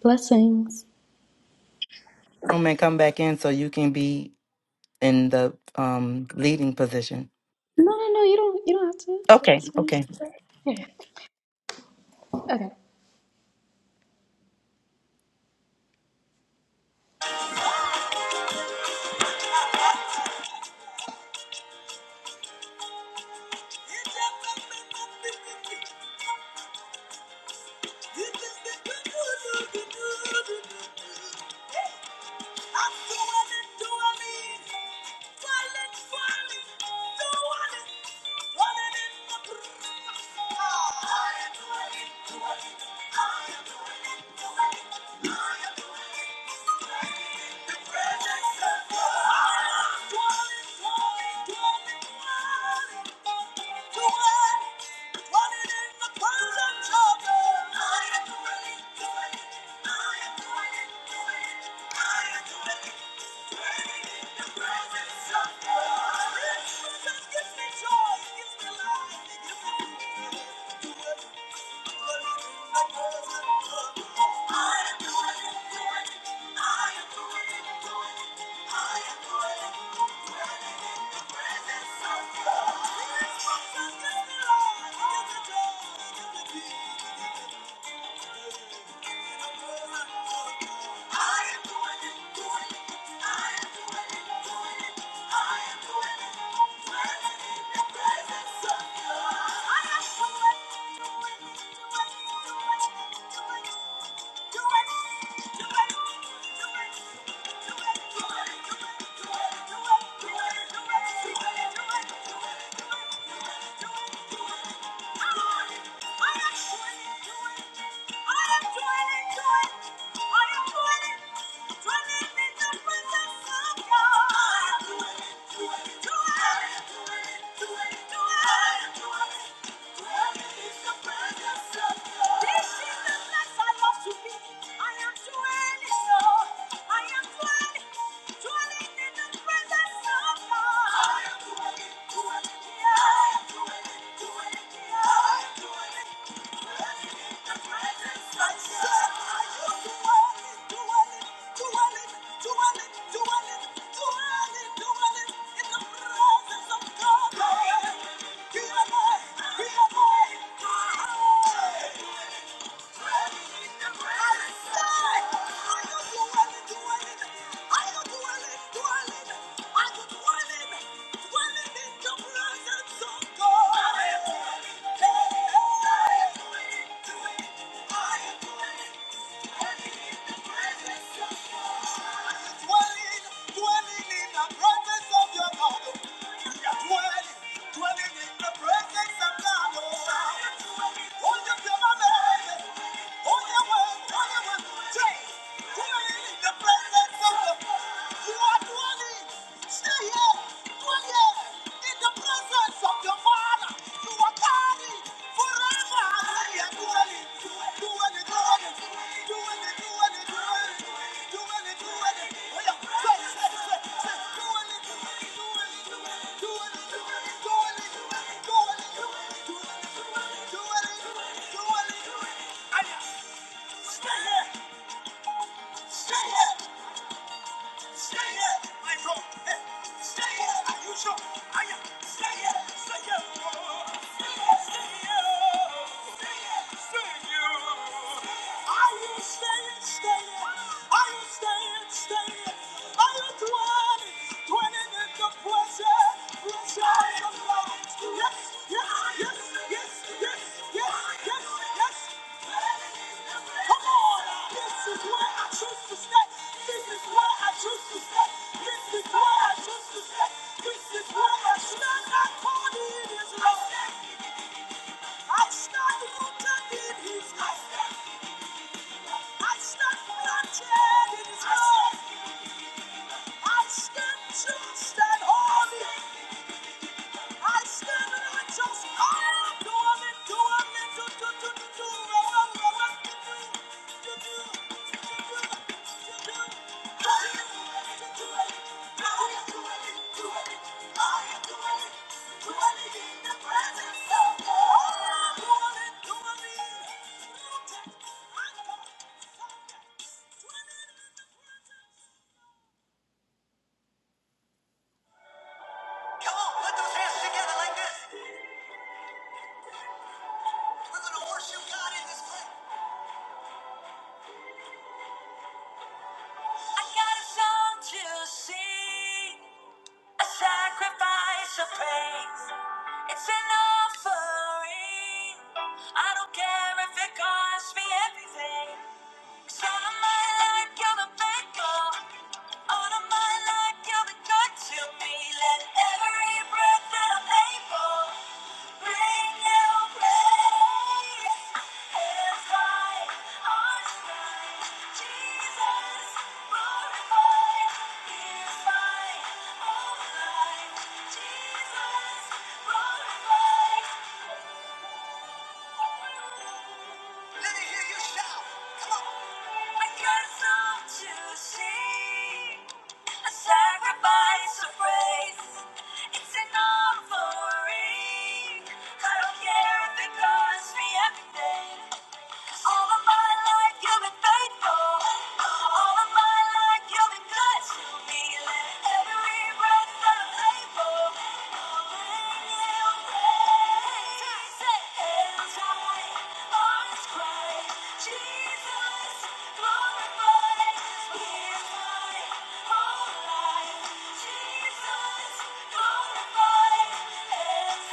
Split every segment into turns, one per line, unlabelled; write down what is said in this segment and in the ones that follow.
Blessings.
room and come back in so you can be in the um leading position.
No, no, no. You don't. You don't have to.
Okay.
It's fine.
Okay.
Here. Okay. Thank you. Thank you. I am dwelling in the presence of God. Are you dwelling, dwelling? Are you dwelling, dwelling? Dwelling in the presence you are dwelling, stay here, dwell here in the presence of your Father. You are guarded forever. Hallelujah, dwelling, dwelling, dwelling, dwelling, dwelling, dwelling, dwelling, dwelling. Oh, yeah. Say, say, say, say, dwelling, dwelling, dwelling, dwelling, dwelling, dwelling, dwelling, dwelling, dwelling, dwelling, dwelling, dwelling. Ah, yeah. Stay here, stay here. Stay here, my rock. Stay here, are you sure? I am. Stay here, stay here. Are you staying, staying? Are you staying, staying? Are you dwelling, dwelling in the presence? Stand holy. I stand in the angels. I am the one that do it. Do, do, do, do, do. Roll, roll, roll, roll. Do, do, do, do, do, do, do. I am the one that do it. I am the one that do it. I am the one that do it in the presence of the Lord. I am the one that do it. Protect. I come. Protect. Do it in the presence. Come on, put those hands together like this. We're going to worship God in this place. I got a song to sing, a sacrifice of praise. It's an offering. I don't care if it costs me everything. 'Cause all of my life you're the faithful. All of my life you've been good to me. Let every breath that I'm able. Jesus, glorified. Let me hear you shout. Come on. I got some to see. A sacrifice of praise. It's an offering. I don't care if it costs me everything. All of my life you've been faithful. All of my life you've been good to me. Jesus, glorify, as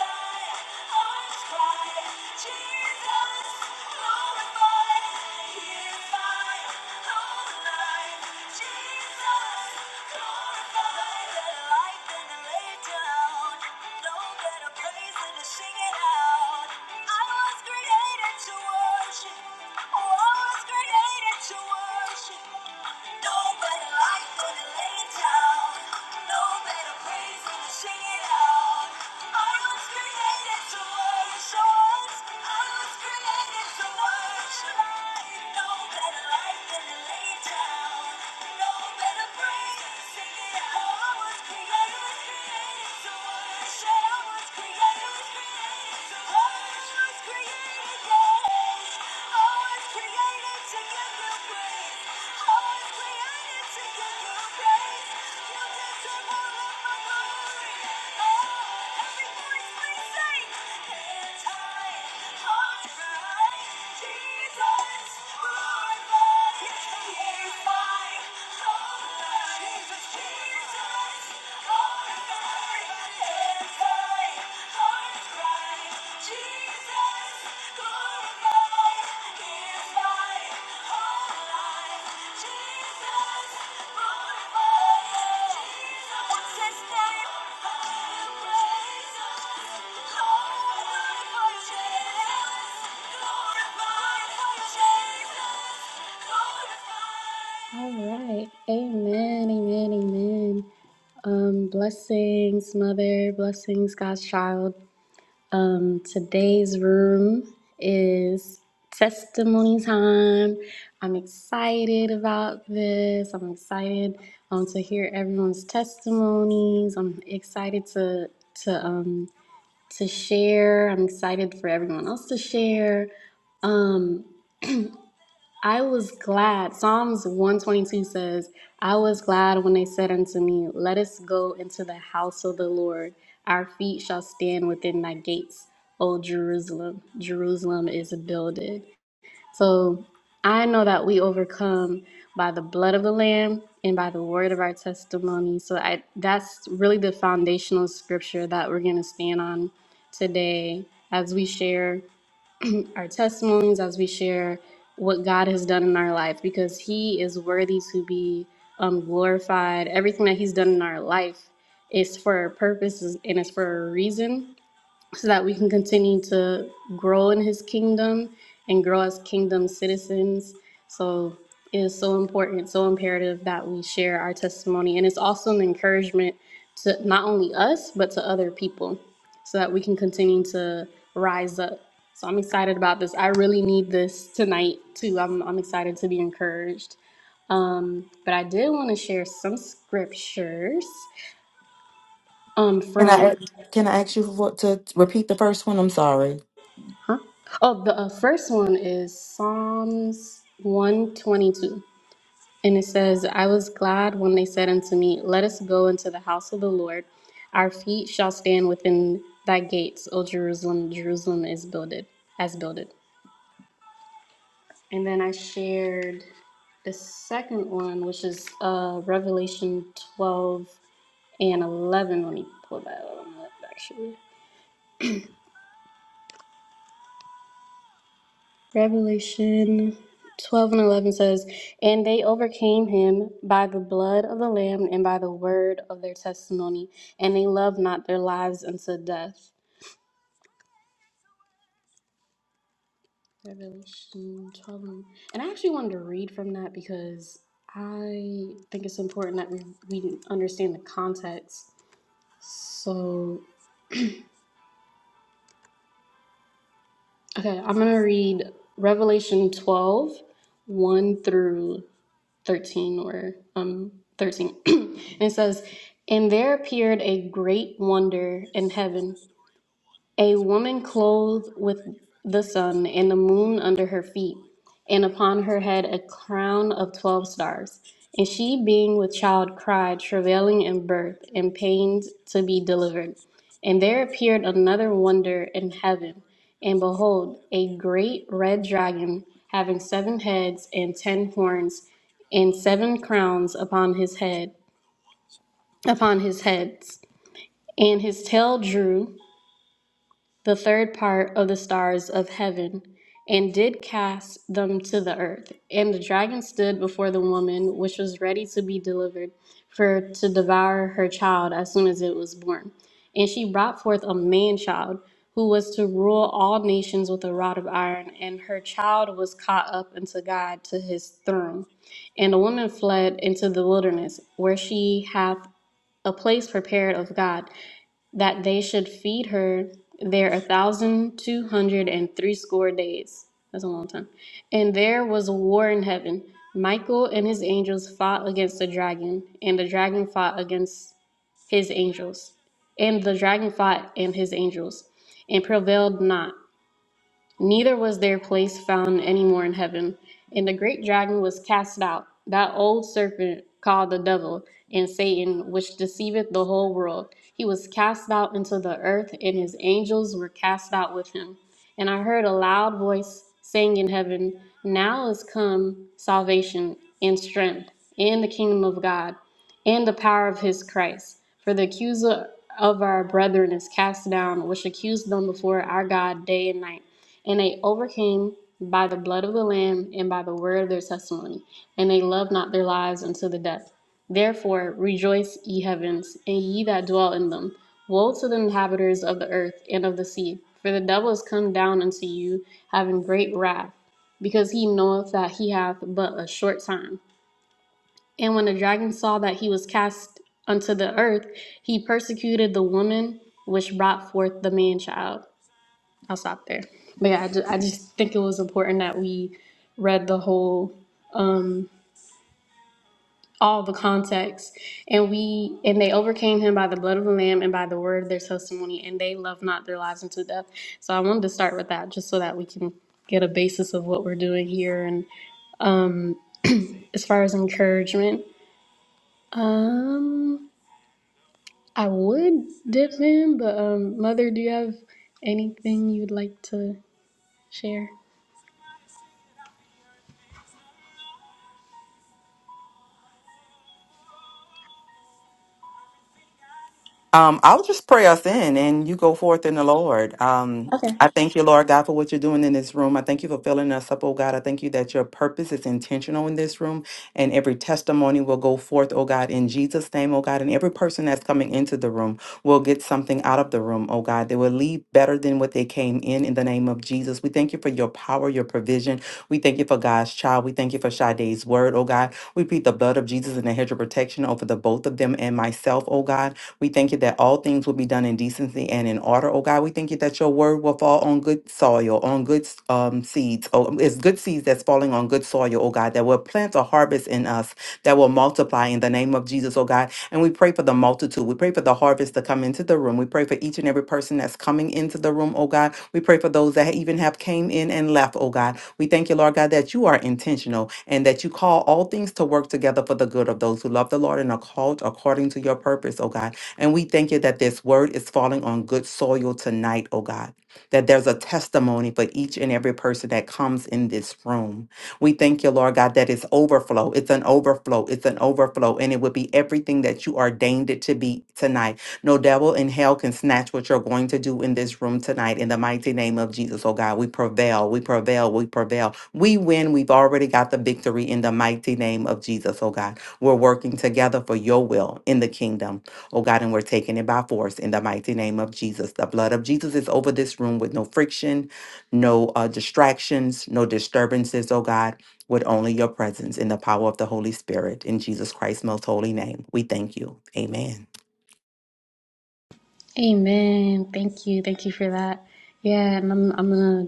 I Sing it out. I was created to worship. Oh, I was created to worship. No better life than to lay it down. No better praise than to sing it out. I was created to worship. I was created to worship. No better life than to lay it down. No better praise than to sing it out. I was created, created to worship. I was created, created to worship. created, yeah. Jesus, Jesus, oh, everybody, hands high. All right. Amen. Amen. Amen. Um, blessings, mother. Blessings, God's child. Um, today's room is testimony time. I'm excited about this. I'm excited um, to hear everyone's testimonies. I'm excited to to um, to share. I'm excited for everyone else to share. Um, I was glad. Psalms 122 says, I was glad when they said unto me, Let us go into the house of the Lord. Our feet shall stand within thy gates, O Jerusalem. Jerusalem is builded. So I know that we overcome by the blood of the Lamb and by the word of our testimony. So I, that's really the foundational scripture that we're going to stand on today as we share our testimonies, as we share what God has done in our life, because He is worthy to be um, glorified. Everything that He's done in our life is for a purpose and it's for a reason so that we can continue to grow in his kingdom and grow as kingdom citizens. So it is so important, so imperative that we share our testimony. And it's also an encouragement to not only us, but to other people so that we can continue to rise up. So I'm excited about this. I really need this tonight too. I'm, I'm excited to be encouraged. Um, but I did want to share some scriptures um,
Can
from
I, can I ask you for, to repeat the first one? I'm sorry.
Oh, the uh, first one is Psalms 122. And it says, I was glad when they said unto me, Let us go into the house of the Lord. Our feet shall stand within thy gates, O Jerusalem. Jerusalem is builded, as builded. And then I shared the second one, which is uh, Revelation 12 and 11. Let me pull that one up, actually. Revelation 12 and 11 says, And they overcame him by the blood of the Lamb and by the word of their testimony, and they loved not their lives unto death. Revelation 12. And and I actually wanted to read from that because I think it's important that we, we understand the context. So, okay, I'm going to read Revelation twelve, one through 13 or um 13 and it says and there appeared a great wonder in heaven a woman clothed with the sun and the moon under her feet, and upon her head a crown of twelve stars. And she, being with child, cried, travailing in birth, and pained to be delivered. And there appeared another wonder in heaven, and behold, a great red dragon, having seven heads and ten horns, and seven crowns upon his head, upon his heads. And his tail drew the third part of the stars of heaven, and did cast them to the earth. And the dragon stood before the woman, which was ready to be delivered, for to devour her child as soon as it was born. And she brought forth a man child, who was to rule all nations with a rod of iron, and her child was caught up unto God to his throne. And the woman fled into the wilderness, where she hath a place prepared of God that they should feed her there a thousand two hundred and threescore days. That's a long time. And there was a war in heaven. Michael and his angels fought against the dragon, and the dragon fought against his angels. And the dragon fought and his angels, and prevailed not. Neither was their place found any more in heaven. And the great dragon was cast out, that old serpent called the devil and Satan, which deceiveth the whole world. He was cast out into the earth, and his angels were cast out with him. And I heard a loud voice saying in heaven, Now is come salvation and strength, and the kingdom of God, and the power of his Christ. For the accuser of our brethren is cast down, which accused them before our God day and night. And they overcame by the blood of the Lamb and by the word of their testimony, and they loved not their lives unto the death. Therefore rejoice, ye heavens, and ye that dwell in them. Woe to the inhabitants of the earth and of the sea, for the devil is come down unto you, having great wrath, because he knoweth that he hath but a short time. And when the dragon saw that he was cast unto the earth, he persecuted the woman which brought forth the man child. I'll stop there. But yeah, I just, I just think it was important that we read the whole, um, all the context, and we and they overcame him by the blood of the lamb and by the word of their testimony, and they loved not their lives unto death. So I wanted to start with that just so that we can get a basis of what we're doing here. And um, as far as encouragement, um, I would dip in, but um, mother, do you have anything you'd like to share?
Um, I'll just pray us in and you go forth in the Lord. Um,
Okay.
I thank you, Lord God, for what you're doing in this room. I thank you for filling us up, oh God. I thank you that your purpose is intentional in this room and every testimony will go forth, oh God, in Jesus' name, oh God. And every person that's coming into the room will get something out of the room, oh God. They will leave better than what they came in, in the name of Jesus. We thank you for your power, your provision. We thank you for God's child. We thank you for Sade's word, oh God. We plead the blood of Jesus and the hedge of protection over the both of them and myself, oh God. We thank you that all things will be done in decency and in order, oh God. We thank you that your word will fall on good soil, on good um, seeds. Oh, it's good seeds that's falling on good soil, oh God, that will plant a harvest in us that will multiply in the name of Jesus, oh God. And we pray for the multitude. We pray for the harvest to come into the room. We pray for each and every person that's coming into the room, oh God. We pray for those that even have came in and left, oh God. We thank you, Lord God, that you are intentional and that you call all things to work together for the good of those who love the Lord and are called according to your purpose, oh God. And we thank you that this word is falling on good soil tonight, oh God, that there's a testimony for each and every person that comes in this room. We thank you, Lord God, that it's overflow. It's an overflow. It's an overflow. And it will be everything that you ordained it to be tonight. No devil in hell can snatch what you're going to do in this room tonight. In the mighty name of Jesus, oh God, we prevail. We prevail. We prevail. We win. We've already got the victory in the mighty name of Jesus, oh God. We're working together for your will in the kingdom. Oh God, and we're taking it by force in the mighty name of Jesus. The blood of Jesus is over this room with no friction, no uh, distractions, no disturbances, oh God, with only your presence in the power of the Holy Spirit. In Jesus Christ's most holy name, we thank you. Amen.
Amen. Thank you. Thank you for that. Yeah, and I'm, I'm gonna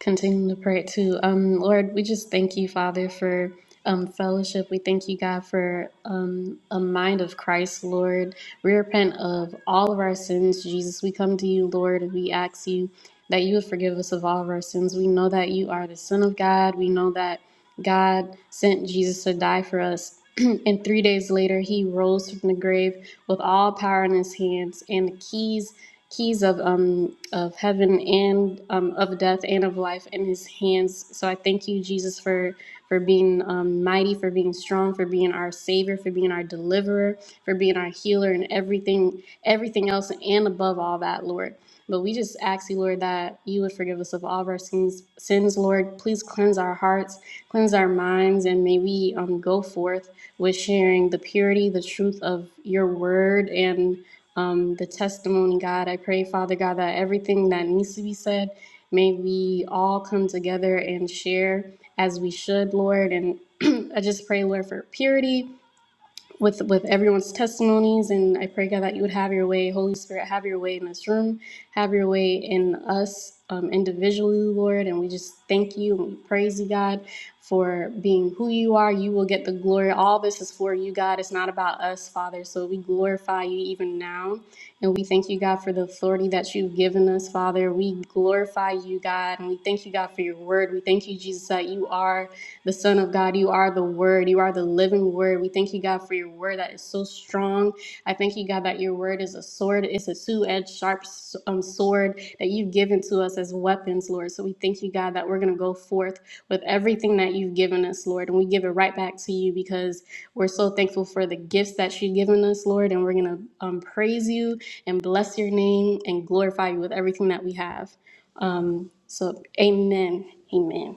Continuing to pray too. Um, Lord, we just thank you, Father, for um, fellowship. We thank you, God, for um, a mind of Christ, Lord. We repent of all of our sins, Jesus. We come to you, Lord, and we ask you that you would forgive us of all of our sins. We know that you are the Son of God. We know that. God sent Jesus to die for us. and three days later, he rose from the grave with all power in his hands and the keys keys of um of heaven and um, of death and of life in his hands. So I thank you, Jesus, for for being um, mighty, for being strong, for being our savior, for being our deliverer, for being our healer, and everything everything else, and above all that, Lord. But we just ask you, Lord, that you would forgive us of all of our sins. Sins, Lord, please cleanse our hearts Cleanse our minds, and may we um, go forth with sharing the purity, the truth of your word, and um, the testimony, God. I pray, Father God, that everything that needs to be said, may we all come together and share as we should, Lord. And I just pray, Lord, for purity with with everyone's testimonies and i pray god that you would have your way holy spirit have your way in this room have your way in us um, individually lord and we just thank you and we praise you god for being who you are you will get the glory all this is for you god it's not about us father so we glorify you even now and we thank you god for the authority that you've given us father we glorify you god and we thank you god for your word we thank you jesus that you are the Son of God. You are the Word. You are the living Word. We thank you, God, for your Word that is so strong. I thank you, God, that your Word is a sword. It's a two-edged, sharp um, sword that you've given to us as weapons, Lord. So we thank you, God, that we're going to go forth with everything that you've given us, Lord, and we give it right back to you because we're so thankful for the gifts that you've given us, Lord, and we're going to um, praise you and bless your name and glorify you with everything that we have. Um, so, amen. Amen.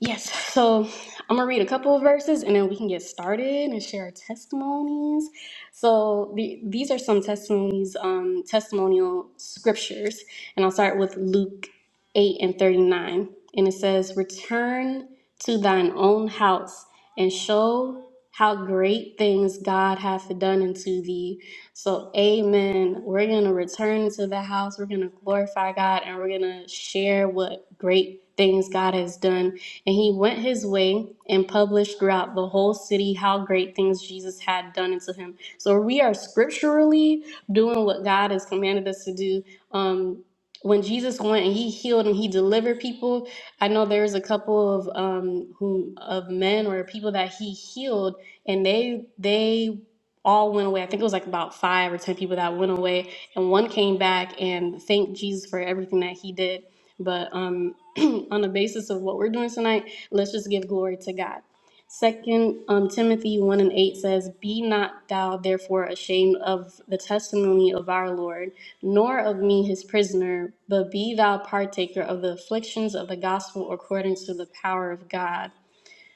Yes, so I'm gonna read a couple of verses and then we can get started and share our testimonies. So the, these are some testimonies, um, testimonial scriptures, and I'll start with Luke 8 and 39. And it says, Return to thine own house and show how great things God hath done unto thee. So, amen. We're gonna return to the house, we're gonna glorify God, and we're gonna share what great things God has done and he went his way and published throughout the whole city how great things Jesus had done unto him. So we are scripturally doing what God has commanded us to do. Um, when Jesus went and he healed and he delivered people, I know there's a couple of um, who of men or people that he healed, and they they all went away. I think it was like about five or ten people that went away, and one came back and thanked Jesus for everything that he did. But um, on the basis of what we're doing tonight, let's just give glory to God. Second um, Timothy one and eight says, "Be not thou therefore ashamed of the testimony of our Lord, nor of me his prisoner, but be thou partaker of the afflictions of the gospel according to the power of God."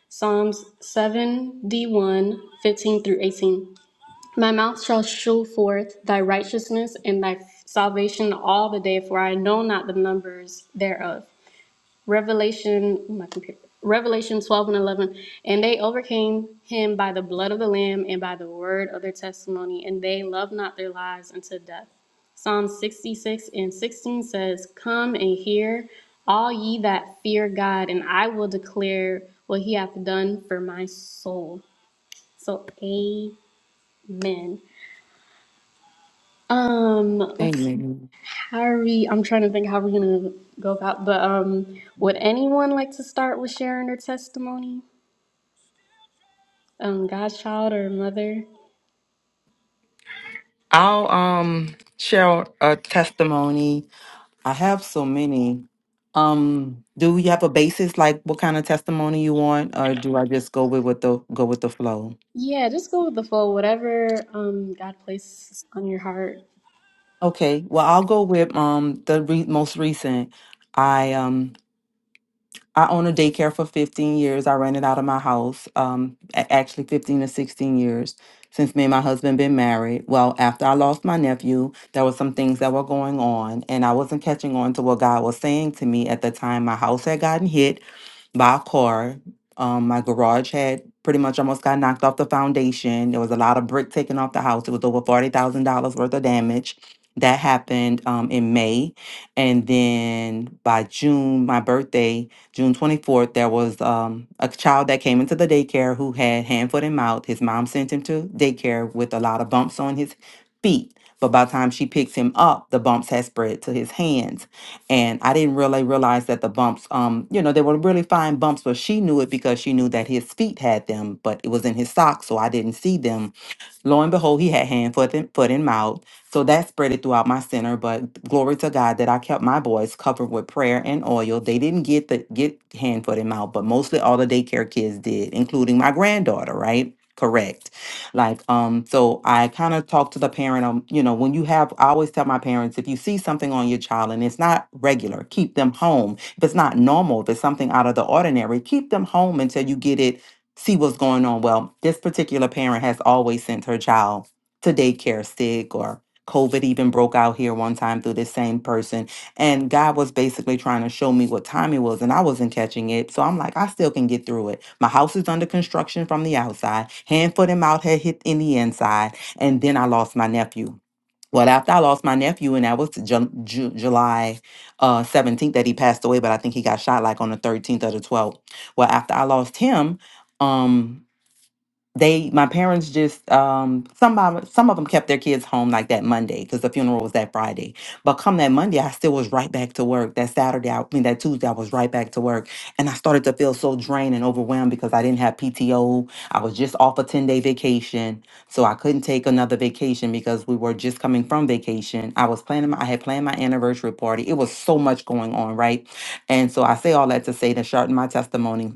Psalms 7 D1 through 18. My mouth shall show forth thy righteousness and thy salvation all the day, for I know not the numbers thereof. Revelation, oh, my computer, Revelation 12 and 11. And they overcame him by the blood of the Lamb and by the word of their testimony, and they loved not their lives unto death. Psalm 66 and 16 says, Come and hear, all ye that fear God, and I will declare what he hath done for my soul. So, amen. Um, let's
Amen.
carry. I'm trying to think how we're gonna go about, but um, would anyone like to start with sharing their testimony? um godchild or mother.
I'll um share a testimony. I have so many. Um, do you have a basis like what kind of testimony you want, or do I just go with what the go with the flow?
Yeah, just go with the flow, whatever um God placed on your heart.
Okay, well, I'll go with um the re- most recent. I um I own a daycare for 15 years. I ran it out of my house, um, a- actually 15 to 16 years since me and my husband been married. Well, after I lost my nephew, there were some things that were going on, and I wasn't catching on to what God was saying to me at the time. My house had gotten hit by a car. Um, my garage had pretty much almost got knocked off the foundation. There was a lot of brick taken off the house. It was over forty thousand dollars worth of damage. That happened um, in May. And then by June, my birthday, June 24th, there was um, a child that came into the daycare who had hand, foot, and mouth. His mom sent him to daycare with a lot of bumps on his feet. But by the time she picks him up, the bumps had spread to his hands. And I didn't really realize that the bumps, um, you know, they were really fine bumps, but she knew it because she knew that his feet had them, but it was in his socks, so I didn't see them Lo and behold, he had hand, foot, and foot, and mouth. So that spread it throughout my center. But glory to God that I kept my boys covered with prayer and oil. They didn't get the get hand, foot, and mouth, but mostly all the daycare kids did, including my granddaughter. Right? Correct. Like um, so I kind of talked to the parent. Um, you know, when you have, I always tell my parents if you see something on your child and it's not regular, keep them home. If it's not normal, if it's something out of the ordinary, keep them home until you get it see what's going on. Well, this particular parent has always sent her child to daycare sick or COVID even broke out here one time through this same person. And God was basically trying to show me what time it was, and I wasn't catching it. So I'm like, I still can get through it. My house is under construction from the outside. Hand, foot, and mouth had hit in the inside. And then I lost my nephew. Well, after I lost my nephew, and that was Ju- Ju- July uh, 17th that he passed away, but I think he got shot like on the 13th or the 12th. Well, after I lost him, um, they my parents just um some of some of them kept their kids home like that Monday because the funeral was that Friday. But come that Monday, I still was right back to work. That Saturday, I, I mean that Tuesday, I was right back to work, and I started to feel so drained and overwhelmed because I didn't have PTO. I was just off a ten day vacation, so I couldn't take another vacation because we were just coming from vacation. I was planning, my, I had planned my anniversary party. It was so much going on, right? And so I say all that to say to shorten my testimony.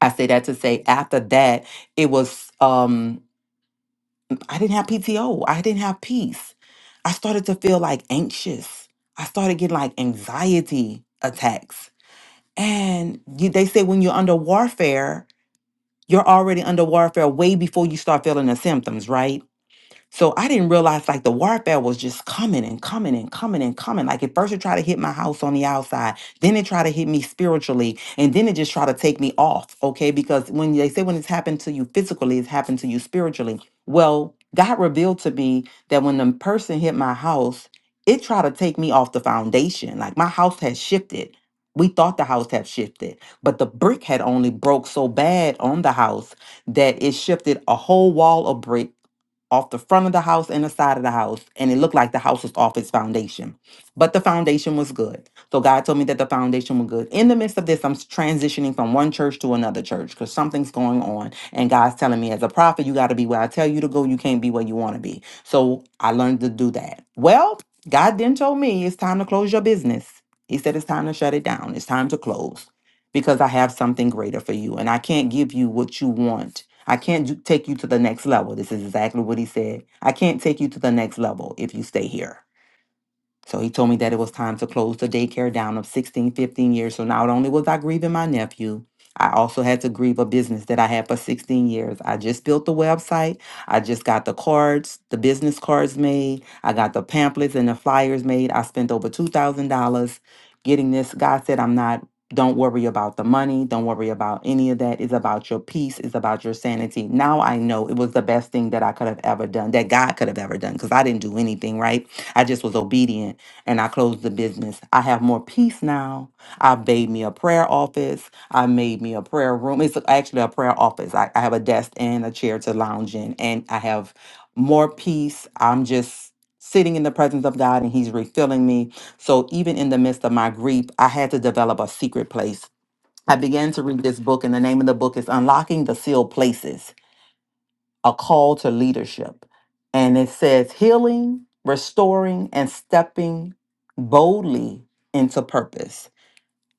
I say that to say after that, it was um I didn't have PTO. I didn't have peace. I started to feel like anxious. I started getting like anxiety attacks. And you, they say when you're under warfare, you're already under warfare way before you start feeling the symptoms, right? So I didn't realize like the warfare was just coming and coming and coming and coming. Like at first it tried to hit my house on the outside, then it tried to hit me spiritually, and then it just tried to take me off. Okay. Because when they say when it's happened to you physically, it's happened to you spiritually. Well, God revealed to me that when the person hit my house, it tried to take me off the foundation. Like my house had shifted. We thought the house had shifted, but the brick had only broke so bad on the house that it shifted a whole wall of brick off the front of the house and the side of the house, and it looked like the house was off its foundation. But the foundation was good. So God told me that the foundation was good. In the midst of this, I'm transitioning from one church to another church because something's going on. And God's telling me, as a prophet, you got to be where I tell you to go. You can't be where you want to be. So I learned to do that. Well, God then told me it's time to close your business. He said it's time to shut it down. It's time to close because I have something greater for you. And I can't give you what you want I can't ju- take you to the next level. This is exactly what he said. I can't take you to the next level if you stay here. So he told me that it was time to close the daycare down of 16, 15 years. So not only was I grieving my nephew, I also had to grieve a business that I had for 16 years. I just built the website. I just got the cards, the business cards made. I got the pamphlets and the flyers made. I spent over $2,000 getting this. God said, I'm not, don't worry about the money. Don't worry about any of that. It's about your peace. It's about your sanity. Now I know it was the best thing that I could have ever done, that God could have ever done, because I didn't do anything, right? I just was obedient and I closed the business. I have more peace now. I made me a prayer office. I made me a prayer room. It's actually a prayer office. I, I have a desk and a chair to lounge in, and I have more peace. I'm just sitting in the presence of God and He's refilling me. So even in the midst of my grief, I had to develop a secret place. I began to read this book, and the name of the book is Unlocking the Sealed Places a call to leadership. And it says healing, restoring, and stepping boldly into purpose.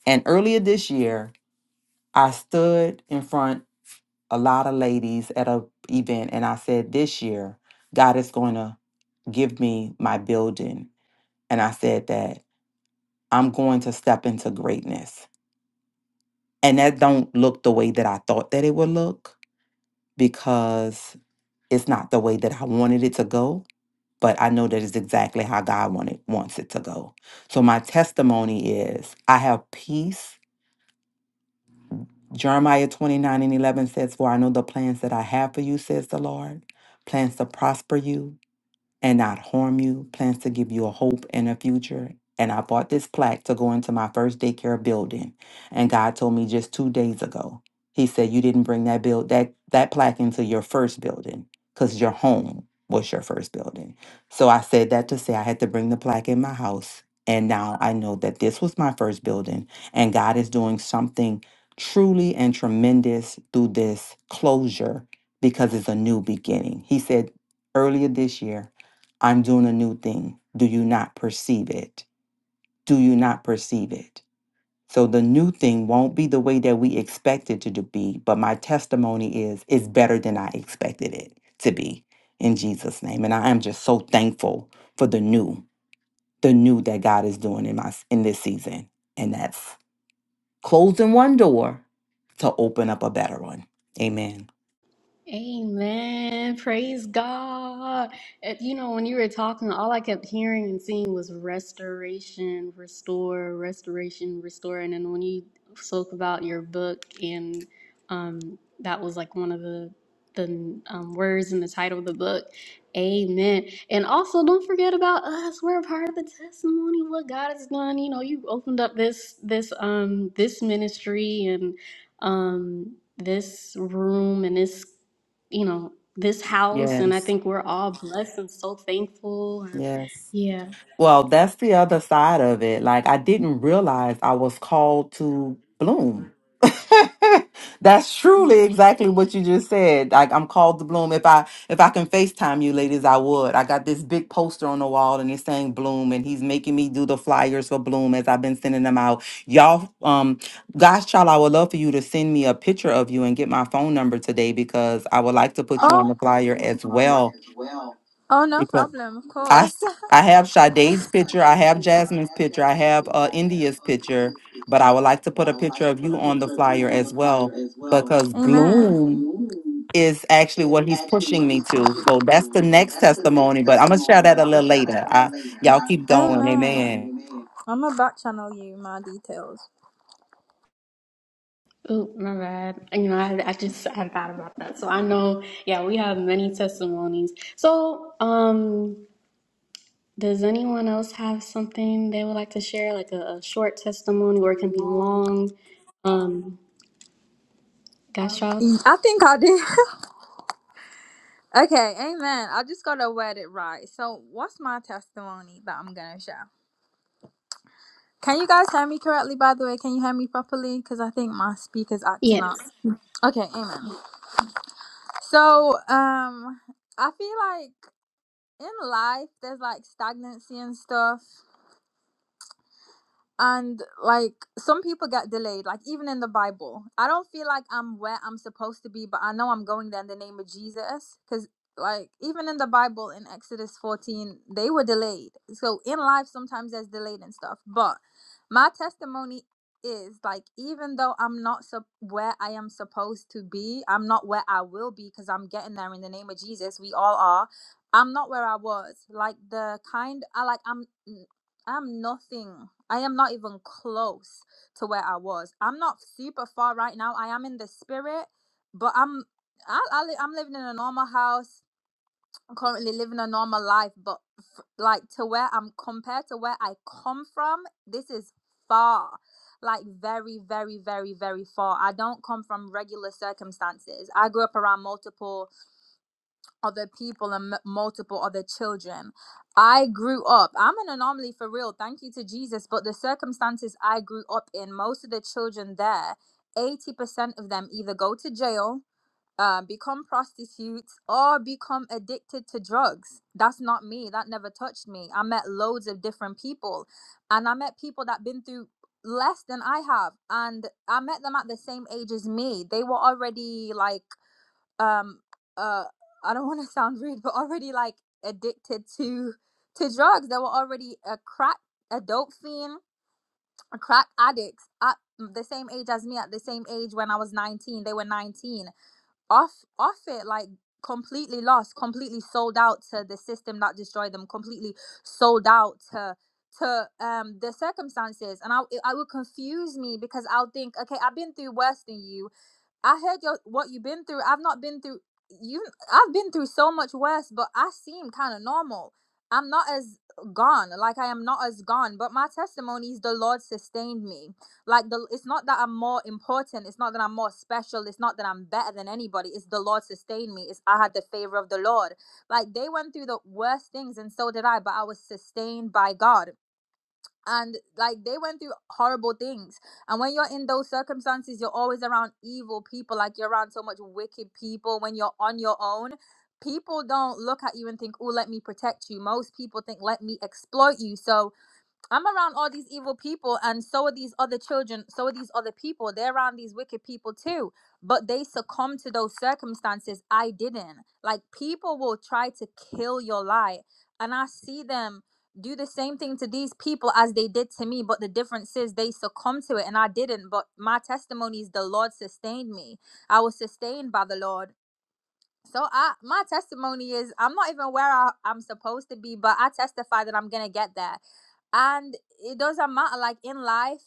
And earlier this year, I stood in front a lot of ladies at a event and I said, This year, God is going to give me my building. And I said that I'm going to step into greatness. And that don't look the way that I thought that it would look because it's not the way that I wanted it to go but I know that is exactly how God wanted, wants it to go. So my testimony is I have peace. Jeremiah 29 and 11 says, For I know the plans that I have for you, says the Lord, plans to prosper you and not harm you, plans to give you a hope and a future. And I bought this plaque to go into my first daycare building. And God told me just two days ago, He said, You didn't bring that build that that plaque into your first building because your home was your first building. So I said that to say I had to bring the plaque in my house. And now I know that this was my first building, and God is doing something truly and tremendous through this closure because it's a new beginning. He said earlier this year, I'm doing a new thing. Do you not perceive it? Do you not perceive it? So the new thing won't be the way that we expect it to do- be, but my testimony is it's better than I expected it to be in Jesus' name. And I am just so thankful for the new, the new that God is doing in my in this season. And that's closing one door to open up a better one. Amen.
Amen. Praise God. And, You know, when you were talking, all I kept hearing and seeing was restoration, restore, restoration, restore. And then when you spoke about your book, and um, that was like one of the the um, words in the title of the book. Amen. And also, don't forget about us. We're a part of the testimony. of What God has done. You know, you opened up this this um this ministry and um this room and this you know, this house, and I
Yes.
think we're all blessed and so thankful. And
Yes.
yeah,
Well, that's the other side of it. Like, I didn't realize I was called to bloom. That's truly exactly what you just said. Like, I'm called to bloom. If I if I can FaceTime you ladies, I would. I got this big poster on the wall and it's saying bloom, and he's making me do the flyers for bloom as I've been sending them out. Y'all, um, gosh, child, I would love for you to send me a picture of you and get my phone number today because I would like to
I
put
would
you
Oh.
on the
like to put
flyer
you on the
as
flyer
well.
as well. Oh, no problem, of
I
course.
s- I have
I I I I have have
Sade's
have a
picture. I
picture.
have Jasmine's picture. I have
picture.
uh, India's picture.
picture.
But
picture
I would like to
But
put a
I would
picture
like to
of
put
you
a
on the
picture of you
flyer
on
as
the flyer
well
as well.
because
Amen. Because
Bloom
Blue
is actually
is
what he's
actually
pushing
what
me
he's
to.
pushing
So
me to.
that's
gonna
the
So
next
that's the
testimony.
next
But I'm gonna share
testimony.
that
But
a
I'm going
little
to share
later.
that a little
I
later.
y'all
I,
keep
y'all keep
going.
Amen.
Amen.
going, amen. I'm about to channel you my details.
oh my bad. You know, I, I just I thought about that. So I know, yeah, we have many testimonies. So, um, does anyone else have something they would like to share, like a, a short testimony, or it can be long? Um, gosh, y'all.
Mm, I think I did. Okay, amen. I just gotta word it right. So, what's my testimony that I'm gonna share? Can you guys hear me correctly, by the way? Can you hear me properly? Because I think my speaker's acting
Yes.
up. Okay, amen. So, um, I feel like in life there's like stagnancy and stuff. and like some people get delayed like even in the bible i don't feel like i'm where i'm supposed to be but i know i'm going there in the name of jesus because like even in the bible in exodus 14 they were delayed so in life sometimes there's delayed and stuff but my testimony is like even though i'm not sup where i am supposed to be i'm not where i will be because i'm getting there in the name of jesus we all are i'm not where i was like the kind i like i'm I'm nothing. I am not even close to where I was. I'm not super far right now. I am in the spirit, but I'm I, I li- I'm living in a normal house. I'm currently living a normal life, but f- like to where I'm compared to where I come from, this is far. Like very, very, very, very far. I don't come from regular circumstances. I grew up around multiple other people and m- multiple other children. I grew up, I'm an anomaly for real, thank you to Jesus, but the circumstances I grew up in, most of the children there, 80% of them either go to jail, uh, become prostitutes, or become addicted to drugs. That's not me. That never touched me. I met loads of different people, and I met people that been through less than I have, and I met them at the same age as me. They were already like um uh I don't want to sound rude, but already like addicted to to drugs. They were already a crack, a dope fiend, a crack addicts at the same age as me. At the same age when I was nineteen, they were nineteen. Off off it like completely lost, completely sold out to the system that destroyed them. Completely sold out to to um the circumstances and I it, I would confuse me because I'll think okay I've been through worse than you I heard your what you've been through. I've not been through you I've been through so much worse, but I seem kind of normal. I'm not as gone, like I am not as gone, but my testimony is the Lord sustained me. Like the it's not that I'm more important, it's not that I'm more special, it's not that I'm better than anybody. It's the Lord sustained me. It's I had the favor of the Lord. Like they went through the worst things and so did I, but I was sustained by God and like they went through horrible things and when you're in those circumstances you're always around evil people like you're around so much wicked people when you're on your own people don't look at you and think oh let me protect you most people think let me exploit you so I'm around all these evil people, and so are these other children. So are these other people. They're around these wicked people too, but they succumb to those circumstances. I didn't. Like, people will try to kill your light. And I see them do the same thing to these people as they did to me, but the difference is they succumb to it, and I didn't. But my testimony is the Lord sustained me. I was sustained by the Lord. So I my testimony is I'm not even where I, I'm supposed to be, but I testify that I'm gonna get there. And it doesn't matter, like in life,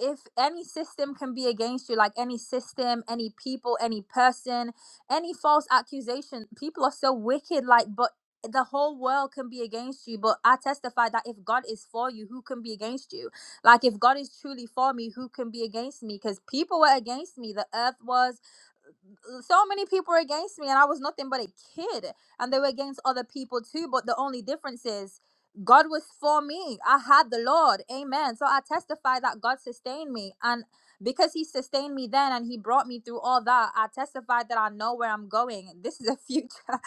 if any system can be against you, like any system, any people, any person, any false accusation, people are so wicked, like but the whole world can be against you, but I testify that if God is for you, who can be against you? Like, if God is truly for me, who can be against me? Because people were against me. The earth was, so many people were against me and I was nothing but a kid and they were against other people too but the only difference is God was for me. I had the Lord. Amen. So I testify that God sustained me and because he sustained me then and he brought me through all that, I testified that I know where I'm going. This is a future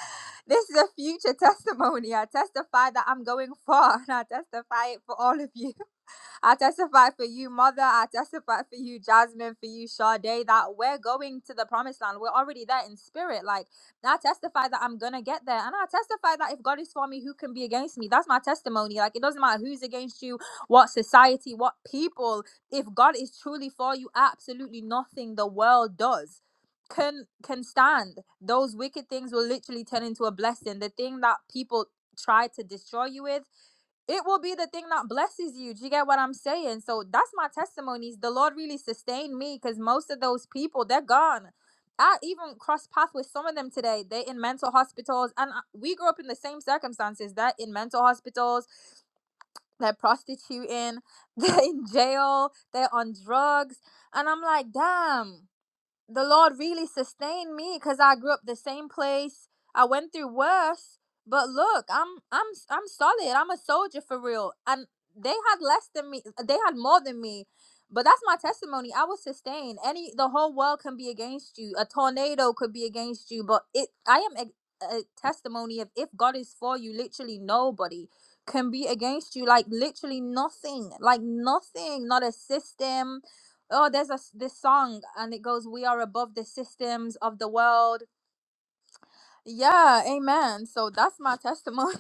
this is a future testimony. I testify that I'm going far and I testify it for all of you. I testify for you, Mother. I testify for you, Jasmine, for you, Sade, that we're going to the promised land. We're already there in spirit. Like, I testify that I'm going to get there. And I testify that if God is for me, who can be against me? That's my testimony. Like, it doesn't matter who's against you, what society, what people. If God is truly for you, absolutely nothing the world does can can stand those wicked things will literally turn into a blessing the thing that people try to destroy you with it will be the thing that blesses you. Do you get what I'm saying? So that's my testimonies. The Lord really sustained me because most of those people, they're gone. I even crossed path with some of them today. They in mental hospitals, and I- we grew up in the same circumstances. They're in mental hospitals, they're prostituting, they're in jail, they're on drugs, and I'm like, damn the Lord really sustained me because I grew up the same place. I went through worse, but look, I'm I'm I'm solid. I'm a soldier for real. And they had less than me. uh, They had more than me. But that's my testimony. I was sustained. Any the whole world can be against you. A tornado could be against you, but it I am a, a testimony of if God is for you, literally nobody can be against you. Like literally nothing. Like nothing. Not a system oh there's a s- this song and it goes we are above the systems of the world yeah amen so that's my testimony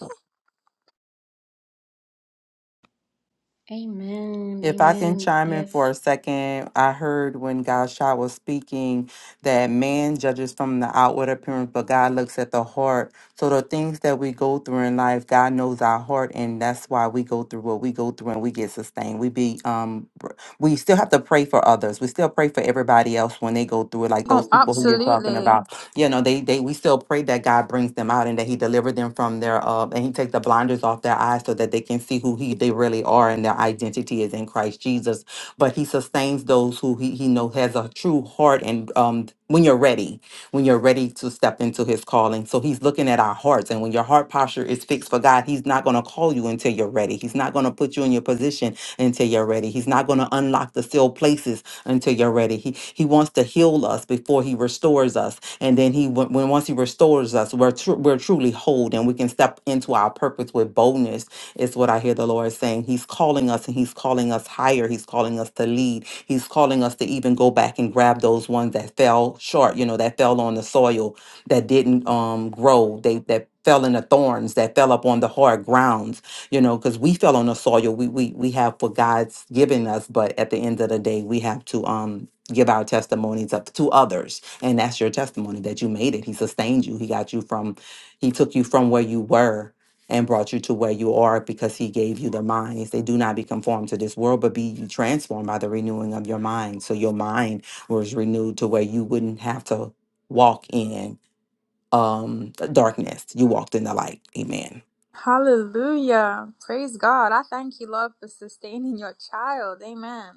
Amen.
If I can
Amen.
chime in
Yes.
for a second, I heard when God Shah was speaking that man judges from the outward appearance, but God looks at the heart. So the things that we go through in life, God knows our heart, and that's why we go through what we go through and we get sustained. We be um we still have to pray for others. We still pray for everybody else when they go through it, like those
oh
people who you're talking
absolutely
about you know they they we still pray that god brings them out and that he deliver them from their uh and he take the blinders off their eyes so that they can see who he they really are and their identity is in christ jesus but he sustains those who he, he know has a true heart and um when you're ready when you're ready to step into his calling so he's looking at our hearts and when your heart posture is fixed for god he's not going to call you until you're ready he's not going to put you in your position until you're ready he's not going to unlock the sealed places until you're ready. He he wants to heal us before he restores us, and then he when when- once he restores us, we're tru- we're truly whole, and we can step into our purpose with boldness. Is what I hear the Lord saying. He's calling us, and He's calling us higher. He's calling us to lead. He's calling us to even go back and grab those ones that fell short. You know, that fell on the soil, that didn't um grow. They that fell in the thorns, that fell up on the hard grounds you know, because we fell on the soil. We we we have what God's given us, but at the end of the day, we have to um give our testimonies up to others, and that's your testimony that you made it. He sustained you. He got you from, he took you from where you were and brought you to where you are because he gave you the mind. He said, "Do not be conformed to this world, but be ye transformed by the renewing of your mind." So your mind was renewed to where you wouldn't have to walk in um darkness. You walked in the light. Amen.
hallelujah praise god i thank you lord for sustaining your child amen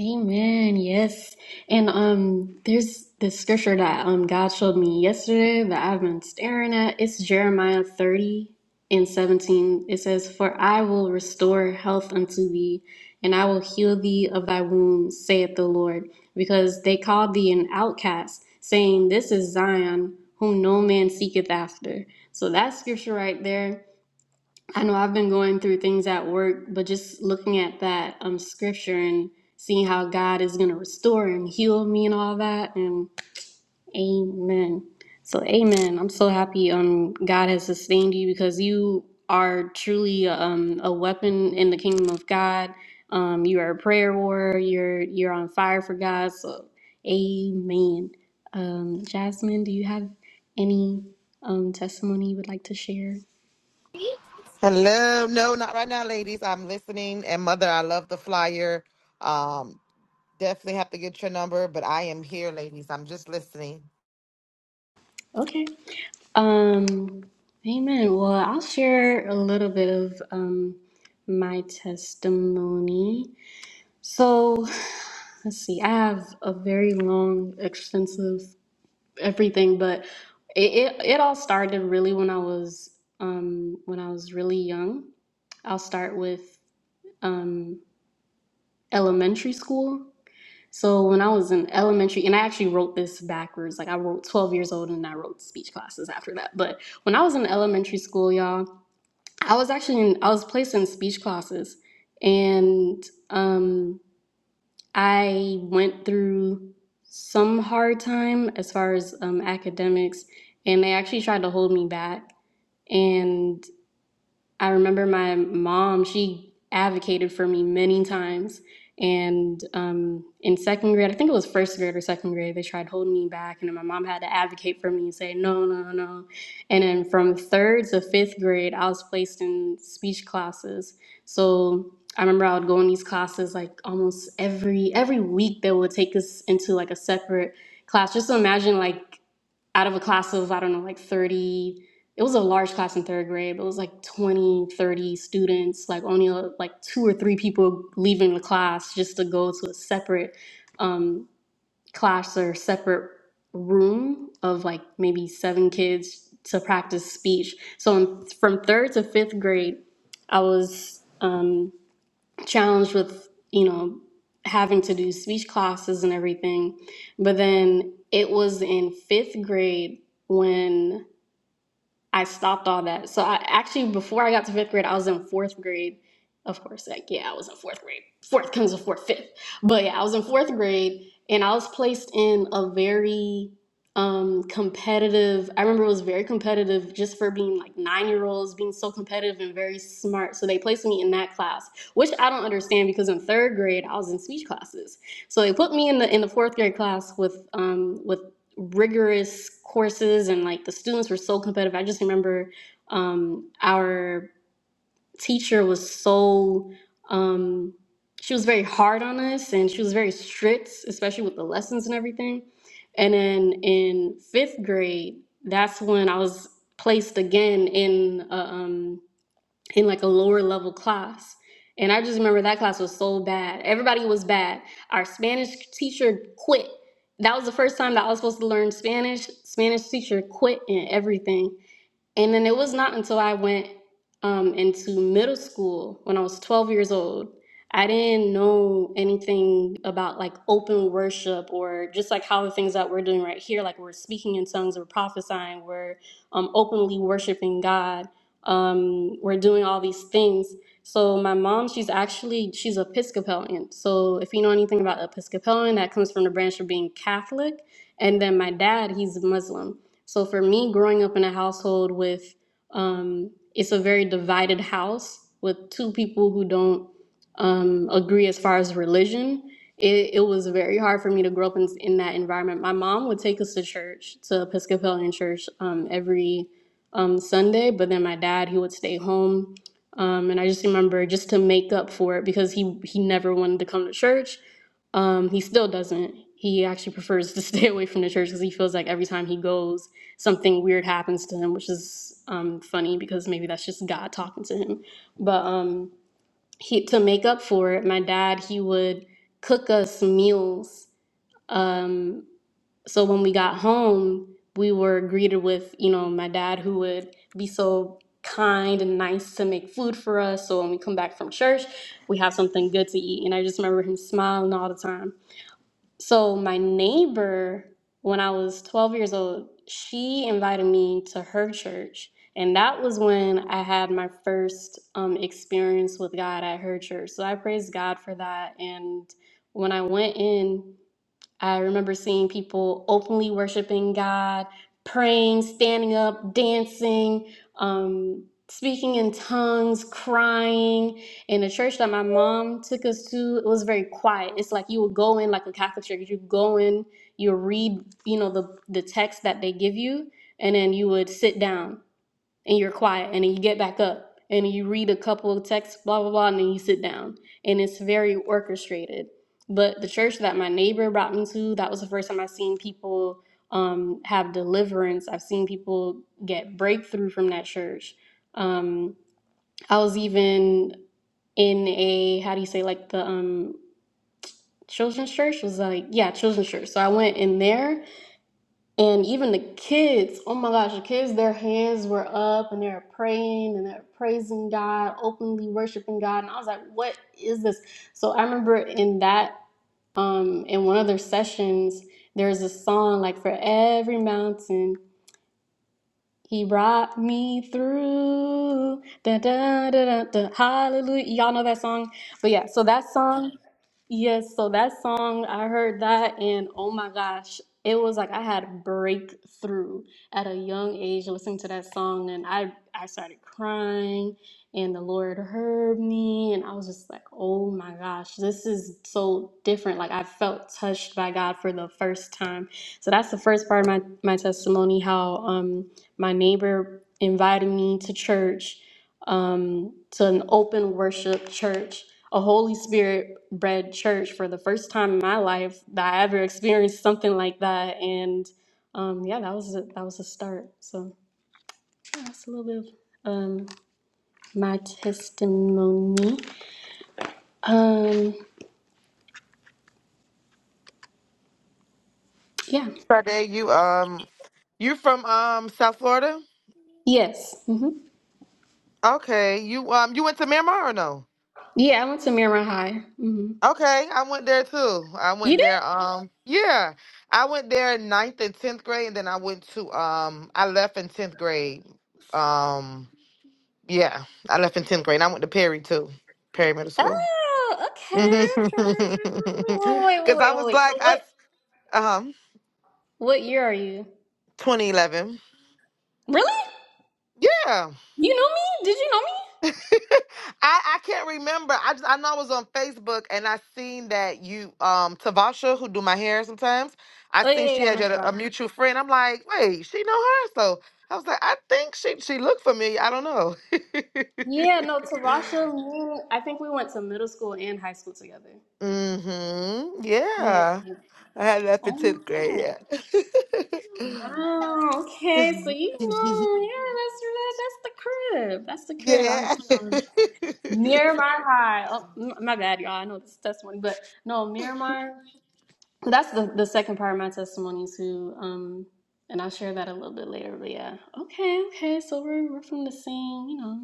Amen. Yes. And um there's this scripture that um God showed me yesterday that I've been staring at. It's Jeremiah 30 and 17. It says, For I will restore health unto thee, and I will heal thee of thy wounds, saith the Lord, because they called thee an outcast, saying, This is Zion, whom no man seeketh after. So that scripture right there. I know I've been going through things at work, but just looking at that um scripture and seeing how God is gonna restore and heal me and all that, and Amen. So Amen. I'm so happy um God has sustained you because you are truly um a weapon in the kingdom of God. Um, you are a prayer warrior. You're you're on fire for God. So Amen. Um, Jasmine, do you have any um testimony you would like to share?
Hello. No, not right now, ladies. I'm listening. And mother, I love the flyer. Um, definitely have to get your number, but I am here, ladies. I'm just listening.
Okay. Um, amen. Well, I'll share a little bit of um, my testimony. So, let's see. I have a very long, extensive everything, but it, it, it all started really when I was um, when I was really young. I'll start with um, elementary school. So when I was in elementary, and I actually wrote this backwards, like I wrote 12 years old and I wrote speech classes after that. But when I was in elementary school, y'all, I was actually in, I was placed in speech classes and um, I went through some hard time as far as um, academics and they actually tried to hold me back. And I remember my mom, she advocated for me many times. And um, in second grade, I think it was first grade or second grade, they tried holding me back. And then my mom had to advocate for me and say, no, no, no. And then from third to fifth grade, I was placed in speech classes. So I remember I would go in these classes like almost every every week they would take us into like a separate class. Just imagine like out of a class of, I don't know, like 30, it was a large class in third grade, but it was like 20, 30 students, like only uh, like two or three people leaving the class just to go to a separate um, class or separate room of like maybe seven kids to practice speech. So in, from third to fifth grade, I was. Um, challenged with you know having to do speech classes and everything but then it was in fifth grade when I stopped all that. So I actually before I got to fifth grade, I was in fourth grade. Of course, like yeah, I was in fourth grade. Fourth comes before fifth. But yeah, I was in fourth grade and I was placed in a very um competitive I remember it was very competitive just for being like nine year olds, being so competitive and very smart. So they placed me in that class, which I don't understand because in third grade I was in speech classes. So they put me in the in the fourth grade class with um with rigorous courses and like the students were so competitive. I just remember um, our teacher was so um, she was very hard on us and she was very strict, especially with the lessons and everything. And then in fifth grade, that's when I was placed again in a, um, in like a lower level class. And I just remember that class was so bad. Everybody was bad. Our Spanish teacher quit. That was the first time that I was supposed to learn Spanish. Spanish teacher quit and everything. And then it was not until I went um, into middle school when I was 12 years old. I didn't know anything about like open worship or just like how the things that we're doing right here, like we're speaking in tongues, we're prophesying, we're um, openly worshiping God, um, we're doing all these things. So my mom, she's actually she's Episcopalian. So if you know anything about Episcopalian, that comes from the branch of being Catholic, and then my dad, he's Muslim. So for me, growing up in a household with um, it's a very divided house with two people who don't um, agree as far as religion. It, it was very hard for me to grow up in, in that environment. My mom would take us to church, to Episcopalian church, um, every um, Sunday, but then my dad, he would stay home. Um, and I just remember just to make up for it because he he never wanted to come to church. Um, he still doesn't. He actually prefers to stay away from the church because he feels like every time he goes, something weird happens to him, which is um, funny because maybe that's just God talking to him. But um, he to make up for it, my dad he would cook us meals. Um, so when we got home, we were greeted with you know my dad who would be so kind and nice to make food for us. So when we come back from church, we have something good to eat. And I just remember him smiling all the time. So my neighbor, when I was 12 years old, she invited me to her church. And that was when I had my first um, experience with God at her church. So I praise God for that. And when I went in, I remember seeing people openly worshiping God, praying, standing up, dancing, um, speaking in tongues, crying. And the church that my mom took us to, it was very quiet. It's like you would go in like a Catholic church. You go in, you read, you know, the the text that they give you, and then you would sit down and you're quiet and then you get back up and you read a couple of texts blah blah blah and then you sit down and it's very orchestrated but the church that my neighbor brought me to that was the first time i've seen people um, have deliverance i've seen people get breakthrough from that church um, i was even in a how do you say like the um, children's church was like yeah children's church so i went in there and even the kids, oh my gosh, the kids, their hands were up and they were praying and they're praising God, openly worshiping God. And I was like, what is this? So I remember in that, um, in one of their sessions, there's a song like for every mountain, he brought me through. Da, da, da, da, da, hallelujah. Y'all know that song? But yeah, so that song. Yes, so that song, I heard that, and oh my gosh, it was like I had a breakthrough at a young age listening to that song, and I I started crying, and the Lord heard me, and I was just like, oh my gosh, this is so different. Like I felt touched by God for the first time. So that's the first part of my my testimony, how um my neighbor invited me to church, um to an open worship church a Holy Spirit bred church for the first time in my life that I ever experienced something like that. And um, yeah, that was a, that was a start. So yeah, that's a little bit of um, my testimony. Um, yeah.
Friday, you um you from um South Florida?
Yes. hmm
Okay. You um you went to Miramar or no?
Yeah, I went to Miramar High. hmm
Okay, I went there too. I
You
went
did?
there um yeah. I went there in ninth and tenth grade and then I went to um I left in tenth grade. Um yeah, I left in tenth grade. and I went to Perry too. Perry Middle School.
Oh,
Because
okay. okay. Wait, wait,
I
wait, wait.
was
wait. So
like, I
what?
um,
What year are you?
2011.
Really?
Yeah,
You know me? Did you know me?
I I can't remember. I just I know I was on Facebook and I seen that you um Tavasha who do my hair sometimes. I
Oh yeah,
seen
yeah,
she
yeah. I
had you at
know
a, a mutual friend. I'm like, wait, she know her. So I was like, I think she she looked familiar. I don't know.
Yeah, no, Tavasha, me, I think we went to middle school and high school together.
mm-hmm.
Yeah.
Yeah, I had that for
Oh
tenth
my
grade.
God. Wow. Okay. So you
Yeah.
know, yeah, that's really, that's the crib. That's the crib. I'm
Yeah.
you know, Miramar High. Oh, m- my bad, y'all. I know this is testimony, but no, Miramar. So that's the the second part of my testimony too. Um, and I'll share that a little bit later. But yeah. Okay. Okay. So we're we're from the same, you know.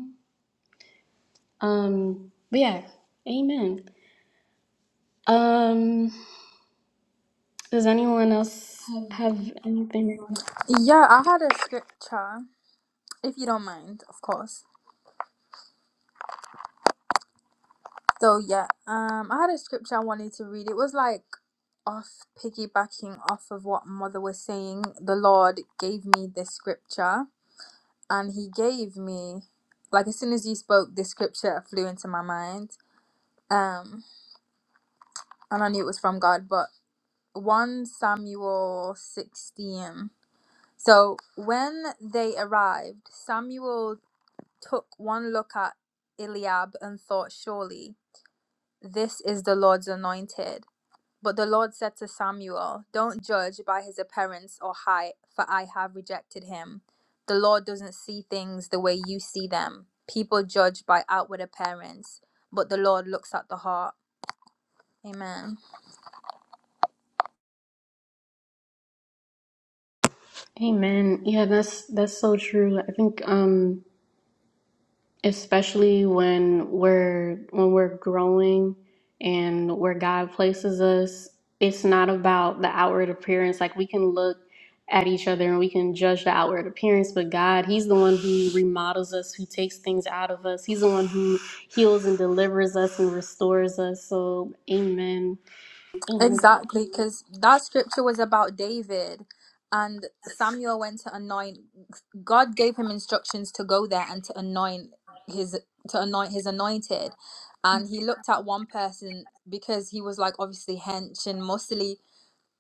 Um. But yeah. Amen. Um. Does anyone else have anything they want
yeah i had a scripture if you don't mind of course so yeah um i had a scripture i wanted to read it was like off piggybacking off of what mother was saying the lord gave me this scripture and he gave me like as soon as you spoke this scripture flew into my mind um and i knew it was from god but 1 samuel 16 so when they arrived samuel took one look at eliab and thought surely this is the lord's anointed But the Lord said to Samuel, Don't judge by his appearance or height, for I have rejected him. The Lord doesn't see things the way you see them. People judge by outward appearance, but the Lord looks at the heart. Amen.
to? Amen. Yeah, that's that's so true. I think um especially when we're when we're growing and where God places us, it's not about the outward appearance. Like we can look at each other and we can judge the outward appearance, but God, He's the one who remodels us, who takes things out of us. He's the one who heals and delivers us and restores us. So, amen. Amen.
Exactly, because that scripture was about David, and Samuel went to anoint. God gave him instructions to go there and to anoint his to anoint his anointed, and he looked at one person because he was like obviously hench and muscly,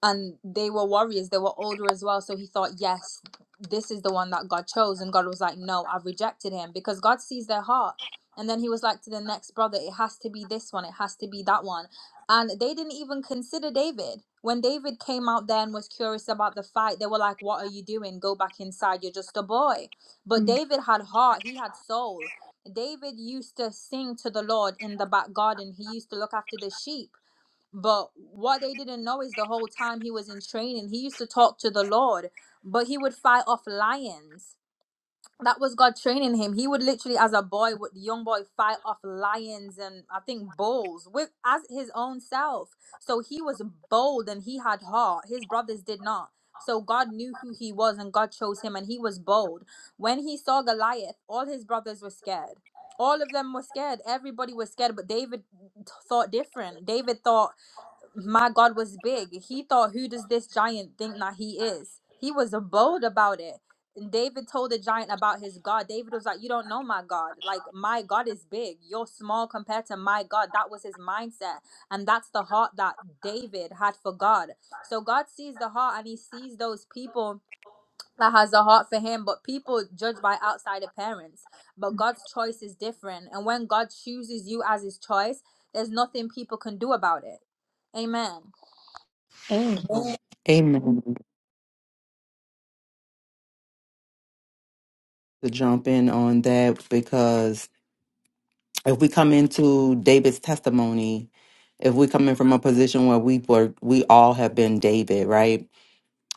and they were warriors they were older as well so he thought yes this is the one that god chose and god was like no i've rejected him because god sees their heart and then he was like to the next brother it has to be this one it has to be that one and they didn't even consider david when david came out there and was curious about the fight they were like what are you doing go back inside you're just a boy but david had heart he had soul david used to sing to the lord in the back garden he used to look after the sheep but what they didn't know is the whole time he was in training, he used to talk to the Lord, but he would fight off lions. That was God training him. He would literally, as a boy, would young boy, fight off lions and I think bulls with as his own self. So he was bold and he had heart. His brothers did not. So God knew who he was and God chose him and he was bold. When he saw Goliath, all his brothers were scared. All of them were scared. Everybody was scared, but David t- thought different. David thought my God was big. He thought, who does this giant think that he is? He was bold about it. And David told the giant about his God. David was like, You don't know my God. Like, my God is big. You're small compared to my God. That was his mindset. And that's the heart that David had for God. So God sees the heart and he sees those people that has a heart for him. But people judge by outside appearance. But God's choice is different. And when God chooses you as his choice, there's nothing people can do about it. Amen.
Amen. to jump in on that because if we come into David's testimony, if we come in from a position where we were, we all have been David, right?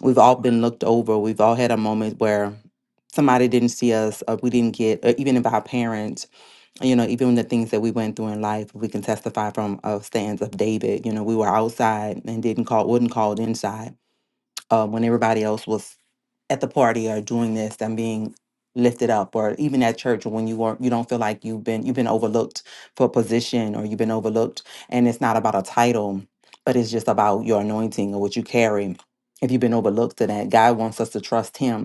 We've all been looked over. We've all had a moment where somebody didn't see us, or we didn't get, or even if our parents, you know, even the things that we went through in life, we can testify from a stance of David. You know, we were outside and didn't call, would not called inside uh, when everybody else was at the party are doing this and being lifted up or even at church or when you are you don't feel like you've been you've been overlooked for a position or you've been overlooked and it's not about a title but it's just about your anointing or what you carry if you've been overlooked to that god wants us to trust him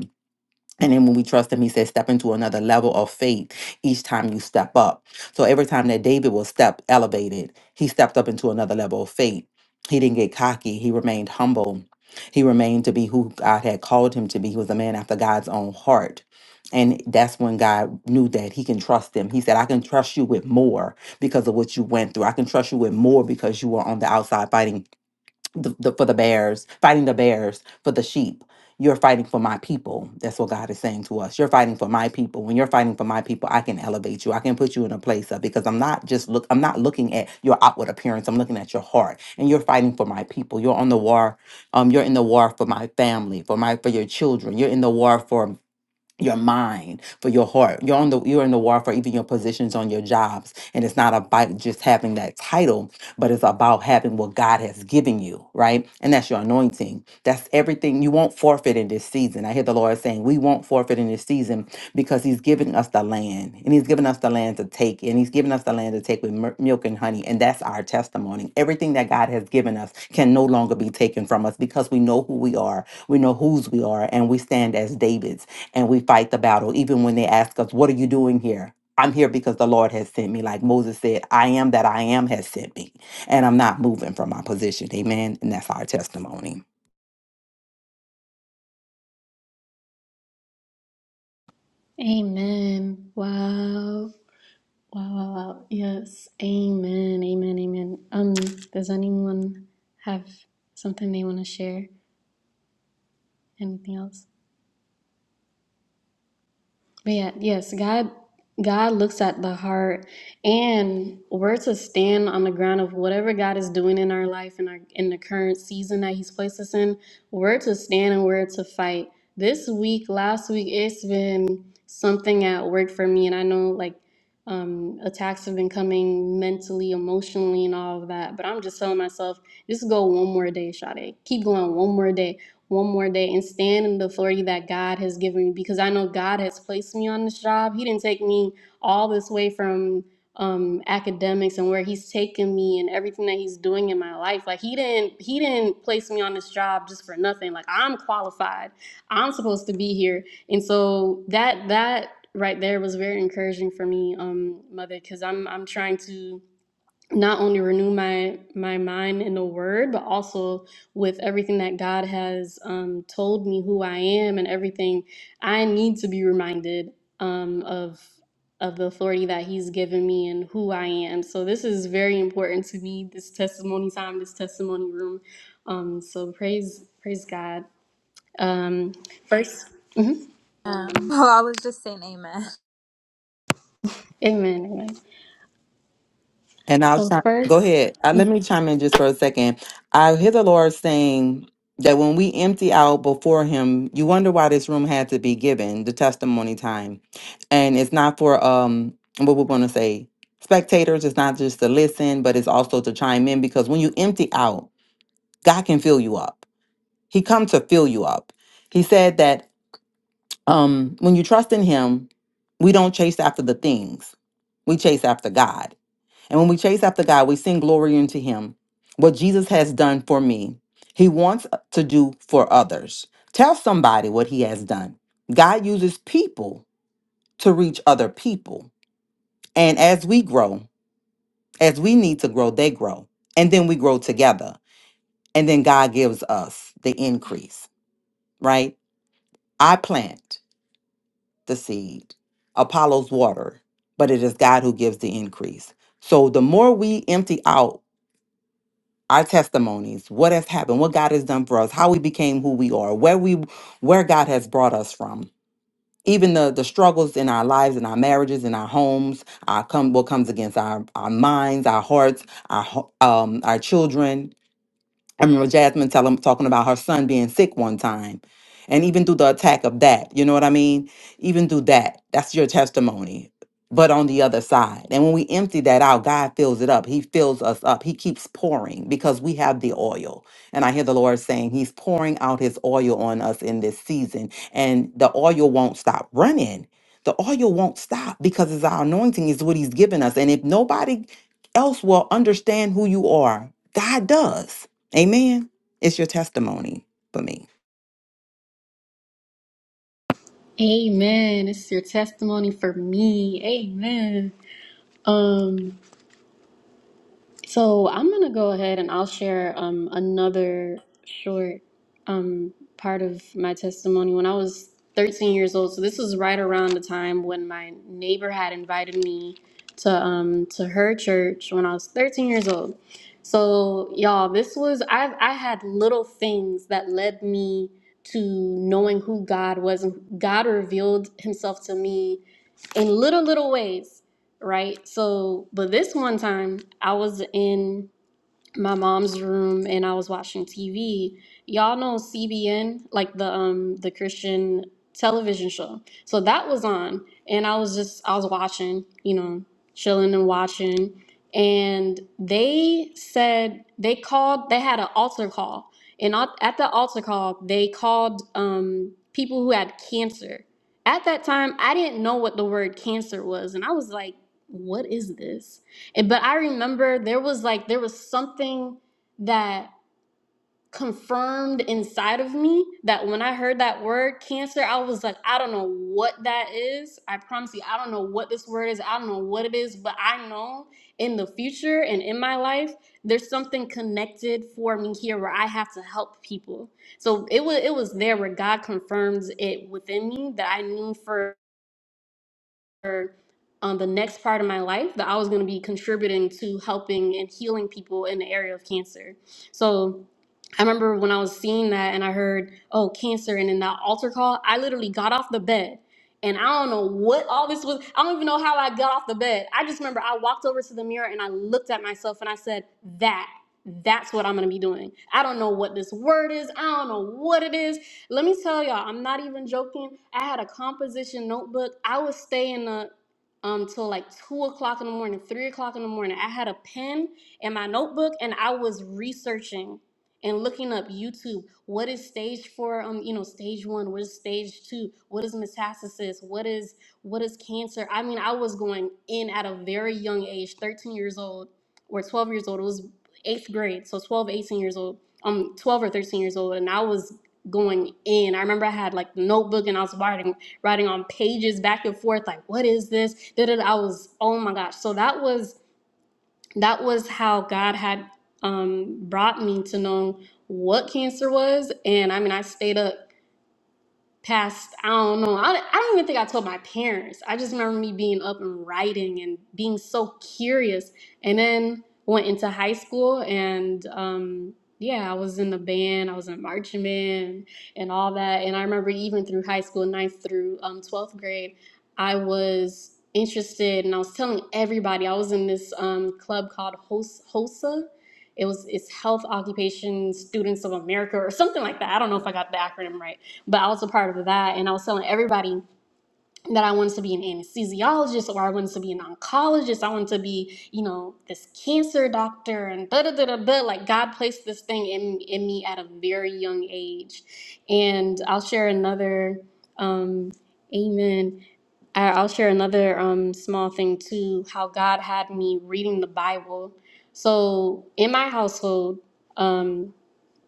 and then when we trust him, he says, step into another level of faith each time you step up. So every time that David was step elevated, he stepped up into another level of faith. He didn't get cocky. He remained humble. He remained to be who God had called him to be. He was a man after God's own heart. And that's when God knew that he can trust him. He said, I can trust you with more because of what you went through. I can trust you with more because you were on the outside fighting the, the for the bears, fighting the bears for the sheep. You're fighting for my people. That's what God is saying to us. You're fighting for my people. When you're fighting for my people, I can elevate you. I can put you in a place of because I'm not just look. I'm not looking at your outward appearance. I'm looking at your heart. And you're fighting for my people. You're on the war. Um, you're in the war for my family, for my for your children. You're in the war for your mind for your heart you're on the you're in the war for even your positions on your jobs and it's not about just having that title but it's about having what god has given you right and that's your anointing that's everything you won't forfeit in this season i hear the lord saying we won't forfeit in this season because he's giving us the land and he's giving us the land to take and he's giving us the land to take with mer- milk and honey and that's our testimony everything that god has given us can no longer be taken from us because we know who we are we know whose we are and we stand as davids and we fight the battle. Even when they ask us, What are you doing here? I'm here because the Lord has sent me. Like Moses said, I am that I am has sent me, and I'm not moving from my position. Amen. And that's our testimony.
Amen. Wow. Wow, wow, wow. Yes. Amen. Amen. Amen. Um, does anyone have something they want to share? Anything else? But yeah, yes, God God looks at the heart and we're to stand on the ground of whatever God is doing in our life and our in the current season that He's placed us in, we're to stand and we're to fight. This week, last week, it's been something at work for me. And I know like um attacks have been coming mentally, emotionally, and all of that. But I'm just telling myself, just go one more day, Sade. Keep going one more day one more day and stand in the authority that God has given me because I know God has placed me on this job. He didn't take me all this way from um academics and where he's taken me and everything that he's doing in my life. Like he didn't he didn't place me on this job just for nothing. Like I'm qualified. I'm supposed to be here. And so that that right there was very encouraging for me, um, mother, because I'm I'm trying to not only renew my my mind in the word but also with everything that god has um, told me who i am and everything i need to be reminded um, of of the authority that he's given me and who i am so this is very important to me this testimony time this testimony room um, so praise praise god um, 1st Mhm.
Um, well, I was just saying amen.
amen amen
And I'll
so
chi-
first
go ahead. Uh, let me chime in just for a second. I hear the Lord saying that when we empty out before Him, you wonder why this room had to be given the testimony time, and it's not for um what we're going to say spectators. It's not just to listen, but it's also to chime in because when you empty out God can fill you up. He comes to fill you up. He said that um, when you trust in Him, we don't chase after the things, we chase after God. And when we chase after God, we sing glory unto Him. What Jesus has done for me, He wants uh, to do for others. Tell somebody what He has done. God uses people to reach other people. And as we grow, as we need to grow, they grow. And then we grow together. And then God gives us the increase, right? I plant the seed, Apollo's water, but it is God who gives the increase. So the more we empty out our testimonies, what has happened, what God has done for us, how we became who we are, where we where God has brought us from, even the the struggles in our lives, in our marriages, in our homes, our come what comes against our our minds, our hearts, our ho- um our children, I remember Jasmine telling talking about her son being sick one time. And even through the attack of that, you know what I mean? Even through that, that's your testimony. But on the other side. And when we empty that out, God fills it up. He fills us up. He keeps pouring because we have the oil. And I hear the Lord saying He's pouring out His oil on us in this season. And the oil won't stop running. The oil won't stop because it's our anointing, is what He's given us. And if nobody else will understand who you are, God does. Amen. It's your testimony for me.
amen it's your testimony for me amen um So I'm gonna go ahead and I'll share um, another short um, part of my testimony. When I was 13 years old, so this was right around the time when my neighbor had invited me to um, to her church when I was 13 years old. So y'all, this was I I had little things that led me to knowing who God was. God revealed Himself to me in little little ways right? So, but this one time I was in my mom's room and I was watching TV. Y'all know CBN, like the um the Christian television show. So that was on and I was just I was watching, you know, chilling and watching and they said they called they had an altar call and at at the altar call they called um people who had cancer. At that time I didn't know what the word cancer was and I was like what is this? And- But I remember there was like there was something that confirmed inside of me that when I heard that word cancer, I was like, I don't know what that is. I promise you, I don't know what this word is. I don't know what it is, but I know in the future and in my life, there's something connected for me here where I have to help people. So it was it was there where God confirms it within me that I knew for for um, the next part of my life that I was going to be contributing to helping and healing people in the area of cancer. So I remember when I was seeing that and I heard, oh, cancer, and in that altar call, I literally got off the bed. And I don't know what all this was. I don't even know how I got off the bed. I just remember I walked over to the mirror and I looked at myself and I said, that, that's what I'm going to be doing. I don't know what this word is. I don't know what it is. Let me tell y'all, I'm not even joking. I had a composition notebook. I would stay in the um till like two o'clock in the morning, three o'clock in the morning. I had a pen and my notebook, and I was researching and looking up YouTube. What is stage four? Um, you know, stage one. What is stage two? What is metastasis? What is what is cancer? I mean, I was going in at a very young age, 13 years old or 12 years old. It was eighth grade, so 12, 18 years old. Um, 12 or 13 years old, and I was going in. I remember I had like the notebook and I was writing writing on pages back and forth, like, what is this? Da, da, da. I was, oh my gosh. So that was that was how God had um brought me to know what cancer was. And I mean I stayed up past i don't know I, I don't even think i told my parents i just remember me being up and writing and being so curious and then went into high school and um yeah i was in the band i was in marching band and all that and i remember even through high school ninth through um, 12th grade i was interested and i was telling everybody i was in this um, club called Hos- hosa it was it's health occupation students of america or something like that i don't know if i got the acronym right but I was a part of that. And I was telling everybody that I wanted to be an anesthesiologist or I wanted to be an oncologist. I wanted to be, you know, this cancer doctor and da da da da da. Like God placed this thing in, in me at a very young age. And I'll share another, um, amen. I- I'll share another um, small thing too how God had me reading the Bible. So in my household, um,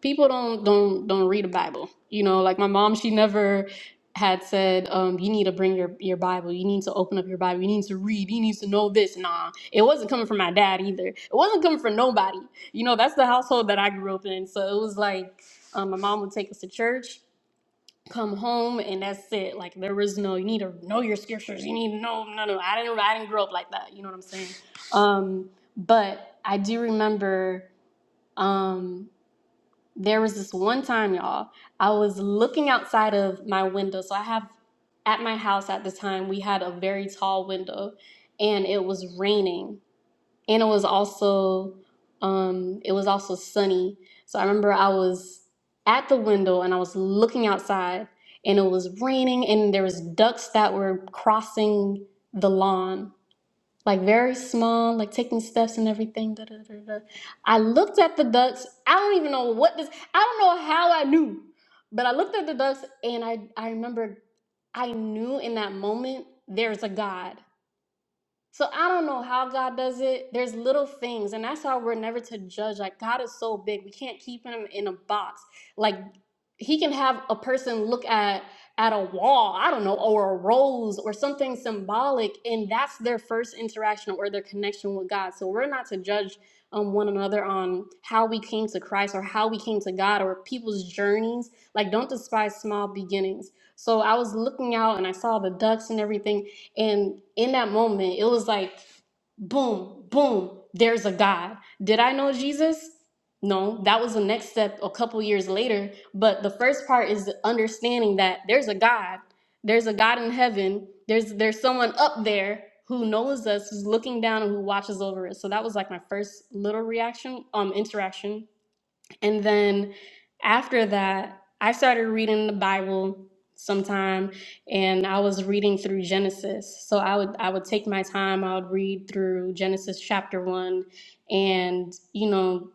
people don't don't don't read a bible you know like my mom she never had said um, you need to bring your, your bible you need to open up your bible you need to read you need to know this nah it wasn't coming from my dad either it wasn't coming from nobody you know that's the household that i grew up in so it was like um, my mom would take us to church come home and that's it like there was no you need to know your scriptures you need to know no no i didn't i didn't grow up like that you know what i'm saying um, but i do remember um there was this one time, y'all, I was looking outside of my window. So I have at my house at the time, we had a very tall window and it was raining and it was also um it was also sunny. So I remember I was at the window and I was looking outside and it was raining and there was ducks that were crossing the lawn like very small, like taking steps and everything. Da, da, da, da. I looked at the ducks. I don't even know what this. I don't know how I knew, but I looked at the ducks and I I remembered I knew in that moment there's a God. So I don't know how God does it. There's little things, and that's how we're never to judge. Like God is so big, we can't keep him in a box. Like He can have a person look at at a wall, I don't know, or a rose or something symbolic, and that's their first interaction or their connection with God. So we're not to judge um, one another on how we came to Christ or how we came to God or people's journeys. Like don't despise small beginnings. So I was looking out and I saw the ducks and everything. And in that moment, it was like, boom, boom, there's a God. Did I know Jesus? No, that was the next step a couple years later. But the first part is understanding that there's a God. There's a God in heaven. There's there's someone up there who knows us, who's looking down and who watches over us. So that was like my first little reaction, um, interaction and then after that, I started reading the Bible sometime and I was reading through Genesis. So I would I would take my time, I would read through Genesis chapter 1 and, you know,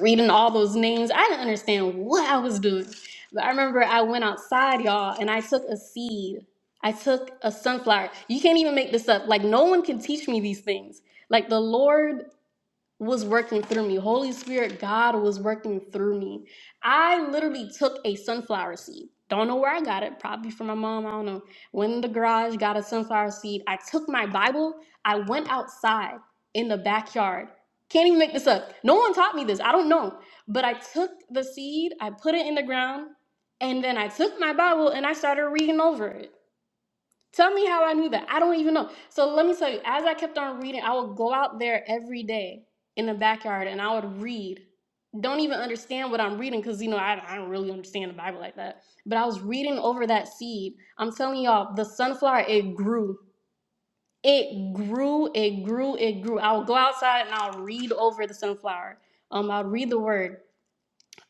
reading all those names. I didn't understand what I was doing. But I remember I went outside, y'all, and I took a seed. I took a sunflower. You can't even make this up. Like no one can teach me these things. Like the Lord was working through me. Holy Spirit, God was working through me. I literally took a sunflower seed. Don't know where I got it, probably from my mom. I don't know. Went in the garage, got a sunflower seed. I took my Bible. I went outside in the backyard. Can't even make this up. No one taught me this. I don't know. But I took the seed, I put it in the ground, and then I took my Bible and I started reading over it. Tell me how I knew that. I don't even know. So let me tell you, as I kept on reading, I would go out there every day in the backyard and I would read. Don't even understand what I'm reading because, you know, I, I don't really understand the Bible like that. But I was reading over that seed. I'm telling y'all, the sunflower, it grew. It grew, it grew, it grew. I would go outside and I'll read over the sunflower. Um, I'll read the word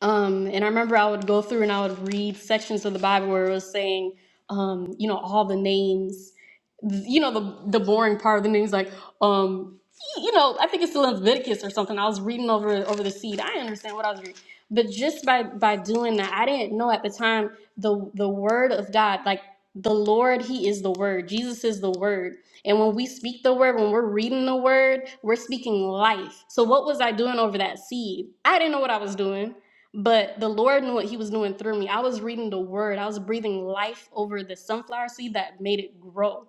um, and I remember I would go through and I would read sections of the Bible where it was saying, um, you know, all the names, you know, the the boring part of the names, like, um, you know, I think it's still in Leviticus or something. I was reading over over the seed. I didn't understand what I was reading, but just by by doing that, I didn't know at the time the the word of God, like the Lord, He is the Word. Jesus is the Word. And when we speak the word, when we're reading the word, we're speaking life. So what was I doing over that seed? I didn't know what I was doing. But the Lord knew what He was doing through me. I was reading the Word, I was breathing life over the sunflower seed that made it grow.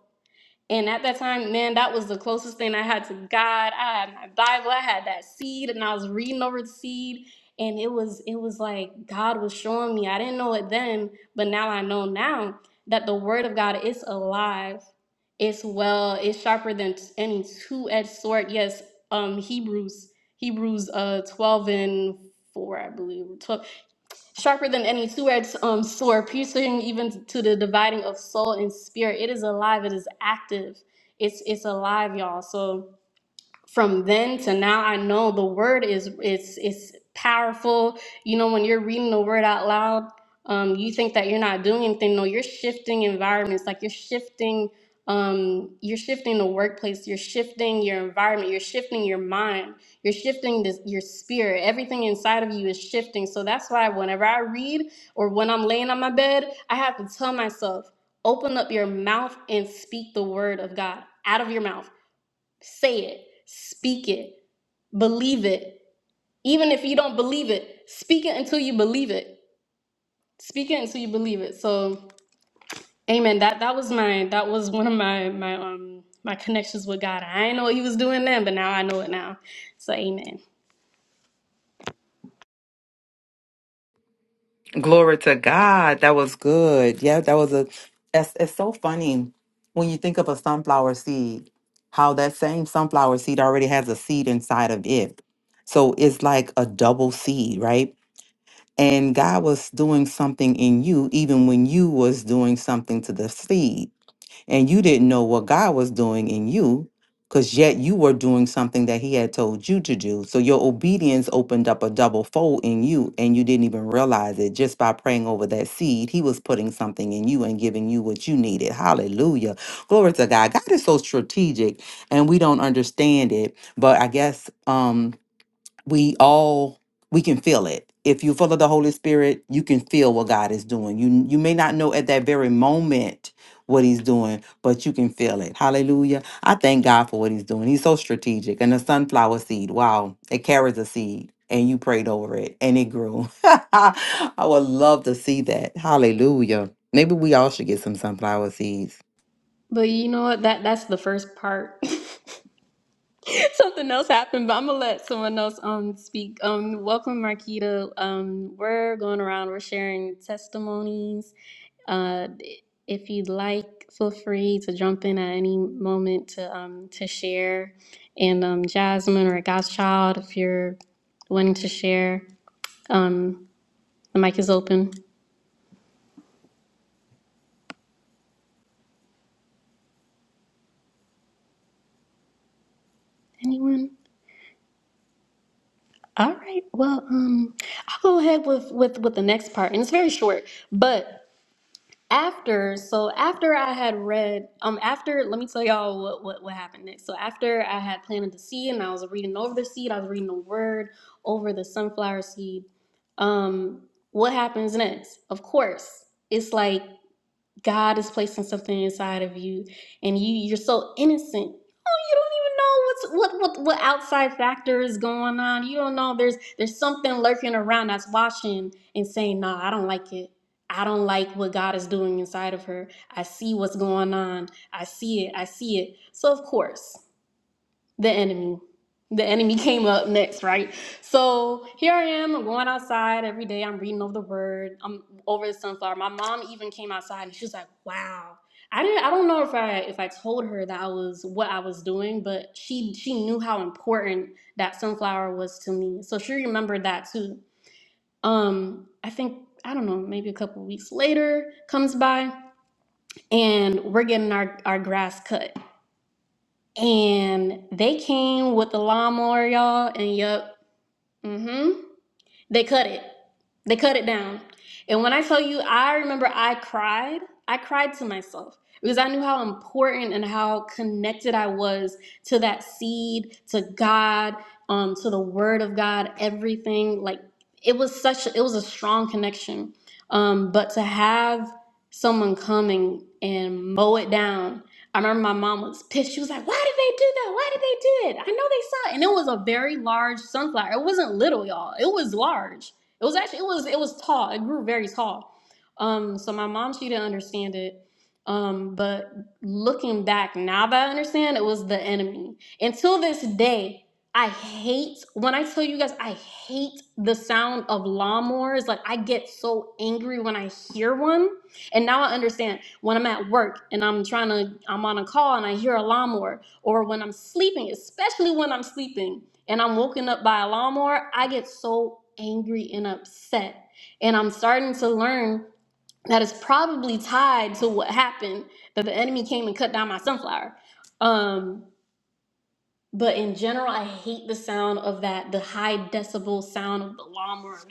And at that time, man, that was the closest thing I had to God. I had my Bible, I had that seed, and I was reading over the seed. And it was, it was like God was showing me. I didn't know it then, but now I know now that the Word of God is alive. It's well, it's sharper than t- any two-edged sword. Yes, um, Hebrews Hebrews uh 12 and 4, I believe. 12 sharper than any two-edged um, sword, piercing even to the dividing of soul and spirit. It is alive. It is active. It's it's alive, y'all. So from then to now i know the word is it's it's powerful you know when you're reading the word out loud um, you think that you're not doing anything no you're shifting environments like you're shifting um, you're shifting the workplace you're shifting your environment you're shifting your mind you're shifting this, your spirit everything inside of you is shifting so that's why whenever i read or when i'm laying on my bed i have to tell myself open up your mouth and speak the word of god out of your mouth Say it, speak it, believe it. Even if you don't believe it, speak it until you believe it. Speak it until you believe it. So, amen. That that was my that was one of my my um my connections with God. I didn't know what he was doing then, but now I know it now. So, amen.
Glory to God. That was good. Yeah, that was a. It's, it's so funny when you think of a sunflower seed, how that same sunflower seed already has a seed inside of it. So it's like a double seed, right? And God was doing something in you even when you was doing something to the seed. and you didn't know what God was doing in you because yet you were doing something that he had told you to do. So your obedience opened up a double fold in you and you didn't even realize it just by praying over that seed. He was putting something in you and giving you what you needed. Hallelujah. Glory to God. God is so strategic and we don't understand it, but I guess um we all we can feel it if you follow the holy spirit you can feel what god is doing you you may not know at that very moment what he's doing but you can feel it hallelujah i thank god for what he's doing he's so strategic and the sunflower seed wow it carries a seed and you prayed over it and it grew i would love to see that hallelujah maybe we all should get some sunflower seeds
But you know what? That that's the first part. Something else happened, but I'm gonna let someone else um speak. Um, welcome, Marquita. Um, we're going around. We're sharing testimonies Uh, if you'd like, feel free to jump in at any moment to um, to share. And um, Jasmine or Godchild, if you're wanting to share, um, the mic is open. Anyone? All right. Well, um, I'll go ahead with with with the next part, and it's very short, but. after so after i had read um after let me tell y'all what, what what happened next so after i had planted the seed and i was reading over the seed i was reading the word over the sunflower seed um what happens next of course it's like God is placing something inside of you, and you you're so innocent. Oh, you don't even know what's what what what outside factor is going on. You don't know there's there's something lurking around that's watching and saying, "No, I don't like it. I don't like what God is doing inside of her. I see what's going on. I see it. I see it." So of course the enemy. The enemy came up next, right? So here I am. I'm going outside every day. I'm reading over the word. I'm over the sunflower. My mom even came outside and she was like, "Wow." I didn't. I don't know if I if I told her that I was what I was doing, but she she knew how important that sunflower was to me. So she remembered that too. Um, I think I don't know. Maybe a couple weeks later comes by and we're getting our our grass cut. And they came with the lawnmower, y'all, and yup, mm-hmm. They cut it. They cut it down. And when I tell you, I remember I cried. I cried to myself because I knew how important and how connected I was to that seed, to God, um, to the Word of God, everything. Like it was such. A, it was a strong connection. Um, but to have someone coming and mow it down I remember my mom was pissed. She was like, Why did they do that? Why did they do it? I know they saw it. And it was a very large sunflower. It wasn't little, y'all. It was large. It was actually it was it was tall. It grew very tall. Um, so my mom, she didn't understand it. Um, but looking back now that I understand, it was the enemy. Until this day, I hate when I tell you guys I hate the sound of lawnmowers. Like I get so angry when I hear one and now I understand when I'm at work and I'm trying to, I'm on a call and I hear a lawnmower, or when I'm sleeping, especially when I'm sleeping and I'm woken up by a lawnmower, I get so angry and upset. And I'm starting to learn that it's probably tied to what happened that the enemy came and cut down my sunflower. Um, but in general, I hate the sound of that, the high decibel sound of the lawnmower. Ugh,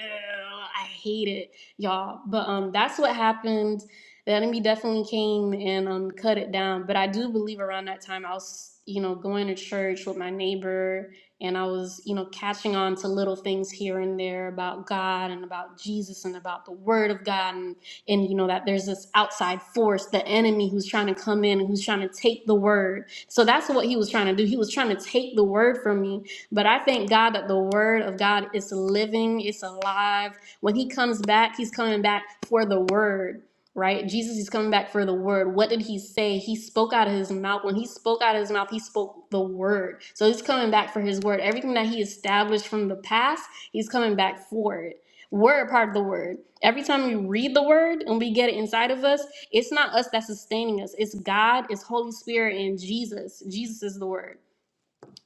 I hate it, y'all. But um, that's what happened. The enemy definitely came and um cut it down. But I do believe around that time I was, you know, going to church with my neighbor, and I was, you know, catching on to little things here and there about God and about Jesus and about the Word of God, and and you know that there's this outside force, the enemy who's trying to come in and who's trying to take the Word so that's what he was trying to do. He was trying to take the word from me. But I thank God that the word of God is living, it's alive. When he comes back, he's coming back for the word. Right? Jesus is coming back for the word. What did he say? He spoke out of his mouth. When he spoke out of his mouth, he spoke the word. So he's coming back for his word. Everything that he established from the past, he's coming back for it we're a part of the word. Every time we read the word and we get it inside of us, it's not us that's sustaining us. It's God, it's Holy Spirit, and Jesus. Jesus is the word.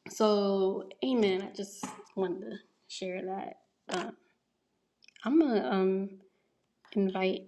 So, amen. I just wanted to share that. Uh, I'm going to um, invite.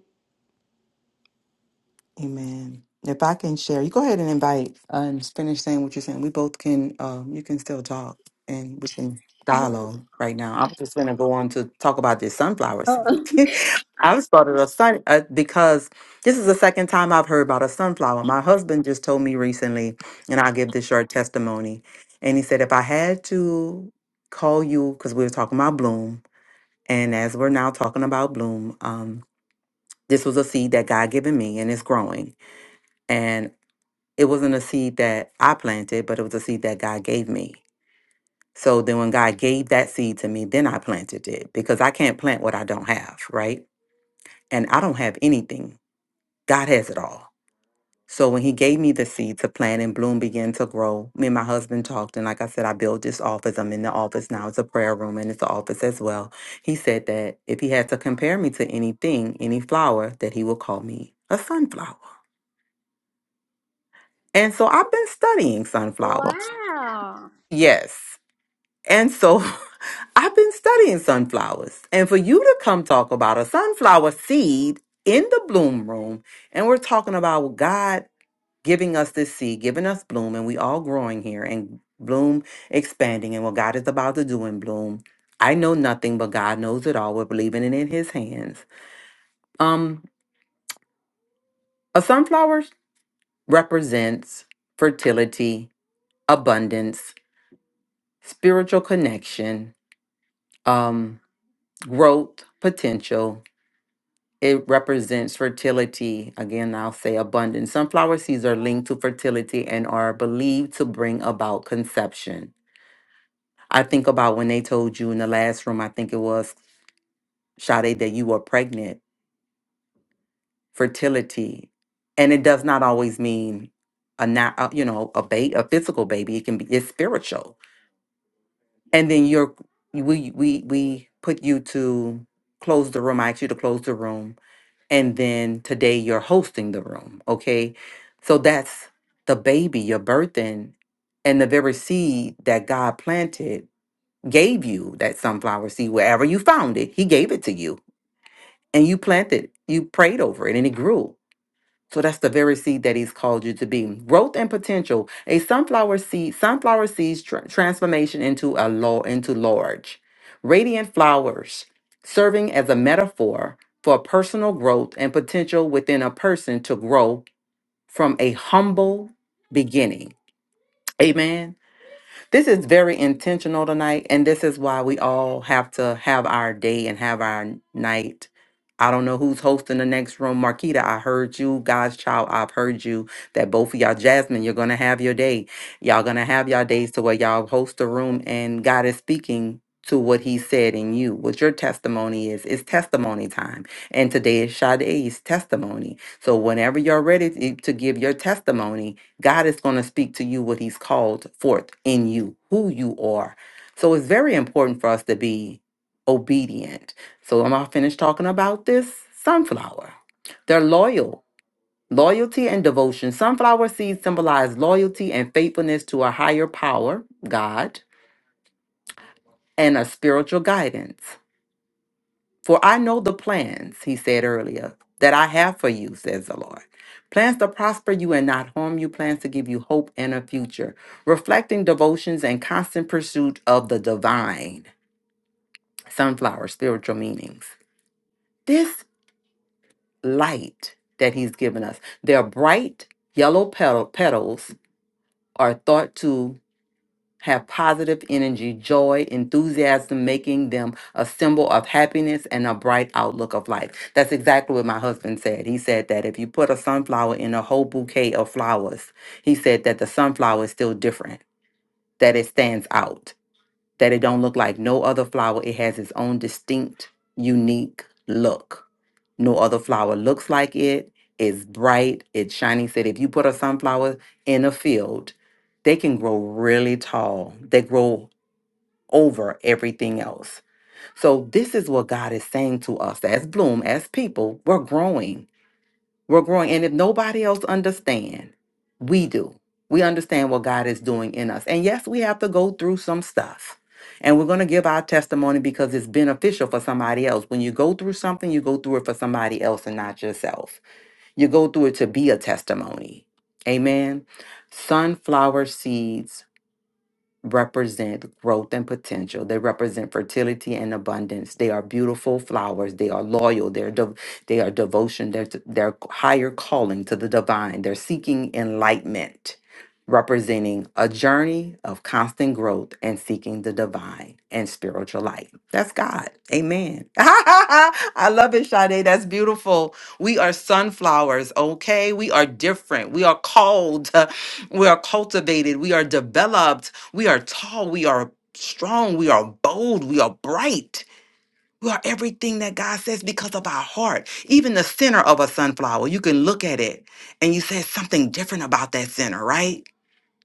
Amen. If I can share, you go ahead and invite uh, and finish saying what you're saying. We both can, um, you can still talk and we can dialogue right now. I'm just going to go on to talk about this sunflower seed.
Oh.
I've started a sun uh, because this is the second time I've heard about a sunflower. My husband just told me recently, and I'll give this short testimony. And he said, if I had to call you, because we were talking about bloom, and as we're now talking about bloom, um, this was a seed that God given me and it's growing. And it wasn't a seed that I planted, but it was a seed that God gave me. So then when God gave that seed to me, then I planted it because I can't plant what I don't have, right? And I don't have anything. God has it all. So when he gave me the seed to plant and bloom began to grow, me and my husband talked. And like I said, I built this office. I'm in the office now. It's a prayer room and it's an office as well. He said that if he had to compare me to anything, any flower, that he would call me a sunflower. And so I've been studying sunflowers.
Wow.
Yes. And so I've been studying sunflowers. And for you to come talk about a sunflower seed in the bloom room, and we're talking about God giving us this seed, giving us bloom, and we all growing here and bloom expanding and what God is about to do in bloom. I know nothing, but God knows it all. We're believing it in his hands. Um, a sunflower represents fertility, abundance, spiritual connection, um, growth, potential, It represents fertility. Again, I'll say abundance. Sunflower seeds are linked to fertility and are believed to bring about conception. I think about when they told you in the last room, I think it was Sade, that you were pregnant. Fertility, and it does not always mean a not, a, you know, a ba- a physical baby. It can be it's spiritual. And then you're we we we put you to close the room. I asked you to close the room and then today you're hosting the room okay so that's the baby you're birthing and the very seed that god planted gave you that sunflower seed wherever you found it he gave it to you and you planted you prayed over it and it grew so that's the very seed that he's called you to be. Growth and potential. A sunflower seed, sunflower seeds tr- transformation into a law into large. Radiant flowers, serving as a metaphor for personal growth and potential within a person to grow from a humble beginning. Amen. This is very intentional tonight, and this is why we all have to have our day and have our n- night. I don't know who's hosting the next room. Marquita, I heard you. God's child, I've heard you. That both of y'all, Jasmine, you're gonna have your day. Y'all gonna have y'all days to where y'all host the room and God is speaking to what he said in you. What your testimony is, it's testimony time. And today is Sade's testimony. So whenever you're ready to to give your testimony, God is going to speak to you what He's called forth in you, who you are. So it's very important for us to be obedient. So am I finished talking about this? Sunflower. They're loyal. Loyalty and devotion. Sunflower seeds symbolize loyalty and faithfulness to a higher power, God, and a spiritual guidance. For I know the plans, he said earlier, that I have for you, says the Lord. Plans to prosper you and not harm you, plans to give you hope and a future. Reflecting devotions and constant pursuit of the divine. Sunflower spiritual meanings. This light that he's given us, their bright yellow petal, petals are thought to have positive energy, joy, enthusiasm, making them a symbol of happiness and a bright outlook of life. That's exactly what my husband said. He said that if you put a sunflower in a whole bouquet of flowers, he said that the sunflower is still different, that it stands out, that it don't look like no other flower. It has its own distinct, unique look. No other flower looks like it. It's bright, it's shiny. He Said if you put a sunflower in a field, they can grow really tall. They grow over everything else. So this is what God is saying to us as Bloom, as people, we're growing. We're growing. And if nobody else understand, we do. We understand what God is doing in us. And yes, we have to go through some stuff. And we're going to give our testimony because it's beneficial for somebody else. When you go through something, you go through it for somebody else and not yourself. You go through it to be a testimony. Amen. Sunflower seeds represent growth and potential. They represent fertility and abundance. They are beautiful flowers. They are loyal. They're de- they are devotion. They're, t- they're higher calling to the divine. They're seeking enlightenment, representing a journey of constant growth and seeking the divine and spiritual light. That's God. Amen. I love it, Sade. That's beautiful. We are sunflowers, okay? We are different. We are called. We are cultivated. We are developed we are tall, we are strong, we are bold, we are bright. We are everything that God says because of our heart. Even the center of a sunflower, you can look at it and you say something different about that center, right?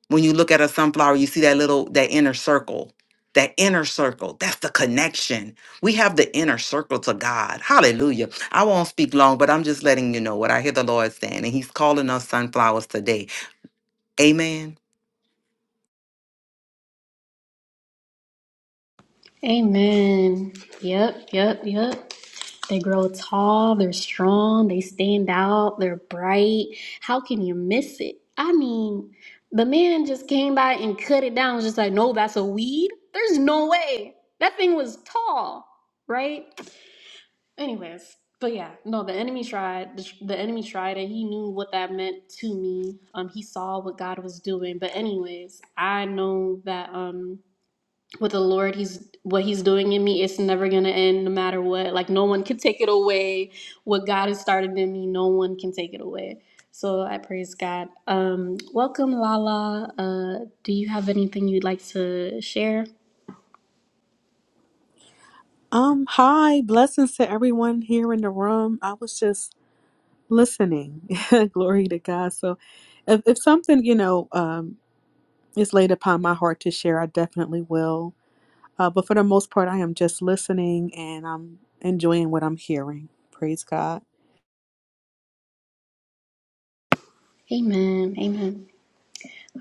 When you look at a sunflower, you see that little that inner circle. That inner circle, that's the connection. We have the inner circle to God. Hallelujah. I won't speak long, but I'm just letting you know what I hear the Lord saying, and He's calling us sunflowers today. Amen.
Amen. Yep, yep, yep. They grow tall, they're strong, they stand out, they're bright. How can you miss it? I mean, the man just came by and cut it down. Was just like, no, that's a weed. There's no way. That thing was tall, right? Anyways, but yeah, no, the enemy tried. The, the enemy tried it. He knew what that meant to me. Um, he saw what God was doing. But anyways, I know that um with the Lord, He's what He's doing in me, it's never gonna end no matter what. Like no one can take it away. What God has started in me, no one can take it away. So I praise God. Um, welcome, Lala. Uh, do you have anything you'd like to share?
Um, hi, blessings to everyone here in the room. I was just listening. Glory to God. So if, if something, you know, um is laid upon my heart to share, I definitely will. Uh, but for the most part, I am just listening and I'm enjoying what I'm hearing. Praise God.
Amen. Amen.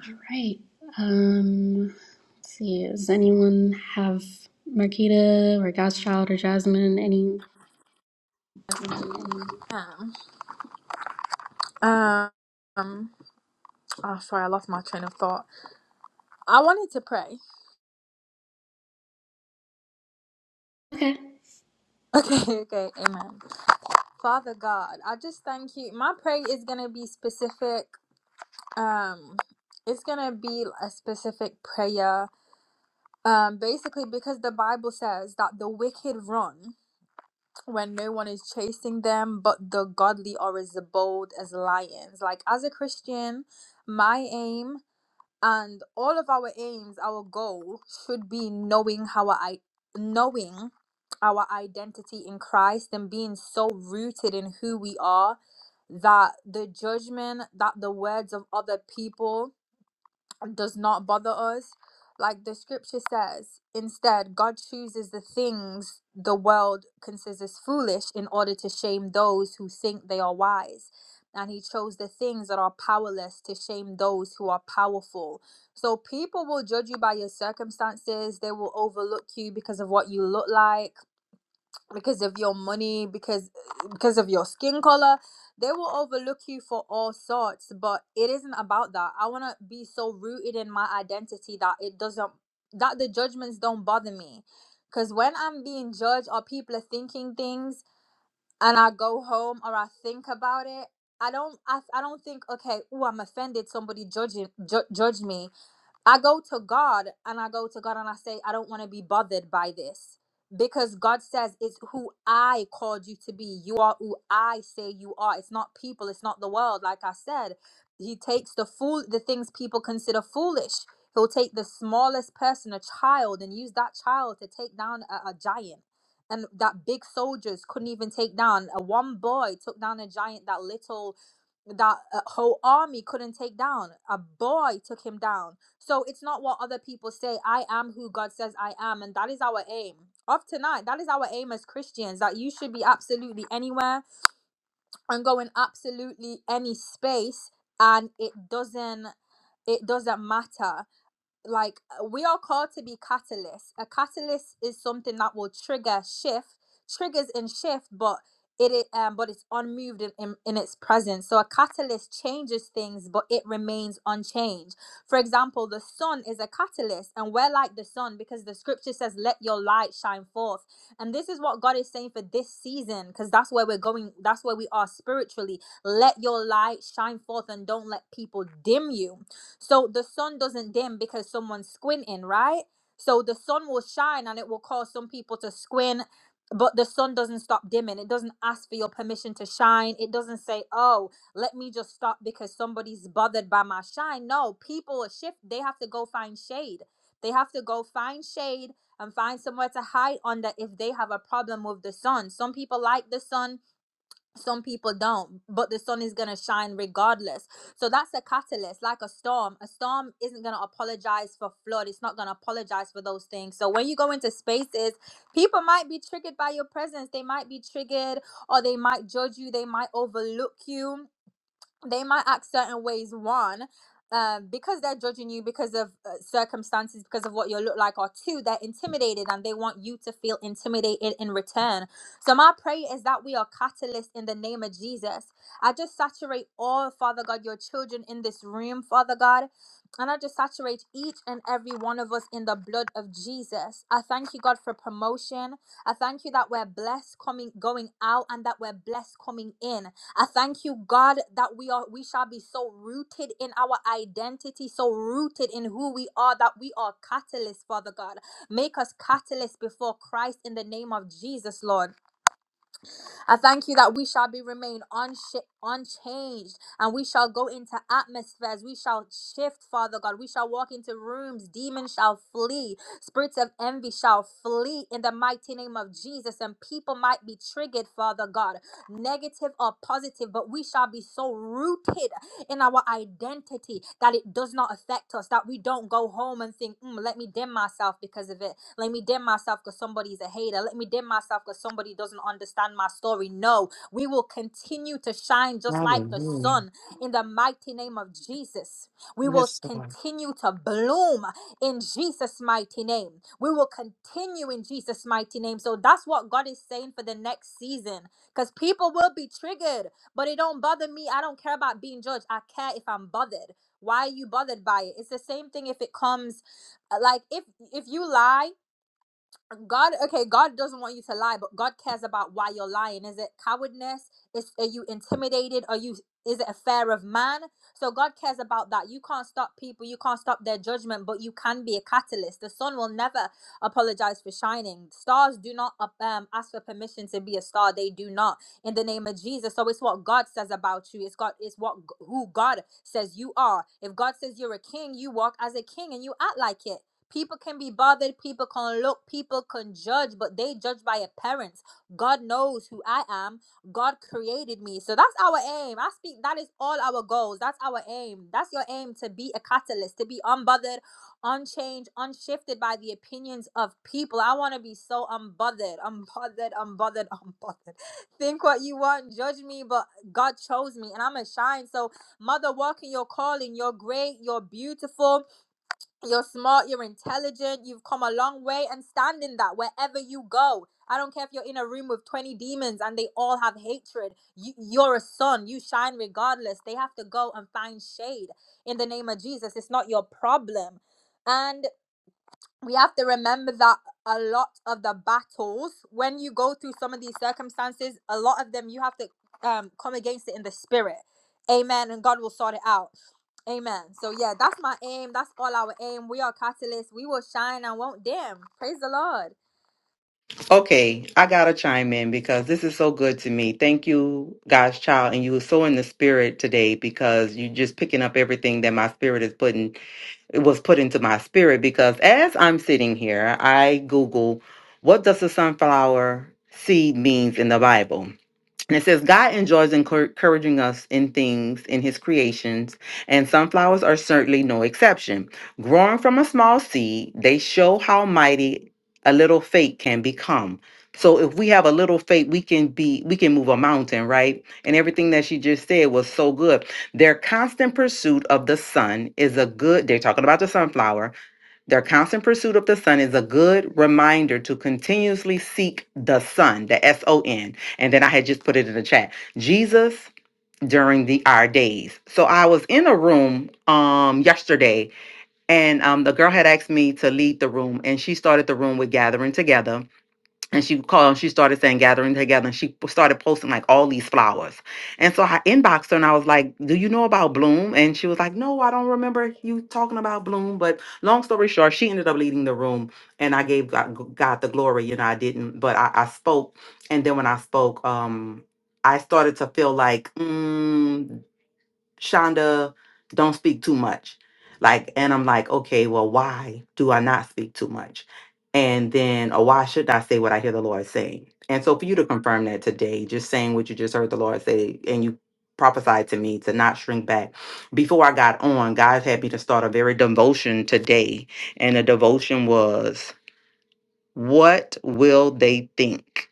All right. Um, let's see. Does anyone have Marquita or God's Child or Jasmine? Any?
Um, um, oh, sorry, I lost my train of thought. I wanted to pray.
Okay.
Okay, okay, amen. Father God, I just thank you. My prayer is going to be specific. Um, it's going to be a specific prayer. Um, basically, because the Bible says that the wicked run when no one is chasing them, but the godly are as bold as lions. Like, as a Christian, my aim and all of our aims our goal should be knowing how i knowing our identity in christ and being so rooted in who we are that the judgment that the words of other people does not bother us. Like the scripture says, instead, God chooses the things the world considers as foolish in order to shame those who think they are wise. And he chose the things that are powerless to shame those who are powerful. So people will judge you by your circumstances. They will overlook you because of what you look like because of your money because because of your skin color they will overlook you for all sorts but it isn't about that i want to be so rooted in my identity that it doesn't that the judgments don't bother me because when i'm being judged or people are thinking things and i go home or i think about it i don't i, I don't think okay oh i'm offended somebody judging ju- judge me I go to God and I go to God and I say, I don't want to be bothered by this because God says it's who I called you to be. You are who I say you are. It's not people, it's not the world. Like I said, He takes the fool, the things people consider foolish. He'll take the smallest person, a child, and use that child to take down a, a giant. And that big soldiers couldn't even take down. A one boy took down a giant that little, that uh, whole army couldn't take down. A boy took him down so it's not what other people say. I am who God says I am, and that is our aim. Of tonight, that is our aim as Christians that you should be absolutely anywhere and go in absolutely any space, and it doesn't it doesn't matter like uh, we are called to be catalysts. A catalyst is something that will trigger shift, triggers and shift, but it is um but it's unmoved in, in, in its presence. So a catalyst changes things, but it remains unchanged. For example, the sun is a catalyst, and we're like the sun because the scripture says, Let your light shine forth. And this is what God is saying for this season, because that's where we're going, that's where we are spiritually. Let your light shine forth and don't let people dim you so the sun doesn't dim because someone's squinting, right? So the sun will shine and it will cause some people to squint, but the sun doesn't stop dimming. It doesn't ask for your permission to shine. It doesn't say, oh, let me just stop because somebody's bothered by my shine. No, people are shift. They have to go find shade. They have to go find shade and find somewhere to hide under if they have a problem with the sun. Some people like the sun some people don't but the sun is going to shine regardless so that's a catalyst like a storm a storm isn't going to apologize for flood it's not going to apologize for those things so when you go into spaces people might be triggered by your presence they might be triggered or they might judge you they might overlook you they might act certain ways one um, because they're judging you because of uh, circumstances because of what you look like or two they're intimidated and they want you to feel intimidated in return so my prayer is that we are catalysts in the name of jesus i just saturate all father god your children in this room father god and i just saturate each and every one of us in the blood of jesus i thank you god for promotion i thank you that we're blessed coming going out and that we're blessed coming in I thank you, God, that we are we shall be so rooted in our identity, so rooted in who we are, that we are catalysts, Father God. Make us catalysts before Christ in the name of Jesus, Lord. I thank you that we shall be remain unsha- unchanged and we shall go into atmospheres. We shall shift, Father God. We shall walk into rooms. Demons shall flee. Spirits of envy shall flee in the mighty name of Jesus. And people might be triggered, Father God, negative or positive, but we shall be so rooted in our identity that it does not affect us, that we don't go home and think, mm, let me dim myself because of it let me dim myself because somebody's a hater. Let me dim myself because somebody doesn't understand my story. No, we will continue to shine just like the
Hallelujah.
sun in the mighty name of Jesus. We will
Yes, Lord.
continue to bloom in Jesus' mighty name. We will continue in Jesus' mighty name. So that's what God is saying for the next season because people will be triggered, but it don't bother me. I don't care about being judged. I care if I'm bothered. Why are you bothered by it? It's the same thing if it comes uh, like if if you lie God, okay, God doesn't want you to lie, but God cares about why you're lying. Is it cowardness? Is are you intimidated? Are you is it a fear of man? So God cares about that. You can't stop people, you can't stop their judgment, but you can be a catalyst. The sun will never apologize for shining. Stars do not uh, um, ask for permission to be a star. They do not in the name of Jesus. So it's what God says about you. It's God. It's what who God says you are. If God says you're a king, you walk as a king and you act like it. People can be bothered, people can look, people can judge, but they judge by appearance. God knows who I am. God created me. So that's our aim. I speak that is all our goals. That's our aim. That's your aim to be a catalyst, to be unbothered, unchanged, unshifted by the opinions of people. I want to be so unbothered, unbothered, unbothered, unbothered. Think what you want, judge me, but God chose me and I'm going to shine. So, mother, walk in your calling. You're great, you're beautiful you're smart, you're intelligent, you've come a long way, and stand in that wherever you go. I don't care if you're in a room with 20 demons and they all have hatred. You, you're a son, you shine regardless. They have to go and find shade in the name of Jesus. It's not your problem. And we have to remember that a lot of the battles when you go through some of these circumstances a lot of them you have to um come against it in the spirit amen and god will sort it out amen so yeah that's my aim that's all our aim we are catalysts we will shine and won't dim praise the lord
Okay, I gotta chime in because this is so good to me. Thank you, God's child, and you were so in the spirit today because you're just picking up everything that my spirit is putting it was put into my spirit. Because as I'm sitting here, I Google what does the sunflower seed means in the Bible. And it says, God enjoys encour- encouraging us in things, in his creations, and sunflowers are certainly no exception. Growing from a small seed, they show how mighty a little faith can become. So if we have a little faith, we can be, we can move a mountain, right? And everything that she just said was so good. Their constant pursuit of the sun is a good, they're talking about the sunflower, their constant pursuit of the sun is a good reminder to continuously seek the sun, the S O N. And then I had just put it in the chat. Jesus during the our days. So I was in a room um yesterday and um the girl had asked me to lead the room and she started the room with gathering together and she called she started saying gathering together and she started posting like all these flowers and so i inboxed her and i was like do you know about bloom and she was like no i don't remember you talking about bloom but long story short she ended up leaving the room and i gave god, god the glory you know i didn't but I, I spoke and then when i spoke um i started to feel like mm, Shonda, don't speak too much. Like, and I'm like, okay, well, why do I not speak too much? And then, or why should I say what I hear the Lord saying? And so, for you to confirm that today, just saying what you just heard the Lord say, and you prophesied to me to not shrink back. Before I got on, God had me to start a very devotion today. And the devotion was, What will they think?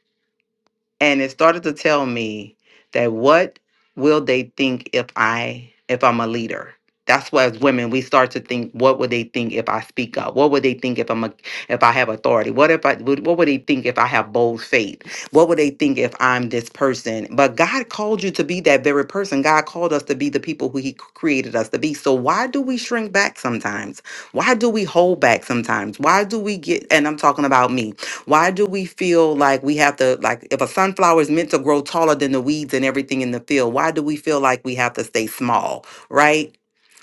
and it started to tell me that what will they think if i if i'm a leader that's why as women we start to think what would they think if i speak up what would they think if i'm a if i have authority what if i would what would they think if i have bold faith what would they think if i'm this person but god called you to be that very person god called us to be the people who he created us to be so why do we shrink back sometimes why do we hold back sometimes why do we get and i'm talking about me why do we feel like we have to like if a sunflower is meant to grow taller than the weeds and everything in the field, why do we feel like we have to stay small, right?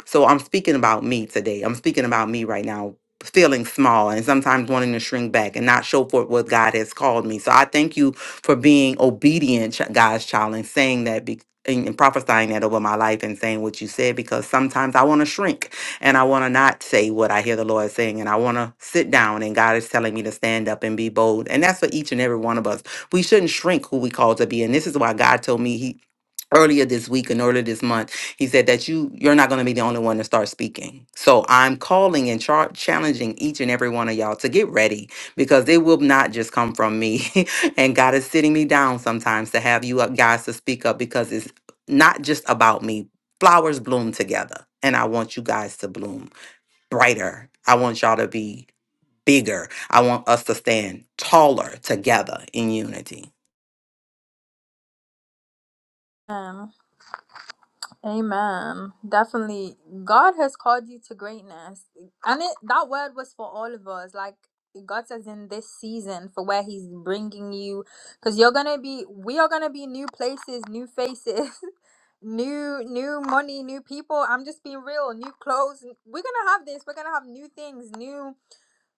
So I'm speaking about me today. I'm speaking about me right now, feeling small and sometimes wanting to shrink back and not show forth what God has called me. So I thank you for being obedient, ch- God's child, and saying that. Be- and and prophesying that over my life and saying what you said because sometimes I want to shrink and I want to not say what I hear the Lord saying, and I want to sit down, and God is telling me to stand up and be bold. And that's for each and every one of us. We shouldn't shrink who we call to be. And this is why God told me He earlier this week and earlier this month he said that you you're not going to be the only one to start speaking so i'm calling and char- challenging each and every one of y'all to get ready because it will not just come from me and god is sitting me down sometimes to have you up guys to speak up because it's not just about me flowers bloom together and i want you guys to bloom brighter i want y'all to be bigger i want us to stand taller together in unity
Um. Amen. Definitely. God has called you to greatness. And it, that word was for all of us. Like God says in this season for where he's bringing you cuz you're going to be we are going to be new places, new faces, new new money, new people. I'm just being real, new clothes. We're going to have this. We're going to have new things, new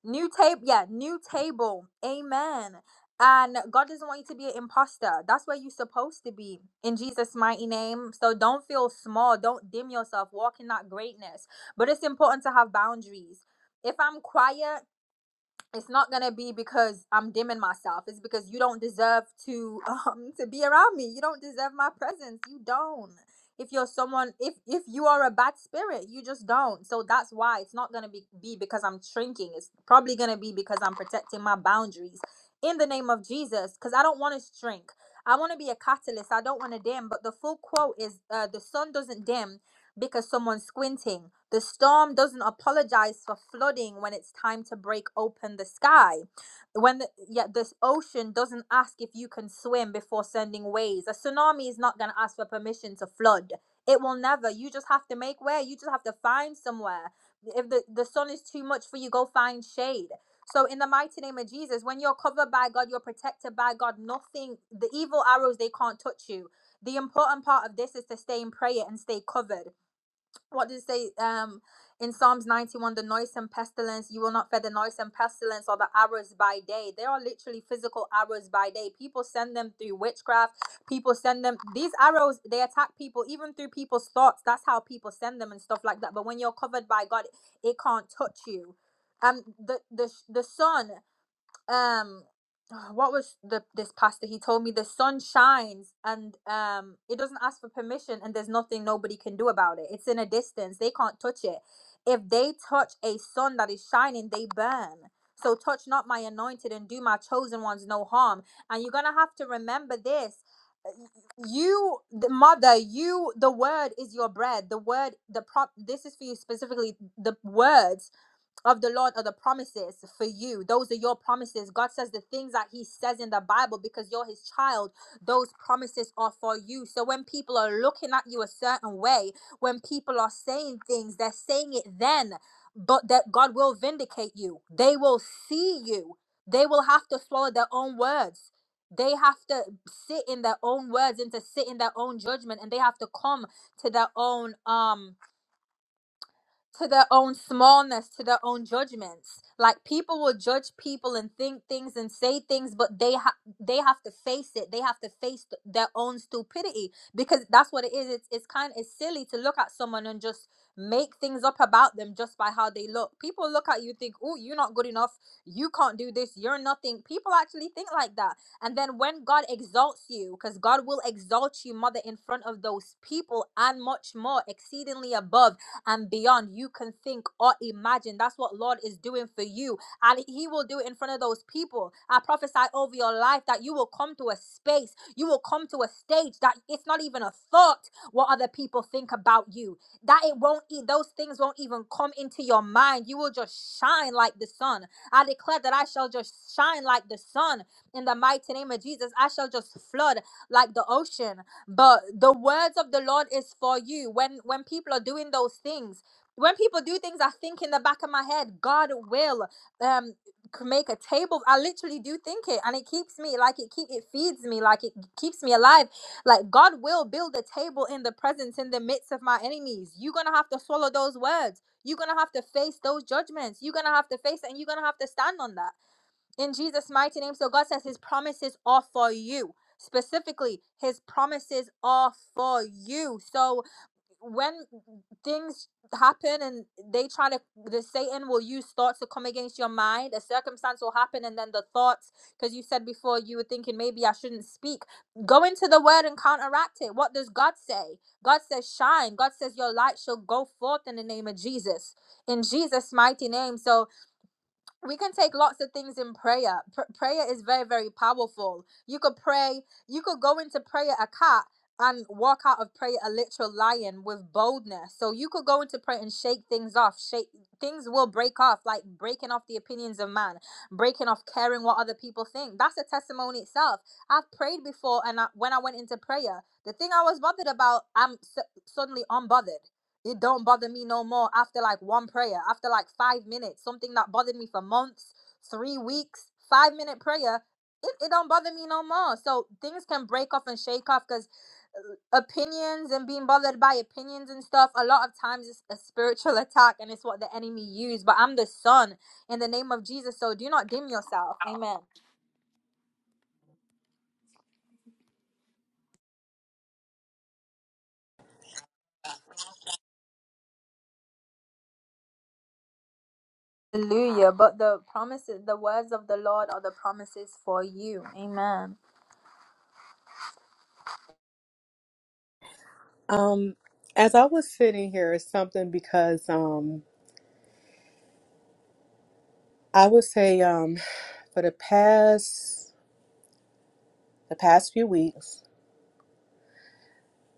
New table, yeah, new table. Amen. And God doesn't want you to be an imposter. That's where you're supposed to be in Jesus' mighty name. So don't feel small. Don't dim yourself. Walk in that greatness. But it's important to have boundaries. If I'm quiet, it's not gonna be because I'm dimming myself. It's because you don't deserve to um to be around me. You don't deserve my presence. You don't. If you're someone, if if you are a bad spirit, you just don't. So that's why it's not gonna be be because I'm shrinking. It's probably gonna be because I'm protecting my boundaries in the name of Jesus. Because I don't want to shrink. I want to be a catalyst. I don't want to dim. But the full quote is, uh, "The sun doesn't dim because someone's squinting. The storm doesn't apologize for flooding when it's time to break open the sky. When the, yet this ocean doesn't ask if you can swim before sending waves. A tsunami is not going to ask for permission to flood. It will never. You just have to make way. You just have to find somewhere. If the, the sun is too much for you, go find shade. So in the mighty name of Jesus, when you're covered by God, you're protected by God. Nothing, the evil arrows, they can't touch you. The important part of this is to stay in prayer and stay covered what does it say um in psalms 91 the noise and pestilence you will not fear the noise and pestilence or the arrows by day they are literally physical arrows by day people send them through witchcraft people send them these arrows they attack people even through people's thoughts that's how people send them and stuff like that but when you're covered by god it can't touch you um the the, the sun um what was the this pastor he told me the sun shines and um it doesn't ask for permission and there's nothing nobody can do about it it's in a distance they can't touch it if they touch a sun that is shining they burn so touch not my anointed and do my chosen ones no harm and you're gonna have to remember this you the mother you the word is your bread the word the prop this is for you specifically the words of the Lord are the promises for you. Those are your promises. God says the things that He says in the Bible because you're His child, those promises are for you. So when people are looking at you a certain way, when people are saying things, they're saying it then, but that God will vindicate you. They will see you. They will have to swallow their own words. They have to sit in their own words and to sit in their own judgment and they have to come to their own um to their own smallness, to their own judgments. Like people will judge people and think things and say things, but they ha- they have to face it. They have to face th- their own stupidity because that's what it is. It's it's kind of it's silly to look at someone and just make things up about them just by how they look. People look at you think, "Oh, you're not good enough. You can't do this. You're nothing." People actually think like that. And then when God exalts you, because God will exalt you, mother, in front of those people and much more, exceedingly above and beyond you can think or imagine. That's what Lord is doing for you. And He will do it in front of those people. I prophesy over your life that you will come to a space, you will come to a stage that it's not even a thought what other people think about you. That it won't, e- those things won't even come into your mind. You will just shine like the sun. I declare that I shall just shine like the sun in the mighty name of Jesus. I shall just flood like the ocean but the words of the lord is for you when when people are doing those things when people do things i think in the back of my head god will um c- make a table i literally do think it and it keeps me like it keep it feeds me like it keeps me alive like god will build a table in the presence in the midst of my enemies you're gonna have to swallow those words you're gonna have to face those judgments you're gonna have to face it and you're gonna have to stand on that in Jesus' mighty name. So God says his promises are for you. Specifically, his promises are for you. So when things happen and they try to, the Satan will use thoughts to come against your mind. A circumstance will happen, and then the thoughts, because you said before you were thinking maybe I shouldn't speak. Go into the word and counteract it. What does God say? God says, shine. God says, your light shall go forth in the name of Jesus. In Jesus' mighty name. So, we can take lots of things in prayer. Pr- prayer is very, very powerful. You could pray, you could go into prayer a cat and walk out of prayer a literal lion with boldness. So you could go into prayer and shake things off. Shake things will break off, like breaking off the opinions of man, breaking off caring what other people think. That's a testimony itself. I've prayed before, and I, when I went into prayer, the thing I was bothered about, I'm su- suddenly unbothered it don't bother me no more after like one prayer, after like five minutes, something that bothered me for months, three weeks, five minute prayer, it, it don't bother me no more. So things can break off and shake off because opinions and being bothered by opinions and stuff, a lot of times it's a spiritual attack and it's what the enemy used. But I'm the son in the name of Jesus, so do not dim yourself. Amen. Hallelujah. But the promises, the words of the Lord are the promises for you. Amen.
Um, as I was sitting here, it's something because um, I would say um, for the past the past few weeks,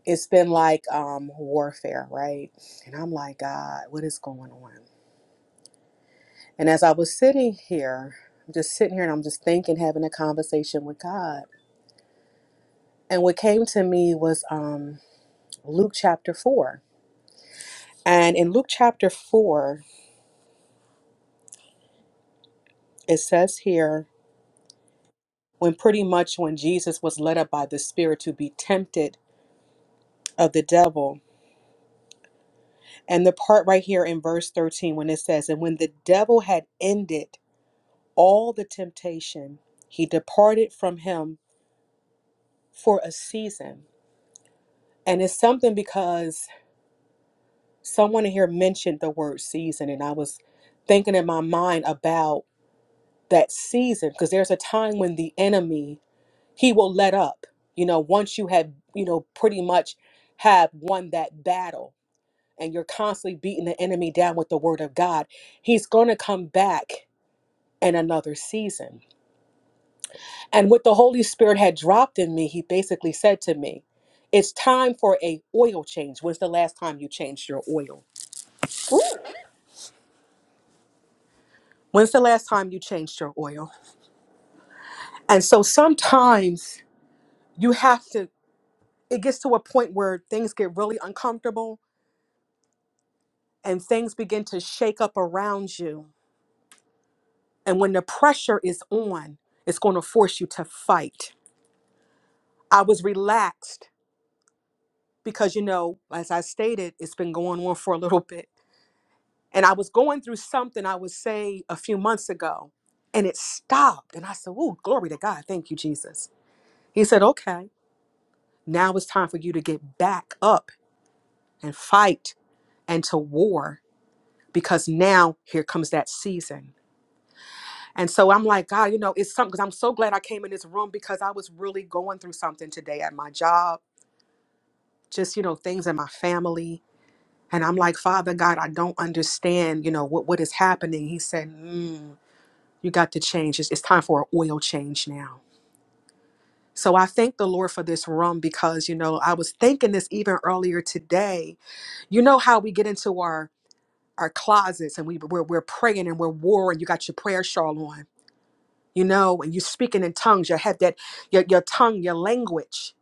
it's been like um warfare, right? And I'm like, God, what is going on? And as I was sitting here, I'm just sitting here and I'm just thinking, having a conversation with God. And what came to me was um Luke chapter four. And in Luke chapter four, it says here, when pretty much when Jesus was led up by the Spirit to be tempted of the devil. And the part right here in verse 13 when it says, And when the devil had ended all the temptation, he departed from him for a season. And it's something because someone in here mentioned the word season, and I was thinking in my mind about that season because there's a time when the enemy he will let up. You know, once you have you know pretty much have won that battle, and you're constantly beating the enemy down with the word of God, he's going to come back in another season And what the Holy Spirit had dropped in me, he basically said to me, "It's time for a oil change. When's the last time you changed your oil?
Ooh.
When's the last time you changed your oil?" And so sometimes you have to it gets to a point where things get really uncomfortable and things begin to shake up around you. And when the pressure is on, it's going to force you to fight. I was relaxed because you know, as I stated, it's been going on for a little bit And I was going through something I would say a few months ago, and it stopped. And I said, Oh, glory to God. Thank you, Jesus. He said, Okay, now it's time for you to get back up and fight and to war because now here comes that season. And so I'm like, God, you know, it's something because I'm so glad I came in this room because I was really going through something today at my job, just, you know, things in my family. And I'm like, Father God, I don't understand, you know, what, what is happening. He said, mm. You got to change. It's, it's time for an oil change now. So I thank the Lord for this room because, you know, I was thinking this even earlier today. You know how we get into our our closets and we, we're, we're praying and we're warring. You got your prayer shawl on, you know, and you're speaking in tongues. You have that, your, your tongue, your language,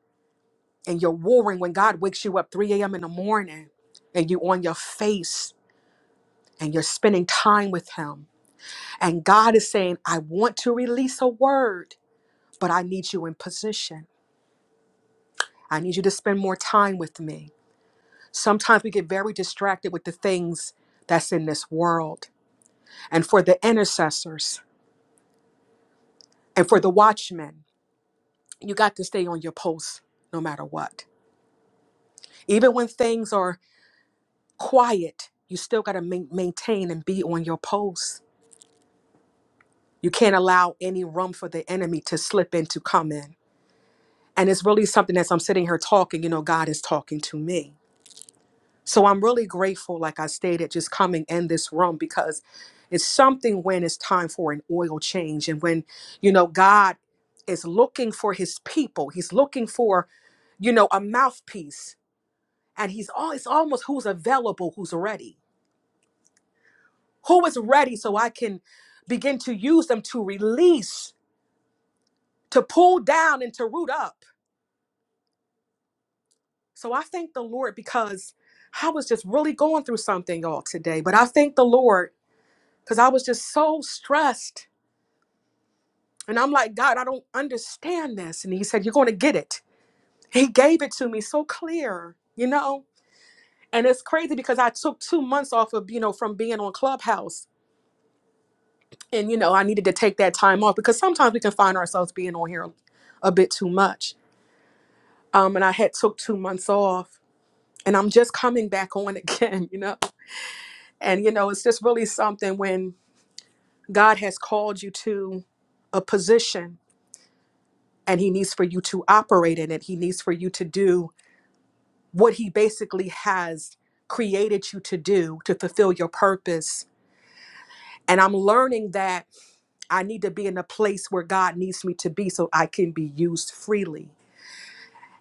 and you're warring when God wakes you up 3 a.m. in the morning and you on your face and you're spending time with him. And God is saying, I want to release a word, but I need you in position. I need you to spend more time with me. Sometimes we get very distracted with the things that's in this world. And for the intercessors and for the watchmen, you got to stay on your post no matter what. Even when things are quiet, you still got to ma- maintain and be on your post. You can't allow any room for the enemy to slip in to come in. And it's really something as I'm sitting here talking, you know, God is talking to me So I'm really grateful, like I stated, just coming in this room because it's something when it's time for an oil change and when, you know, God is looking for his people. He's looking for, you know, a mouthpiece. And he's all it's almost who's available, who's ready. Who is ready so I can begin to use them to release, to pull down and to root up. So I thank the Lord because I was just really going through something all today. But I thank the Lord because I was just so stressed And I'm like, God, I don't understand this. And he said, You're going to get it. He gave it to me so clear, you know? And it's crazy because I took two months off of, you know, from being on Clubhouse. And, you know, I needed to take that time off because sometimes we can find ourselves being on here a bit too much. Um, and I had took two months off and I'm just coming back on again, you know? And, you know, it's just really something when God has called you to a position and he needs for you to operate in it. He needs for you to do what he basically has created you to do to fulfill your purpose. And I'm learning that I need to be in a place where God needs me to be so I can be used freely.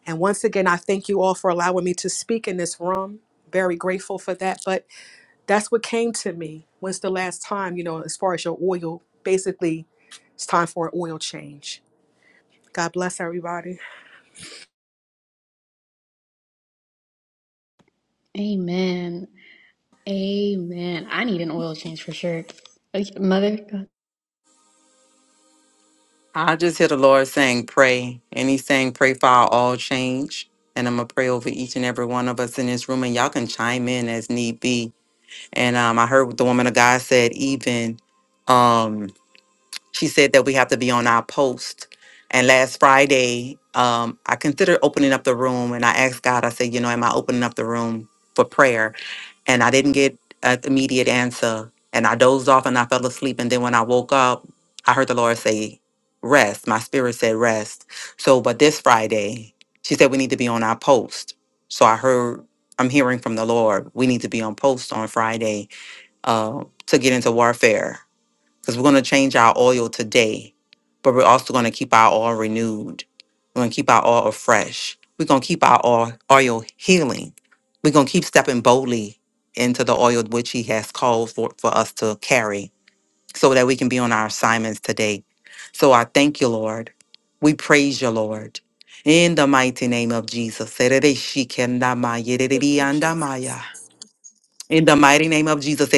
And once again, I thank you all for allowing me to speak in this room. Very grateful for that. But that's what came to me. When's the last time, you know, as far as your oil, basically, it's time for an oil change. God bless everybody.
Amen. Amen. I need an oil change for sure. Okay, Mother, go.
I just hear the Lord saying, pray. And he's saying, pray for our all change. And I'm going to pray over each and every one of us in this room. And y'all can chime in as need be. And um, I heard what the woman of God said, even um, she said that we have to be on our post. And last Friday, um, I considered opening up the room. And I asked God, I said, you know, am I opening up the room for prayer? and I didn't get an immediate answer. And I dozed off and I fell asleep. And then when I woke up, I heard the Lord say, Rest. My spirit said, Rest. So, but this Friday, she said, We need to be on our post. So I heard, I'm hearing from the Lord, we need to be on post on Friday uh, to get into warfare because we're going to change our oil today, but we're also going to keep our oil renewed. We're going to keep our oil afresh. We're going to keep our oil, oil healing. We're going to keep stepping boldly into the oil which He has called for, for us to carry so that we can be on our assignments today. So I thank you, Lord. We praise you, Lord. In the mighty name of Jesus. In
Thank you, Jesus.
the mighty name of Jesus.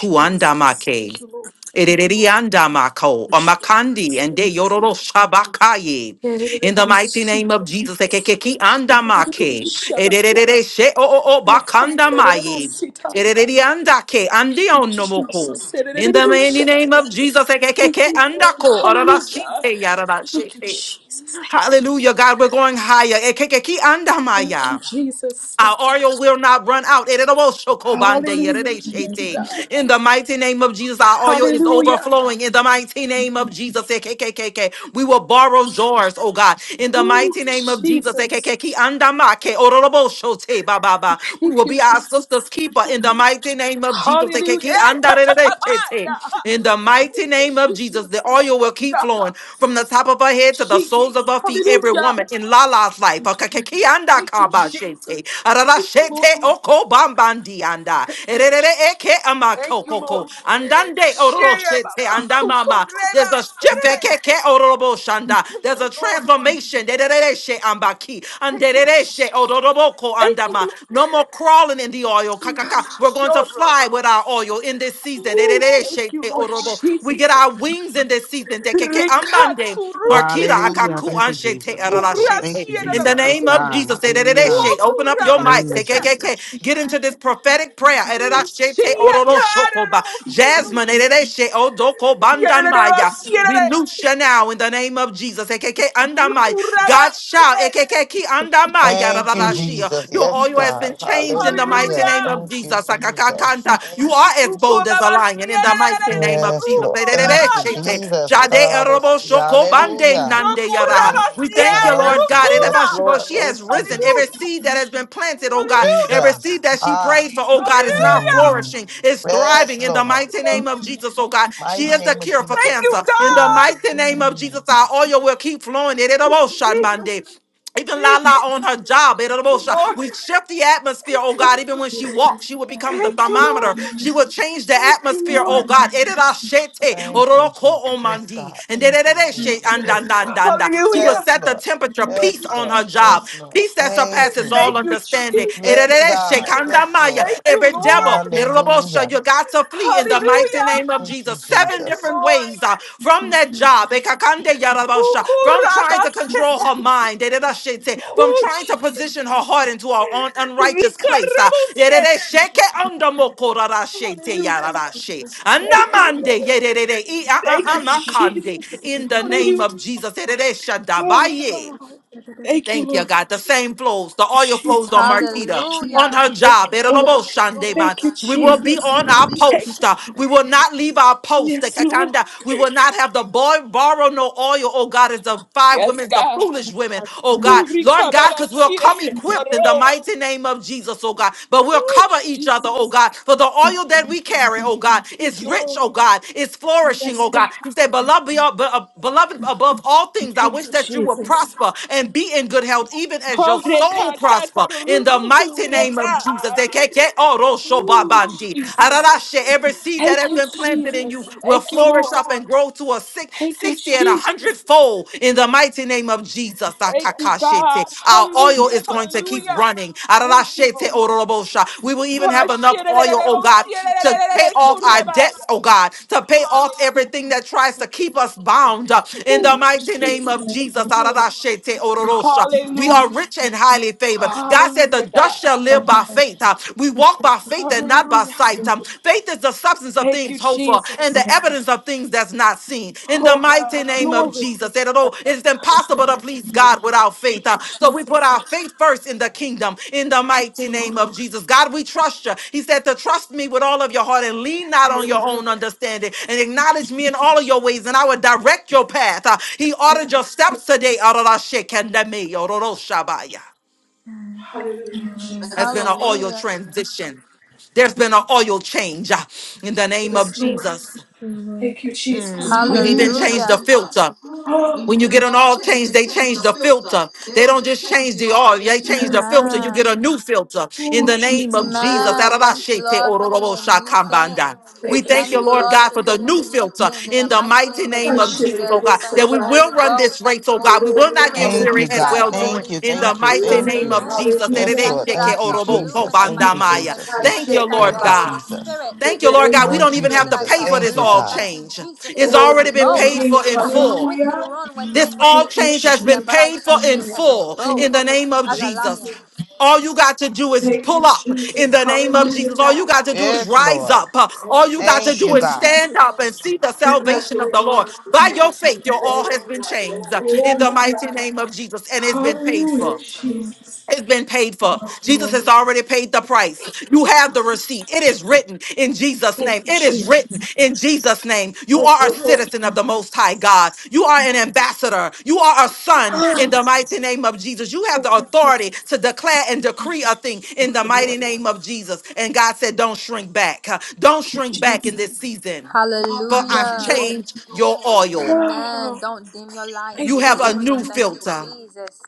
Jesus. Thank you, Lord.
Ererianda mako, omakandi, and de
Jesus.
yororo shabakaye.
Shut up.
In the mighty name of Jesus, ekekeki anda andamake,
Jesus.
ererere she o o o bakanda bakandamaye, ereriandake, andionomoko. In the mighty
Shut up.
name of Jesus,
Thank
ekekeke
you, Lord.
andako,
Hallelujah.
ororashite
Thank you,
yararashite.
Jesus. Thank you.
Hallelujah, God, we're going higher. Ekekeki anda
Thank
andamaya.
you, Jesus.
Our
Thank you.
oil will not run out. In the
Hallelujah. Thank
Amen.
you, God.
mighty name of Jesus, our oil is
Hallelujah.
overflowing. In the mighty name of Jesus, KKKK, we will borrow jars, oh God. In the
Ooh,
mighty name of Jesus,
Jesus.
KKKK, we
Thank
will
you.
be our
Jesus.
sister's keeper. In the mighty name of Jesus,
Hallelujah.
KKKK,
Eh, ta, ta, ta, ta,
andarerechete.
yeah.
In the mighty
Ooh,
name of Jesus,
Jesus.
the oil will keep
Thank
flowing from the top of her head to the
you,
soles
Jesus.
of her feet. Every
Hallelujah.
woman in Lala's life. Akakekianda
Thank you, Jesus.
kabashete. Ararashete okobambandianda. Ererere eke
Thank you, Lord.
amakokoko. Andande
Share
ororoshete
Baba. So, so,
andamama. There's
Reba.
a shift. ekeke ororoboshanda.
Thank
There's
you,
a
Lord.
transformation. Derereshe ambaki.
Thank you.
Anderereshe ororoboko
Thank you,
andama. No more crawling in the oil.
Lord.
Kakaka. We're going to
Yoro.
supply with our oil in this season.
Ooh, Thank you, Lord
We get
Jesus.
our wings in this season. In
Rikatsu rutula.
Hallelujah. Thank you, Jesus. Yes, Lord. Thank you,
Kurashiera
the
Baba.
Jesus. Yes,
name of
God.
Jesus,
Hallelujah.
open up
In the
your
name of
Wokurabaseta.
Jesus.
mics. Get into this prophetic prayer.
Shiakara Baba. Suru.
Jasmine,
Yadada Baba.
we
Sierra.
loose you now in the name of Jesus. God
Kuraba. Sierra.
Thank you,
Hallelujah.
shall.
Jesus.
Your
Yes,
oil has been
God.
changed in the mighty
Hallelujah.
Hallelujah.
name of
Thank you,
Jesus.
Jesus.
Akakakanta. You are
Thank
as
you,
bold as a
Jesus.
lion in
Rukorabasiere,
the mighty name of Jesus.
Yes, Lord. Thank you,
rukorabaya,
Erererechete.
Jesus.
Jade erobo shoko bande
Hallelujah.
nande yara. We thank you,
rukorabasiere,
Lord God.
rukura.
Yes,
Erebashibo.
Lord.
She has
Thank you,
risen. Every
Hallelujah,
Jesus.
seed that has been planted, oh God, every
hallelujah,
seed
Jesus.
that she
Ah.
prayed for, oh God, is now
hallelujah.
Mm.
flourishing, is
Yes,
thriving in the
Lord.
mighty name of Jesus, oh God. She
Mighty
is the
name of
cure for
Thank you, Lord. Thank
Jesus.
you,
cancer.
Yes,
In the
Lord.
God.
mighty name of
Mm.
Jesus, our oil will keep flowing.
Jesus,
Ereroboshanbande. Even Lala
Jesus,
on her job, it
Thank you, Lord.
we shift the atmosphere,
Thank
oh God.
you,
Even when she walks, she will become the
thank you,
thermometer.
Lord.
She will change the
Thank you,
atmosphere, oh
Lord.
God. Ererashete,
Thank you,
ororoko
Jesus. Yes,
omandi,
God.
and
Thank you,
derererashe,
Jesus. Yes, Lord.
andandandanda. She will
Hallelujah.
Yes,
set the
Lord.
temperature, peace
Yes,
on
Lord.
her job,
Yes, Lord.
peace that
Thank
surpasses
you,
all
Thank
God.
you,
understanding.
Jesus.
Yes,
Erererashe,
God. Yes,
kandamaya.
Thank
Lord.
you,
Every devil,
Lord.
erorobosha,
Hallelujah.
you got to flee in the mighty
Hallelujah.
name of
Thank you,
Jesus. Seven
Thank you,
Jesus.
different ways
Lord.
uh, from that job, Ekakande yarabasha, from trying to
Rukorabase-
control her mind, Dededashete, from trying to position her heart into her own unrighteous place. uh, Yededesheke andamokorarashete
Hallelujah.
yararashe.
Thank you,
Andamande
Lord.
yedede, i- a- a-
Thank you,
a- makande,
Jesus.
In the name
Hallelujah.
of Jesus.
Oh,
Yededeshadabaye.
God. Thank you,
Thank you,
Lord.
God. The same flows, the oil
Jesus.
flows on
Thank you,
Marquita, on
Jesus.
Hallelujah.
her
Thank
job.
you, Lord.
erorobo man.
Thank you,
We will be
Jesus.
on our
Thank
post. Uh, We will not leave our
you.
post.
Yes, Lord.
Ekakanda. We will not have the boy borrow no oil, oh God, as the five
Yes,
women, the
God.
foolish women, oh God.
Ooh, Rika
Lord God,
Baba
because we'll
Sira
come equipped in the
Ketzaro.
mighty name of Jesus, oh God. But we'll
Ooh,
cover each
Jesus.
other, oh God, for the oil that we carry, oh God, is
Thank
is
you,
rich,
Lord.
oh God, is flourishing,
Yes,
oh
God.
God. You say, beloved, be- uh, beloved above all things, I
Thank
wish
you,
that you would
Jesus.
prosper and be in good health, even as your
Oh,
soul
Rika
prosper.
Tata
In the
Rusutu
mighty name of Jesus.
Retai.
They can't get oh,
Ooh,
Roshobabandi.
Jesus.
Ararashe, Every seed that
Thank
has
you,
been planted in you
Jesus.
will
Thank you,
flourish
Lord.
up and grow to a six,
Thank you,
60 and a
Jesus.
hundredfold in the mighty name of Jesus.
Thank you,
Akakashete.
God.
Our oil
Hallelujah.
is going to keep
Hallelujah.
running.
Thank you,
Arashete
Lord.
orobosha. We will even
Ah,
have enough
shit, eh, eh, eh,
oil,
eh,
oh
oh,
God,
shit, eh, eh,
to
eh, eh,
pay
eh, eh,
off our debts,
kurabaya.
oh God, to pay off
Hallelujah.
everything that tries to
Thank
keep
you,
us bound. uh, In
Oh,
the mighty name of
Jesus. Thank
Jesus.
you, Lord.
Arashete ororosha. We are
Hallelujah.
rich and highly favored. God said, The
Hallelujah,
just
God.
shall live by faith. Uh, We walk by faith and not by
Hallelujah.
sight. Um, Faith is the substance of
Thank
things
you,
hoped for and
Jesus.
the evidence of things that's not seen. In the
Oh,
mighty
God.
name of
Glory.
Jesus. And although It is impossible to please God without faith.
Thank you,
uh, So we put
Jesus.
our faith first in the kingdom. In the
Thank
mighty
you, Lord.
name of Jesus. God, we trust you. He said to trust me with all of your heart and lean not on
Lord.
your own understanding and acknowledge me in all of your ways and I will direct your path. Uh, He ordered your steps today. Ararashekandame, ororoshabaya.
Hallelujah,
That's been
Jesus.
an oil
Hallelujah.
transition. There's been an oil change uh, in the name of
Yes, Lord.
Jesus.
Thank you,
Mm,
Jesus.
we've even
Hallelujah.
changed
Hallelujah.
the filter. When you
Oh,
get an oil change, they change the filter. They don't just change the oil, they change the
yes,
filter. You
Lord.
Amen.
get a new filter in
Oh,
the name
Jesus.
of Jesus.
Glory.
Amen. Thank you,
Arabashete
Lord, for doing a new thing.
ororobosakambanda. We
Thank you,
thank you,
Thank you,
Lord
Jesus.
Lord,
God,
for
for the
doing a
new
new
filter
thing in the
in the
mighty
mighty
name of
I
name of
should
Jesus,
have been
oh
Jesus.
able
God,
to
Thank
that we
you,
try.
will
Holy
run this
Ghost.
race,
Thank you,
oh God.
Holy
We will
Glory,
not
Spirit.
get
Thank you,
weary at
God.
Thank
hallelujah.
well
you,
doing
Thank
Holy
you.
in the
Spirit.
Thank you.
I
mighty
shall
Thank
name
Glory,
you.
of
bloom.
Jesus.
Yes,
hallelujah.
Thank
Lord.
you that
Erebesheke
I
Thank you,
shall
Thank you,
bloom
Jesus.
in the
Thank you,
mighty
Jesus.
name
orobokobandamaya.
of
Jesus.
I
Yes,
Thank you,
Jesus.
should
Lord.
Thank
Lord
Thank
you,
you,
have.
Holy
God.
Jesus.
Spirit.
In
Thank
the
you, Lord
Thank
name
God.
you,
We
of
Holy
don't
Thank you,
even
Spirit,
have
that
to
I
Jesus.
Jesus.
pay
shall
for
Thank
this
you,
all
bloom.
God.
Thank you,
change.
Jesus, that
It's
I
Oh,
am
already been
bold.
paid
glory,
for in
That the
full.
wicked
hallelujah.
run when
This
nobody
all
Thank
is
you,
change has
chasing
been
them, but I
Jesus.
paid for
shall
in
be as
full
bold
Oh,
in the
God.
name of
as a
Jesus.
Thank you,
lion.
All you got to do is
Thank you,
pull up in
Jesus.
the name of
Hallelujah,
Jesus. All you
God.
got to do is
Yes,
rise
Lord.
up. All you got to
Thank
do
you,
is
God.
stand
Jesus.
up and see the
Oh, God,
salvation of
you're
the Lord.
wonderful,
By your
God.
faith, your
You're
all
worthy,
has been
God. You're
changed in the
holy,
mighty
God.
name of Jesus and it's been paid
Hallelujah,
for.
Jesus.
It's been paid for.
Thank
Jesus
you,
has already paid the price. You have the receipt. It is written in Jesus'
Thank
name.
you,
It is
Jesus.
written in Jesus' name. You are a citizen of the Most High God. You are an ambassador. You are a son in the mighty name of Jesus. You have
Thank
the
you, Jesus.
authority to declare and decree a thing in the mighty name of Jesus. And God said, Don't shrink back. Don't
Thank you,
shrink back
Jesus.
in this season, for
Yes,
I've
Hallelujah.
Lord.
changed your oil.
Amen.
Ah,
Don't dim your light in
You
Thank
this
you,
have a
Lord.
new
season. Thank you,
filter
Jesus.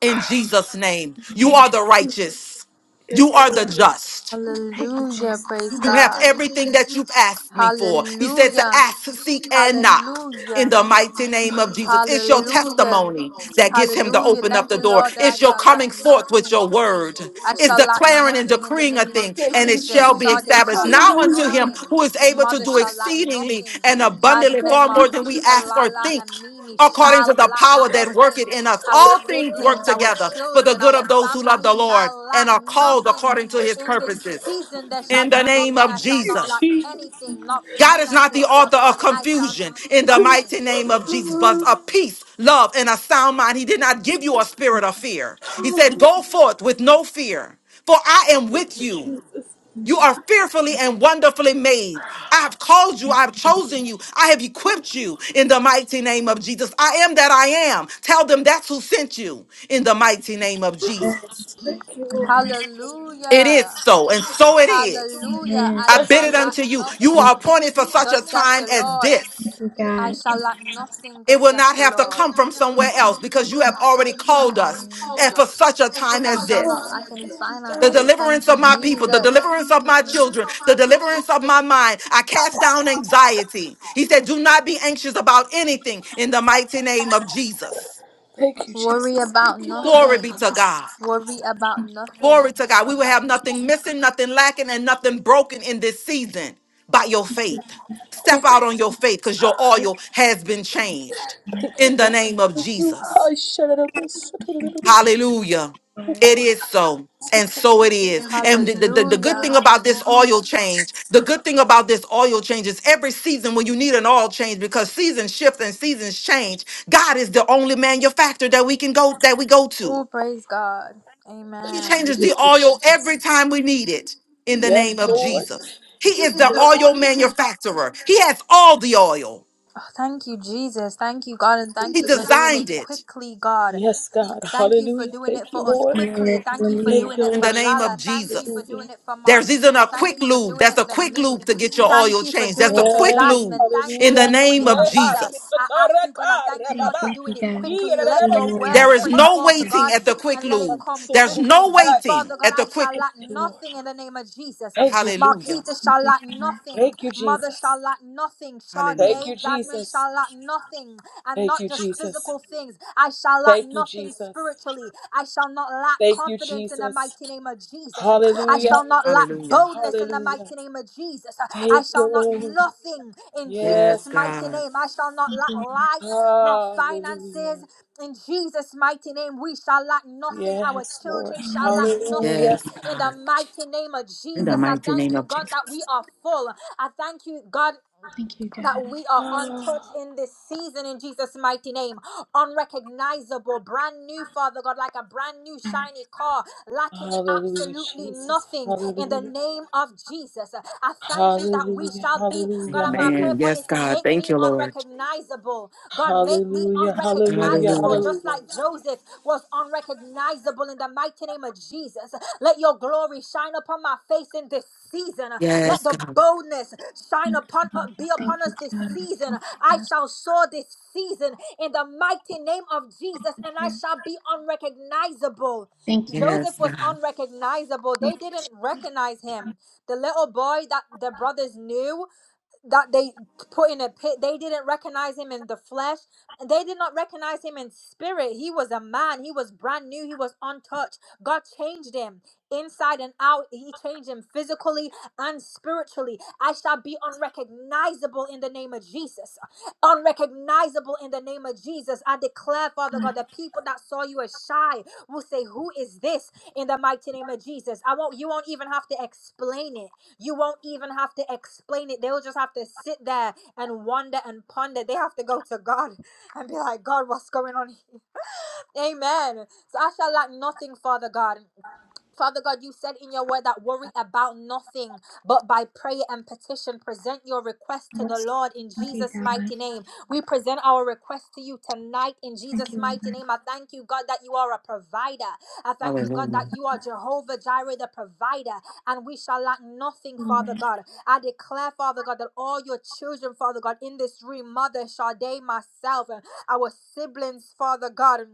in Jesus' name. You are
Thank you.
the
Jesus.
righteous. You
Yes,
are the
Lord.
just.
Thank you,
Hallelujah. Praise
Jesus.
You have
God.
everything that you've asked me for. He said to
Hallelujah.
ask, seek, and knock. In
Hallelujah.
the mighty name of Jesus. It's your
Hallelujah.
testimony that gets him to
Hallelujah.
open up
Thank
the
you,
door.
Lord, that I
It's your
shall lack
coming forth with
nothing.
your word.
I
It's
shall lack
declaring and
nothing in the
decreeing a
name of
thing,
Thank
and
you,
it shall
Jesus.
be
Sade
Jesus.
established.
shall lack
Now unto him
nothing.
Hallelujah.
who is able to
Mother
do
shall lack
exceedingly
nothing.
and abundantly
Thank
Jasmine,
far more
you,
than we
Marquita,
ask or
Lala,
think
and Mimi
according to
shall
the
lack
power that
nothing.
worketh in us.
Our
All things work
siblings, our
together for the
children,
good
our
of those who
family
love the Lord
shall
and
lack
are called
nothing.
according to his
In this
purposes
season, there shall
in
be
the name
nothing.
of
I shall not
Jesus.
lack
Jesus.
anything. Not
God is not the
finances,
author
Father God.
of
I shall
confusion in the mighty
nothing.
name of Jesus, but
Ah,
of peace, love, and a sound mind. He did not give you a spirit of fear. He said, Go forth with no fear, for I am
Thank
with
you,
you.
Jesus.
You are fearfully and wonderfully made. I have called you. I have chosen you. I have equipped you in the mighty name of Jesus. I am that I am. Tell them that's who sent you in the mighty name of Jesus.
Thank you, Lord.
It is
Hallelujah.
so, and so it is.
Hallelujah. I
I
Yes,
bid
shall
it
Lord.
lack
unto you. You are
nothing.
appointed for such
Thus
a
saith
time
the
as
Lord.
this.
I
God.
shall lack nothing,
It
thus
will
saith
not
the
have to
Lord.
come from somewhere else because you have already called us
Um,
and for such a time
I
as
shall not
this.
lack any
The
finances. Thank
deliverance
you,
of my people, the
Jesus.
deliverance of my children, the deliverance of my mind. I cast down anxiety. He said, Do not be anxious about anything in the mighty name of Jesus.
Thank you,
Worry
Jesus.
about
Thank you, God.
Glory
nothing.
be to God.
Worry about
Glory
nothing.
to God. We
But
will
by
have nothing missing, nothing lacking, and nothing broken in this season by your faith. Step
Thank you,
out on your faith because your oil has been changed
thank you,
in the
God.
name of
Thank you.
Jesus.
I shut it up. Oh, shut it up.
Hallelujah.
Oh,
It is so. And
God.
so it is. And the, the, the the good
Hallelujah.
thing about this oil change, the good thing about this oil change is every season when you need an oil change, because seasons shift and seasons change, God is the only manufacturer that we can go that we go to.
Oh, praise God. Amen.
He
He gives Amen. us
changes
the
the
oil
oil every
every time
time we
we
need
need it
it in
in
the
the
Yes,
name
name
of
of
Lord.
Jesus.
Jesus.
He
He
is
is
the
the
oil
oil man.
manufacturer. He has all the oil.
Oh, Thank you, Jesus. Thank you, God, and thank
He
you for doing
designed
it
it
quickly, God.
Yes, God.
Thank you for
Hallelujah.
doing
Thank
it for
Thank
us
you,
quickly.
Lord.
Thank you for
Hallelujah.
doing it
in
for
the name
Lala.
of
Thank you
Jesus.
for doing it for
There's
Marquita.
even a
Thank
quick
you for
lube.
doing
There's
it
a
for
quick lube
me.
to get your
Thank
oil
you for
changed.
doing
There's a
it for
quick
so
you.
lube
Jasmine. Thank
in
you
the
for doing it
name of
for
God,
Leha
Mother.
Jesus.
I ask you,
sikatareka
God, I thank you,
Thank
Lord, for
thank you,
doing it
God. Thank
quickly. Let
you,
your word
There
Lord.
is
spring
Thank
no
forth,
you,
waiting
God, no
at the
and
quick
let it
lube.
come quickly
There's no
quickly.
waiting
Father God,
at
I
the quick.
shall lack nothing in the name of Jesus. Um,
Thank you,
Hallelujah.
Marquita shall
God.
lack nothing. Mother shall lack nothing.
Hallelujah.
Sade, Jasmine shall lack nothing. And
thank
not
you,
just physical
Jesus.
things. I shall lack
Thank you,
nothing
Jesus.
spiritually. I shall not lack
Thank you,
confidence in the
Jesus.
mighty name of Jesus. Um, I
Hallelujah.
shall not lack
Hallelujah.
boldness in the
Hallelujah.
mighty name of Jesus. Uh, I
Thank you,
shall not
Lord.
nothing in
Yes,
Jesus'
Yes, God.
mighty
God.
name. I shall not lack light, not finances,
Hallelujah.
in Jesus' mighty name, we shall lack nothing. Our
Yes, Lord.
children shall lack nothing.
Hallelujah.
Yes,
In the
God.
mighty name of
In the
Jesus, I
mighty
thank
name
you,
of Jesus.
God, that we are full. I thank you, God
Thank you, God. Thank you,
that
God.
we are untouched in this season in Jesus' mighty name. Unrecognizable, brand new, Father God, like a brand new shiny car,
Ah,
lacking
Hallelujah,
absolutely
Jesus.
nothing in the
Hallelujah.
name of Jesus. I thank you that we
Hallelujah.
shall be, God,
Hallelujah.
and my
Hallelujah.
prayer
Amen.
point
Yes,
is to
God.
make
Thank
me
you, Lord.
unrecognizable. God, make me
Hallelujah. Hallelujah.
unrecognizable,
Hallelujah.
just
Hallelujah.
like Joseph was unrecognizable in the mighty name of Jesus. Let your glory shine upon my face in this season. Let
Yes,
the
God.
boldness shine upon uh, be upon
Thank you,
us this
God.
season. I shall soar this season in the mighty name of Jesus, and I
Yes.
shall be unrecognizable.
Thank you, God.
Joseph
Yes,
was
God.
unrecognizable.
Thank
They didn't recognize him. The little boy that the brothers knew that they put in a pit. They didn't recognize him in the flesh. They did not recognize him in spirit. He was a man. He was brand new. He was untouched. God changed him inside and out. He changed him physically and spiritually. I shall be unrecognizable in the name of Jesus. Unrecognizable in the name of Jesus. I declare, Father God, the people that saw you as shy will say, Who is this? in the mighty name of Jesus. I won't you won't even have to explain it you won't even have to explain it. They'll just have to sit there and wonder and ponder. They have to go to God and be like, God, what's going on here? Amen. So I shall lack nothing, Father God. Father God, you said in your word that worry about nothing, but by prayer and petition, present your request to the Lord in Jesus' mighty name. We present our request to you tonight in Jesus'
you,
mighty
Lord.
name. I thank you, God, that you are a provider. I thank you, God, that
Hallelujah.
you are Jehovah Jireh, the provider, and we shall lack nothing, Father
Lord.
God. I declare, Father God, that all your children, Father God, in this room, Mother Sade, myself, and our siblings, Father God, and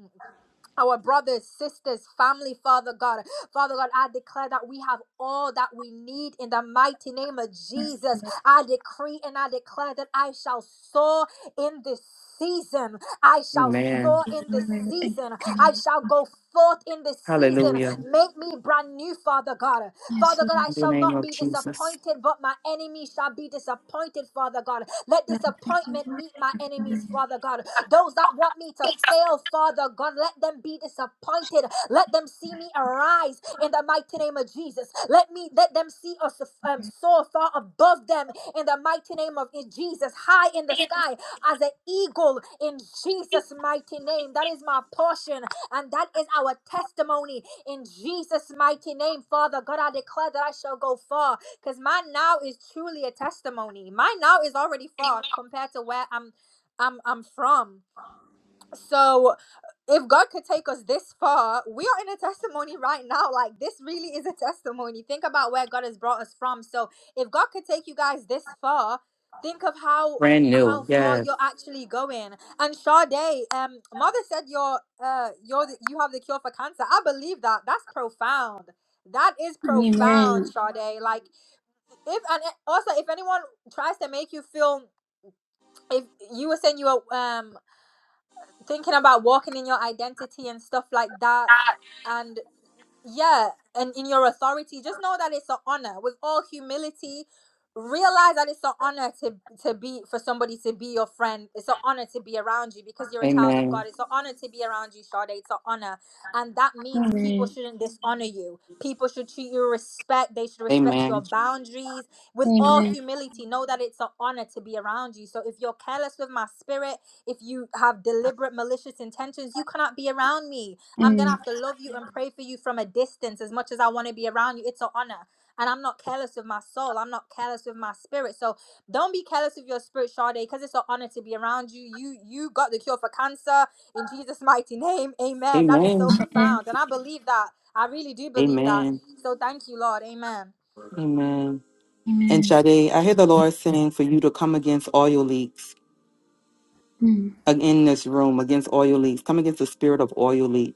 our brothers, sisters, family, Father God. Father God, I declare that we have all that we need in the mighty name of
Yes,
Jesus.
Lord.
I decree and I declare that I shall soar in this season. I shall
Amen.
soar in this
Lord. Thank
season.
you,
I
God.
shall go forth in this season.
Hallelujah.
Make me brand new, Father God.
Yes,
Father God,
Lord.
I
In the
shall
name
not
of
be
Jesus.
disappointed, but my enemy shall be disappointed, Father God. Let
God. Thank you,
disappointment
Lord.
meet my enemies, Father God. Those that want me to fail, Father God, let them be disappointed. Let them see me arise in the mighty name of Jesus. Let me let them see us um, soar far above them in the mighty name of Jesus, high in the sky as an eagle in Jesus' mighty name. That is my portion, and that is our testimony in Jesus' mighty name, Father God. I declare that I shall go far, because mine now is truly a testimony. Mine now is already far compared to where I'm I'm I'm from. So if God could take us this far, we are in a testimony right now. Like this really is a testimony. Think about where God has brought us from. So if God could take you guys this far, think of how
Brand new.
how far
Yes.
you're actually going. And Sade, um, mother said you're uh you're the, you have the cure for cancer. I believe that. That's profound. That is
Hallelujah.
profound,
Amen.
Sade. Like if and eh, also if anyone tries to make you feel if you were saying you were um thinking about walking in your identity and stuff like that and yeah and in your authority just know that it's an honor with all humility realize that it's an honor to to be for somebody to be your friend it's an honor to be around you because you're a child of
Amen.
god it's an honor to be around you Sade. it's an honor and that means people
Amen.
shouldn't dishonor you people should treat you with respect they should respect your
Amen.
boundaries with all
Amen.
humility know that it's an honor to be around you so if you're careless with my spirit if you have deliberate malicious intentions you cannot be around me I'm gonna
Mm.
have to love you and pray for you from a distance as much as I want to be around you. It's an honor. And I'm not careless with my soul. I'm not careless with my spirit. So don't be careless with your spirit, Sade, because it's an honor to be around you. You you got the cure for cancer in Jesus' mighty name. Amen. That is so
Amen.
Amen.
profound. And I believe that. I really do believe that.
Amen.
So thank you, Lord. Amen.
Amen. And
Amen.
Sade, I hear the Lord saying for you to come against oil leaks
Mm.
uh, in this room, against oil leaks. Come against the spirit of oil leaks.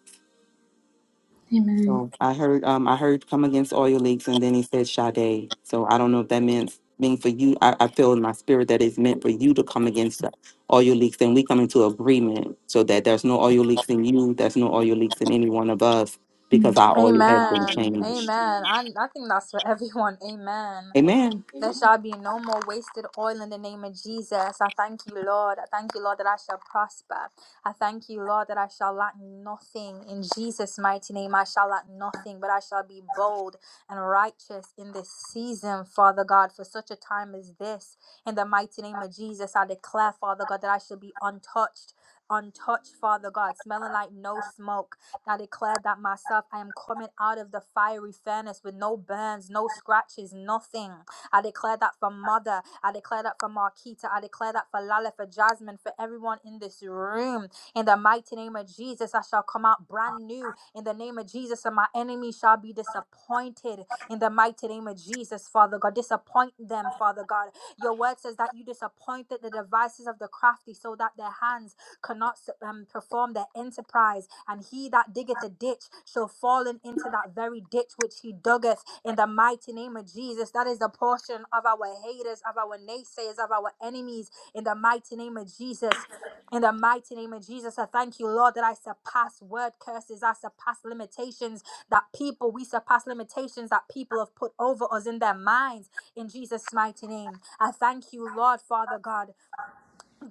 Amen.
So I heard um I heard come against oil leaks and then he said Sade. So I don't know if that means mean for you. I, I feel in my spirit that it's meant for you to come against the oil leaks and we come into agreement so that there's no oil leaks in you, there's no oil leaks in any one of us because
Mm.
our oil has been
Amen.
changed.
Amen. I, I think that's for everyone. Amen.
Amen.
There shall be no more wasted oil in the name of Jesus. I thank you, Lord. I thank you, Lord, that I shall prosper. I thank you, Lord, that I shall lack nothing. In Jesus' mighty name, I shall lack nothing, but I shall be bold and righteous in this season, Father God, for such a time as this. In the mighty name of Jesus, I declare, Father God, that I shall be untouched. Untouched, Father God, smelling like no smoke. I declare that myself, I am coming out of the fiery furnace with no burns, no scratches, nothing. I declare that for Mother. I declare that for Marquita. I declare that for Lala, for Jasmine, for everyone in this room. In the mighty name of Jesus, I shall come out brand new. In the name of Jesus, and my enemy shall be disappointed. In the mighty name of Jesus, Father God, disappoint them, Father God. Your word says that you disappointed the devices of the crafty so that their hands cannot um, perform their enterprise. And he that diggeth a ditch shall fall in into that very ditch which he duggeth in the mighty name of Jesus. That is the portion of our haters, of our naysayers, of our enemies in the mighty name of Jesus. In the mighty name of Jesus, I thank you, Lord, that I surpass word curses, I surpass limitations that people, we surpass limitations that people have put over us in their minds. In Jesus' mighty name, I thank you, Lord, Father God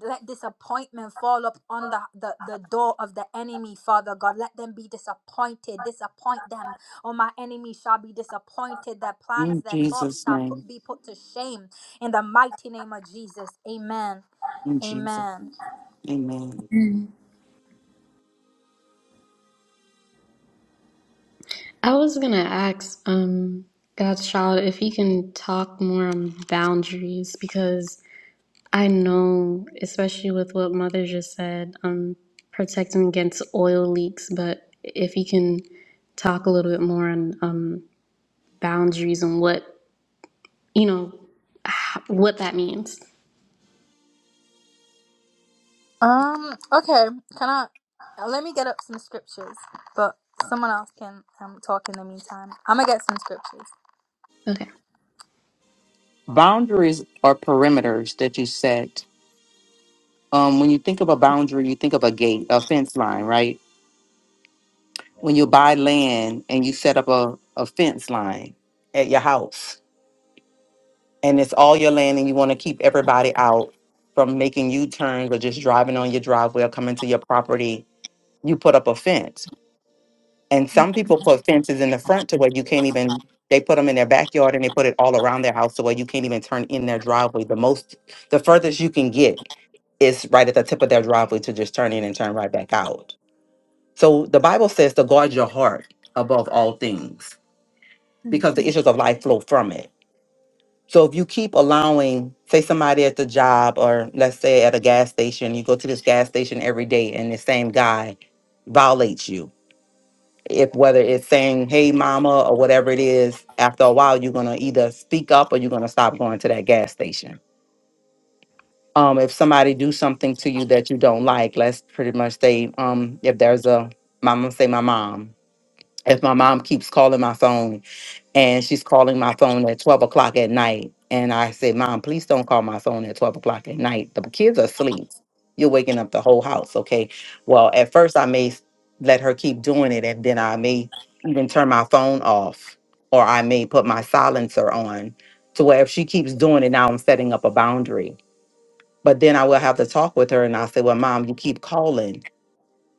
let disappointment fall up on the, the the door of the enemy father god let them be disappointed disappoint them oh my enemy shall be disappointed their
In
plans their thoughts
Jesus'
shall put,
name.
be put to shame in the mighty name of jesus amen
In Jesus.
amen
name. Amen.
Amen. I was gonna ask um God's child if he can talk more on boundaries because I know, especially with what Mother just said, um protecting against oil leaks, but if he can talk a little bit more on um boundaries and what you know h- what that means.
um okay can i uh, let me get up some scriptures but someone else can um talk in the meantime i'm gonna get some scriptures
Okay.
Boundaries are perimeters that you set. Um, when you think of a boundary, you think of a gate, a fence line, right? when you buy land and you set up a, a fence line at your house and it's all your land and you want to keep everybody out from making U turns or just driving on your driveway or coming to your property, you put up a fence. And some people put fences in the front to where you can't even, they put them in their backyard and they put it all around their house to where you can't even turn in their driveway. The most, the furthest you can get is right at the tip of their driveway to just turn in and turn right back out. So the Bible says to guard your heart above all things
Mm.
because the issues of life flow from it. So if you keep allowing, say somebody at the job or let's say at a gas station, you go to this gas station every day and the same guy violates you. If whether it's saying, hey mama or whatever it is, after a while you're gonna either speak up or you're gonna stop going to that gas station. Um, if somebody do something to you that you don't like, let's pretty much say, um, if there's a mama say my mom. If my mom keeps calling my phone and she's calling my phone at 12 o'clock at night. And I said, Mom, please don't call my phone at 12 o'clock at night. The kids are asleep. You're waking up the whole house. Okay. Well, at first, I may s- let her keep doing it, and then I may even turn my phone off, or I may put my silencer on to where if she keeps doing it, now I'm setting up a boundary. But then I will have to talk with her, and I say, Well, Mom, you keep calling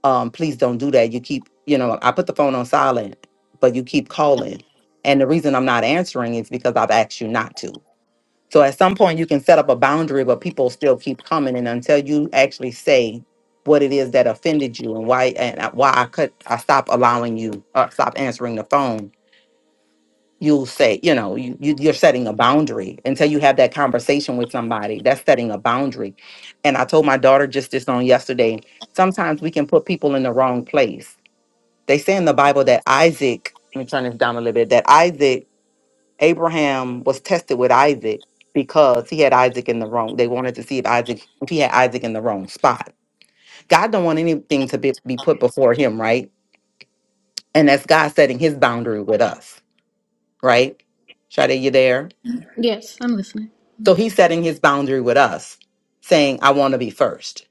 um, please don't do that. You keep, you know, I put the phone on silent, but you keep calling. And the reason I'm not answering is because I've asked you not to. So at some point, you can set up a boundary, but people still keep coming. And until you actually say what it is that offended you and why and I- why I could I stop allowing you or stop answering the phone, you'll say, you know, you, you you're setting a boundary until you have that conversation with somebody. That's setting a boundary. And I told my daughter just this on yesterday. Sometimes we can put people in the wrong place they say in the Bible that Isaac, let me turn this down a little bit, that Isaac, Abraham was tested with Isaac because he had Isaac in the wrong. They wanted to see if Isaac, if he had Isaac in the wrong spot. God don't want anything to be, be put before him, right? And that's God setting his boundary with us, right? Shade, you there?
Yes, I'm listening.
So he's setting his boundary with us, saying, I want to be first.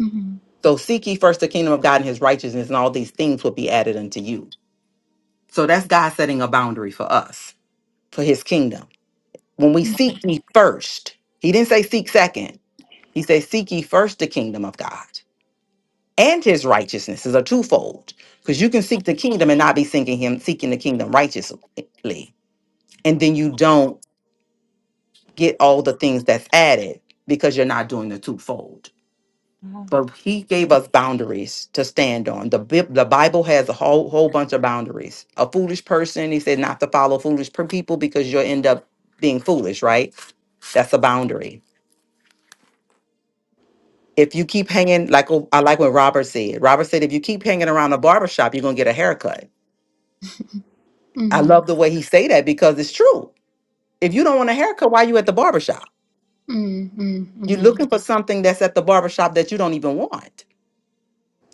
Mm-hmm.
So seek ye first the kingdom of God and his righteousness, and all these things will be added unto you. So that's God setting a boundary for us, for his kingdom When we seek ye first, he didn't say seek second. He said, Seek ye first the kingdom of God and his righteousness is a twofold. Because you can seek the kingdom and not be seeking him, seeking the kingdom righteously. And then you don't get all the things that's added because you're not doing the twofold. But he gave us boundaries to stand on. The, Bib- the Bible has a whole whole bunch of boundaries. A foolish person, he said not to follow foolish per- people because you'll end up being foolish, right? That's a boundary If you keep hanging, like oh, I like what Robert said. Robert said, if you keep hanging around a barber shop, you're gonna get a haircut. I
Mm-hmm.
love the way he say that because it's true. If you don't want a haircut, why you at the barber shop?
Mm-hmm.
You're looking
Mm-hmm.
for something that's at the barber shop that you don't even want.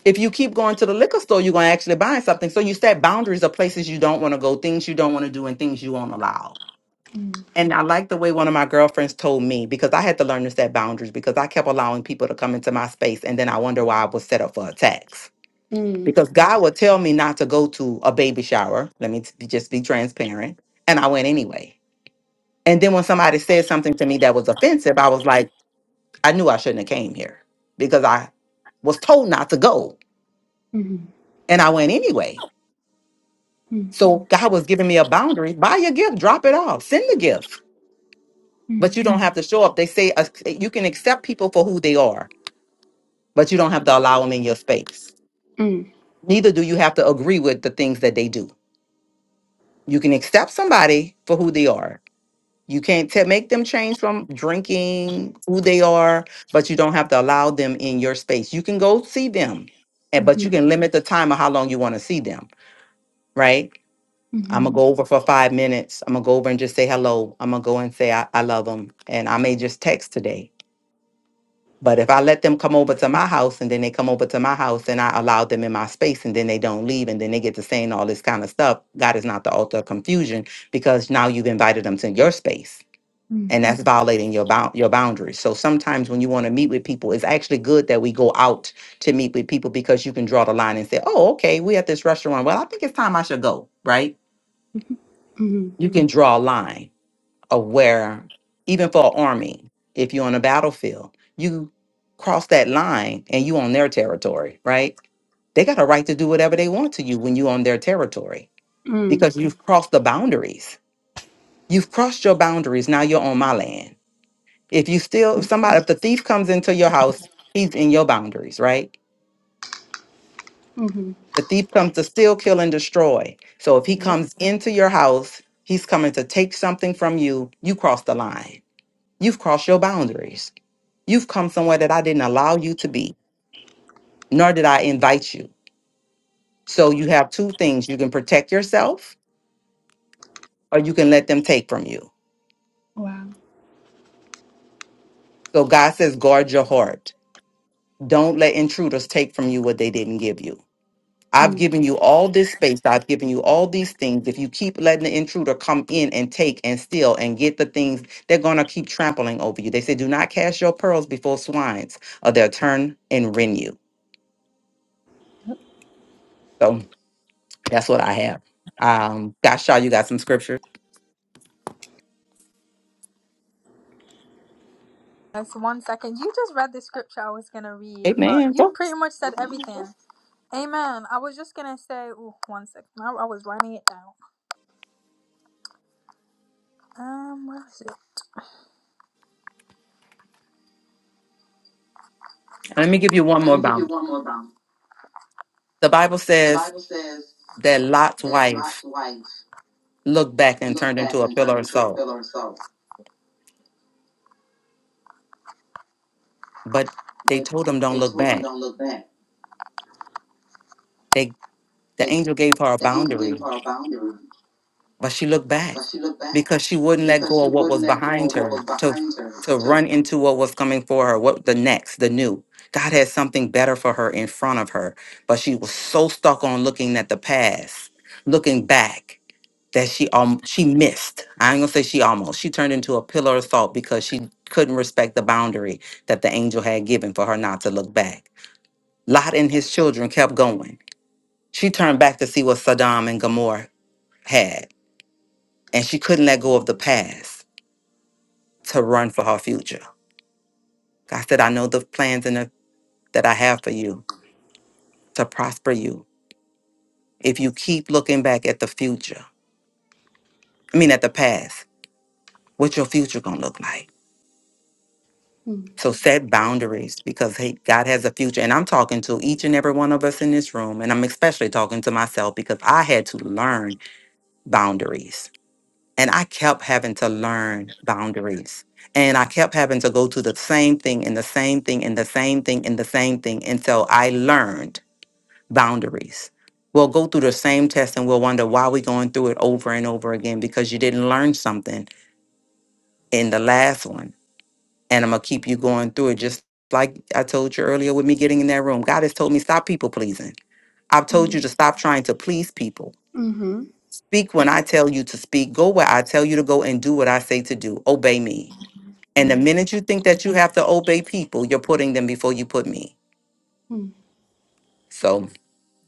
If you keep going to the liquor store, you're gonna actually buy something. So you set boundaries of places you don't want to go, things you don't want to do, and things you won't allow. And I like the way one of my girlfriends told me because I had to learn to set boundaries because I kept allowing people to come into my space and then I wonder why I was set up for attacks
Mm.
because God would tell me not to go to a baby shower. Let me t- just be transparent. And I went anyway. And then when somebody said something to me that was offensive, I was like, I knew I shouldn't have came here because I was told not to go.
Mhm.
And I went anyway.
Mm.
So God was giving me a boundary. Buy your gift, drop it off, send the gift. But
Mm.
you don't have to show up. They say uh, you can accept people for who they are, but you don't have to allow them in your space.
Mm.
Neither do you have to agree with the things that they do. You can accept somebody for who they are, You can't te- make them change from drinking who they are, but you don't have to allow them in your space. You can go see them, and but you
Mhm.
can limit the time of how long you want to see them, right? I'm gonna
Mhm.
go over for five minutes. I'm gonna go over and just say hello. I'm gonna go and say I, I love them, and I may just text today. But if I let them come over to my house and then they come over to my house and I allow them in my space and then they don't leave and then they get to saying all this kind of stuff, God is not the author of confusion because now you've invited them to your space
Mm.
and that's violating your bound your boundaries. So sometimes when you want to meet with people, it's actually good that we go out to meet with people because you can draw the line and say, "Oh, okay, we at this restaurant. Well, I think it's time I should go." Right?
Mhm. Mhm.
You can draw a line of where, even for an army, if you're on a battlefield, you cross that line and you on their territory, right? They got a right to do whatever they want to you when you on their territory
Mm.
because you've crossed the boundaries. You've crossed your boundaries. Now you're on my land If you still, if somebody, if the thief comes into your house, he's in your boundaries, right?
Mhm.
The thief comes to steal, kill, and destroy. So if he comes into your house, he's coming to take something from you. You cross the line. You've crossed your boundaries. You've come somewhere that I didn't allow you to be, nor did I invite you. So you have two things you can protect yourself or you can let them take from you.
Wow.
So God says, guard your heart. Don't let intruders take from you what they didn't give you. I've
Mm.
given you all this space. I've given you all these things. If you keep letting the intruder come in and take and steal and get the things, they're going to keep trampling over you. They say, do not cast your pearls before swines, or they'll turn and rend you. So that's what I have. Um, Gashaw, you got some scripture?
just one second you just read the scripture i was gonna read but
Amen.
you
Go.
pretty much said everything Amen. I was just gonna say, ooh, one second. I, I was writing it down. Um, where is it?
Let me give you one
Let
more
me give you
bound.
one more round.
The Bible
The
says
Bible says
that Lot's
that Lot's
wife
wife
looked back and
looked
turned into
back
a
and
pillar
turned
of
into a
salt,
pillar of salt,
but they
but
told him, don't
they
look
told him
back.
don't look back.
They, the
They
angel gave her a
the angel
boundary
gave her a boundary,
but she looked back
but she looked back
because she wouldn't let
because
go
she
of what
wouldn't
was
let go
behind
of what
her
was
to
behind her.
to
To
run into what was coming for her what the next the new god had something better for her in front of her but she was so stuck on looking at the past looking back that she um she missed i ain't gonna say she almost she turned into a pillar of salt because she couldn't respect the boundary that the angel had given for her not to look back lot and his children kept going she turned back to see what saddam and gomorrah had and she couldn't let go of the past to run for her future. God said, I know the plans and the, that I have for you to prosper you. If you keep looking back at the future, I mean at the past, what's your future gonna look like?
Mm.
So set boundaries because hey, God has a future. And I'm talking to each and every one of us in this room, and I'm especially talking to myself because I had to learn boundaries And I kept having to learn boundaries. And I kept having to go to the same thing and the same thing and the same thing and the same thing until I learned boundaries. We'll go through the same test and we'll wonder why we're going through it over and over again because you didn't learn something in the last one. And I'm going to keep you going through it. Just like I told you earlier with me getting in that room, God has told me stop people pleasing. I've told
Hmm.
you to stop trying to please people.
Mhm.
Speak when I tell you to speak, go where I tell you to go, and do what I say to do. Obey me. And
Wow.
the minute you think that you have to obey people, you're putting them before you put me.
Mm.
So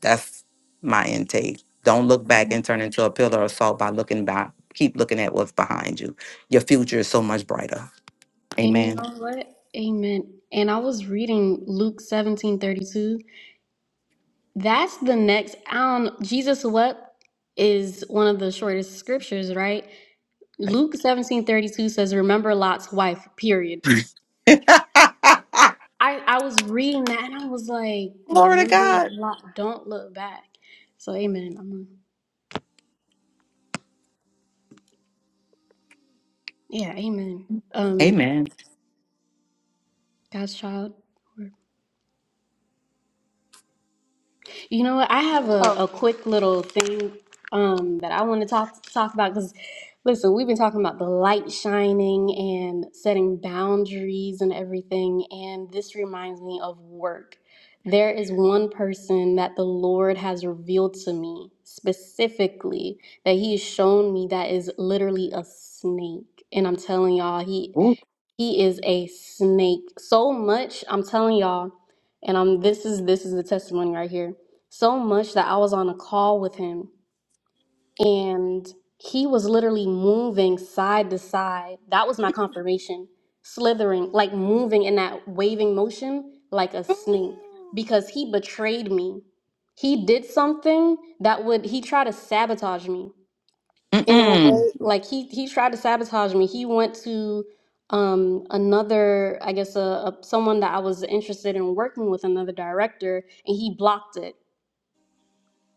that's my intake. Don't look back
Amen.
and turn into a pillar of salt by looking back. Keep looking at what's behind you. Your future is so much brighter.
And you
Amen.
know what? Amen. And I was reading Luke 17 32. That's the next, I don't, Jesus wept is one of the shortest scriptures, right?
Right.
Luke 17 32 says, Remember Lot's wife, period. I I was reading that and I was like,
Glory to
remember,
God.
lo- don't look back. So amen. I'm a, yeah, amen. Um,
Amen.
God's child. You know what? I have a, a
oh,
quick little thing um, that I want to talk talk about because listen, we've been talking about the light shining and setting boundaries and everything, and this reminds me of work. There is one person that the Lord has revealed to me specifically that He has shown me that is literally a snake, and I'm telling y'all, He
Ooh.
he is a snake. So much, I'm telling y'all, and I'm this is this is the testimony right here. So much that I was on a call with him and he was literally moving side to side. That was my confirmation. Slithering, like moving in that waving motion like a snake
Ooh.
because he betrayed me. He did something that would he tried to sabotage me in a
Mm-mm.
way like he he tried to sabotage me he went to um another i guess a, a someone that i was interested in working with another director and he blocked it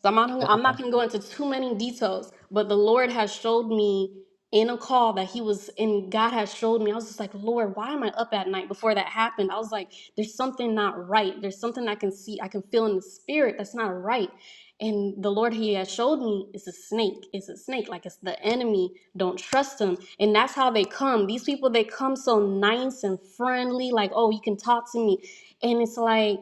so I'm not,
Wow.
I'm not going to go into too many details, but the Lord has showed me in a call that He was, and God has showed me. I was just like, Lord, why am I up at night? Before that happened, I was like, there's something not right. There's something I can see, I can feel in the spirit that's not right. And the Lord He has showed me is a snake. It's a snake. Like it's the enemy. Don't trust him. And that's how they come. These people, they come so nice and friendly, like, oh, you can talk to me. And it's like,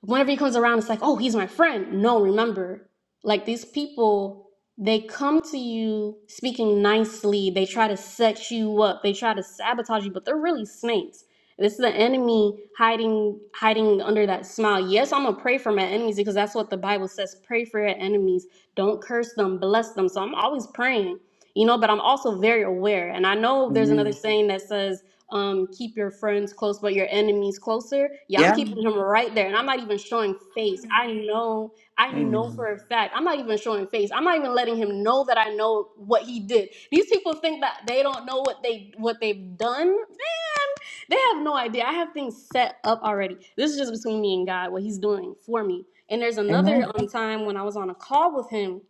whenever he comes around, it's like, oh, he's my friend. No, remember, like these people they come to you speaking nicely they try to set you up they try to sabotage you but they're really snakes this is the enemy hiding hiding under that smile yes i'm gonna pray for my enemies because that's what the bible says pray for your enemies don't curse them bless them so i'm always praying you know but i'm also very aware and i know there's another
Amen.
saying that says um, keep your friends close but your enemies closer yeah i'm
Yeah.
keeping him right there and i'm not even showing face i know I know
Amen.
for a fact. I'm not even showing face. I'm not even letting him know that I know what he did. These people think that they don't know what they what they've done. Man, they have no idea. I have things set up already. This is just between me and God, what he's doing for me. And there's another
Amen.
um, time when I was on a call with him.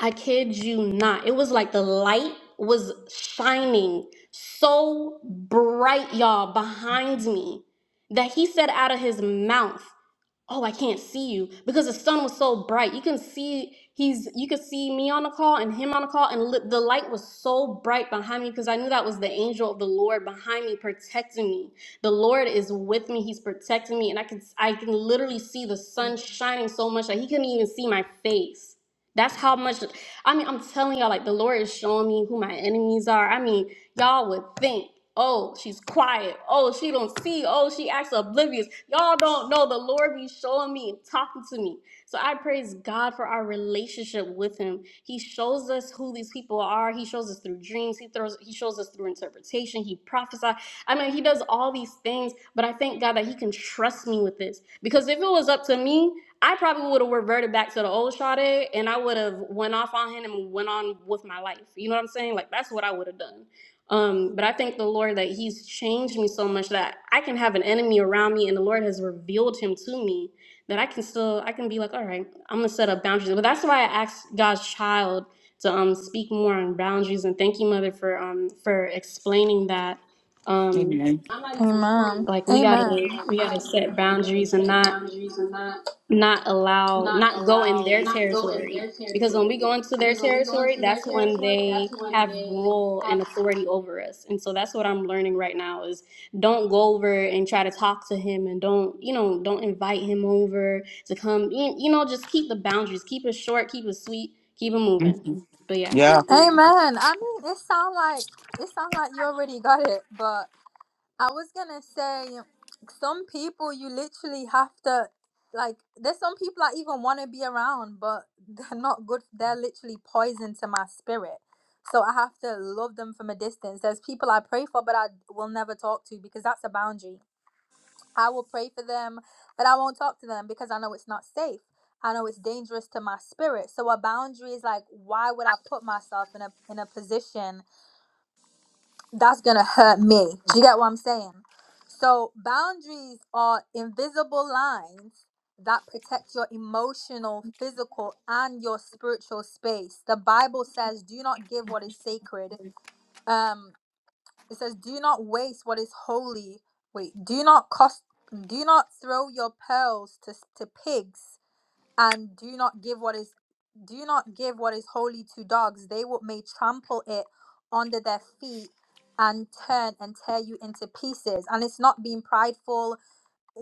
I kid you not. It was like the light was shining so bright, y'all, behind me that he said out of his mouth oh i can't see you because the sun was so bright you can see he's you could see me on the call and him on the call and li- the light was so bright behind me because i knew that was the angel of the lord behind me protecting me the lord is with me he's protecting me and i can i can literally see the sun shining so much that he couldn't even see my face that's how much i mean i'm telling y'all like the lord is showing me who my enemies are i mean y'all would think, oh, she's quiet. Oh, she don't see. Oh, she acts oblivious. Y'all don't know the Lord be showing me and talking to me. So I praise God for our relationship with Him. He shows us who these people are. He shows us through dreams. He throws. He shows us through interpretation. He prophesies. I mean, He does all these things. But I thank God that He can trust me with this because if it was up to me, I probably would have reverted back to the old Sade and I would have went off on him and went on with my life. You know what I'm saying? Like that's what I would have done. Um, but I thank the Lord that He's changed me so much that I can have an enemy around me, and the Lord has revealed him to me that I can still I can be like, all right, I'm gonna set up boundaries. But that's why I asked God's child to um speak more on boundaries. And thank you, Mother, for um for explaining that. Um,
Amen.
amen,
like we gotta
amen. Like, we
we gotta
gotta,
set
we gotta
boundaries and
set
not
boundaries and not.
not allow
not
not go in
allow,
their
not go in
territory
their
because when we
territory.
go into their
Because when we go
territory
into their
that's when
territory, that's
they
when
have
they
rule and
have. room.
authority over us and so that's what i'm learning right now is don't go over and try to talk to him and don't you know don't invite him over to come you you know just keep the boundaries keep it short keep it sweet keep it moving
Mhm.
but yeah
Yeah.
Amen. I mean, it sound like it sound like you already got it, but I was gonna say some people you literally have to like. There's some people I even want to be around, but they're not good. They're literally poison to my spirit. So I have to love them from a distance. There's people I pray for, but I will never talk to because that's a boundary. I will pray for them, but I won't talk to them because I know it's not safe. I know it's dangerous to my spirit. So a boundary is like, why would I put myself in a in a position that's gonna hurt me? Do you get what I'm saying? So boundaries are invisible lines that protect your emotional, physical, and your spiritual space. The Bible says, "Do not give what is sacred." Um, it says, "Do not waste what is holy. Wait, do not cost. Do not throw your pearls to to pigs, and do not give what is. Do not give what is holy to dogs. They will may trample it under their feet." And turn and tear you into pieces, and it's not being prideful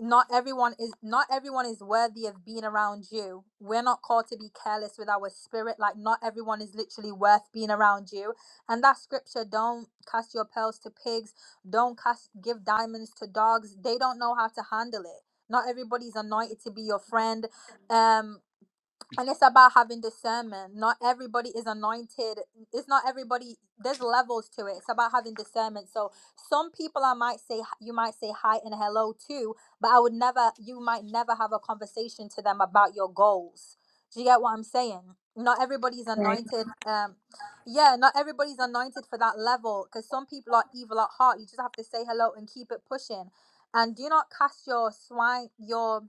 not everyone is not everyone is worthy of being around you we're not called to be careless with our spirit like not everyone is literally worth being around you and that scripture don't cast your pearls to pigs don't cast give diamonds to dogs they don't know how to handle it not everybody's anointed to be your friend um and it's about having discernment not everybody is anointed it's not everybody there's levels to it it's about having discernment so some people i might say you might say hi and hello to but i would never you might never have a conversation to them about your goals do you get what i'm saying not everybody's
right
anointed um yeah not everybody's anointed for that level because some people are evil at heart you just have to say hello and keep it pushing and do not cast your swine your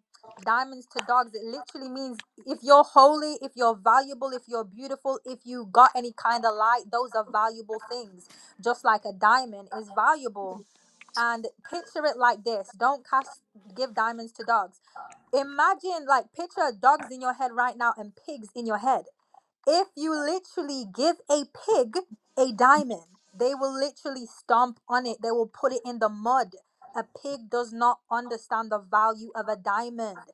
diamonds to dogs it literally means if you're holy if you're valuable if you're beautiful if you got any kind of light those are valuable things just like a diamond is valuable and picture it like this don't cast give diamonds to dogs imagine like picture dogs in your head right now and pigs in your head if you literally give a pig a diamond, they will literally stomp on it. They will put it in the mud. A pig does not understand the value of a diamond.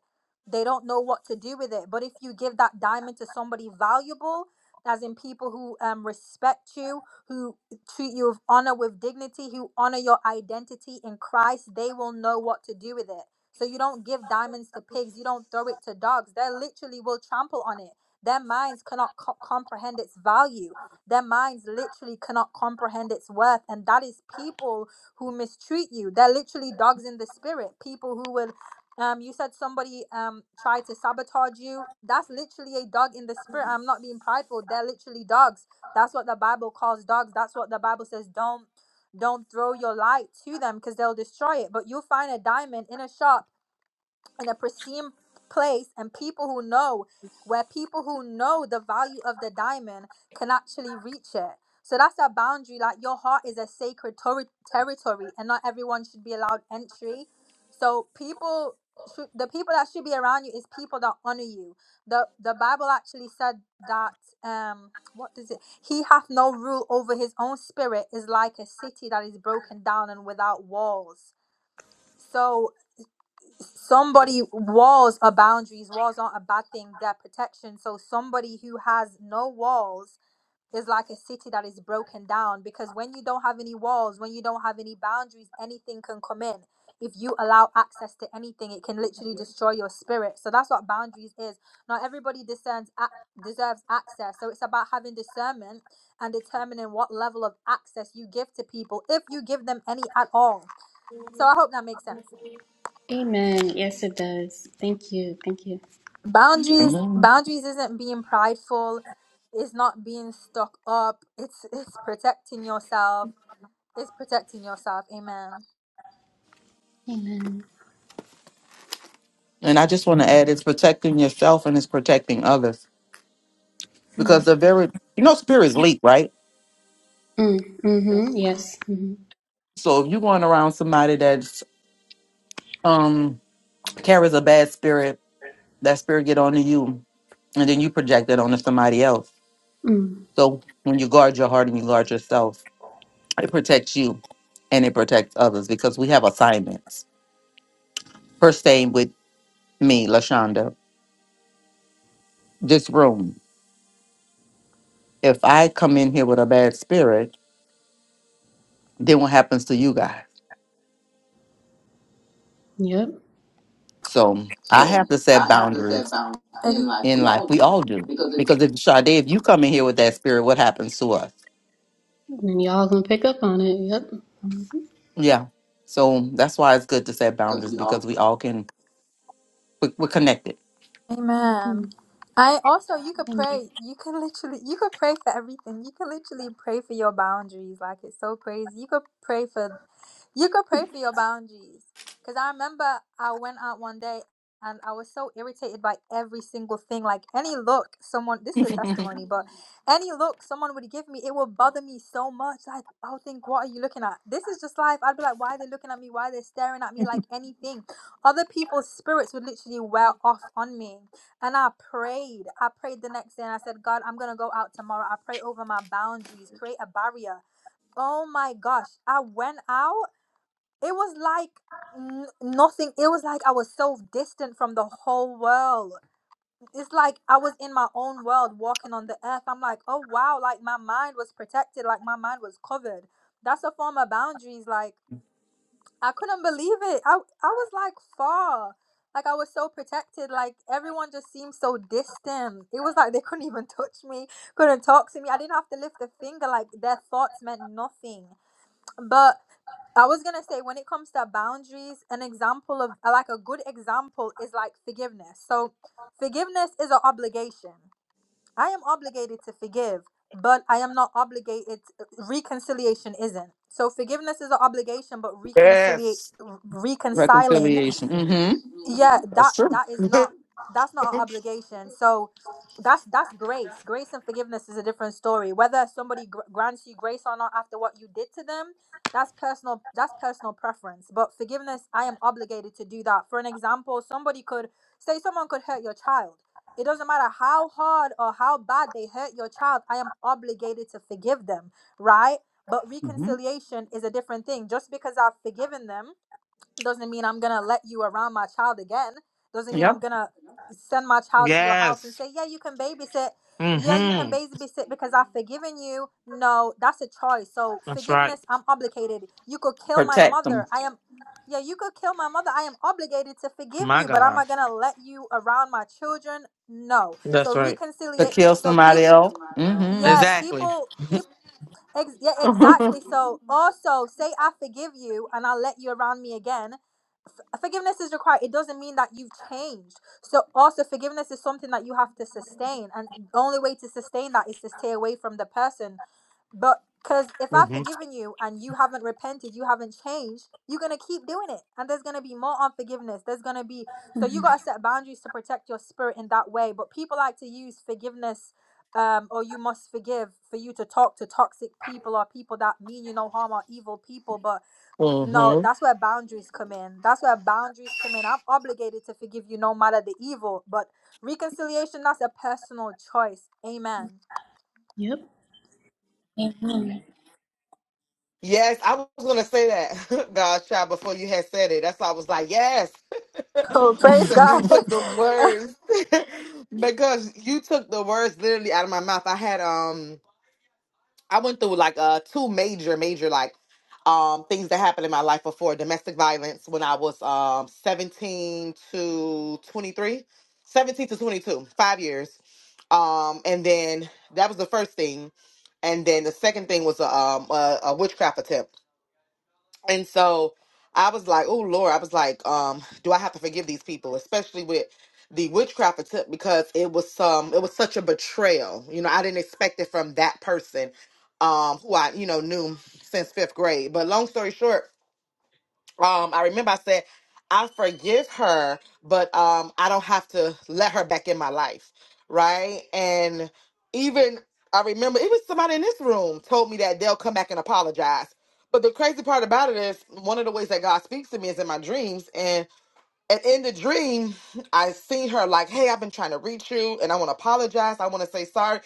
They don't know what to do with it. But if you give that diamond to somebody valuable, as in people who um, respect you, who treat you with honor, with dignity, who honor your identity in Christ, they will know what to do with it. So you don't give diamonds to pigs. You don't throw it to dogs. They literally will trample on it their minds cannot co- comprehend its value. Their minds literally cannot comprehend its worth. And that is people who mistreat you. They're literally dogs in the spirit. People who will, um, you said somebody um tried to sabotage you. That's literally a dog in the spirit. I'm not being prideful. They're literally dogs. That's what the Bible calls dogs. That's what the Bible says. Don't don't throw your light to them because they'll destroy it. But you'll find a diamond in a shop in a pristine place and people who know where people who know the value of the diamond can actually reach it so that's a boundary like your heart is a sacred tori- territory and not everyone should be allowed entry so people should, the people that should be around you is people that honor you the the bible actually said that um what does it he hath no rule over his own spirit is like a city that is broken down and without walls So somebody walls are boundaries walls aren't a bad thing they're protection so somebody who has no walls is like a city that is broken down because when you don't have any walls when you don't have any boundaries anything can come in if you allow access to anything it can literally destroy your spirit so that's what boundaries is not everybody discerns ac- deserves access so it's about having discernment and determining what level of access you give to people if you give them any at all so i hope that makes sense
amen yes it does thank you thank you
boundaries
Amen.
boundaries isn't being prideful it's not being stuck up it's it's protecting yourself it's protecting yourself amen
amen
And I just want to add it's protecting yourself and it's protecting others because they're very you know spirits leak right
mm, mm-hmm yes mm-hmm.
so if you're going around somebody that's um carries a bad spirit that spirit get onto you and then you project it onto somebody else
mm,
so when you guard your heart and you guard yourself it protects you and it protects others because we have assignments first thing with me lashonda this room if i come in here with a bad spirit then what happens to you guys
yep
so i
so
have to set
i have to
boundaries
set boundaries in life
in
we
life.
all
We
do
all do.
because it,
Because if Sade, if you come in here with that spirit, what happens to us?
And y'all gonna pick up on it. Yep.
Yeah. So that's why it's good to set
because
boundaries
we all
because we all can we- we're connected.
Amen.
Mhm.
I also you could pray. You can literally you could pray for everything. You can literally pray for your boundaries. Like it's so crazy. You could pray for you could pray for your boundaries. Cause I remember I went out one day and I was so irritated by every single thing. Like any look someone this is a testimony, but Mhm. any look someone would give me, it would bother me so much. Like I would think, what are you looking at? This is just life. I'd be like, why are they looking at me? Why are they staring at me like anything? Other people's spirits would literally wear off on me. And I prayed. I prayed the next day and I said, God, I'm going to go out tomorrow. I pray over my boundaries, create a barrier. Oh my gosh. I went out. It was like n- nothing. It was like I was so distant from the whole world. It's like I was in my own world walking on the earth. I'm like, oh wow. Like my mind was protected. Like my mind was covered. That's a form of boundaries. Like, I couldn't believe it. I I was like far. Like I was so protected. Like everyone just seemed so distant. It was like they couldn't even touch me, couldn't talk to me. I didn't have to lift a finger. Like their thoughts meant nothing. But I was gonna say when it comes to boundaries, an example of like a good example is like forgiveness. So forgiveness is an obligation. I am obligated to forgive, but I am not obligated. uh, Reconciliation isn't. So forgiveness is an obligation, but reconciliate,
Yes.
reconciling,
Reconciliation. Mm-hmm.
yeah,
That's
that
true.
that is not that's not an obligation. So that's that's grace. Grace and forgiveness is a different story. Whether somebody gr- grants you grace or not after what you did to them, that's personal. That's personal preference. But forgiveness, I am obligated to do that. For an example, somebody could say someone could hurt your child it doesn't matter how hard or how bad they hurt your child, I am obligated to forgive them, right? But
Mm-hmm.
reconciliation is a different thing. Just because I've forgiven them doesn't mean I'm gonna let you around my child again. Doesn't mean I'm
Yep.
gonna send my child to your house and
yes.
say, yeah, you can babysit. Yeah, you can
Mm-hmm.
babysit because I've forgiven you. No, that's a choice. So
That's right.
forgiveness, I'm obligated. You could kill my
Protect
mother.
them.
I am. Yeah, you could kill my mother. I am obligated to forgive
My
you, but am
God.
I gonna let you around my children? No. So
That's right.
To
reconciliate.
kill
So
somebody
people.
else. Mm-hmm.
Yeah,
Exactly.
people. People. Ex- yeah, exactly. So also say I forgive you and I'll let you around me again f- forgiveness is required it doesn't mean that you've changed so also forgiveness is something that you have to sustain and the only way to sustain that is to stay away from the person but because if i've
Mm-hmm.
forgiven you and you haven't repented you haven't changed you're going to keep doing it and there's going to be more unforgiveness there's going to be so you got to set boundaries to protect your spirit in that way but people like to use forgiveness um, or you must forgive for you to talk to toxic people or people that mean you no harm or evil people but no,
Mm-hmm.
that's where boundaries come in. That's where boundaries come in. I'm obligated to forgive you no matter the evil, but reconciliation, that's a personal choice. Amen.
Yep. Amen.
Yes, I was gonna say that, God child, before you had said it. That's why I was like, yes,
Oh, praise
because you
God.
took the words, because you took the words literally out of my mouth. I had um. I went through like uh two major major like um things that happened in my life before domestic violence when I was um 17 to 23, 17 to 22 5 years um and then that was the first thing and then the second thing was a um a, a witchcraft attempt and so I was like, oh Lord, I was like, um, do I have to forgive these people, especially with the witchcraft attempt because it was um it was such a betrayal. You know, I didn't expect it from that person um who I, you know, knew since fifth grade. But long story short, um i remember i said i forgive her but um i don't have to let her back in my life right and even i remember even somebody in this room told me that they'll come back and apologize but the crazy part about it is one of the ways that god speaks to me is in my dreams and and in the dream i seen her like hey i've been trying to reach you and i want to apologize i want to say sorry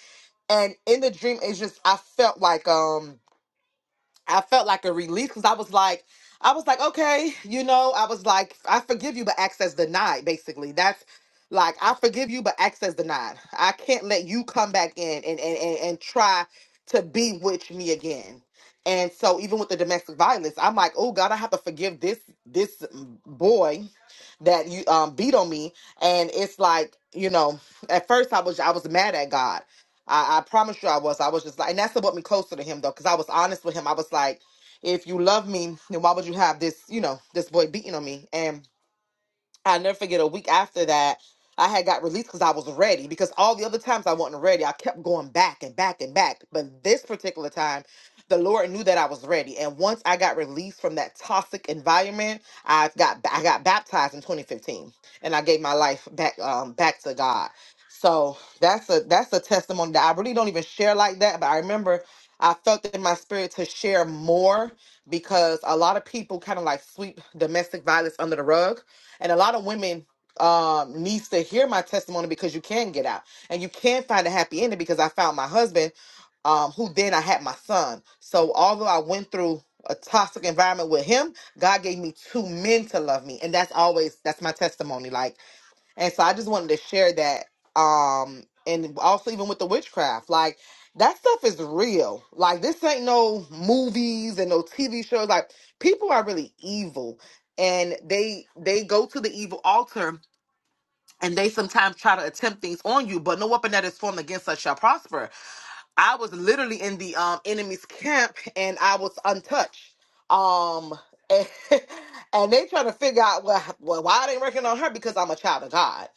and in the dream it's just i felt like um I felt like a release because I was like, I was like, okay, you know, I was like, I forgive you, but access denied, basically. That's like, I forgive you, but access denied. I can't let you come back in and, and, and, and try to bewitch me again. And so even with the domestic violence, I'm like, oh God, I have to forgive this this boy that you um beat on me. And it's like, you know, at first I was I was mad at God I, I promise you I was. I was just like, and that's what brought me closer to him though, because I was honest with him. I was like, if you love me, then why would you have this, you know, this boy beating on me? And i never forget a week after that, I had got released because I was ready. Because all the other times I wasn't ready, I kept going back and back and back. But this particular time, the Lord knew that I was ready. And once I got released from that toxic environment, I got I got baptized in 2015, and I gave my life back um, back to God. So that's a that's a testimony that I really don't even share like that. But I remember I felt in my spirit to share more because a lot of people kind of like sweep domestic violence under the rug and a lot of women um needs to hear my testimony because you can get out and you can find a happy ending because I found my husband um who then I had my son. So although I went through a toxic environment with him, God gave me two men to love me and that's always that's my testimony. Like and so I just wanted to share that. Um, and also even with the witchcraft, like that stuff is real. Like this ain't no movies and no TV shows. Like people are really evil and they they go to the evil altar and they sometimes try to attempt things on you, but no weapon that is formed against us shall prosper. I was literally in the um enemy's camp and I was untouched. Um and, and they trying to figure out well, well why they working on her because I'm a child of God.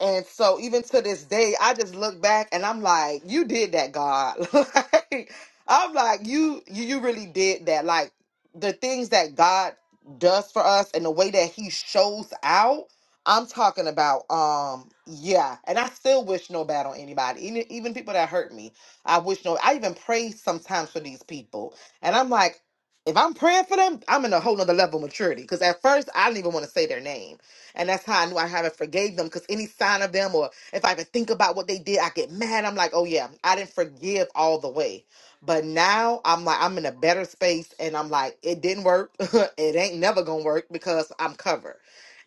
And so even to this day, I just look back and I'm like, you did that, God. like, I'm like, you, you you really did that. Like the things that God does for us and the way that he shows out I'm talking about, um, yeah, and I still wish no bad on anybody, even even people that hurt me. I wish no, I even pray sometimes for these people. And I'm like, if I'm praying for them, I'm in a whole nother level of maturity. Because at first, I didn't even want to say their name. And that's how I knew I haven't forgave them. Because any sign of them, or if I even think about what they did, I get mad. I'm like, oh yeah, I didn't forgive all the way. But now I'm like, I'm in a better space. And I'm like, it didn't work. it ain't never going to work because I'm covered.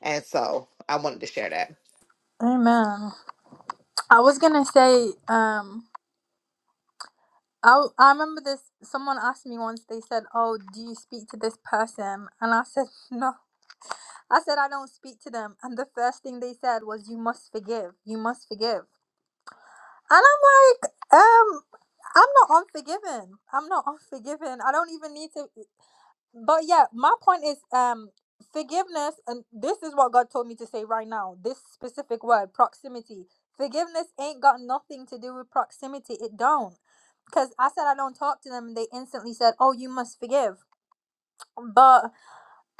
And so I wanted to share that.
Amen. I was gonna say, um, I I remember this. Someone asked me once. They said, "Oh, do you speak to this person?" And I said, "No." I said I don't speak to them. And the first thing they said was, "You must forgive. You must forgive." And I'm like, um, I'm not unforgiven. I'm not unforgiven. I don't even need to. But yeah, my point is, um, forgiveness, and this is what God told me to say right now. This specific word, proximity. Forgiveness ain't got nothing to do with proximity. It don't. Cause I said I don't talk to them, and they instantly said, "Oh, you must forgive." But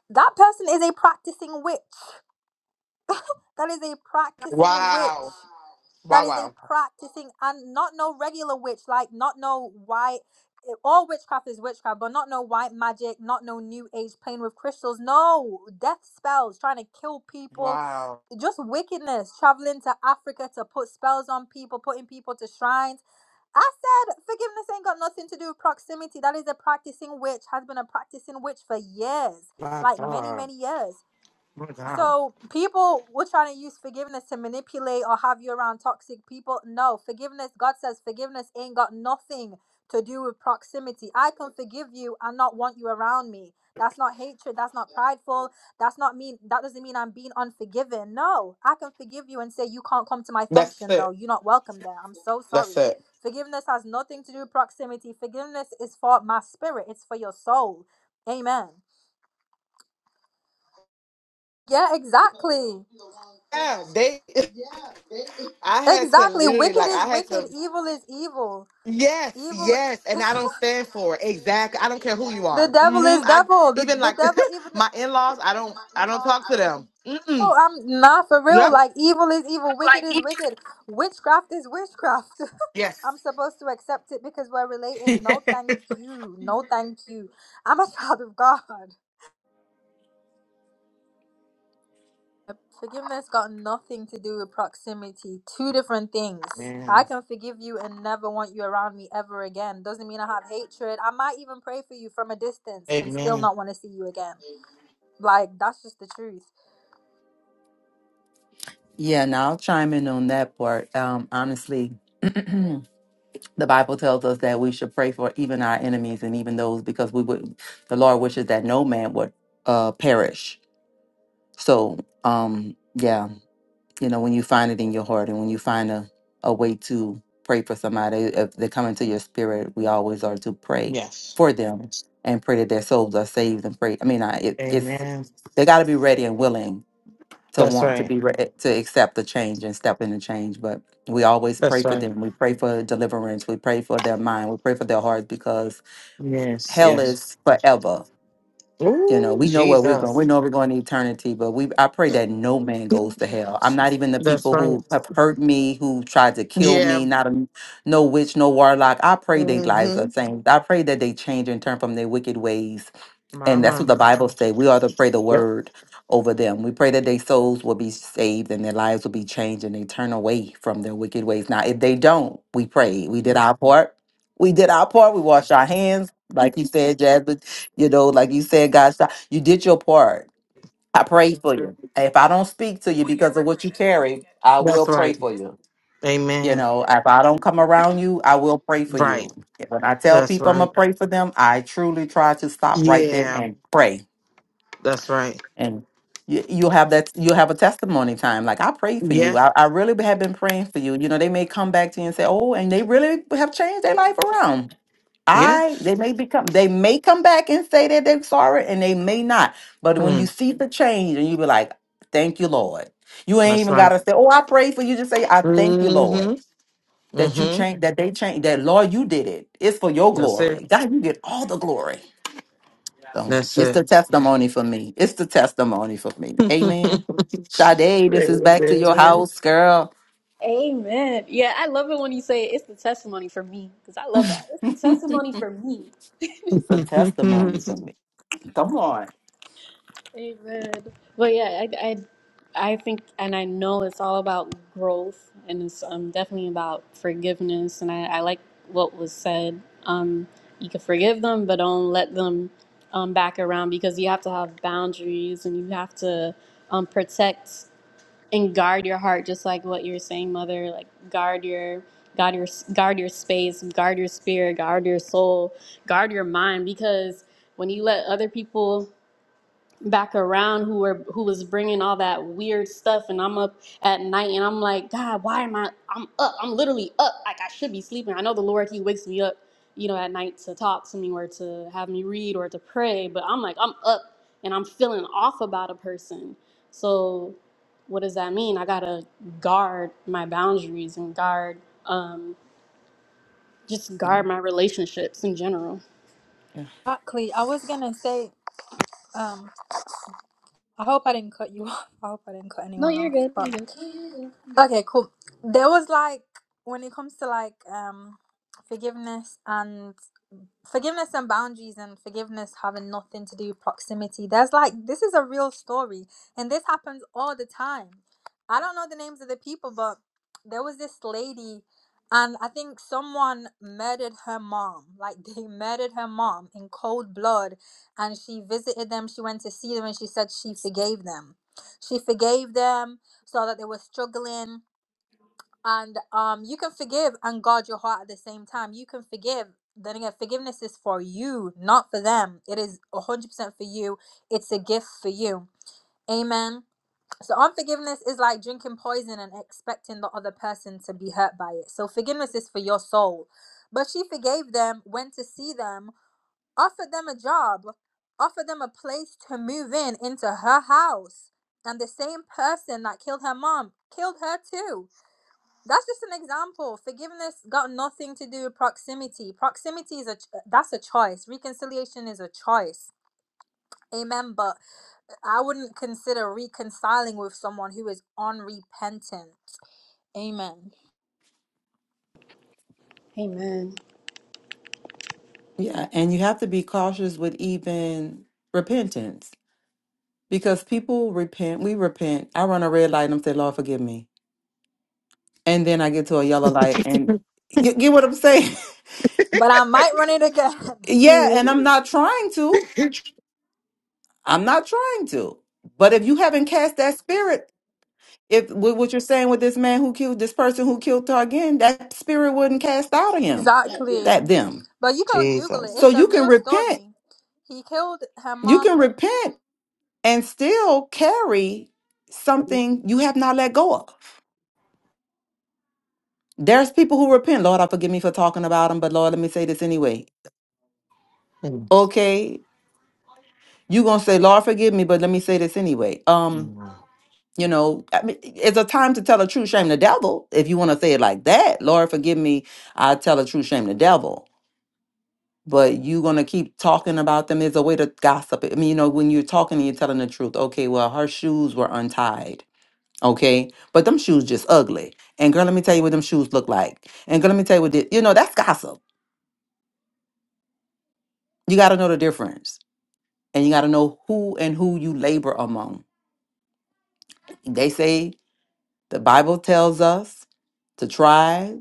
that person is a practicing witch. That is a practicing
Wow.
witch. That
Wow.
is a
Wow.
practicing and not no regular witch, like not no white. eh, All witchcraft is witchcraft, but not no white magic, not no new age playing with crystals. No death spells, trying to kill people,
Wow.
just wickedness. Traveling to Africa to put spells on people, putting people to shrines. I said forgiveness ain't got nothing to do with proximity. That is a practicing witch, has been a practicing witch for years,
My
like many
God.
many years.
My God.
So people were trying to use forgiveness to manipulate or have you around toxic people. No, forgiveness. God says forgiveness ain't got nothing to do with proximity. I can forgive you and not want you around me. That's not hatred. That's not prideful. That's not mean. That doesn't mean I'm being unforgiving. No, I can forgive you and say you can't come to my
That's
function though.
it.
You're not welcome there. I'm so
That's
sorry.
it.
Forgiveness has nothing to do with proximity. Forgiveness is for my spirit. It's for your soul. Amen. Yeah, exactly.
Yeah, they. I had to
Exactly.
literally
Wicked
like
is
I had
wicked.
to.
Evil is evil.
Yes,
Evil.
yes, and I don't stand for it. Exactly. I don't care who you
The
are.
devil
hmm
is
I
devil. The,
even
the
like
devil even.
my in laws. I don't.
The,
I don't talk to them.
no,
Mm-mm.
I'm not for real.
Yep.
Like evil is evil. Wicked is wicked. Witchcraft is witchcraft.
Yes.
I'm supposed to accept it because we're related. No, thank
Amen.
you. No, thank you. I'm a child of God. Yep, Forgiveness got nothing to do with proximity. Two different things. I can forgive you and never want you around me ever again. Doesn't mean I have hatred. I might even pray for you from a distance and still
Amen.
not want to see you again. Like that's just the truth.
yeah, now I'll chime in on that part. Um, honestly. the Bible tells us that we should pray for even our enemies and even those because we would the Lord wishes that no man would uh perish. So um yeah, you know, when you find it in your heart and when you find a, a way to pray for somebody, if they come into your spirit, we always are to pray
Yes.
for them and pray that their souls are saved and pray. I mean, I, it, it's
Amen.
they got to be ready and willing to
That's
want to
right.
be re- to accept the change and step in the change but we always pray
That's
for
right.
them we pray for deliverance we pray for their mind we pray for their hearts because
Yes.
hell
Yes.
is forever you know
Ooh,
we know where we're going we
Jesus.
know we're going to eternity but we i pray that no man goes to hell i'm not even the
That's
people
right.
who have hurt me who tried to kill
yeah.
me not a no witch no warlock i pray their lives are
hmm
changed i pray that they change and turn from their wicked ways and that's what
Mama.
the Bible say. We ought to pray the
Yep.
word over them. We pray that their souls will be saved and their lives will be changed and they turn away from their wicked ways. Now, if they don't, we pray. We did our part. We did our part. We washed our hands, like you said, Jasmine. You know, like you said, God, stop. you did your part. I prayed for you. If I don't speak to you because of what you carry, I will
That's
pray
right.
for you. You
Amen.
know, if I don't come around you, I will pray for
Right.
you. When I tell
That's
people I'm
right.
gonna pray for them, I truly try to stop right there
Yeah.
and pray
That's right.
and you, you'll have that you'll have a testimony time like i prayed for you
Yeah.
I, I really have been praying for you you know they may come back to you and say oh and they really have changed their life around
Yeah.
i they may become they may come back and say that they're sorry and they may not but when you
Hmm.
see the change and you be like thank you lord you ain't
That's
even
right.
gotta say oh i prayed for you just say i thank you lord
Mm-hmm.
that you
Mm-hmm.
changed. that they changed. that lord you did it it's for your
That's it.
glory god you get all the glory so
That's
it's
it.
the testimony for me. It's the testimony for me. Amen. Sade, this is back to your house, girl.
Amen. Yeah, I love it when you say it's the testimony for me because I love that. It's the
it's
testimony for me.
a testimony for me. Come on.
Amen. But yeah, I, I I think and I know it's all about growth and it's um definitely about forgiveness and I, I like what was said. Um, you can forgive them, but don't let them um back around because you have to have boundaries and you have to um protect. and guard your heart just like what you're saying mother like guard your guard your guard your space guard your spirit guard your soul guard your mind because when you let other people back around who were who was bringing all that weird stuff and I'm up at night and I'm like god why am I I'm up I'm literally up like I should be sleeping I know the Lord he wakes me up you know at night to talk to me or to have me read or to pray but I'm like I'm up and I'm feeling off about a person so what does that mean I got to guard my boundaries and guard um just
Yeah.
guard my relationships in general
yeah.
Exactly. I was gonna say, um, I hope I didn't cut you off. I hope I didn't cut anyone off. But okay, cool. There was like when it comes to like um forgiveness and Forgiveness and boundaries and forgiveness having nothing to do with proximity. There's like, this is a real story, and this happens all the time. I don't know the names of the people, but there was this lady, and I think someone murdered her mom. Like, they murdered her mom in cold blood, and she visited them. She went to see them, and she said she forgave them. She forgave them, saw that they were struggling, and um you can forgive and guard your heart at the same time you can forgive then again forgiveness is for you not for them it is 100% for you it's a gift for you amen so unforgiveness is like drinking poison and expecting the other person to be hurt by it so forgiveness is for your soul but she forgave them went to see them offered them a job offered them a place to move in into her house and the same person that killed her mom killed her too that's just an example. Forgiveness got nothing to do with proximity. Proximity is a that's a choice. Reconciliation is a choice. Amen. But I wouldn't consider reconciling with someone who is unrepentant. Amen.
amen
Yeah, and you have to be cautious with even repentance because people repent. We repent. I run a red light and I'm say, Lord, forgive me. And then I get to a yellow light and you get what I'm saying?
But I might run it again.
yeah, and I'm not trying to. I'm not trying to. But if you haven't cast that spirit If wh- what you're saying with this man who killed this person who killed Targan, that spirit wouldn't cast out of him,
exactly.
that them.
But you can Google it.
Jesus.
So
It's a
you can
real
repent.
story. He killed her
You can
mom.
repent and still carry something you have not let go of. There's people who repent. Lord, I forgive me for talking about them, but Lord, let me say this anyway.
Mhm.
Okay, you gonna say, Lord, forgive me, but let me say this anyway. Um, you know, I mean, it's a time to tell a true shame the devil. If you want to say it like that, Lord, forgive me, I tell a true shame the devil but you gonna keep talking about them is a way to gossip. I mean, you know, when you're talking and you're telling the truth, okay, well, her shoes were untied. Okay, but them shoes just ugly. And girl, let me tell you what them shoes look like. And girl, let me tell you what thi- you know, that's gossip. You gotta know the difference. And you gotta know who and who you labor among. They say the Bible tells us to try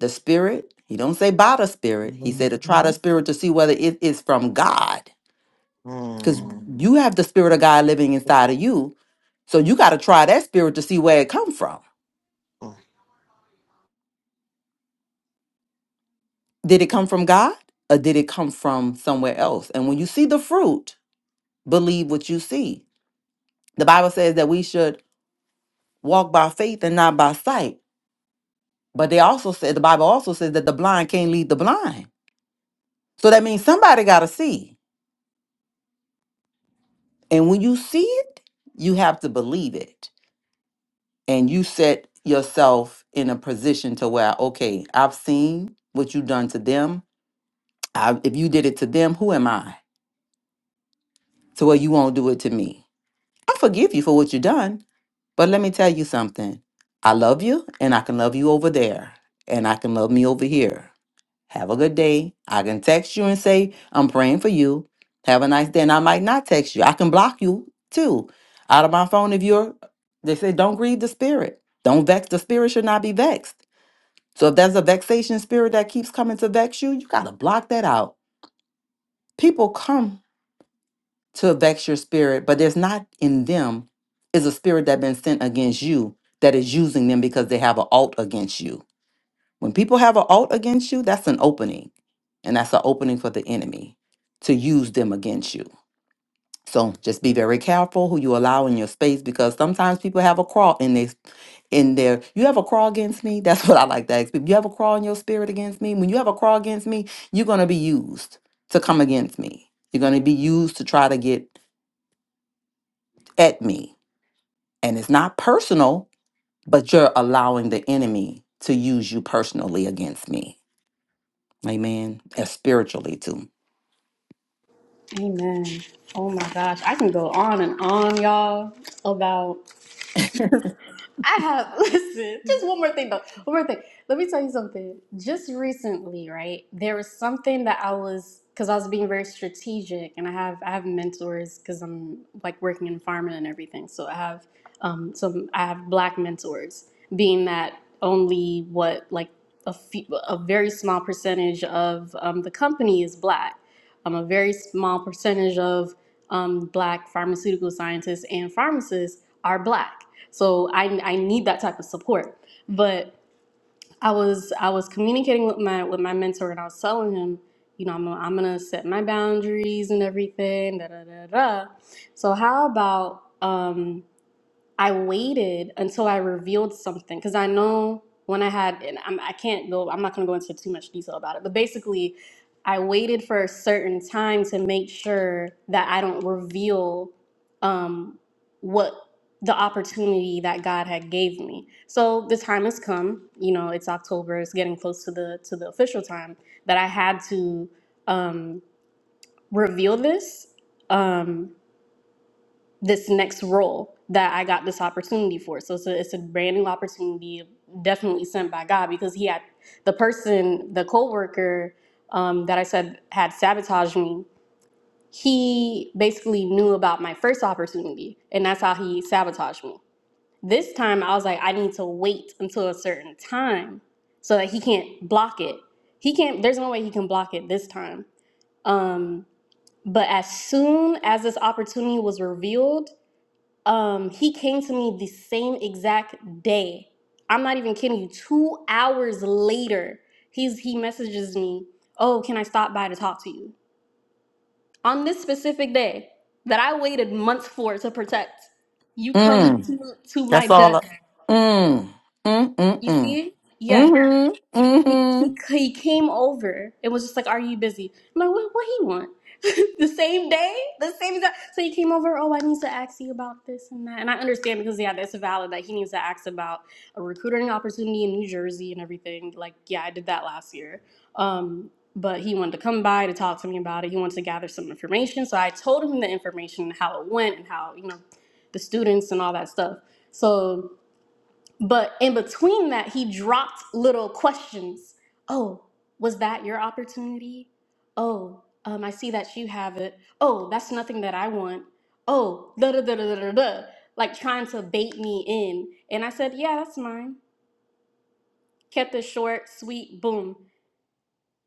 the spirit. He don't say by the spirit. He said to try the spirit to see whether it is from God because
Mm.
you have the spirit of God living inside of you. So you got to try that spirit to see where it come from. Did it come from God or did it come from somewhere else? And when you see the fruit, believe what you see. The Bible says that we should walk by faith and not by sight. But they also said the Bible also says that the blind can't lead the blind. So that means somebody got to see. And when you see it, you have to believe it. And you set yourself in a position to where okay, I've seen what you've done to them I, if you did it to them, who am I? So, well, you won't do it to me. I forgive you for what you done, but let me tell you something. I love you, and I can love you over there, and I can love me over here. Have a good day. I can text you and say, I'm praying for you. Have a nice day. And I might not text you. I can block you too out of my phone if you're, they say, don't grieve the spirit. Don't vex. The spirit should not be vexed. So if there's a vexation spirit that keeps coming to vex you, you got to block that out. People come to vex your spirit, but there's not in them is a spirit that been sent against you that is using them because they have an alt against you. When people have an alt against you, that's an opening, and that's an opening for the enemy to use them against you. So just be very careful who you allow in your space because sometimes people have a crawl in their in their you have a crawl against me. That's what I like to ask people. You have a crawl in your spirit against me. When you have a crawl against me, you're gonna be used to come against me. You're gonna be used to try to get at me and it's not personal, but you're allowing the enemy to use you personally against me. Amen. And spiritually too.
Amen. Oh my gosh, I can go on and on, y'all, about I have listen, just one more thing though. One more thing. Let me tell you something. Just recently, right? There was something that I was because I was being very strategic and I have I have mentors because I'm like working in farming and everything. So I have um some I have black mentors, being that only what like a few, a very small percentage of um, the company is black. Um, a very small percentage of um, black pharmaceutical scientists and pharmacists are black so I I need that type of support. But I was I was communicating with my with my mentor and I was telling him, you know, I'm gonna, I'm gonna set my boundaries and everything. Da da da da. So how about um I waited until I revealed something because I know when I had, and I'm, I can't go, I'm not going to go into too much detail about it, but basically, I waited for a certain time to make sure that I don't reveal um, what the opportunity that God had gave me. So the time has come. You know, it's October. It's getting close to the to the official time that I had to um, reveal this. Um, this next role that I got this opportunity for. So it's a, it's a brand new opportunity, definitely sent by God because he had the person, the coworker um, that I said had sabotaged me. He basically knew about my first opportunity, and that's how he sabotaged me. This time, I was like, I need to wait until a certain time so that he can't block it. He can't. There's no way he can block it this time. Um, but as soon as this opportunity was revealed, um he came to me the same exact day i'm not even kidding you two hours later he's he messages me oh can i stop by to talk to you on this specific day that i waited months for to protect you come Mhm.
Mm,
to, to my
that's all. I-
desk
mm, mm, mm,
you
mm.
see yeah
Mm-hmm,
He, he
mm-hmm.
he came over and was just like, "Are you busy?" I'm like, "What? What he want?" the same day, the same exact. So he came over. Oh, I need to ask you about this and that. And I understand because yeah, that's valid that he needs to ask about a recruiting opportunity in New Jersey and everything. Like yeah, I did that last year. Um, but he wanted to come by to talk to me about it. He wanted to gather some information. So I told him the information and how it went and how you know the students and all that stuff. So but in between that, he dropped little questions. Oh, was that your opportunity? Oh, um, I see that you have it. Oh, that's nothing that I want. Oh, da da da da da da. da," Like trying to bait me in. And I said, Yeah, that's mine. Kept it short, sweet, boom.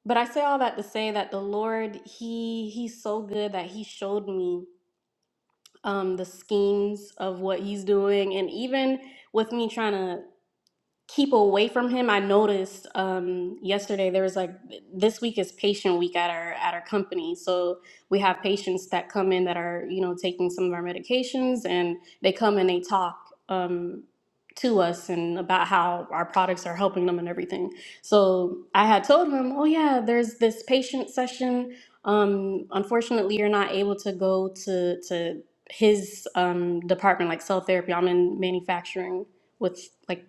But I say all that to say that the Lord, He He's so good that He showed me um the schemes of what He's doing. And even with me trying to keep away from him. I noticed um, yesterday there was like this week is patient week at our at our company, so we have patients that come in that are you know taking some of our medications, and they come and they talk um, to us and about how our products are helping them and everything. So I had told him, oh yeah, there's this patient session. Um, unfortunately, you're not able to go to to his um, department like cell therapy. I'm in manufacturing with like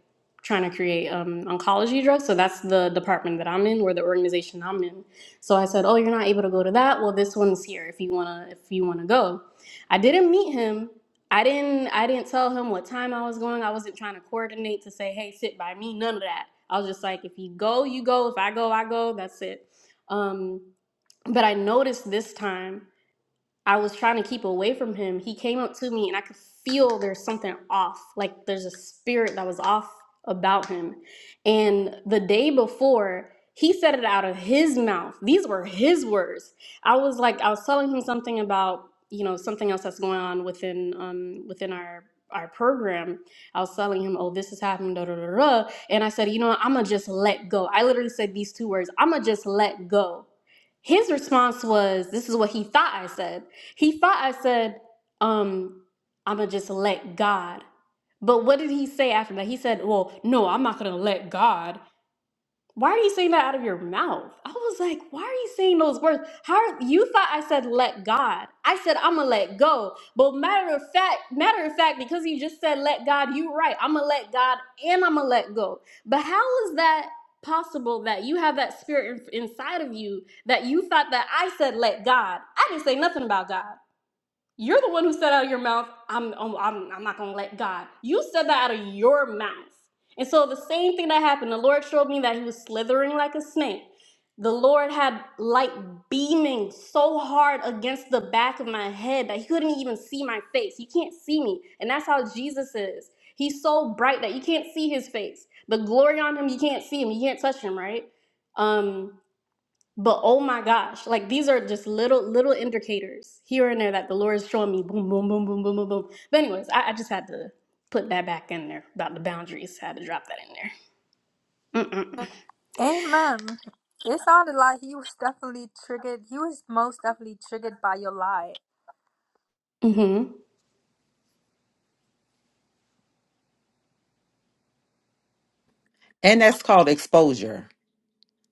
trying to create um, oncology drugs. So that's the department that I'm in, or the organization I'm in. So I said, "Oh, you're not able to go to that. Well, this one's here. If you wanna, if you wanna go." I didn't meet him. I didn't. I didn't tell him what time I was going. I wasn't trying to coordinate to say, "Hey, sit by me." None of that. I was just like, "If you go, you go. If I go, I go." That's it. Um, but I noticed this time. I was trying to keep away from him, he came up to me and I could feel there's something off. Like there's a spirit that was off about him. And the day before, he said it out of his mouth. These were his words. I was like, I was telling him something about, you know, something else that's going on within um within our our program. I was telling him, oh, this is happening, da da da da. And I said, you know what, I'ma just let go. I literally said these two words, I'ma just let go his response was, this is what he thought I said. He thought I said, um, I'm going to just let God. But what did he say after that? He said, well, no, I'm not going to let God why are you saying that out of your mouth? I was like, why are you saying those words? How are, you thought I said let God? I said I'm gonna let go. But matter of fact, matter of fact, because you just said let God, you right. I'm gonna let God and I'm gonna let go. But how is that possible that you have that spirit in- inside of you that you thought that I said let God? I didn't say nothing about God. You're the one who said out of your mouth, I'm, I'm, I'm not going to let God. You said that out of your mouth. And so the same thing that happened, the Lord showed me that he was slithering like a snake. The Lord had light beaming so hard against the back of my head that he couldn't even see my face. You can't see me. And that's how Jesus is. He's so bright that you can't see his face. The glory on him, you can't see him. You can't touch him, right? Um, but oh my gosh, like these are just little little indicators here and there that the Lord is showing me. Boom, boom, boom, boom, boom, boom, boom. But anyways, I, I just had to put that back in there about the boundaries. I had to drop that in there. Mm-mm.
Amen. It sounded like he was definitely triggered. He was most definitely triggered by your lie.
Mm-hmm.
And that's called exposure.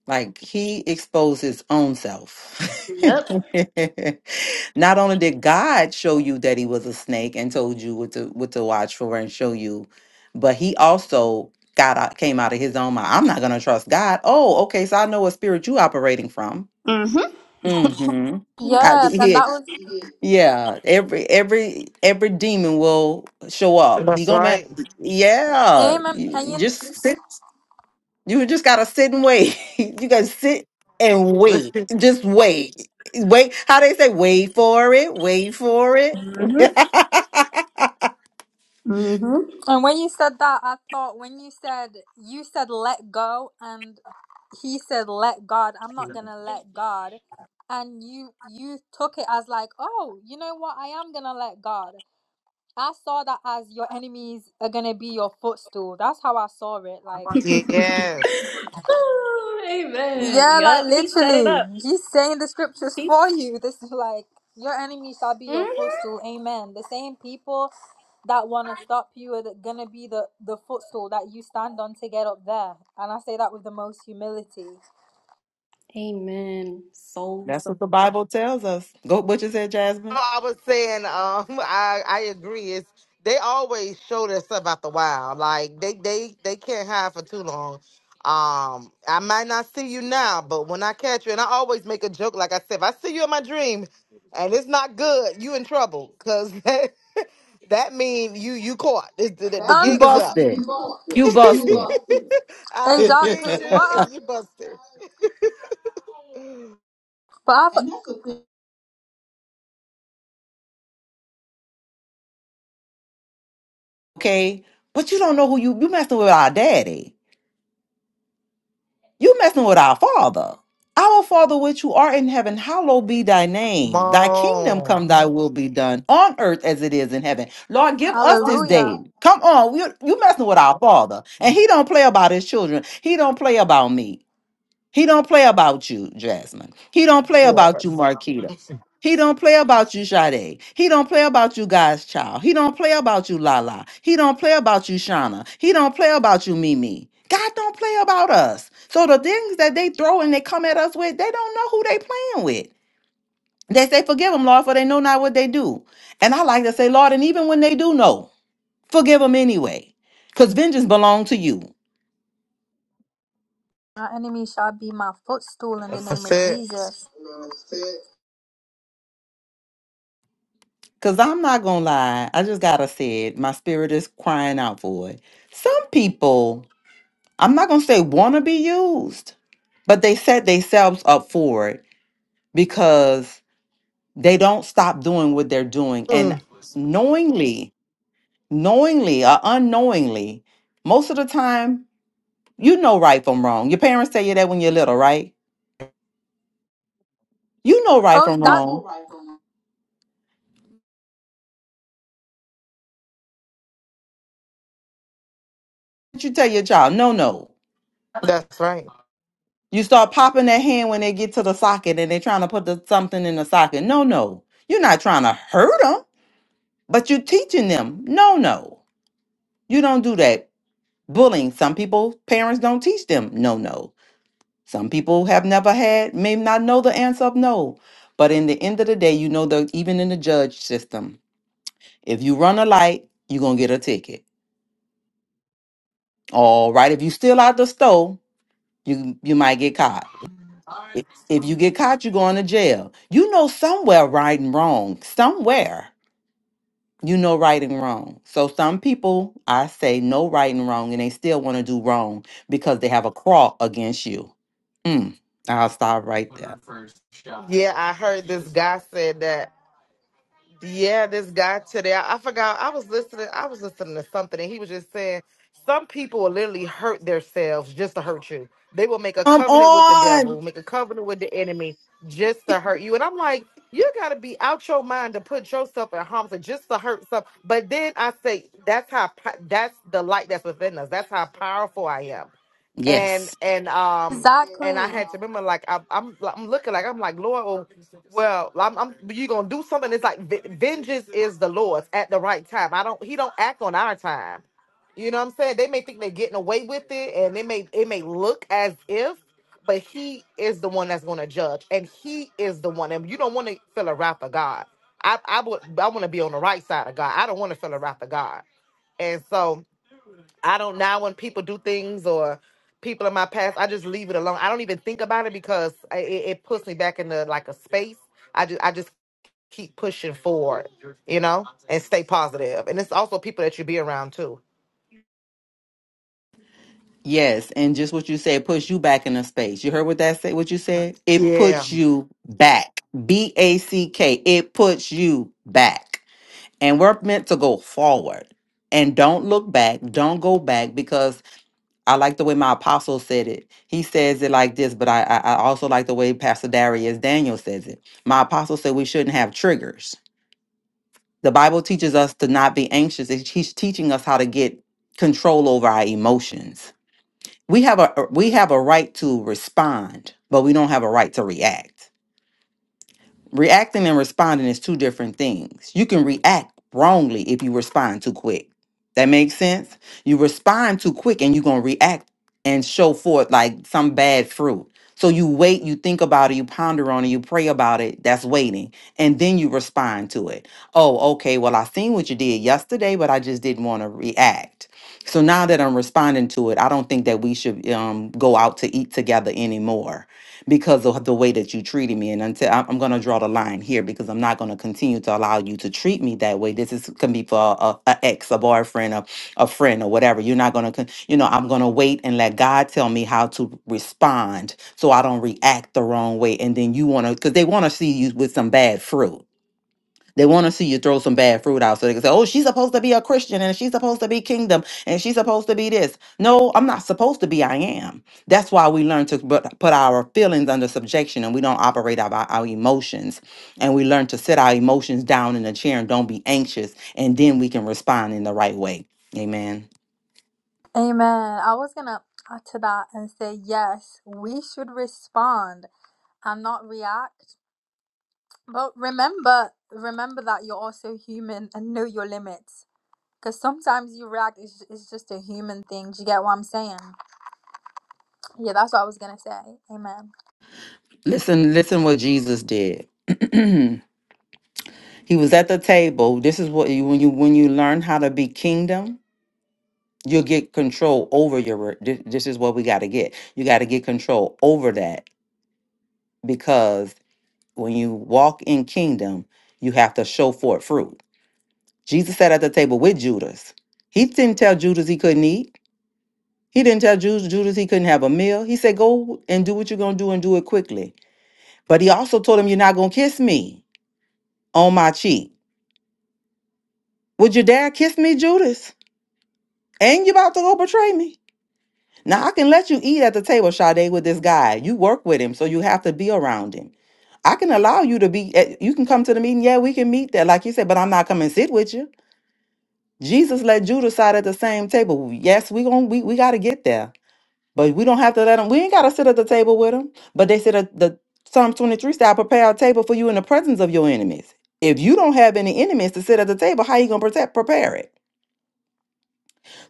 Like he exposed his own self.
Yep.
Not only did God show you that he was a snake and told you what to what to watch for and show you, but he also got out, came out of his own mind. I'm not gonna trust God. Oh, okay, so I know what spirit you operating from.
Mm-hmm.
Mm-hmm. I,
Yeah, and
yeah,
that was.
yeah. Every every every demon will show up. He
That's
gonna man.
right.
Yeah,
Amen.
you,
And,
you
you,
just sit. You just gotta sit and wait. you gotta sit and wait. Just wait. Wait. How they say, wait for it, wait for it.
Mm-hmm. Mm-hmm.
and when you said that, I thought when you said you said let go, and he said let God. I'm not gonna let God, and you you took it as like, oh, you know what? I am gonna let God. I saw that as your enemies are gonna be your footstool. That's how I saw it. Like.
yes.
Ooh, Amen.
Yeah, like
Yep. he set it
literally,
up.
he's saying the scriptures
He.
for you. This is like your enemy shall be
hmm
your footstool. Amen. The same people that want to stop you are the- gonna be the the footstool that you stand on to get up there. And I say that with the most humility.
Amen. Soul.
That's
soul.
what the Bible tells us. Go what you said, Jasmine.
I was saying, um, I I agree. It's they always show their stuff out the wild. Like they they they can't hide for too long. Um, I might not see you now, but when I catch you, and I always make a joke. Like I said, if I see you in my dream, and it's not good, you in trouble, cause that, that mean you you caught. It's- The, the,
You
Um,
gig is up.
you you
busted.
lost it.
You
You
busted.
lost it.
I done seen
Exactly.
you
What?
and
I'm-
you busted.
But I, And that's the thing.
okay. But you don't know who you you messing with our daddy. You messing with our Father. Our Father which you are in heaven, hallowed be thy name. Thy kingdom
Mom,
come, thy will be done on earth as it is in heaven. Lord, give us this day.
Hallelujah.
Come on, you you messing with our Father. And he don't play about his children. He don't play about me. He don't play about you, Jasmine. He don't play
of
about you,
course.
Marquita. He don't play about you, Sade. He don't play about you, God's child. He don't play about you, Lala. He don't play about you, Shauna. He don't play about you, Mimi. God don't play about us. So the things that they throw and they come at us with, they don't know who they playing with. They say, forgive them, Lord, for they know not what they do. And I like to say, Lord, and even when they do know, forgive them anyway. Because vengeance belongs to you.
My enemy shall be my footstool in the name
that's
of
it.
Jesus.
Cause I'm not gonna lie, I just gotta say it. My spirit is crying out for it. Some people, I'm not gonna say wanna be used, but they set themselves up for it because they don't stop doing what they're doing.
Mm.
And knowingly, knowingly or unknowingly, most of the time, you know right from wrong. Your parents tell you that when you're little, right? You know right
Oh,
from wrong.
that.
But you tell your child, no, no.
That's right.
You start popping that hand when they get to the socket and they're trying to put the, something in the socket. No, no. You're not trying to hurt them, but you're teaching them. No, no. You don't do that. Bullying. Some people, parents don't teach them. No, no. Some people have never had, may not know the answer of no. But in the end of the day, you know that even in the judge system, if you run a light, you're going to get a ticket. All right. If you steal out the store, you, you might get caught. I- If you get caught, you're going to jail. You know somewhere right and wrong. Somewhere you know right and wrong. So some people, I say, know right and wrong, and they still want to do wrong because they have a crawl against you. Mm, I'll stop right there.
Yeah, I heard this guy said that. Yeah, this guy today. I, I forgot. I was listening. I was listening to something, and he was just saying some people will literally hurt themselves just to hurt you. They will make a
Come
covenant with the
on.
devil, make a covenant with the enemy just to hurt you. And I'm like, you got to be out your mind to put yourself in harm's way just to hurt some. But then I say, that's how. po- That's the light that's within us. That's how powerful I am. And
Yes.
and um. and I
Exactly.
had to remember, like I, I'm, like, I'm looking like I'm like Lord. oh, Well, I'm, I'm you gonna do something? It's like ve- vengeance is the Lord's at the right time. I don't. He don't act on our time. You know what I'm saying? They may think they're getting away with it, and they may it may look as if, but He is the one that's gonna judge, and He is the one. And you don't want to feel a wrath of God. I I would I want to be on the right side of God. I don't want to feel a wrath of God. And so I don't now when people do things or people in my past, I just leave it alone. I don't even think about it because I, it, it puts me back into like a space. I just I just keep pushing forward, you know, and stay positive. And it's also people that you be around too.
Yes, and just what you said puts you back in a space. You heard what that said? What you said? It
Yeah.
puts you back. B A C K. It puts you back. and we're meant to go forward and don't look back don't go back because i like the way my apostle said it he says it like this but i i, I also like the way pastor darius daniel says it my apostle said we shouldn't have triggers the bible teaches us to not be anxious It's- he's teaching us how to get control over our emotions we have a we have a right to respond but we don't have a right to react Reacting and responding is two different things. You can react wrongly if you respond too quick. That makes sense? You respond too quick and you're going to react and show forth like some bad fruit. So you wait, you think about it, you ponder on it, you pray about it. That's waiting. And then you respond to it. Oh, okay. Well, I seen what you did yesterday, but I just didn't want to react. So now that I'm responding to it, I don't think that we should um, go out to eat together anymore because of the way that you treated me. And until I'm, going to draw the line here because I'm not going to continue to allow you to treat me that way. This is can be for a, a ex, a boyfriend, a, a friend, or whatever. You're not going to, you know, I'm going to wait and let God tell me how to respond so I don't react the wrong way. And then you want to, because they want to see you with some bad fruit they want to see you throw some bad fruit out so they can say, oh, she's supposed to be a Christian and she's supposed to be kingdom and she's supposed to be this. No, I'm not supposed to be. I am. That's why we learn to bu- put our feelings under subjection and we don't operate out of our, our emotions. And we learn to sit our emotions down in a chair and don't be anxious. And then we can respond in the right way. Amen.
Amen. I was gonna add to that and say yes, we should respond and not react. But remember, remember that you're also human and know your limits. Because sometimes you react, it's, it's just a human thing. Do you get what I'm saying? Yeah, that's what I was gonna say. Amen.
Listen, listen what Jesus did. he was at the table. This is what you, when you, when you learn how to be kingdom. you'll get control over your re- thi- this is what we got to get you got to get control over that because when you walk in kingdom you have to show forth fruit jesus sat at the table with judas he didn't tell judas he couldn't eat he didn't tell Ju- judas he couldn't have a meal he said go and do what you're going to do and do it quickly but he also told him you're not going to kiss me on my cheek would your dad kiss me judas and you about to go betray me Now I can let you eat at the table, Sade, with this guy. You work with him, so you have to be around him. I can allow you to be. at- You can come to the meeting. Yeah, we can meet there, like you said. But I'm not coming sit with you. Jesus let Judas sit at the same table. Yes, we gon' we we got to get there, but we don't have to let them. We ain't got to sit at the table with them. But they said at the Psalm 23 said, "I prepare a table for you in the presence of your enemies." If you don't have any enemies to sit at the table, how you gonna protect prepare it?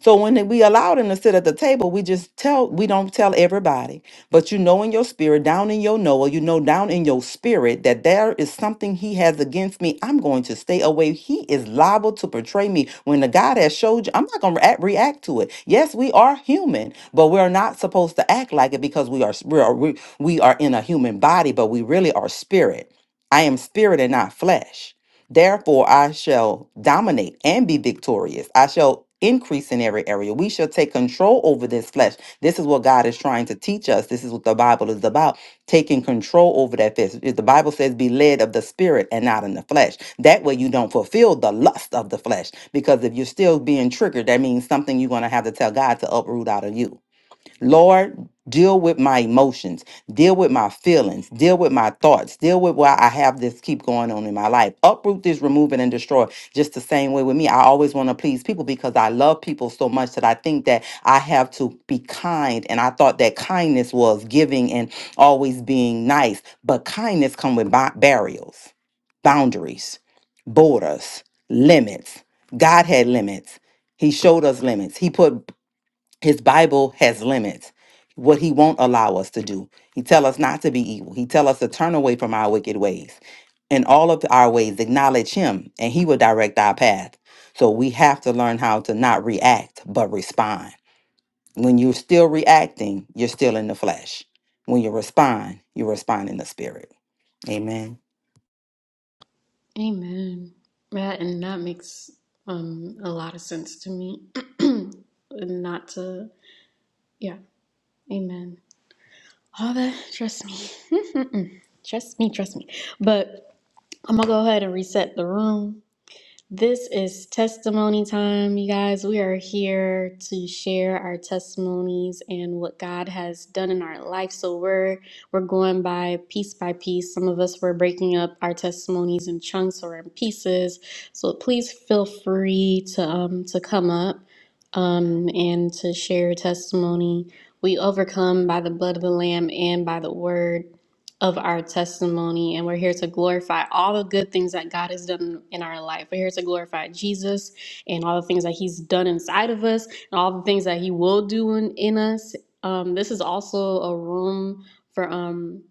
So when we allow them to sit at the table, we just tell, we don't tell everybody. But you know in your spirit, down in your Noah, you know down in your spirit that there is something he has against me. I'm going to stay away. He is liable to portray me. When the God has showed you, I'm not going to react, react to it. Yes, we are human, but we're not supposed to act like it because we are, we are, we, we are in a human body, but we really are spirit. I am spirit and not flesh. Therefore, I shall dominate and be victorious. I shall increase in every area. We shall take control over this flesh. This is what God is trying to teach us. This is what the Bible is about taking control over that flesh. If The Bible says, be led of the spirit and not in the flesh. That way, you don't fulfill the lust of the flesh. Because if you're still being triggered, that means something you're going to have to tell God to uproot out of you. Lord, deal with my emotions, deal with my feelings, deal with my thoughts, deal with why I have this keep going on in my life. Uproot this, remove it, and destroy. Just the same way with me. I always want to please people because I love people so much that I think that I have to be kind. And I thought that kindness was giving and always being nice. But kindness come with ba- barriers, boundaries, borders, limits. God had limits. He showed us limits. He put his bible has limits what he won't allow us to do he tell us not to be evil he tell us to turn away from our wicked ways in all of our ways acknowledge him and he will direct our path so we have to learn how to not react but respond when you're still reacting you're still in the flesh when you respond you respond in the spirit amen
Amen. That and that makes um a lot of sense to me. not to yeah. Amen. All that, trust me. trust me, trust me. But I'm going to go ahead and reset the room. This is testimony time, you guys. We are here to share our testimonies and what God has done in our life. So we're we're going by piece by piece. Some of us were breaking up our testimonies in chunks or in pieces. So please feel free to um to come up um and to share your testimony. We overcome by the blood of the lamb and by the word of our testimony, and we're here to glorify all the good things that God has done in our life. We're here to glorify Jesus and all the things that He's done inside of us, and all the things that He will do in, in us. Um, this is also a room for um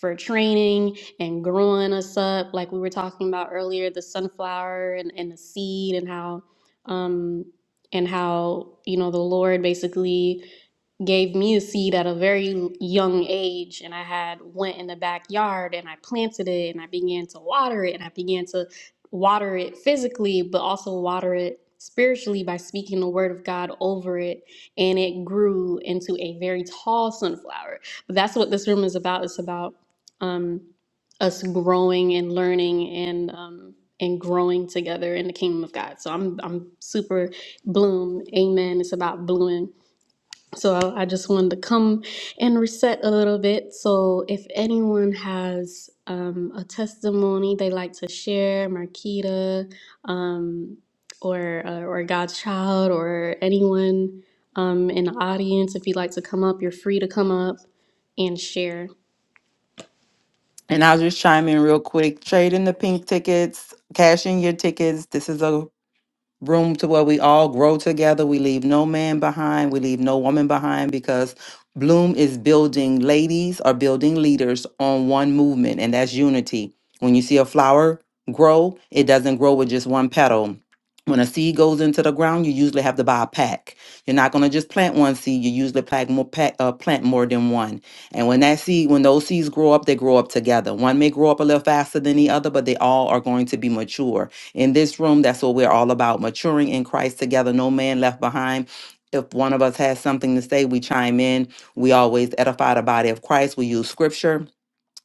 for training and growing us up, like we were talking about earlier, the sunflower and, and the seed, and how um and how you know the Lord basically gave me a seed at a very young age and i had went in the backyard and i planted it and i began to water it and i began to water it physically but also water it spiritually by speaking the word of god over it and it grew into a very tall sunflower but that's what this room is about it's about um, us growing and learning and um, and growing together in the kingdom of god so i'm i'm super bloom amen it's about blooming so I, I just wanted to come and reset a little bit. So if anyone has um, a testimony they like to share, Marquita, um, or uh, or God's child, or anyone um, in the audience, if you'd like to come up, you're free to come up and share.
and i'll just chime in real quick trade in the pink tickets cash in your tickets this is a room to where we all grow together. We leave no man behind. We leave no woman behind because Bloom is building ladies or building leaders on one movement, and that's unity. When you see a flower grow, it doesn't grow with just one petal. When a seed goes into the ground, you usually have to buy a pack. You're not going to just plant one seed. You usually plant more, pack, uh, plant more than one. And when that seed, when those seeds grow up, they grow up together. One may grow up a little faster than the other, but they all are going to be mature in this room. That's what we're all about maturing in Christ together, no man left behind. If one of us has something to say, we chime in. We always edify the body of Christ. We use scripture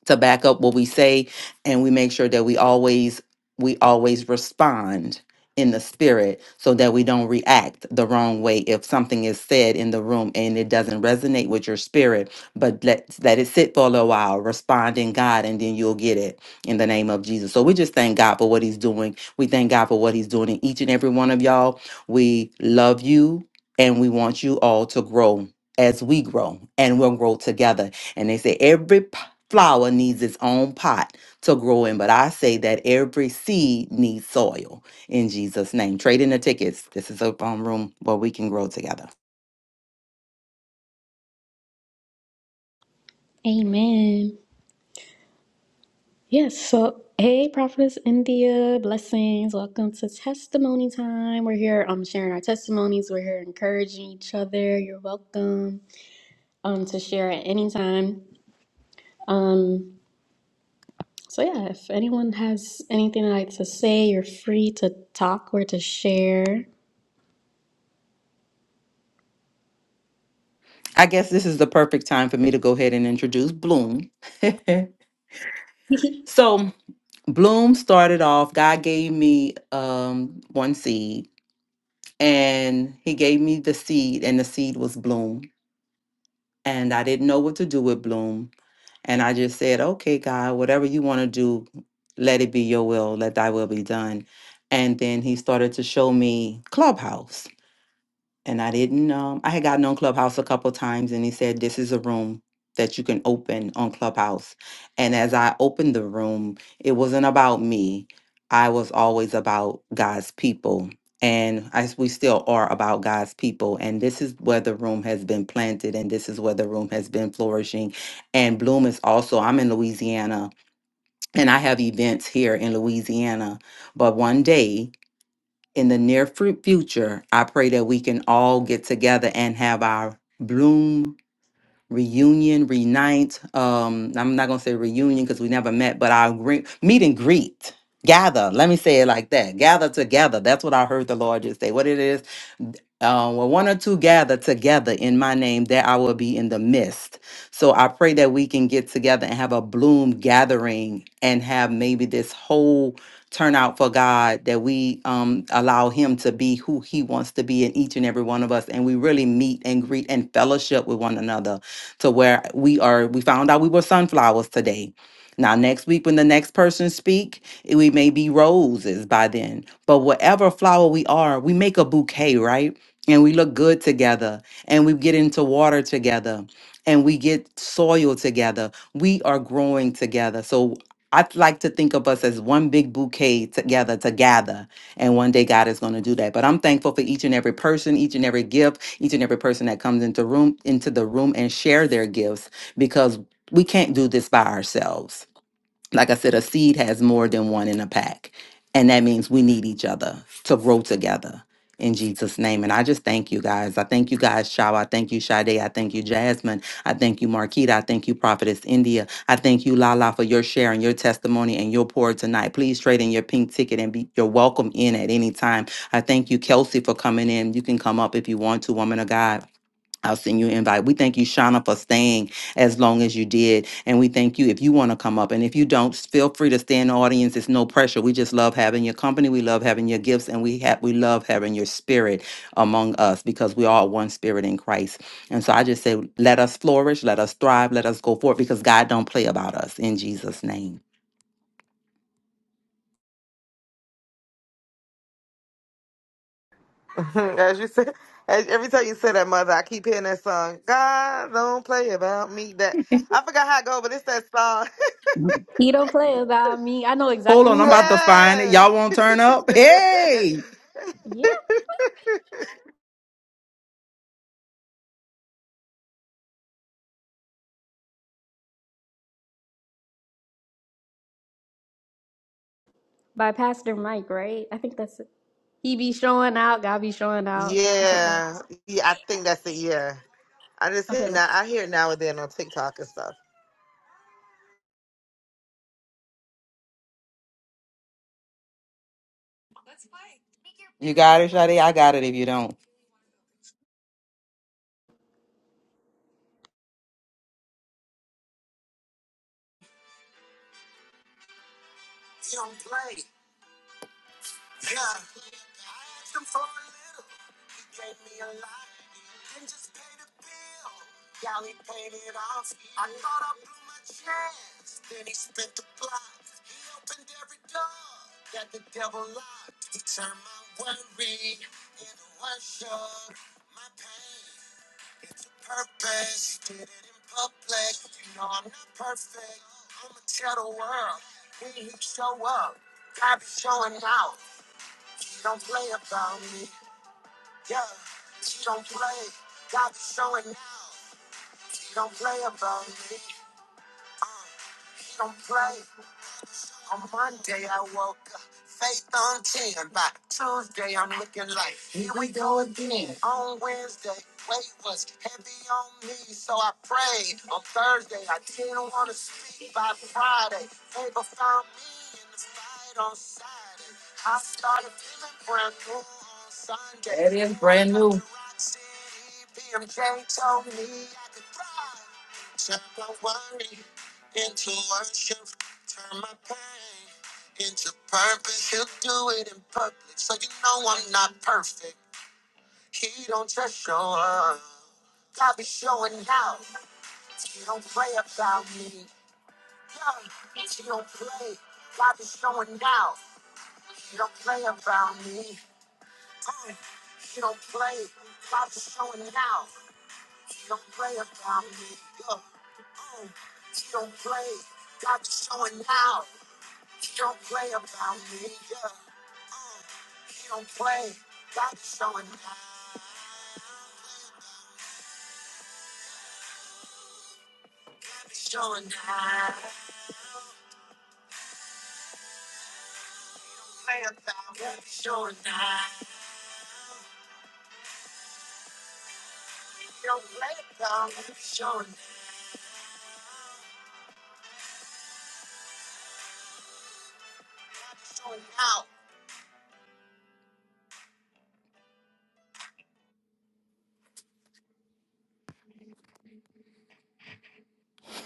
to back up what we say and we make sure that we always we always respond in the spirit so that we don't react the wrong way if something is said in the room and it doesn't resonate with your spirit but let let it sit for a little while respond in god and then you'll get it in the name of jesus so we just thank god for what he's doing we thank god for what he's doing in each and every one of y'all we love you and we want you all to grow as we grow and we'll grow together and they say every flower needs its own pot to grow in, but I say that every seed needs soil in Jesus' name. Trade in the tickets. This is a um, room where we can grow together.
Amen. Yes. So hey, Prophetess India, blessings. Welcome to Testimony Time. We're here um sharing our testimonies. We're here encouraging each other. You're welcome. um, to share at any time. Um, so yeah, if anyone has anything they'd like to say, you're free to talk or to share.
I guess this is the perfect time for me to go ahead and introduce Bloom.
you
so, Bloom started off, God gave me um, one seed, and He gave me the seed, and the seed was Bloom. and I didn't know what to do with Bloom. And I just said, okay, God, whatever you want to do, let it be your will, let thy will be done. And then he started to show me Clubhouse and I didn't. Um, I had gotten on Clubhouse a couple times, and he said, "This is a room that you can open on Clubhouse." And as I opened the room, it wasn't about me. I was always about God's people, and as we still are about God's people. And this is where the room has been planted, and this is where the room has been flourishing. And Bloom is also. I'm in Louisiana, and I have events here in Louisiana. But one day in the near fu- future, I pray that we can all get together and have our Bloom reunion, reunite. Um, I'm not gonna say reunion because we never met, but our gre- meet and greet, gather. Let me say it like that: gather together. That's what I heard the Lord just say. What it is? uh, when one or two gather together in my name, there I will be in the midst. So I pray that we can get together and have a bloom gathering and have maybe this whole turnout for God that we um, allow Him to be who He wants to be in each and every one of us. And we really meet and greet and fellowship with one another to where we are. We found out we were sunflowers today. Now, next week, when the next person speak, we may be roses by then. But whatever flower we are, we make a bouquet, right? and we look good together and we get into water together and we get soil together we are growing together so i like to think of us as one big bouquet together to gather and one day god is going to do that but i'm thankful for each and every person each and every gift each and every person that comes into room into the room and share their gifts because we can't do this by ourselves like I said, a seed has more than one in a pack. And that means we need each other to grow together in Jesus' name. And I just thank you guys. I thank you guys, Shaw. I thank you, Sade. I thank you, Jasmine. I thank you, Marquita. I thank you, Prophetess India. I thank you, Lala, for your sharing, your testimony, and your pour tonight. Please trade in your pink ticket and be you're welcome in at any time. I thank you, Kelsey, for coming in. You can come up if you want to, woman of God. I'll send you an invite. We thank you, Shauna, for staying as long as you did. And we thank you if you want to come up. And if you don't, s- feel free to stay in the audience. It's no pressure. We just love having your company. We love having your gifts. And we have we love having your spirit among us because we are one spirit in Christ. And so I just say, let us flourish, let us thrive, let us go forward because God don't play about us in Jesus' name.
as you said, as, every time you say that, mother, I keep hearing that song. God don't play about me. That I forgot how it go, but it's that song.
don't play about me. I know
Hold
exactly what
on, I'm
you're talking
about to
about.
find it.
yeah,
Y'all won't turn up. Hey,
Yeah, by Pastor Mike, right? I think that's it. He be showing out, God be showing out, or something like. That.
yeah, yeah. I think that's it. Yeah. I just hear
Okay,
now. I hear it now and then on TikTok and stuff.
you got it, Shadi. I got it. If you don't,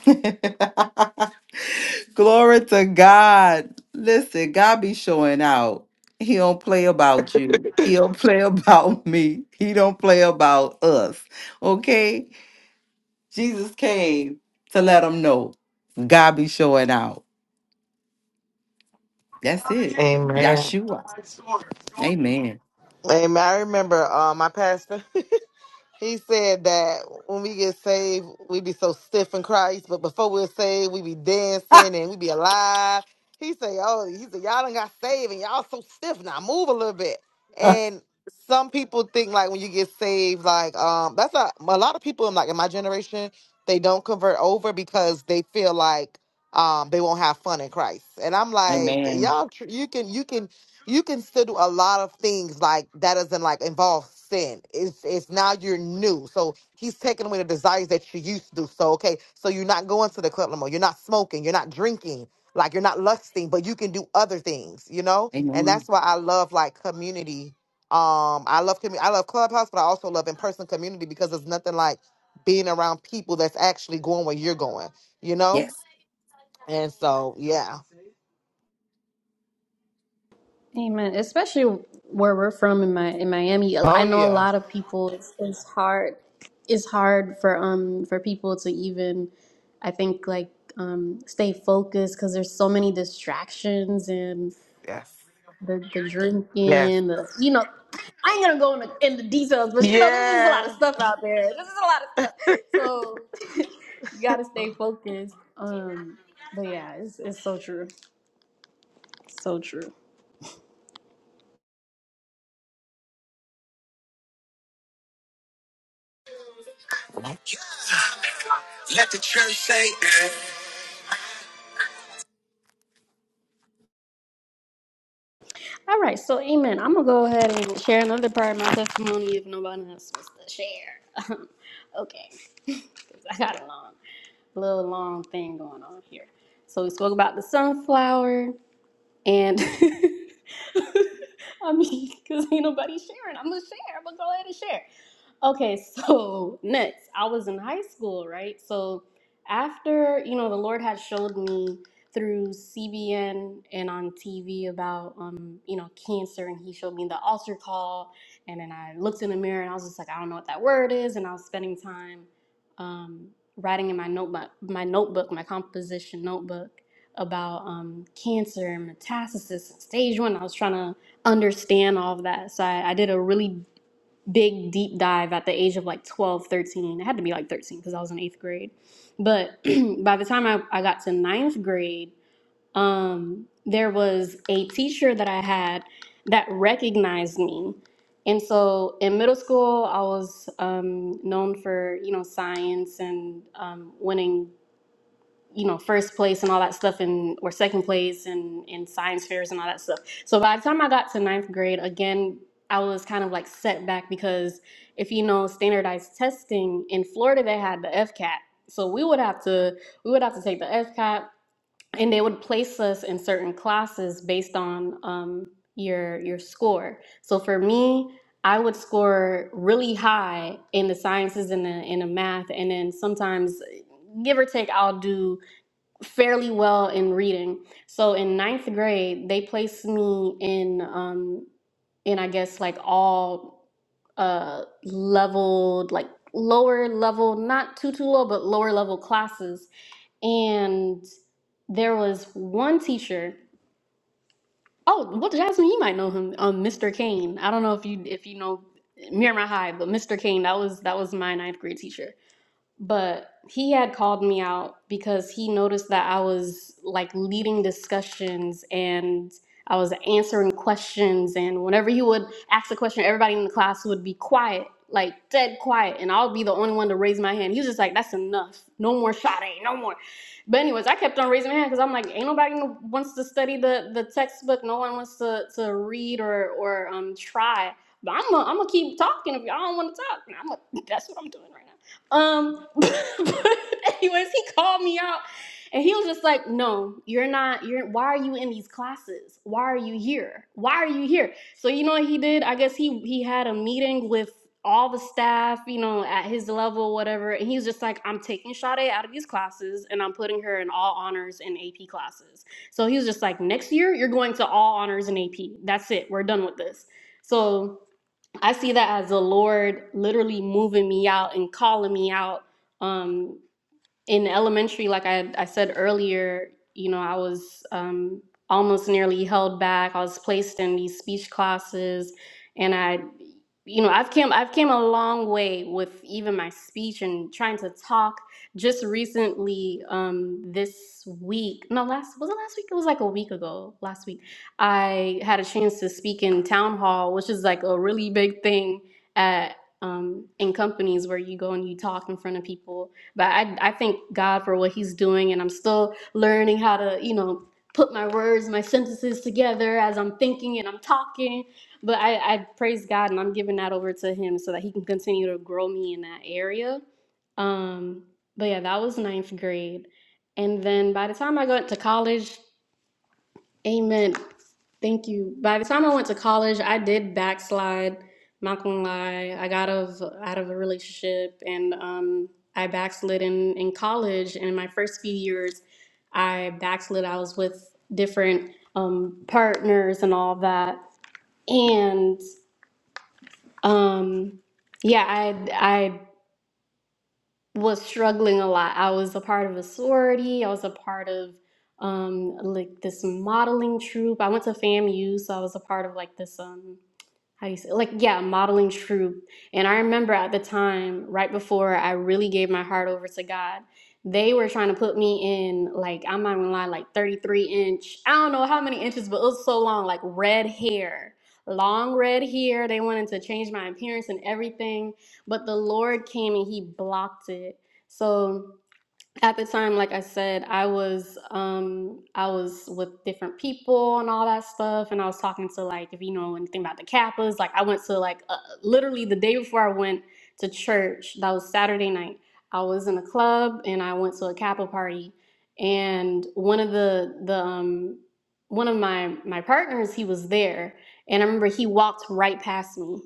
glory to God. Listen, God be showing out. He don't play about you. He don't play about me. He don't play about us. Okay, Jesus came to let them know. God be showing out. That's it.
Amen.
Yeshua. Amen.
Amen. I remember uh, my pastor. He said that when we get saved, we be so stiff in Christ, but before we're saved, we be dancing and we be alive. He say, "Oh, he said y'all done got saved and y'all so stiff now. Move a little bit." And some people think like when you get saved, like um, that's not a lot of people in like in my generation, they don't convert over because they feel like um they won't have fun in Christ. And I'm like,
Amen.
y'all, tr- you can you can you can still do a lot of things like that doesn't like involve sin. It's it's now you're new. So he's taking away the desires that you used to do. So okay, so you're not going to the club no more. You're not smoking, you're not drinking, like you're not lusting, but you can do other things, you know? And
Amen.
that's why I love like community. Um I love community I love clubhouse, but I also love in person community because there's nothing like being around people that's actually going where you're going, you know?
Yes.
And so yeah.
Amen. Especially where we're from in my in Miami,
Oh
I know a
yeah.
lot of people. It's, it's hard. It's hard for um for people to even, I think like um stay focused because there's so many distractions and
Yes.
the the
Yes.
drinking. The you know, I ain't gonna go into in the details, but you know, there's just a lot
Yeah.
of stuff out there. There's just a lot of stuff. So you gotta stay focused. Um, but yeah, it's it's so true. So true. All right, so Amen. I'm gonna go ahead and share another part of my testimony if nobody else wants to share. okay, 'Cause I got a long, little long thing going on here. So we spoke about the sunflower, and I mean, cause ain't nobody sharing. I'm gonna share. I'm gonna go ahead and share. Okay, so next, I was in high school, right? So after, you know, the Lord had showed me through CBN and on TV about, um, you know, cancer, and He showed me the altar call, and then I looked in the mirror and I was just like, I don't know what that word is, and I was spending time um, writing in my notebook, my notebook, my composition notebook about um, cancer and metastasis and stage one. I was trying to understand all of that, so I, I did a really big deep dive at the age of like 12, 13. it had to be like 13 because i was in eighth grade but by the time I, I got to ninth grade um, there was a teacher that i had that recognized me and so in middle school i was um, known for you know science and um, winning you know first place and all that stuff and or second place and in science fairs and all that stuff so by the time i got to ninth grade again i was kind of like set back because if you know standardized testing in florida they had the fcat so we would have to we would have to take the fcat and they would place us in certain classes based on um, your your score so for me i would score really high in the sciences and the, in the math and then sometimes give or take i'll do fairly well in reading. So in ninth grade, they placed me in um in I guess like all uh leveled like lower level, not too too low, but lower level classes. And there was one teacher. Oh, well, Jasmine, you might know him, um, Mr. Kane. I don't know if you if you know Miramar High, but Mr. Kane, that was that was my ninth grade teacher but he had called me out because he noticed that I was like leading discussions and I was answering questions. And whenever he would ask a question, everybody in the class would be quiet, like dead quiet. And I'll be the only one to raise my hand. He was just like, that's enough. No more shot, no more. But, anyways, I kept on raising my hand because I'm like, ain't nobody no- wants to study the, the textbook. No one wants to, to read or, or um, try. But I'm going to keep talking if y'all don't want to talk. I'm gonna, that's what I'm doing right now. Um, but anyways, he called me out and he was just like, No, you're not, you're why are you in these classes? Why are you here? Why are you here? So you know what he did? I guess he he had a meeting with all the staff, you know, at his level, whatever, and he was just like, I'm taking Sade out of these classes and I'm putting her in all honors and AP classes. So he was just like, Next year, you're going to all honors and AP. That's it. We're done with this. So I see that as the Lord literally moving me out and calling me out. Um, in elementary, like I, I said earlier, you know, I was um, almost nearly held back. I was placed in these speech classes, and I, you know, I've came I've came a long way with even my speech and trying to talk. Just recently, um, this week, no, last was it last week? It was like a week ago. Last week, I had a chance to speak in town hall, which is like a really big thing at um, in companies where you go and you talk in front of people but I, I thank God for what He's doing, and I'm still learning how to, you know, put my words, my sentences together as I'm thinking and I'm talking. But I, I praise God, and I'm giving that over to Him so that He can continue to grow me in that area. Um, but yeah, that was ninth grade, and then by the time I got to college. Amen. Thank you. By the time I went to college, I did backslide. Not gonna lie, I got out of out of a relationship, and um, I backslid in in college. And in my first few years, I backslid. I was with different um, partners and all that, and um, yeah, I I was struggling a lot. I was a part of a sorority. I was a part of um, like this modeling troupe. I went to FAMU, so I was a part of like this. Um, how you say like yeah modeling truth and i remember at the time right before i really gave my heart over to god they were trying to put me in like i'm not gonna lie like 33 inch i don't know how many inches but it was so long like red hair long red hair they wanted to change my appearance and everything but the lord came and he blocked it so at the time like i said i was um i was with different people and all that stuff and i was talking to like if you know anything about the kappas like i went to like uh, literally the day before i went to church that was saturday night i was in a club and i went to a kappa party and one of the the um one of my my partners he was there and i remember he walked right past me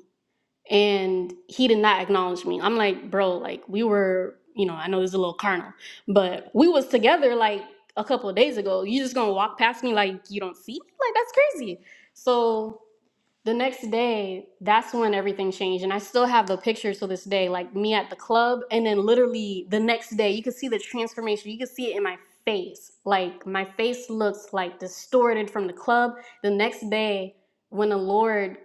and he did not acknowledge me. I'm like, bro, like we were, you know, I know this is a little carnal, but we was together like a couple of days ago. You just gonna walk past me like you don't see me? Like that's crazy. So the next day that's when everything changed and i still have the pictures to this day like me at the club and then literally the next day you could see the transformation you could see it in my face like my face looks like distorted from the club the next day when the lord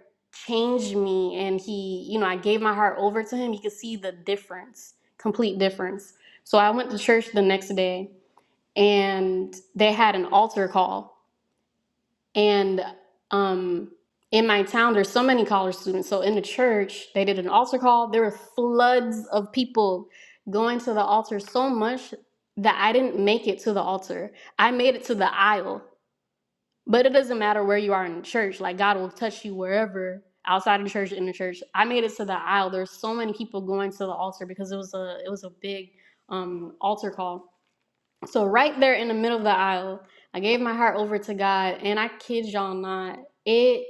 changed me and he you know i gave my heart over to him you could see the difference complete difference so i went to church the next day and they had an altar call and um, in my town, there's so many college students. So in the church, they did an altar call. There were floods of people going to the altar so much that I didn't make it to the altar. I made it to the aisle. But it doesn't matter where you are in the church. Like God will touch you wherever outside of the church, in the church. I made it to the aisle. There's so many people going to the altar because it was a it was a big um, altar call so right there in the middle of the aisle, I gave my heart over to God, and I kid y'all not, it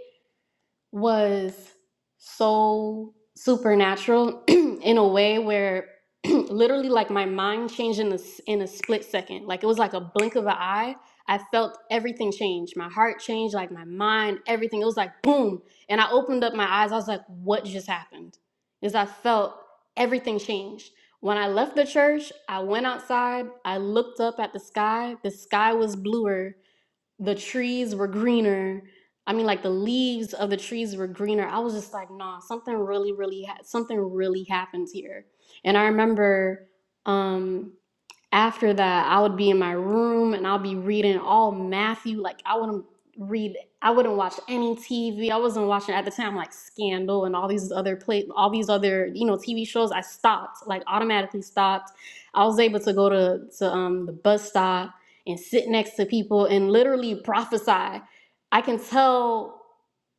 was so supernatural in a way where literally like my mind changed in a, s- in a split second like it was like a blink of an eye i felt everything change my heart changed like my mind everything it was like boom and i opened up my eyes i was like what just happened is i felt everything changed when i left the church i went outside i looked up at the sky the sky was bluer the trees were greener. I mean, like the leaves of the trees were greener. I was just like, nah, something really, really, ha- something really happens here. And I remember, um, after that i would be in my room and i'll be reading all matthew like i wouldn't read i wouldn't watch any tv i wasn't watching at the time like scandal and all these other play all these other you know tv shows i stopped like automatically stopped i was able to go to to um the bus stop and sit next to people and literally prophesy i can tell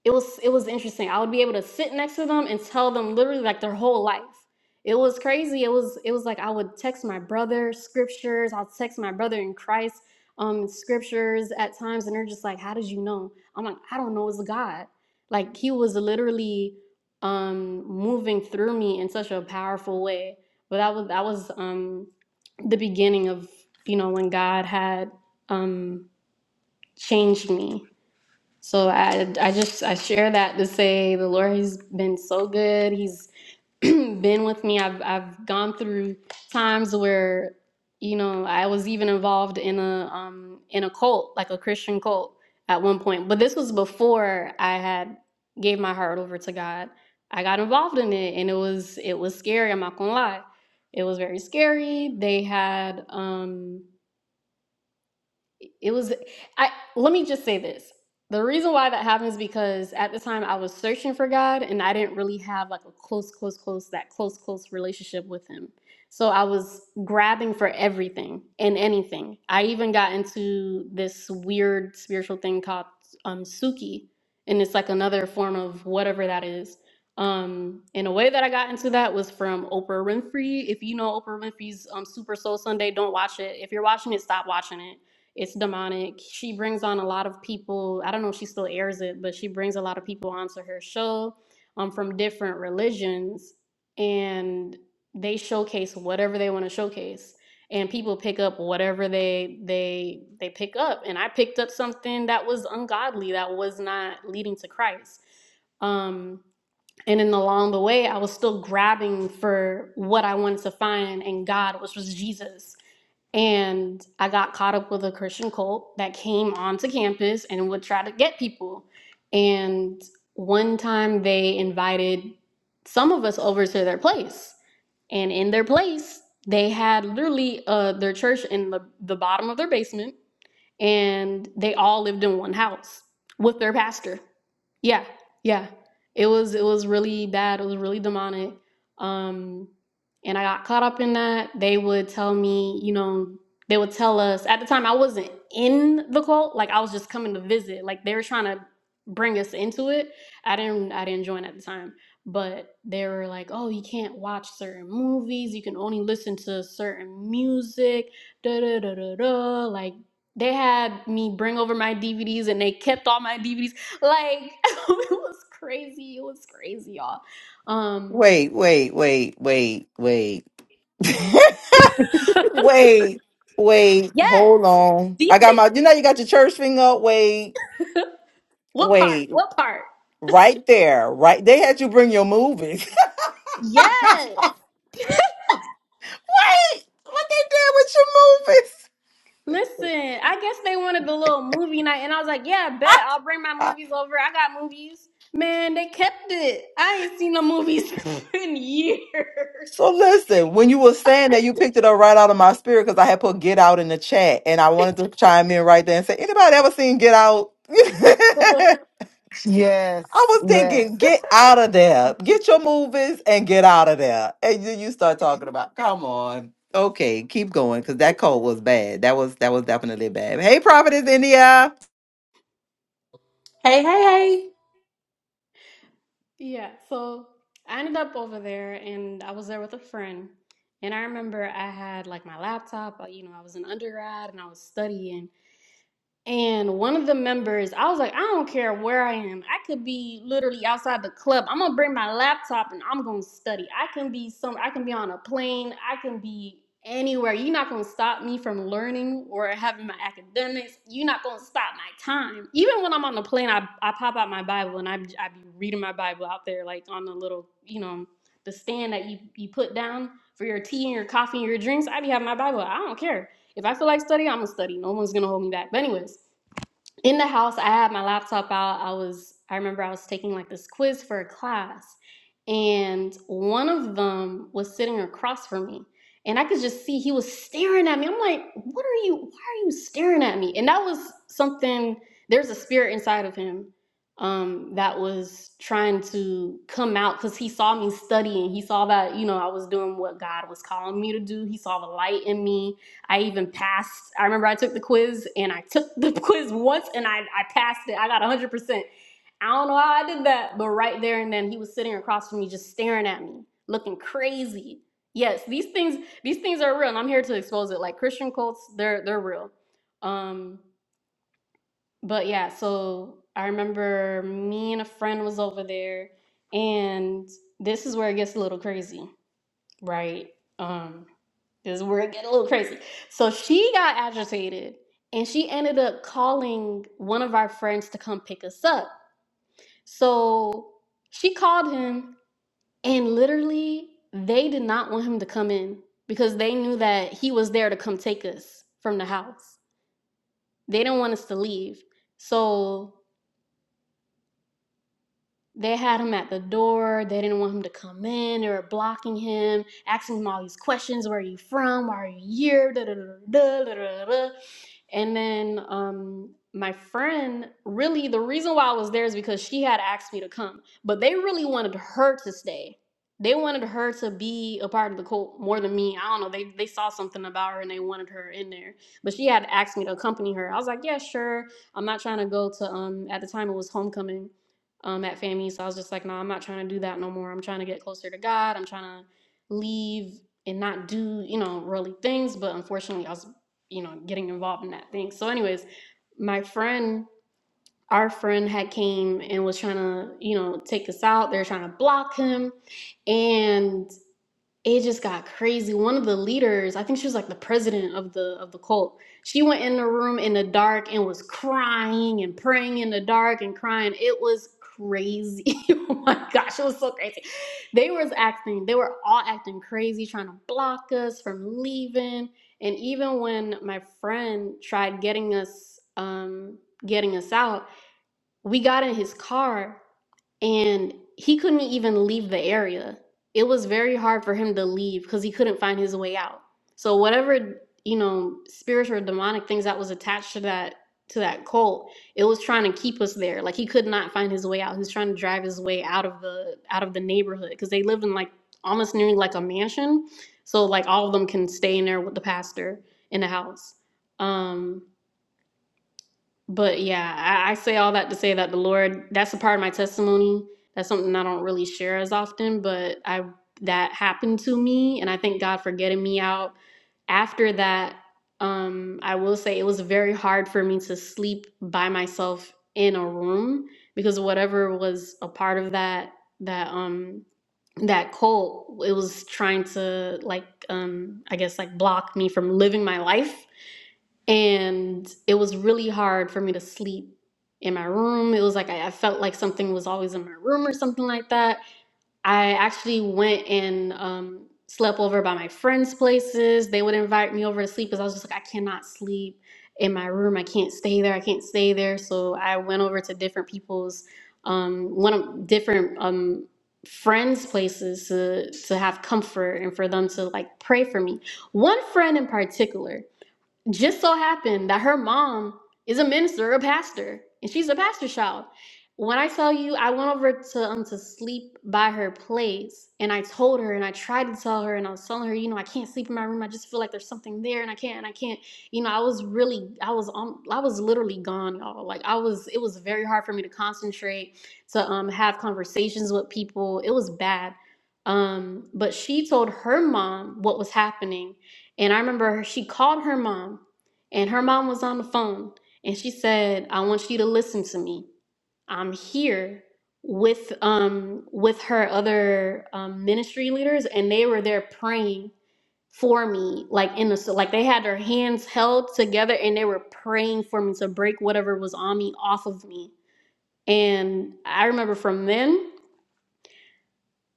it was it was interesting. I would be able to sit next to them and tell them literally like their whole life. It was crazy. It was it was like I would text my brother scriptures. I'll text my brother in Christ um scriptures at times and they're just like, "How did you know?" I'm like, "I don't know, it's God." Like he was literally um moving through me in such a powerful way. But that was that was um the beginning of, you know, when God had um changed me so I I just I share that to say the Lord has been so good. He's been with me. I've I've gone through times where you know I was even involved in a um in a cult like a Christian cult at one point. But this was before I had gave my heart over to God. I got involved in it and it was it was scary. I'm not gonna lie, it was very scary. They had um it was i let me just say this the reason why that happens because at the time i was searching for god and i didn't really have like a close close close that close close relationship with him so i was grabbing for everything and anything i even got into this weird spiritual thing called um suki and it's like another form of whatever that is um and a way that i got into that was from oprah winfrey if you know oprah winfrey's um super soul sunday don't watch it if you're watching it stop watching it it's demonic. She brings on a lot of people. I don't know if she still airs it, but she brings a lot of people onto her show um, from different religions, and they showcase whatever they want to showcase. And people pick up whatever they they they pick up, and I picked up something that was ungodly, that was not leading to Christ. Um, and then along the way i was still grabbing for what i wanted to find and god which was jesus and i got caught up with a christian cult that came onto campus and would try to get people and one time they invited some of us over to their place and in their place they had literally uh, their church in the, the bottom of their basement and they all lived in one house with their pastor. Yeah, yeah. It was it was really bad. It was really demonic. Um, and I got caught up in that. They would tell me, you know, they would tell us at the time I wasn't in the cult, like I was just coming to visit. Like they were trying to bring us into it. I didn't I didn't join at the time. But they were like, oh, you can't watch certain movies. You can only listen to certain music. Da da da da da. Like. They had me bring over my DVDs and they kept all my DVDs. Like it was crazy. It was crazy, y'all. Um
Wait, wait, wait, wait, wait. Wait, wait, hold
yes.
on.
These
I got
things
my, you know, you got your church thing up. Wait,
what part?
wait,
What part?
right there, right. They had you bring your movies.
Yes.
wait, what they did with your
Listen, I guess they wanted the little movie night and I was like, Yeah, bet I'll bring my
movies?
movies over. I got movies. Man, they kept it. I ain't seen no movies in years.
so listen, when you were saying that, you picked it up right out of my spirit because I had put Get Out in the chat, and I wanted to chime in right there and say, anybody ever seen Get Out?
Yes,
I was
yes.
thinking, get out of there. Get your movies and get out of there. And then you start talking about, come on. Okay, keep going, because that cold was bad. That was that was definitely bad. Hey, Providence, India.
Hey, hey, hey.
Yeah, so I ended up over there and I was there with a friend. And I remember I had like my laptop, uh, you know, I was an undergrad and I was studying. And one of the members, I was like, I don't care where I am. I could be literally outside the club. I'm gonna bring my laptop and I'm gonna study. I can be some I can be on a plane, I can be anywhere. You're not gonna stop me from learning or having my academics. You're not gonna stop my time. Even when I'm on the plane, I, I pop out my Bible and I I be reading my Bible out there, like on the little, you know, the stand that you, you put down for your tea and your coffee and your drinks. I be having my Bible. I don't care. If I feel like studying, I'm gonna study. No one's gonna hold me back. But anyways, in the house, I had my laptop out. I was I remember I was taking like this quiz for a class, and one of them was sitting across from me. And I could just see he was staring at me. I'm like, what are you, why are you staring at me? And that was something, there's a spirit inside of him um, that was trying to come out because he saw me studying. He saw that, you know, I was doing what God was calling me to do. He saw the light in me I even passed. I remember I took the quiz and I took the quiz once and I, I passed it. I got 100%. I don't know how I did that, but right there and then he was sitting across from me just staring at me, looking crazy. Yes, these things these things are real and I'm here to expose it. Like Christian cults, they're they're real. Um but yeah, so I remember me and a friend was over there and this is where it gets a little crazy right? Um, this is where it get a little crazy. So she got agitated and she ended up calling one of our friends to come pick us up. So she called him and literally they did not want him to come in because they knew that he was there to come take us from the house. They didn't want us to leave. So They had him at the door. They didn't want him to come in. They were blocking him, asking him all these questions. Where are you from? Why are you here? Da, da, da, da, da, da, da. And then um, my friend, really, the reason why I was there is because she had asked me to come, but they really wanted her to stay. They wanted her to be a part of the cult more than me. I don't know. They they saw something about her and they wanted her in there. But she had asked me to accompany her. I was like, yeah, sure. I'm not trying to go to um at the time it was homecoming um, at FAMU. So I was just like, no, I'm not trying to do that no more. I'm trying to get closer to God. I'm trying to leave and not do, you know, really things. But unfortunately, I was, you know, getting involved in that thing. So, anyways, my friend, our friend had came and was trying to, you know, take us out. They're trying to block him. And it just got crazy. One of the leaders, I think she was like the president of the of the cult. She went in the room in the dark and was crying and praying in the dark and crying. It was crazy. oh my gosh, it was so crazy. They was acting, they were all acting crazy, trying to block us from leaving. And even when my friend tried getting us um getting us out, we got in his car and he couldn't even leave the area. It was very hard for him to leave because he couldn't find his way out. So whatever you know, spiritual or demonic things that was attached to that to that cult, it was trying to keep us there. Like he could not find his way out. He was trying to drive his way out of the out of the neighborhood because they lived in like almost nearly like a mansion. So like all of them can stay in there with the pastor in the house. Um, but yeah, I, I say all that to say that the Lord, that's a part of my testimony. That's something I don't really share as often, but I that happened to me and I thank God for getting me out. After that, um, I will say it was very hard for me to sleep by myself in a room because whatever was a part of that that um that cult, it was trying to like um I guess like block me from living my life and it was really hard for me to sleep in my room. It was like I, I felt like something was always in my room or something like that. I actually went and um, slept over by my friends' places. They would invite me over to sleep because I was just like, I cannot sleep in my room. I can't stay there. I can't stay there. So I went over to different people's, um, one of different um, friends' places to, to have comfort and for them to like pray for me. One friend in particular just so happened that her mom is a minister, a pastor, and she's a pastor's child. When I tell you, I went over to um to sleep by her place, and I told her, and I tried to tell her, and I was telling her, you know, I can't sleep in my room. I just feel like there's something there, and I can't, and I can't. You know, I was really, I was, um, I was literally gone, y'all. Like I was, it was very hard for me to concentrate, to um have conversations with people. It was bad. Um, but she told her mom what was happening, and I remember her- she called her mom, and her mom was on the phone, and she said, "I want you to listen to me. I'm here with um with her other um, ministry leaders, and they were there praying for me, like in the so like they had their hands held together, and they were praying for me to break whatever was on me off of me. And I remember from then."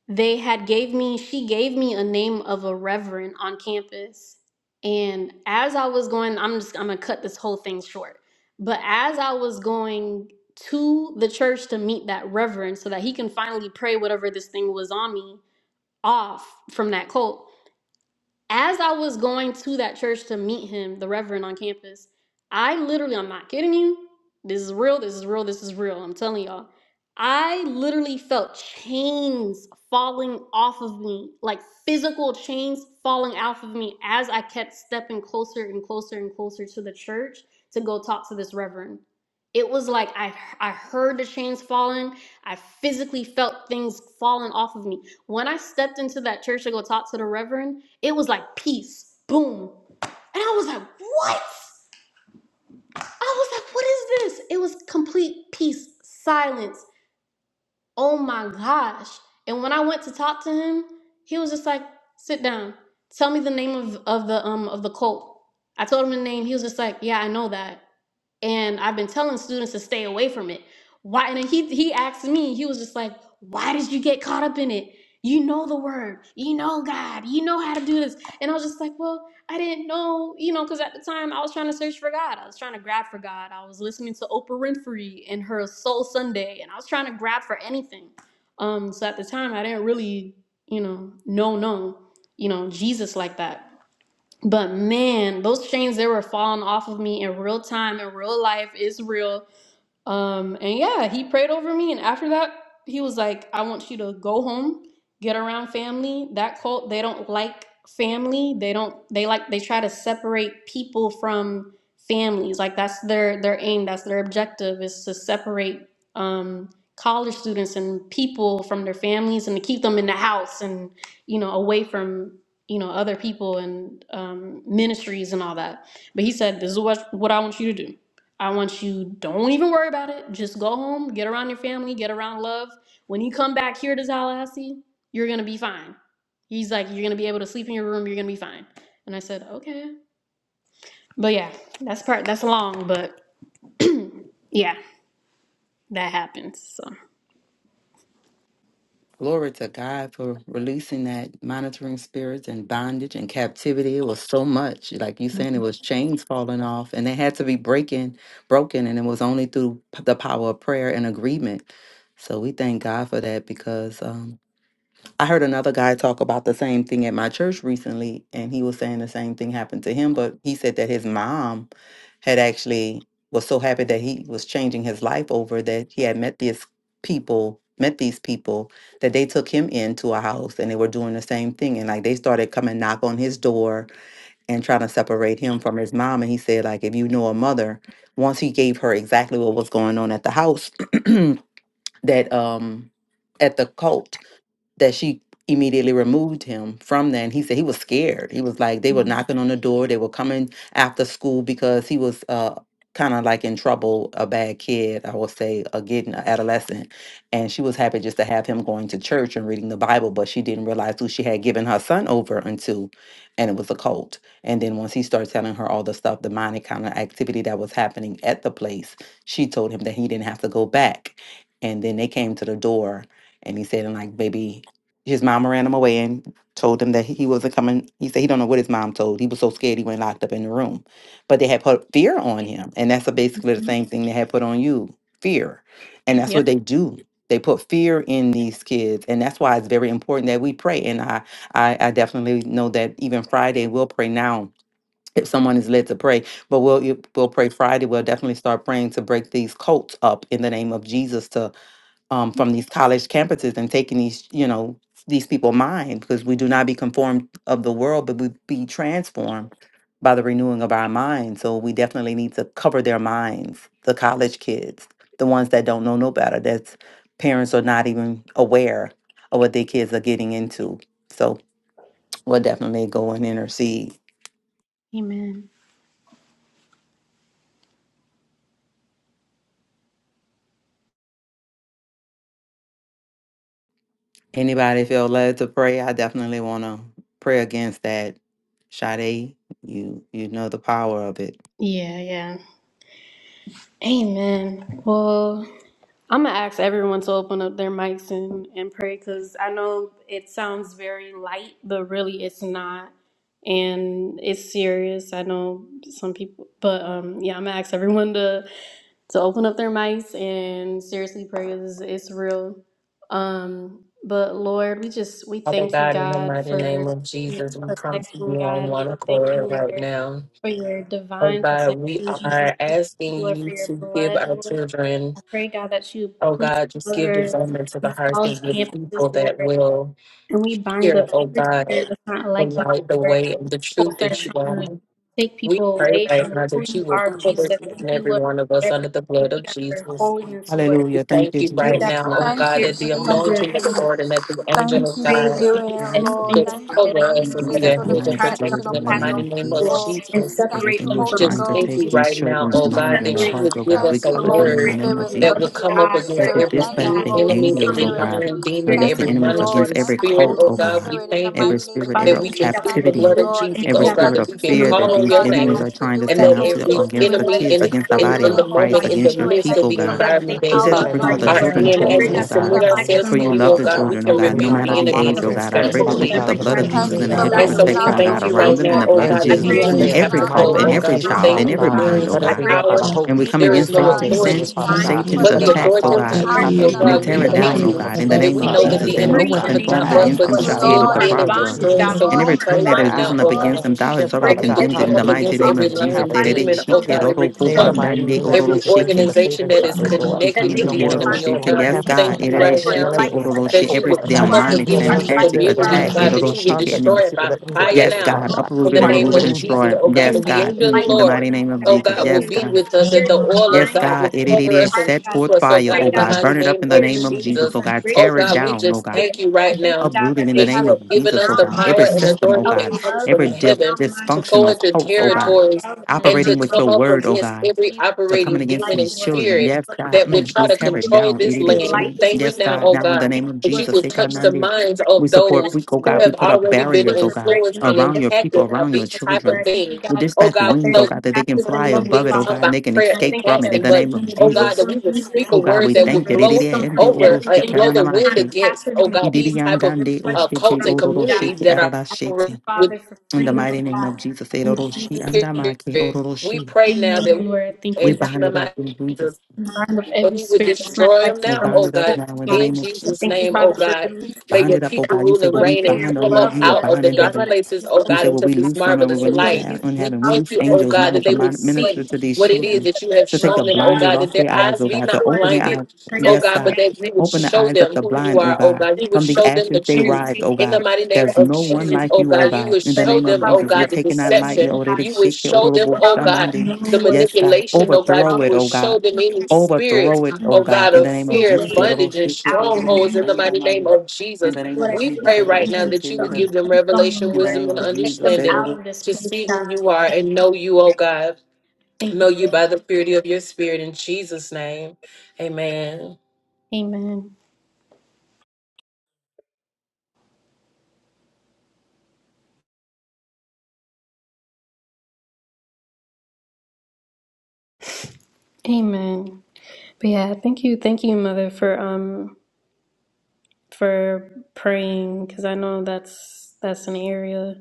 they had gave me she gave me a name of a reverend on campus and as i was going i'm just i'm gonna cut this whole thing short but as i was going to the church to meet that reverend so that he can finally pray whatever this thing was on me off from that cult as I was going to that church to meet him, the reverend on campus, I literally, I'm not kidding you. This is real. This is real. This is real. I'm telling y'all. I literally felt chains falling off of me, like physical chains falling off of me as I kept stepping closer and closer and closer to the church to go talk to this reverend. It was like I I heard the chains falling. I physically felt things falling off of me. When I stepped into that church to go talk to the reverend, it was like peace, boom. And I was like, what? I was like, what is this? It was complete peace, silence. Oh my gosh. And when I went to talk to him, he was just like, sit down. Tell me the name of, of the um of the cult. I told him the name. He was just like, yeah, I know that and I've been telling students to stay away from it. Why? And he he asked me. He was just like, "Why did you get caught up in it? You know the word. You know God. You know how to do this." And I was just like, "Well, I didn't know, you know, because at the time I was trying to search for God. I was trying to grab for God. I was listening to Oprah Winfrey and her Soul Sunday, and I was trying to grab for anything. Um, so at the time, I didn't really, you know, know, know, you know, Jesus like that." But man, those chains they were falling off of me in real time, in real life, is real. Um, and yeah, he prayed over me. And after that, he was like, I want you to go home, get around family. That cult, they don't like family. They don't, they like, they try to separate people from families. Like that's their, their aim. That's their objective is to separate, um, college students and people from their families and to keep them in the house and, you know, away from, you know, other people and, um, ministries and all that. But he said, this is what, what I want you to do. I want you don't even worry about it. Just go home, get around your family, get around love. When you come back here to Tallahassee, you're gonna be fine. He's like, you're gonna be able to sleep in your room. You're gonna be fine. And I said, okay. But yeah, that's part. That's long, but yeah, that happens. So
Glory to God for releasing that monitoring spirits and bondage and captivity. It was so much. Like you saying, it was chains falling off and they had to be breaking, broken, and it was only through p- the power of prayer and agreement. So we thank God for that because um I heard another guy talk about the same thing at my church recently, and he was saying the same thing happened to him. But he said that his mom had actually was so happy that he was changing his life over that he had met these people, met these people that they took him into a house and they were doing the same thing. And like they started coming knock on his door and trying to separate him from his mom. And he said, like, if you know a mother, once he gave her exactly what was going on at the house, that um at the cult that she immediately removed him from that. And he said he was scared. He was like, they were knocking on the door. They were coming after school because he was uh, kind of like in trouble, a bad kid, I would say, a getting an adolescent. And she was happy just to have him going to church and reading the Bible, but she didn't realize who she had given her son over until, and it was a cult. And then once he started telling her all the stuff, the demonic kind of activity that was happening at the place, she told him that he didn't have to go back. And then they came to the door and he said in like maybe his mom ran him away and told him that he he wasn't coming. He said he don't know what his mom told. He was so scared he went locked up in the room. But they had put fear on him, and that's a, basically the same thing they had put on you, fear, and that's
yep.
what they do. They put fear in these kids, and that's why it's very important that we pray. And I, I, I definitely know that even Friday we'll pray now. If someone is led to pray, but we'll we'll pray Friday. We'll definitely start praying to break these cults up in the name of Jesus to um, from these college campuses and taking these, you know, these people mind because we do not be conformed of the world, but we be transformed by the renewing of our mind. So we definitely need to cover their minds, the college kids, the ones that don't know no better, that's parents are not even aware of what their kids are getting into. So we'll definitely go and intercede.
Amen.
Anybody feel led to pray? I definitely want to pray against that. Sade, you you know the power of it.
Yeah, yeah. Amen. Well. I'm gonna ask everyone to open up their mics and, and pray because I know it sounds very light, but really it's not. And it's serious. I know some people, but um, yeah, I'm gonna ask everyone to to open up their mics and seriously pray. It's, it's real. Um, but Lord, we just we
Father
thank you,
God, in the
God,
mighty name
for
of
your
Jesus, we come to
protection,
you on
God,
one
and we thank you,
accord right
Lord,
now.
for your
Oh
divine protection,
God, we
Jesus.
are
We thank
asking
you, Lord, for
you
your
to give
blood,
our
Lord.
children,
I pray, God, that you
oh
please
God, just give
cover
discernment to the
these
hearts of
college
your
campuses,
people
Lord,
that will
and we bind
hear,
up
oh
every
God,
spirit that's not
the
like you,
light, the
Lord.
way, and the
People
truth
are
that you
trying to
are.
take
We
people
pray
away
right
from
now
who
that
you
you will
are,
cover
Jesus. I
each and
Thank you,
every
Lord,
one of
for
us
everything.
under the
Thank
blood
you,
of
God, for
Jesus.
holiness, Lord.
We
I
Hallelujah. Thank
thank
you,
you
pray
right
Jesus.
that
now, oh
Thank
God,
you,
spirit
that the
cover,
anointing of
Jesus.
the
Jesus.
Lord and that the
I
Thank
angel of
you
pray,
for
God.
God,
doing
against
it,
Yes,
Lord.
anything
Lord. Thank
just
that's
Thank
not
you,
cover
like you.
you,
us
Lord.
and be
Jesus,
Jesus,
a
for the
hedge of
demonic
protection
spirits
protection
in
in the
the
upon
name
mighty
your
of
name of
people.
Jesus.
Jesus.
Thank you,
Everything that's
Holy
trying
Just
to
thank
take
Ghost.
you
these
right now,
children's
oh God,
minds and their
that you
hearts,
would
oh
give
God, we
us
Thank
a
you,
cover
Holy
them in the
word
name of
Spirit.
Jesus.
that
Thank
would
you,
come up
Holy
against
that you
Spirit.
every
Thank
dispatch
you,
en-
the
Holy
enemy,
angels,
every
oh
Spirit.
God,
lying demon,
against
Thank
the
every
you,
enemies,
Lord.
against
monitoring
every
Thank you,
spirit,
cult,
oh
Holy
oh
God.
God,
We
Spirit. In the
thank
every
you
mighty name
spirit,
of
that
every
we can
Jesus.
plead the
Thank
captivity,
blood
you,
of
Lord.
Jesus,
every
oh God,
spirit
Thank
that
of
we
you for
can
fear
doing
that
call
it,
on
these
your
God. Thank
enemies
name.
are
you for
trying to
doing
And
it,
send
that
out
Holy
to
every
against
Spirit.
the
enemy
Thank
kids,
in,
you
against the
for
in
body
doing
in
it,
of
the
Holy
moment,
Christ,
in the
against your
Spirit.
midst
Thank
of
people,
the
you for
God.
faithful, Lord
environment
God,
lifting
You
that
out
said to
we
and
bring
up
all
Hallelujah,
the
your
God.
Lord
are
We come
children
God,
in,
to
into
people
you,
as
that
we
oh
agreement,
in
God.
Father
submit
the
um,
God.
mighty
ourselves
Yes,
For
name
to
of
you
Lord,
you,
that
love
oh
the
Father
God, we
God.
Jesus.
children, oh
can
And
God,
we
no
rebuke
bind
matter
the
all
the
enemy
age,
and
oh
monitoring
he's
God. I
got
spirits,
pray
you
to
that
Father
we
give
flee.
put
God.
the
In the
the
blood
name
of
of
enemy,
Jesus
Thank
Jesus, we
Lord
you
in a
for
bind
God,
hedge of
And
all
and
so
lifting
his
we
protection,
out
oh
witchcraft
God,
thank
and
your
you
campuses,
around
Lord
right
God.
cults
them and
now,
the
people.
oh
blood of
and
Thank
God,
you
that
Jesus
for
voodoos
the
and
between
enemies
lifting
spells
have
in
Anybody
every
the
to
out
that's
mighty
cult
go,
your
name
and
oh
trying
of
to
every
God. We
Jesus,
people.
hinder,
child
thank
and
Father
Thank
you
every
Lord
that
you
God.
for
there
mind,
God,
oh
is
Let us
no
lifting
God.
be
out
led by
power,
the
your
um,
And
Holy
we come
there
people,
is
Spirit.
against
no
these
God.
Satan,
Hallelujah,
authority,
Satan-
campuses, Lord
Father
God,
Thank
we
God.
you
pray,
for
Satan's
Lord
but
Let
the
us
God,
not
attacks,
lifting
oh
authority
fall
them
of
God
into the
that
out
Jesus,
trap of
oh
in
the
you,
the
and we
God.
enemy
We
mighty
tear
in
you
it
the
name
give
of
down,
thank
mighty
O
us
you
name
God,
of
the
in the
back,
that
Jesus.
name
Jesus.
we
of
Lord
know that
Jesus,
God,
Hallelujah,
and
the
that
our,
no
enemy
Father
and
God.
weapon
right
cometh
I
now,
I
formed
not
Lord
but
ask,
thank
God,
against
for
them
to
Father
you,
shall
and
God,
be
in
just
the
able
steal,
Lord.
to
I
kill,
mighty
and
name
thank
of
prosper.
Jesus,
destroy.
you
you,
know,
So
that
And
we
you
Lord.
every
I
pray
tongue
shift
thank
that
right
has
our
now,
you,
risen
eyes,
up
oh
Lord.
Lord.
God
against them, thou hast
Shift,
already
that
Father
we
God.
would
condemned it
come
in the
up
Hallelujah.
mighty
What
against
we're
name
every
of
hearing,
Jesus.
how
We
lying
we're hearing
demon,
you,
oh
Father God.
God, every
In the
cult,
mighty name of
every
Jesus, thank you for
organization
saving
that is
Shadi, Lord.
come
connected to
Even the
and get
the
ones that's
enemy, oh
still on
it.
the
God.
Yes,
We
campus,
God.
thank
Father
you
God, let
right
no one
now
else get into that
that
coat,
you
Every
would
Father God.
come
my
up
children,
Even
demonic,
the
against
ones
my-
these
that's
satanic
still down
communities,
there,
attack.
still
God, that
in
you would
contact with
destroy
these
it
people,
by
let them get
fire
Yes,
delivered,
now
God.
Father God.
in
Uproot
the
it and
name
remove it
of
and
Hallelujah. Thank
destroy
Jesus,
it.
oh God.
Yes,
But
you,
the
Jesus.
God.
angel of the
Mm, In the mighty
Lord,
name of
oh
Jesus.
God,
Lord.
will
Yes,
be
God.
with us, and the oil of
Yes,
God
God.
will
It, it, it,
cover
it.
us and
Set
keep
forth
us, oh
fire,
God,
oh
in the
God.
mighty
Burn it up
name
in the
of
name of Jesus,
Jesus.
oh God.
Oh
Tear it
God, we
down, oh
just
God.
thank you right now
Uproot it in the
that you
name
have
of
given
Jesus,
us
oh
the
God. Every
power and
system, oh
authority that
God.
comes from
Every dif-
heaven to go
dysfunctional
into
cult, oh God.
territories and to
Operating with your
come up
word, oh
against
God
every
are coming
operating
against
demon
these
and
children.
spirit
Yes, God.
that would
Mm,
try
we
to
tear it
control
down. It
this
it is
land. We
genuine.
thank you
Yes,
now,
God.
oh
Now in the
God,
name of
that you
Jesus, eh,
would
God,
touch
now,
the minds
we
of
support,
those
we, oh
who
God, we
have
put up
already been
barriers, oh God,
influenced and
around your people,
impacted by
around your
these type of
children.
things.
We
Oh
dispatch
God,
wings, oh
those-
God, that they can fly
some
above it,
things
oh
come
God, and
by
they can
prayer and
escape from it in
fasting,
the
but
name of
oh God,
Jesus.
that we would speak a
Oh God,
word
we
that would
thank you. Eh, eh,
blow
eh, and the oro
over,
shi
uh, blow
kana na
the wind against, oh
Eh,
God,
eh,
these
eh, and
type of
dan o
uh,
shi te
cults and
oro ro shi
communities
te ara
that
shi
are
te. In the mighty name of Jesus, eh, oro shi and oro ro
we
shi.
pray now that
we
we
bind it up in
and
Jesus'
but he would destroy them
We
now,
bind
oh
it up
God.
now in the
In
name of Jesus.
Jesus' name, oh God, may
Bind
your
it up, oh
people
God. You
rule
say,
and
Well, we
reign and
bind on
come
earth,
up
you will
out of
bind
the
in
dark
heaven.
places, oh
He
God,
said, Well,
into
we
this
loose on her, we
marvelous
will loose
light.
on
We
heaven. We
thank
loose
you, oh
angels
God,
now
that
to
they would
mon- minister
see
to these
what it is
children,
that you have
to take the
shown them, oh
blinders
God,
off
that their
their eyes,
eyes
oh
be
God, to
not
open their
blinded,
eyes.
oh
Yes,
God,
God.
but that you would
Open the
show
eyes of
them
the
who you
blind, oh
are, oh
God.
God. You would
From the
show them
ashes
the
they
truth.
rise, oh
In the
God.
mighty name
There's
of
no one
Jesus,
like
oh
you,
God,
oh
you
God.
would
In the
show
name
them,
of
oh
Jesus, we
God, the
take it not lightly.
deception.
oh, they
You would
shake it, oh,
show
oh,
them,
oh,
oh God,
shambandi.
the
Yes, God.
manipulation, oh God,
Overthrow
you
it,
will
oh
show
God.
them any spirits,
Overthrow it, oh
oh
God.
God,
In the
of
name of
fear
Jesus.
and
eh, oh, oh,
bondage and
shake it, oh, oh, oh,
strongholds in the mighty name of
In
Jesus.
the name of
We
Jesus.
pray right now that you would give them revelation,
In the name
wisdom, and
of Jesus.
understanding to see who you are and know you, oh God.
Thank
Know you by the purity of your spirit in Jesus' name. Amen.
you. Amen. Amen. But yeah, thank you, thank you, Mother, for um for praying because I know that's that's an area.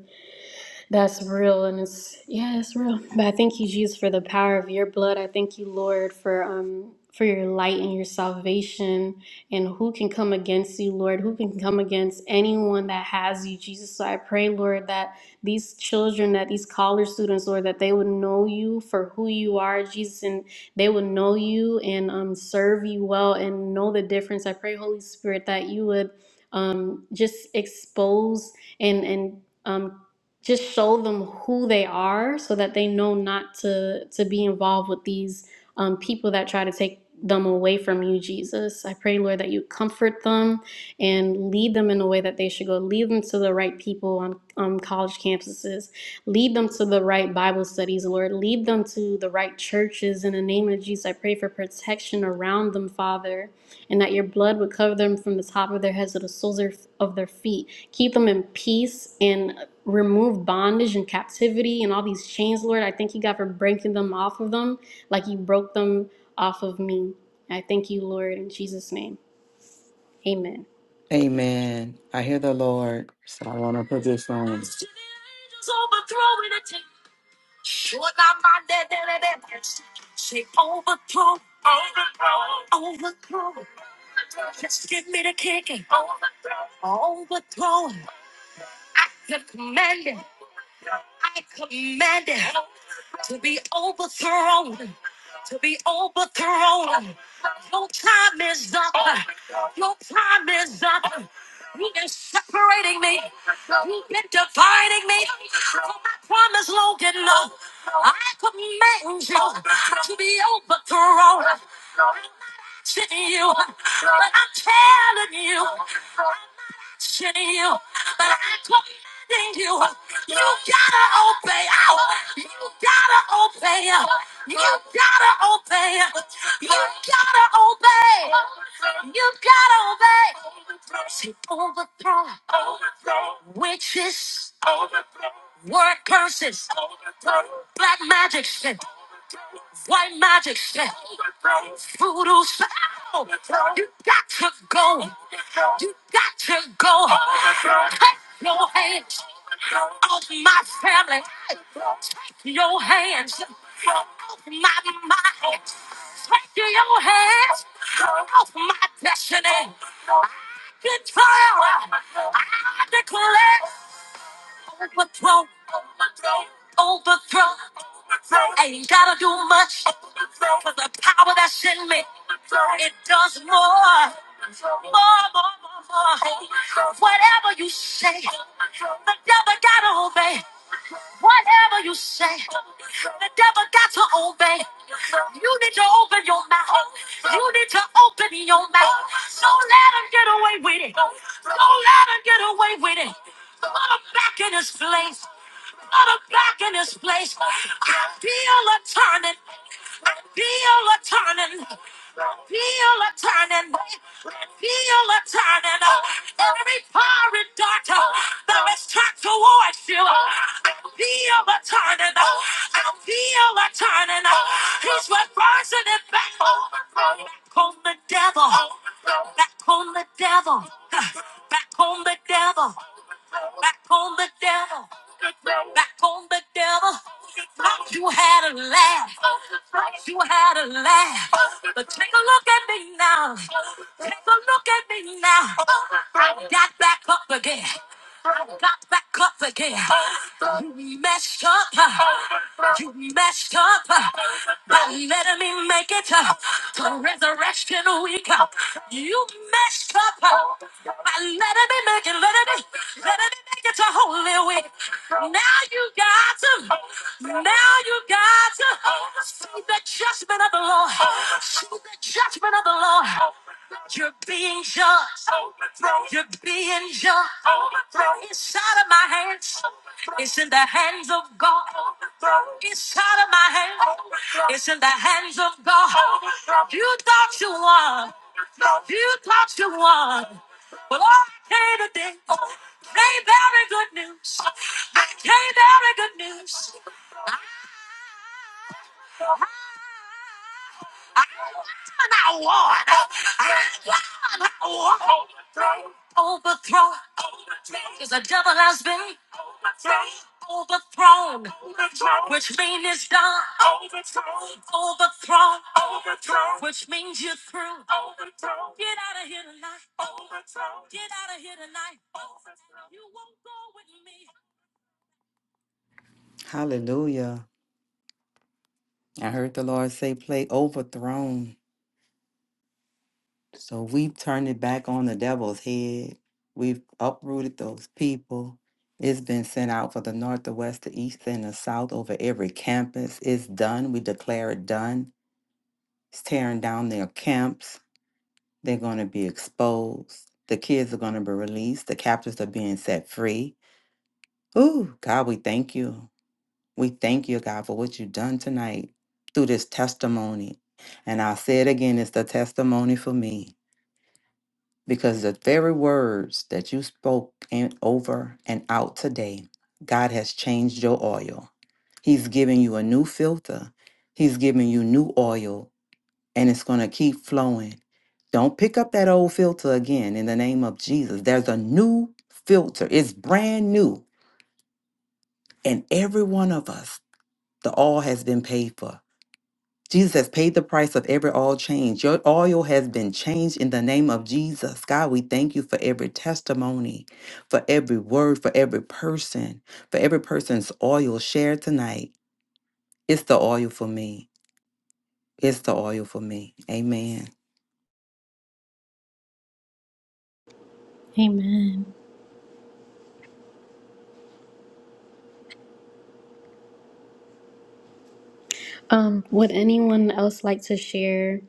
That's real, and it's yeah, it's real. But I thank you, Jesus, for the power of your blood. I thank you, Lord, for um for your light and your salvation. And who can come against you, Lord? Who can come against anyone that has you, Jesus? So I pray, Lord, that these children, that these college students, Lord, that they would know you for who you are, Jesus, and they would know you and um serve you well and know the difference. I pray, Holy Spirit, that you would um just expose and and um just show them who they are so that they know not to to be involved with these um, people that try to take them away from you jesus i pray lord that you comfort them and lead them in the way that they should go lead them to the right people on um, college campuses lead them to the right bible studies lord lead them to the right churches in the name of jesus i pray for protection around them father and that your blood would cover them from the top of their heads to the soles of of their feet keep them in peace and remove bondage and captivity and all these chains, Lord. I thank you, God, for breaking them off of them like you broke them off of me. I thank you, Lord, in Jesus' name. Amen.
Amen. I hear the Lord. So I want to put this on. to to be be be overthrown, overthrown. overthrown. Your Your time time is is up. Your time is up. You've You've you been been separating me. me. dividing me. But My promise, Logan, no. I command you to be overthrown. to you, but I'm telling you, to you, but I'm commanding you. You gotta obey. Oh, you gotta obey. You gotta obey. You gotta obey. You gotta obey. Mercy overthrow witches, word curses, black magic shit, white magic shit, voodoo spell. You got to go. You got to go. Cut your hands off my family. Your hands off my mind. Take your hands off my destiny. Control. I declare overthrow. Overthrow. Ain't gotta do much. For the power that's in me, it does more, more, more, more, more. Whatever you say, the devil gotta obey. Whatever you say, the devil got to obey. You need to open your mouth. You need to open your mouth. Don't let him get away with it. Don't let him get away with it. Put him back in his place. Not a black in this place. I feel a turning. I feel a turning. I feel a turning. I feel a turning. Every pirate dart that is turned towards you. I feel a turning. I feel a turning. He's reversing it back. Back on the devil. Back on the devil. Back on the devil. Back on the devil back on the devil. You had a laugh, you had a laugh, but take a look at me now. Take a look at me now. Got back up again, got back up again. You messed up, you messed up by letting me make it to resurrection week. You messed up by letting me make it, letting me, letting me make it to holy week. Now you got to. Now you got to see the judgment of the Lord. See the judgment of the Lord. You're being judged. You're being judged. It's out of my hands. It's in the hands of God. It's out of my hands. It's in the hands of God. You thought you won. You thought you won. Well, all I came today came very good news. I came very good news. Overthrow because the devil has been. overthrown, which means it's done. Overthrown, overthrown, which means you're through. Get out of here tonight. Overthrown. Get out of here tonight. Overthrown. You won't go with me. Hallelujah. I heard the Lord say, play overthrown. So we've turned it back on the devil's head. We've uprooted those people. It's been sent out for the north, the west, the east, and the south over every campus. It's done. We declare it done. It's tearing down their camps They're going to be exposed. The kids are going to be released. The captives are being set free. Ooh, God, we thank you. We thank you, God, for what you've done tonight through this testimony. And I'll say it again it's the testimony for me because the very words that you spoke in, over and out today, God has changed your oil. He's giving you a new filter, He's giving you new oil and it's going to keep flowing. Don't pick up that old filter again in the name of Jesus. There's a new filter, it's brand new. And every one of us, the all has been paid for. Jesus has paid the price of every all change. Your oil has been changed in the name of Jesus. God, we thank you for every testimony, for every word, for every person, for every person's oil shared tonight. It's the oil for me. It's the oil for me. Amen.
Um, would anyone else like to share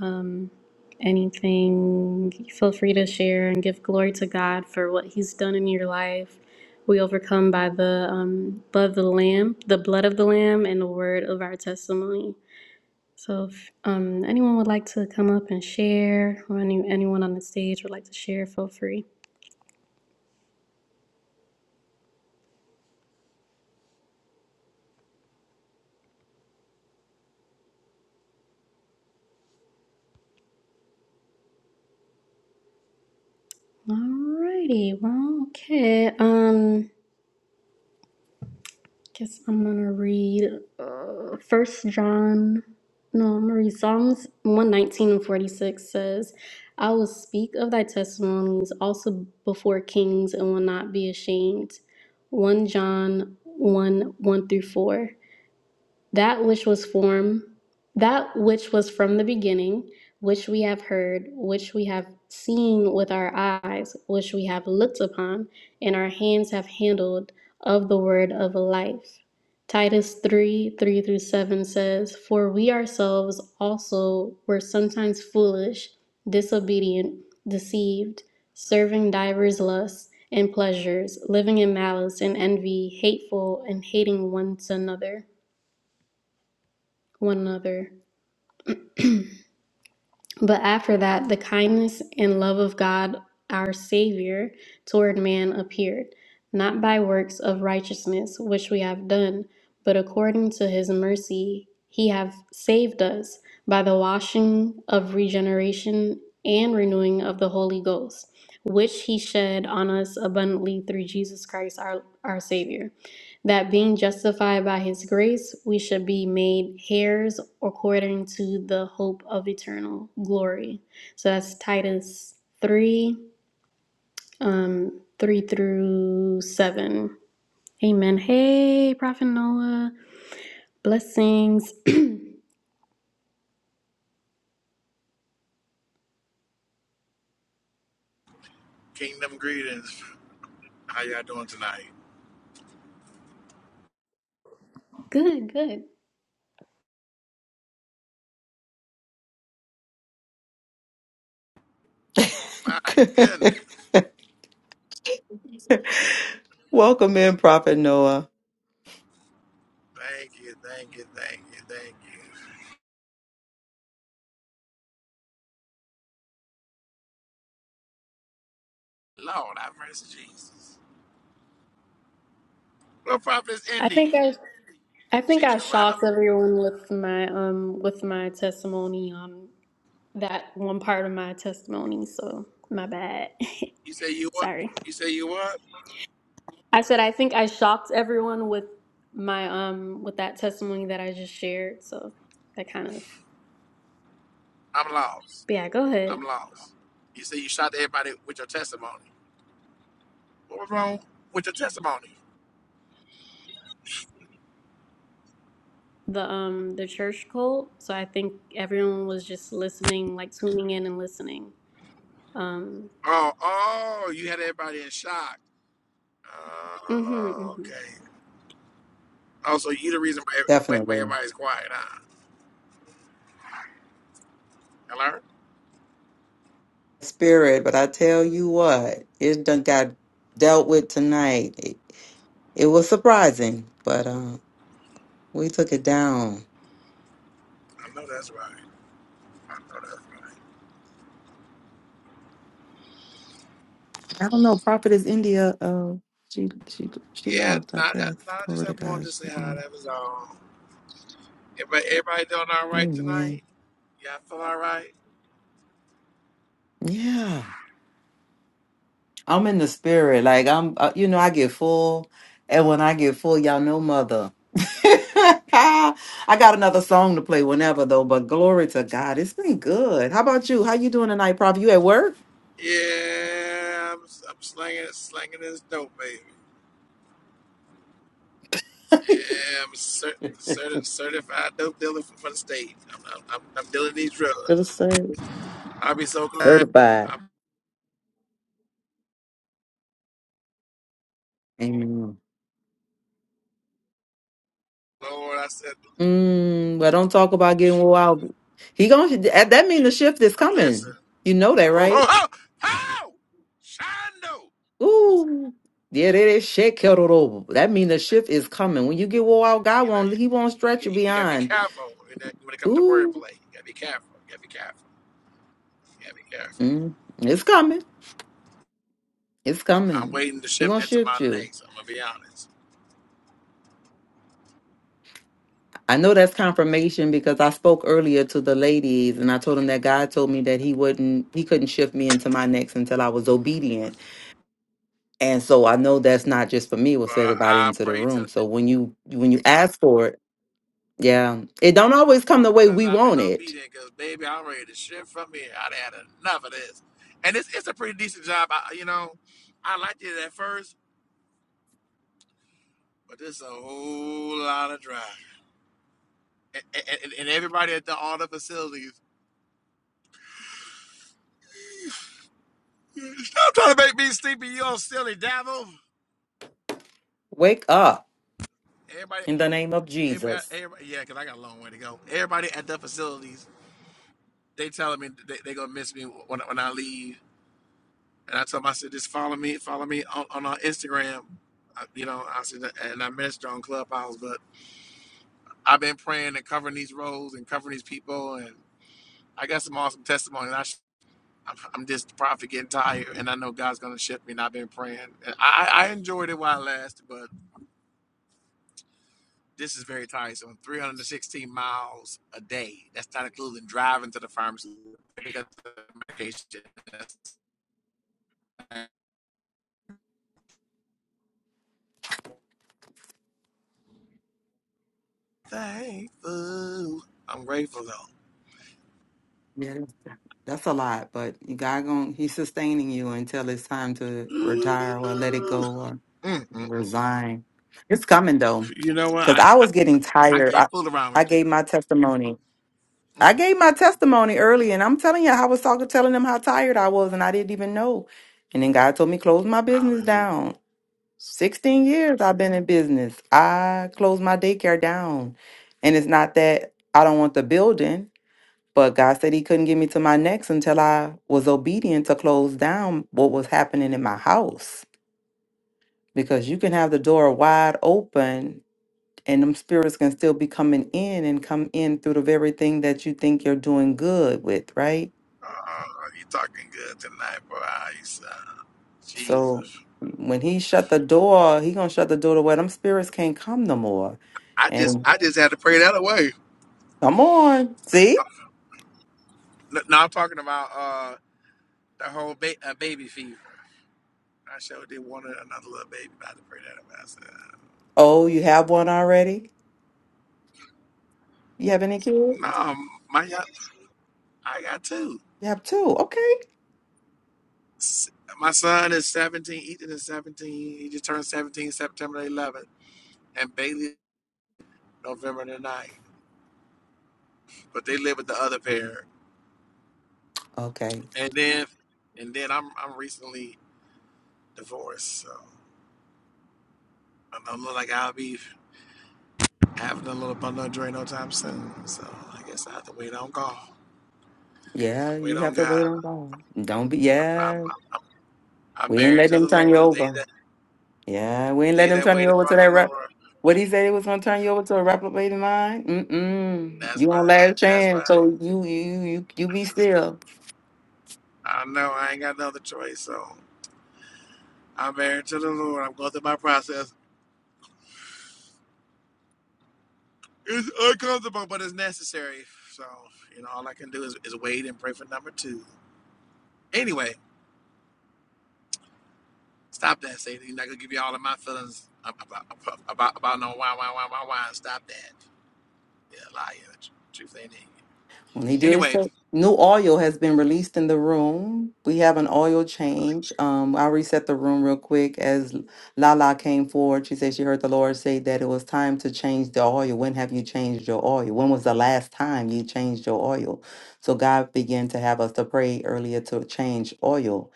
um, anything? Feel free to share and give glory to God for what He's done in your life. We overcome by the um, blood of the Lamb, the blood of the Lamb, and the word of our testimony. So if um, anyone would like to come up and share, or any anyone on the stage would like to share, feel free. Alrighty, well, okay. Um, guess I'm gonna read uh, First John. No, I'm gonna read Psalms one nineteen and forty six says, "I will speak of thy testimonies also before kings, and will not be ashamed." One John one one through four. that which was form that which was from the beginning which we have heard which we have seen with our eyes which we have looked upon and our hands have handled of the word of life titus 3 3 through 7 says for we ourselves also were sometimes foolish disobedient deceived serving divers lusts and pleasures living in malice and envy hateful and hating one another one another. But after that, the kindness and love of God, our Savior, toward man appeared, not by works of righteousness which we have done, but according to his mercy he hath saved us by the washing of regeneration and renewing of the Holy Ghost, which he shed on us abundantly through Jesus Christ our, our Savior that being justified by his grace, we should be made heirs according to the hope of eternal glory. So that's Titus 3, um, 3 through 7. Amen. Hey, Prophet Noah. Blessings. good,
Kingdom greetings. How y'all doing tonight?
good.
My goodness.
Welcome in, Prophet Noah.
Thank you, thank you, thank you, thank you. Lord, have mercy, Jesus. What prophet is
I
India?
think I I think
She
I
just left.
shocked everyone with my um with my testimony on that one part of my testimony, so my bad.
You say you what?
Sorry.
You say you what?
I said I think I shocked everyone with my um with that testimony that I just shared. So that kind of
I'm lost.
but yeah, go
I'm
ahead.
lost. You say you shot everybody with your testimony. What was wrong with your testimony?
The um the church cult. So I think everyone was just listening, like tuning in and listening. Um
Oh, oh, you had everybody in shock.
mhm
Oh,
mhm.
okay. Oh, so you the reason why, why, why
Definitely.
everybody's quiet, huh? Hello?
Spirit, but I tell you what, it done got dealt with tonight. It, it was surprising, but uh, we took it down.
I know that's right. I know that's
I don't know, Prophet is India. Uh, she she she
Yeah,
left, I
not that.
guess.
No, just
Glory to
have wanted
God.
to
She,
say hi.
um,
That was all. Everybody, everybody doing all right
amen.
tonight? Y'all feel all right?
Yeah. I'm in the spirit. Like I'm, uh, you know, I get full, and when I get full, y'all know, mother. I got another song to play whenever though. But glory to God, it's been good. How about you? How you doing tonight, Prof? You at work?
Yeah, I'm, I'm slinging, slinging this dope, baby.
For
Yeah, I'm cert, certi certified dope dealer from for the state. I'm, I'm, I'm, I'm dealing these drugs.
the same.
I'll be so glad.
Certified.
I'm,
Amen.
Lord, I said,
Mm, well, don't talk about getting wild. He gonna that that mean the shift is
listen.
coming. You know that,
Ho, ho,
right?
ho! Ho! Shondo!
Ooh, yeah, that is shit kettled over. That mean the shift is coming. When you get wore out, God
You know,
won't. He won't
you,
stretch
you,
you
you got to be
beyond.
careful when, that, when it comes to
Ooh,
wordplay. You got to be careful. You got to be careful. You got to be careful.
mm, it's coming. It's
I'm
coming.
waiting to
We're
shift
gonna
into my
shift you.
next. I'm gonna be honest.
I know that's confirmation because I spoke earlier to the ladies and I told them that God told me that he wouldn't he couldn't shift me into my next until I was obedient. And so I know that's not just for me, it
But
was for everybody
I
into the
pray to
room.
the
So when you when you ask for it, yeah. It don't always come the way
since
we
I've been
want it.
obedient, because baby, I'm ready to shift from here. I'd had enough of this, and it's it's a pretty decent job. I, you know, I liked it at first, but this a whole lot of drive, and, and, and everybody at the all the facilities. Stop trying to make me sleepy, you old silly devil.
Wake up
Everybody,
in the name of
everybody,
Jesus.
everybody yeah, because I got a long way to go. Everybody at the facilities, they telling me they, they gonna miss me when, when I leave And I told him, I said, just follow me, follow me on, on our Instagram. I, you know, I said, and I minister on Clubhouse, but I've been praying and covering these roles and covering these people. And I got some awesome testimonies. I, sh- I'm, I'm just probably getting tired, and I know God's going to shift me. And I've been praying. And I, I I enjoyed it while it lasted, but this is very tiresome 316 miles a day. That's not including driving to the pharmacy, pick up the medication. That's- Thankful. I'm grateful, though.
Yeah, that's a lot, but you God going He's sustaining you until it's time to retire or let it
Mm-mm.
go or resign. It's coming though,
You know what?
because
I,
I was getting
I
tired.
can't
I,
fool around with
I
it.
gave my testimony.
Mm.
I gave my testimony early, and I'm telling you, I was talking, telling them how tired I was, and I didn't even know. And then God told me close my business
Hallelujah.
down. 16 years I've been in business. I closed my daycare down, and it's not that I don't want the building. But God said He couldn't get me to my next until I was obedient to close down what was happening in my house. Because you can have the door wide open and them spirits can still be coming in and come in through the very thing that you think you're doing good with, right?
Uh, you talking good tonight, boy. How you sound?
So
Jesus.
when he shut the door, he gonna shut the door to where them spirits can't come no more.
I just
And
I just had to pray that away.
come on, see?
No, no, I'm talking about uh the whole ba- uh, baby fever. I sure did want another little baby, but I had to pray that away. I said,
Oh, you have one already? You have any kids?
No, my young, I got two.
You have two. Okay.
S- My son is 17. Ethan is 17. He just turned 17 September the 11th, and Bailey November the 9th. But they live with the other pair.
Okay.
And then, and then I'm I'm recently divorced, so I'm, I'm not like I'll be having a little bundle of joy no time soon. So I guess I have to wait on God.
Yeah,
Wait
you
on
have to
God.
wait on God. Don't be.
I'm I'm,
Yeah,
I'm,
we ain't
married
letting
to
them
the
turn you
Lord. They
over.
that
Yeah, we ain't
they
letting them
that
turn you
wait
over
upon
to
the
that rep.
Lord.
What he said he was gonna turn you over to a reprobated mind. Mm mm.
That's
You on
right.
last
That's
chance,
right.
so you you you you be still.
I know I ain't got no other choice. So I'm married to the Lord. I'm going through my process. It's uncomfortable, but it's necessary. So you know, all I can do is, is wait and pray for number two. Anyway, Stop that, Satan. you not gonna give you all of my feelings about about about no why why why why why. Stop that. Yeah, liar. The truth ain't in you.
He did
Anyway,
say new oil has been released in the room. We have an oil change. Um, I'll reset the room real quick. As Lala came forward, she said she heard the Lord say that it was time to change the oil. When have you changed your oil? When was the last time you changed your oil? So God began to have us to pray earlier to change oil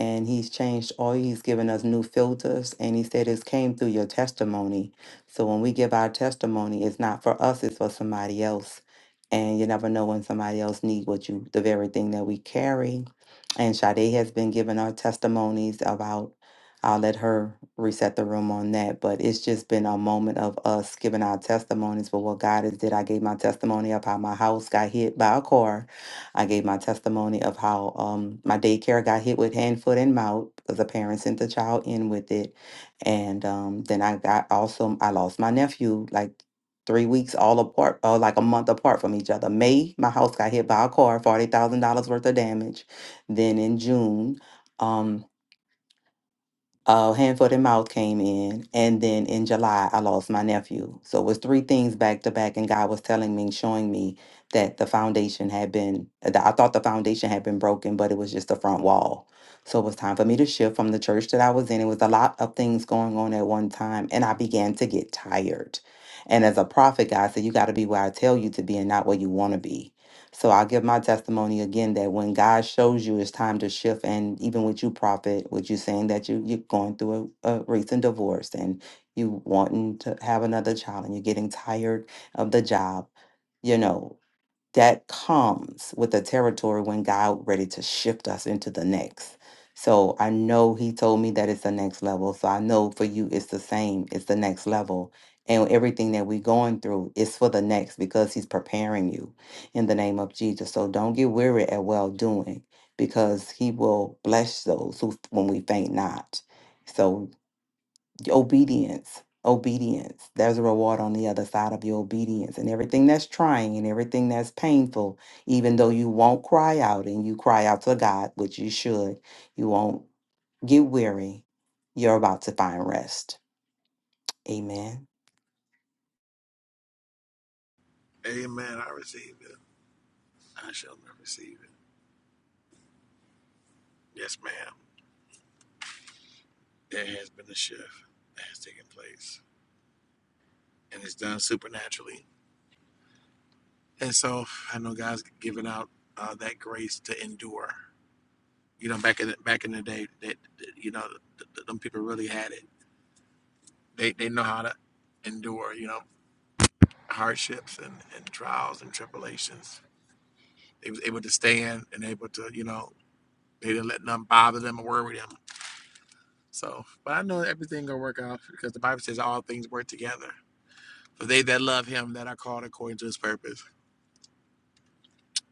and he's changed all he's given us new filters and he said it's came through your testimony so when we give our testimony it's not for us it's for somebody else and you never know when somebody else needs what you the very thing that we carry and Sade has been giving our testimonies about I'll let her reset the room on that but it's just been a moment of us giving our testimonies for what God has did I gave my testimony of how my house got hit by a car I gave my testimony of how um, my daycare got hit with hand, foot, and mouth because a parent sent the child in with it. And um, then I got also, I lost my nephew like three weeks all apart, or like a month apart from each other. May, my house got hit by a car, $40,000 worth of damage. Then in June, um, uh, hand, foot, and mouth came in, and then in July I lost my nephew. So it was three things back to back, and God was telling me, showing me that the foundation had been. That I thought the foundation had been broken, but it was just the front wall. So it was time for me to shift from the church that I was in. It was a lot of things going on at one time, and I began to get tired. And as a prophet, God said, "You got to be where I tell you to be, and not where you want to be." So I'll give my testimony again that when God shows you it's time to shift, and even with you, prophet, with you saying that you, you're going through a, a recent divorce and you wanting to have another child and you're getting tired of the job, you know that comes with the territory when God ready to shift us into the next. So I know he told me that it's the next level. So I know for you it's the same. It's the next level. And everything that we're going through is for the next because he's preparing you in the name of Jesus. So don't get weary at well doing because he will bless those who when we faint not. So obedience obedience there's a reward on the other side of your obedience and everything that's trying and everything that's painful even though you won't cry out and you cry out to god which you should you won't get weary you're about to find rest amen
Amen. I receive it. I shall not receive it. Yes, ma'am. There has been a shift that has taken place, and it's done supernaturally. And so I know God's given out uh, that grace to endure. You know, back in the, back in the day, that that, you know, th- th- them people really had it. They they know how to endure. You know hardships and, and trials and tribulations. They was able to stand and able to, you know, they didn't let none bother them or worry them. So, but I know everything gonna work out because the Bible says all things work together for they that love him that are called according to his purpose.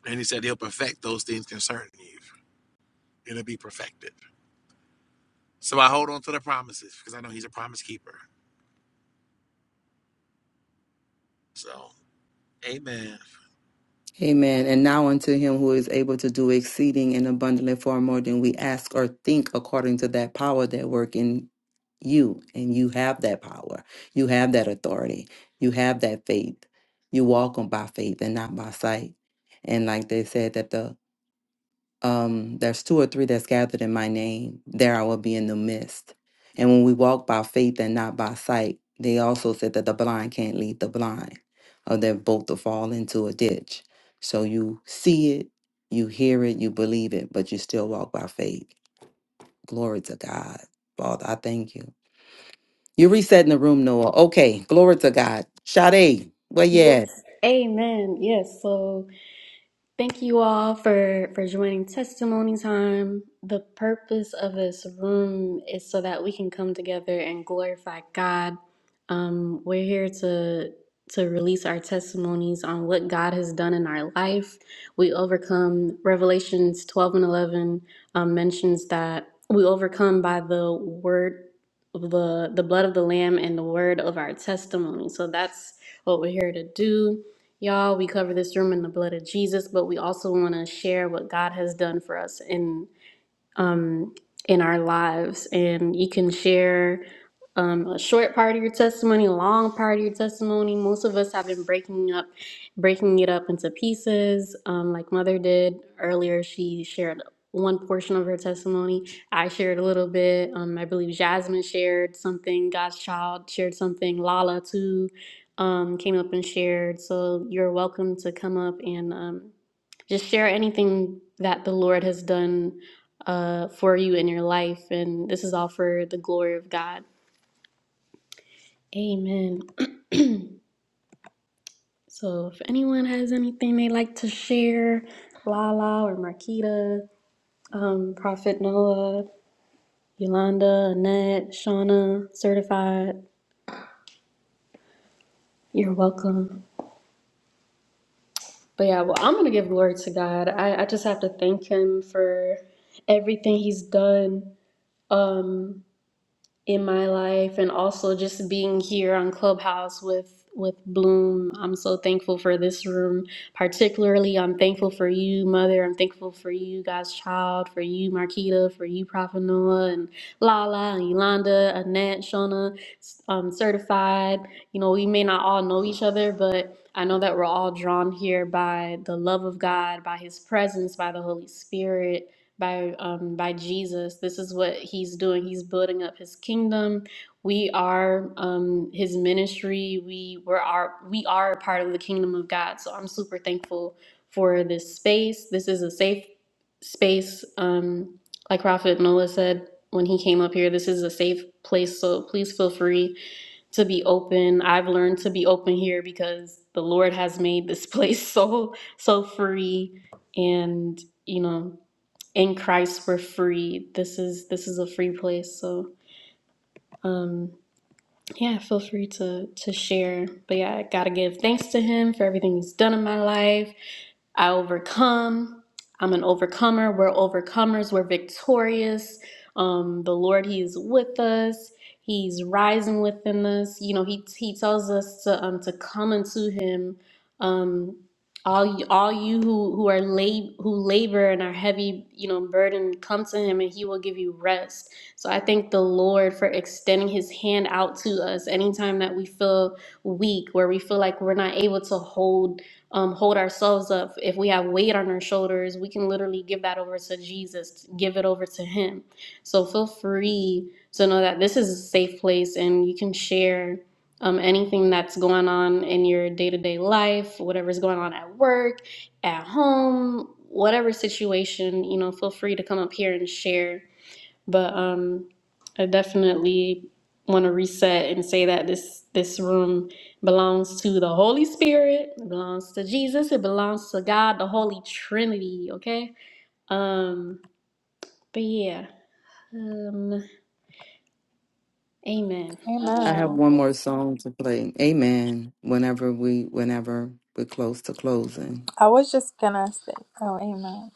And he said he'll perfect those things concerning you. It'll be perfected. So I hold on to the promises because I know he's a promise keeper. So, amen.
Amen. And now unto him who is able to do exceeding and abundantly far more than we ask or think according to that power that work in you. And you have that power. You have that authority. You have that faith. You walk on by faith and not by sight. And like they said that the um, there's two or three that's gathered in my name, there I will be in the midst. And when we walk by faith and not by sight, they also said that the blind can't lead the blind, or they're both to fall into a ditch. So you see it, you hear it, you believe it, but you still walk by faith. Glory to God. Father, I thank you. You're resetting the room, Noah. Okay, glory to God. Sade, well, yeah,
Yes. Amen. Yes. So Thank you all for for joining testimony time. The purpose of this room is so that we can come together and glorify God. Um, we're here to to release our testimonies on what God has done in our life. We overcome Revelations 12 and 11 um, mentions that we overcome by the word the the blood of the lamb and the word of our testimony. So that's what we're here to do Y'all, we cover this room in the blood of Jesus, but we also want to share what God has done for us in um, in our lives. And you can share um, a short part of your testimony, a long part of your testimony. Most of us have been breaking up, breaking it up into pieces, um, like Mother did earlier. She shared one portion of her testimony. I shared a little bit. Um, I believe Jasmine shared something. God's Child shared something. Lala too um, came up and shared. So you're welcome to come up and. Um, just share anything that the Lord has done uh, for you in your life. And this is all for the glory of God. Amen. so if anyone has anything they like to share, Lala or Marquita, um, Prophet Noah, Yolanda, Annette, Shauna, Certified, you're welcome. But yeah, well, I'm going to give glory to God. I, I just have to thank Him for everything He's done. Um, in my life and also just being here on clubhouse with with bloom i'm so thankful for this room particularly i'm thankful for you mother i'm thankful for you god's child for you marquita for you prophet noah and lala and yolanda annette shona um, certified you know we may not all know each other but i know that we're all drawn here by the love of god by his presence by the holy spirit by um, by Jesus. This is what he's doing. He's building up his kingdom. We are um, his ministry. We were are we are a part of the kingdom of God. So I'm super thankful for this space. This is a safe space. Um, like Prophet Noah said when he came up here, this is a safe place. So please feel free to be open. I've learned to be open here because the Lord has made this place so so free and you know in Christ we're free. This is this is a free place. So um yeah, feel free to to share. But yeah, I gotta give thanks to him for everything he's done in my life. I overcome. I'm an overcomer. We're overcomers. We're victorious. Um, the Lord, He is with us. He's rising within us. You know, He He tells us to um to come unto Him. Um, all you, all you who who are lab who labor and are heavy, you know, burden, come to Him, and He will give you rest. So I thank the Lord for extending His hand out to us anytime that we feel weak, where we feel like we're not able to hold um, hold ourselves up. If we have weight on our shoulders, we can literally give that over to Jesus, give it over to Him. So feel free to know that this is a safe place and you can share um, anything that's going on in your day to day life, whatever's going on at work, at home, whatever situation, you know, feel free to come up here and share but um, I definitely want to reset and say that this this room belongs to the Holy Spirit, it belongs to Jesus, it belongs to God, the Holy Trinity. Okay. Um. But yeah. Um. Amen. Not
I
sure.
have one
Amen.
more song to play. Amen. Whenever we, whenever we're close to closing.
I was just gonna say, oh, amen.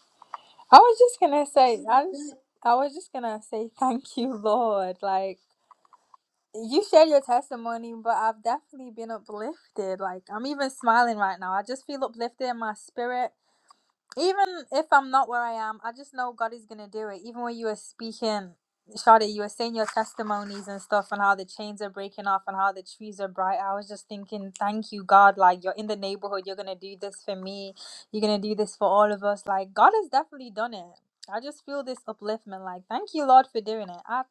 I was just gonna say, I was, I was just gonna say, thank you, Lord. Like. You shared your testimony, but I've definitely been uplifted. Like I'm even smiling right now. I just feel uplifted in my spirit even if I'm not where I am, I just know God is gonna do it. Even when you were speaking, Shada, you were saying your testimonies and stuff, and how the chains are breaking off, and how the trees are bright. I was just thinking, thank you, God. Like you're in the neighborhood, you're gonna do this for me. You're gonna do this for all of us. Like God has definitely done it. I just feel this upliftment. Like thank you, Lord, for doing it. I,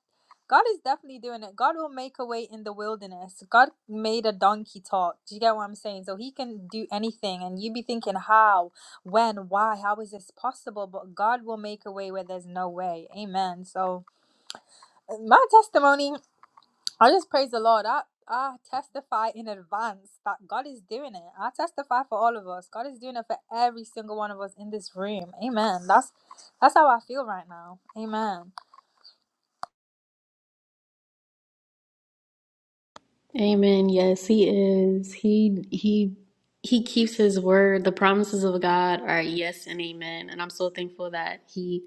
God is definitely doing it. God will make a way in the wilderness. God made a donkey talk. Do you get what I'm saying? So He can do anything, and you be thinking, how? when, why, how is this possible? But God will make a way where there's no way. Amen. So, uh, my testimony, I just praise the Lord. I, I testify in advance that God is doing it. I testify for all of us. God is doing it for every single one of us in this room. Amen. That's that's how I feel right now. Amen.
Amen. Yes, he is. He he he keeps his word. The promises of God are yes and amen. And I'm so thankful that he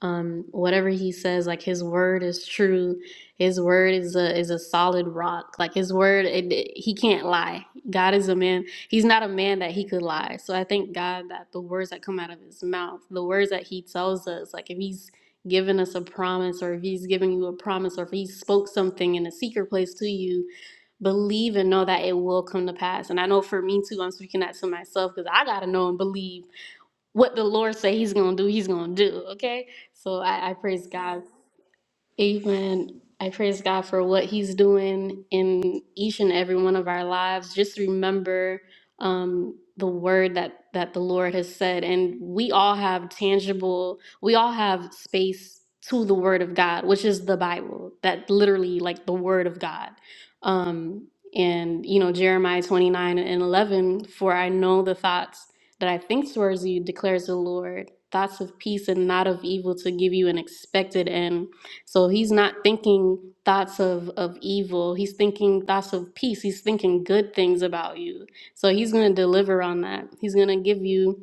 um whatever he says, like his word is true. His word is a is a solid rock. Like his word it, it- he can't lie. God is a man. He's not a man that he could lie. So I thank God that the words that come out of his mouth, the words that he tells us, like if he's given us a promise or if he's giving you a promise or if he spoke something in a secret place to you believe and know that it will come to pass. And I know for me too, I'm speaking that to myself because I gotta know and believe what the Lord say He's gonna do. He's gonna do. Okay, so I, I praise God Amen. I praise God for what He's doing in each and every one of our lives. Just remember um, the word that that the Lord has said, and we all have tangible. We all have space to the Word of God, which is the Bible. That literally, like the Word of God. Um, and you know Jeremiah twenty nine and eleven. For I know the thoughts that I think towards you, declares the Lord. Thoughts of peace and not of evil to give you an expected end. So he's not thinking thoughts of, of evil. He's thinking thoughts of peace. He's thinking good things about you. So he's going to deliver on that. He's going to give you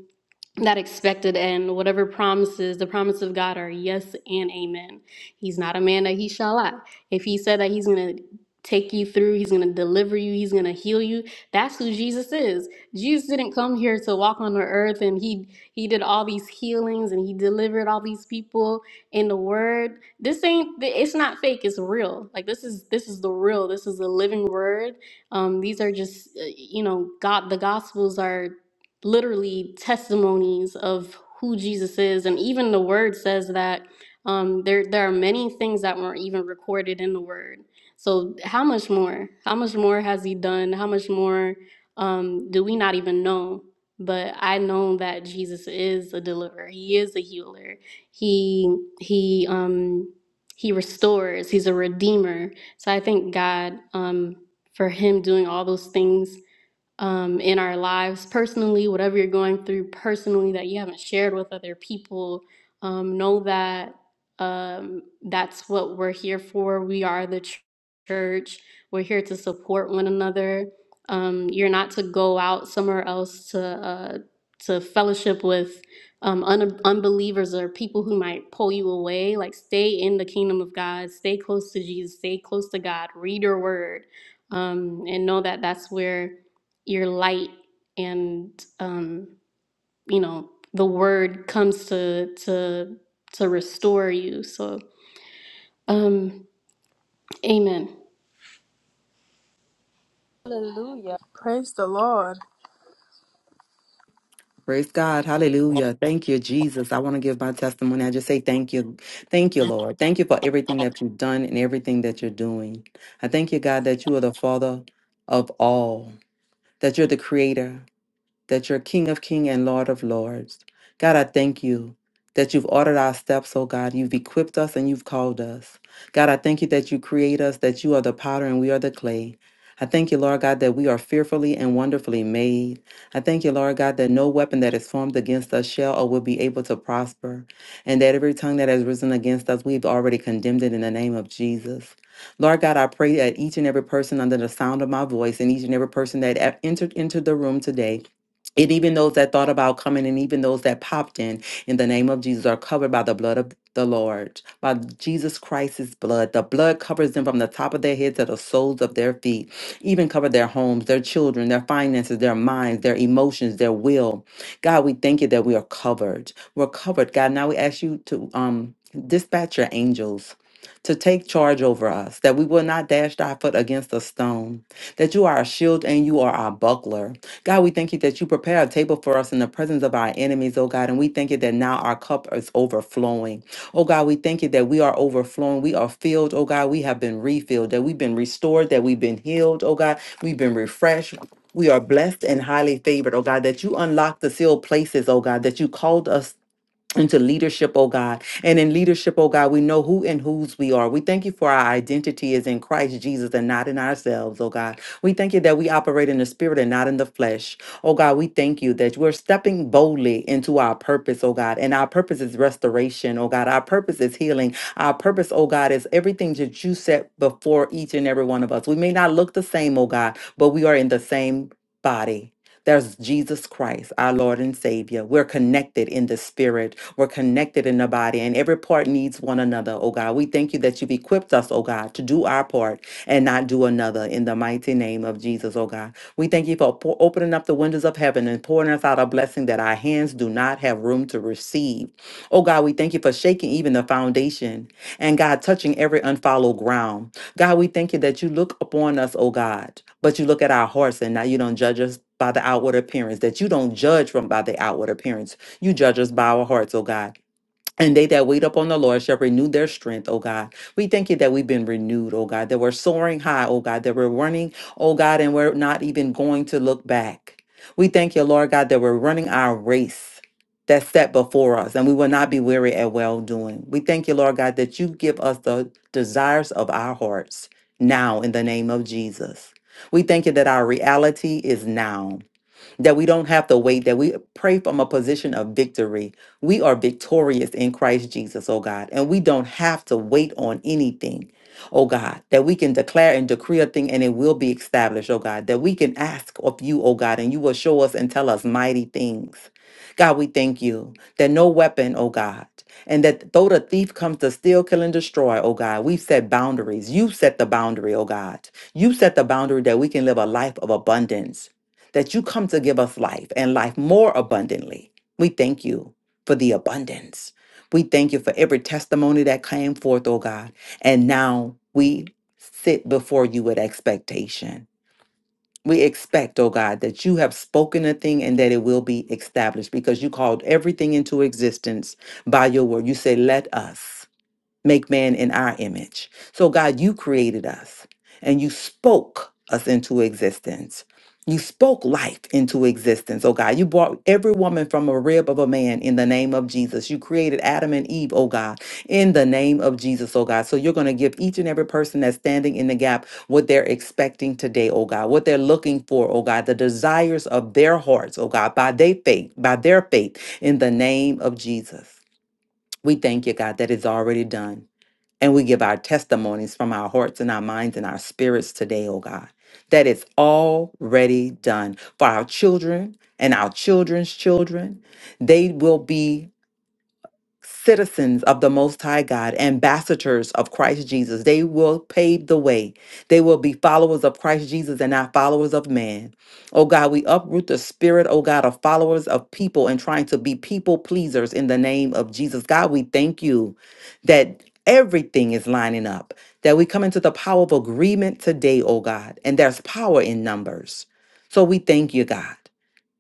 that expected end, whatever promises the promise of god are yes and amen he's not a man that he shall lie if he said that he's going to take you through he's going to deliver you he's going to heal you that's who jesus is jesus didn't come here to walk on the earth and he he did all these healings and he delivered all these people in the word this ain't it's not fake it's real like this is this is the real this is the living word um these are just uh, you know god the gospels are literally testimonies of who Jesus is, and even the Word says that um, there there are many things that weren't even recorded in the Word. So how much more? How much more has He done? How much more um, do we not even know? But I know that Jesus is a deliverer. He is a healer. He he um, he restores. He's a redeemer. So I thank God um, for Him doing all those things um, in our lives personally, whatever you're going through personally that you haven't shared with other people, um, know that um, that's what we're here for. We are the ch- church, we're here to support one another. Um, you're not to go out somewhere else to, uh, to fellowship with um, un- unbelievers or people who might pull you away. Like, stay in the kingdom of God, stay close to Jesus, stay close to God, read your word, um, and know that that's where your light and um you know the word comes to to to restore you so um amen
Praise the Lord.
Praise God. Hallelujah. Thank you, Jesus. I want to give my testimony. I just say thank you. Thank you, Lord. Thank you for everything that you've done and everything that you're doing. I thank you, God, that you are the Father of all, that you're the creator, that you're King of Kings and Lord of Lords. God, I thank you that you've ordered our steps, oh God. You've equipped us and you've called us. God, I thank you that you create us, that you are the potter and we are the clay. I thank you, Lord God, that we are fearfully and wonderfully made. I thank you, Lord God, that no weapon that is formed against us shall or will be able to prosper, and that every tongue that has risen against us, we've already condemned it in the name of Jesus. Lord God, I pray that each and every person under the sound of my voice and each and every person that e- entered into the room today and even those that thought about coming and even those that popped in, in the name of Jesus, are covered by the blood of the Lord, by Jesus Christ's blood. The blood covers them from the top of their heads to the soles of their feet, even cover their homes, their children, their finances, their minds, their emotions, their will. God, we thank you that we are covered. We're covered. God, now we ask you to um, dispatch your angels to take charge over us, that we will not dash our foot against a stone that you are our shield and you are our buckler. God, we thank you that you prepare a table for us in the presence of our enemies, oh God. And we thank you that now our cup is overflowing. Oh God, we thank you that we are overflowing. We are filled, oh God. We have been refilled, that we've been restored, that we've been healed, oh God. We've been refreshed. We are blessed and highly favored, oh God, that you unlock the sealed places, oh God, that you called us into leadership, oh God. And in leadership, oh God, we know who and whose we are. We thank you for our identity is in Christ Jesus and not in ourselves, oh God. We thank you that we operate in the spirit and not in the flesh. Oh God, we thank you that we're stepping boldly into our purpose, oh God. And our purpose is restoration, oh God. Our purpose is healing. Our purpose, oh God, is everything that you set before each and every one of us. We may not look the same, oh God, but we are in the same body. There's Jesus Christ, our Lord and Savior. We're connected in the spirit. We're connected in the body, and every part needs one another, oh God. We thank you that you've equipped us, oh God, to do our part and not do another in the mighty name of Jesus, oh God. We thank you for po- opening up the windows of heaven and pouring us out a blessing that our hands do not have room to receive. Oh God, we thank you for shaking even the foundation and God, touching every unfollowed ground. God, we thank you that you look upon us, oh God, but you look at our hearts and now you don't judge us by the outward appearance, that you don't judge from by the outward appearance. You judge us by our hearts, oh God. And they that wait upon the Lord shall renew their strength, oh God. We thank you that we've been renewed, oh God, that we're soaring high, oh God, that we're running, oh God, and we're not even going to look back. We thank you, Lord God, that we're running our race that's set before us, and we will not be weary at well doing. We thank you, Lord God, that you give us the desires of our hearts now in the name of Jesus. We thank you that our reality is now that we don't have to wait, that we pray from a position of victory. We are victorious in Christ Jesus, oh God, and we don't have to wait on anything. Oh God, that we can declare and decree a thing and it will be established, oh God, that we can ask of you, oh God, and you will show us and tell us mighty things. God, we thank you that no weapon, oh God, and that though the thief comes to steal, kill, and destroy, oh God, we've set boundaries. You've set the boundary, oh God. You've set the boundary that we can live a life of abundance that you come to give us life and life more abundantly. We thank you for the abundance. We thank you for every testimony that came forth, oh God. And now we sit before you with expectation. We expect, oh God, that you have spoken a thing and that it will be established because you called everything into existence by your word. You say, let us make man in our image. So, God, you created us and you spoke us into existence. You spoke life into existence. Oh, God, you brought every woman from a rib of a man in the name of Jesus. You created Adam and Eve, oh, God, in the name of Jesus, oh, God. So, you're going to give each and every person that's standing in the gap what they're expecting today, oh, God, what they're looking for, oh, God, the desires of their hearts, oh, God, by their faith, by their faith, in the name of Jesus. We thank you, God, that it's already done. And we give our testimonies from our hearts and our minds and our spirits today, oh God, that it's already done for our children and our children's children. They will be citizens of the Most High God, ambassadors of Christ Jesus. They will pave the way. They will be followers of Christ Jesus and not followers of man. Oh God, we uproot the spirit, oh God, of followers of people and trying to be people pleasers in the name of Jesus. God, we thank you that. Everything is lining up, that we come into the power of agreement today, oh God, and there's power in numbers. So we thank you, God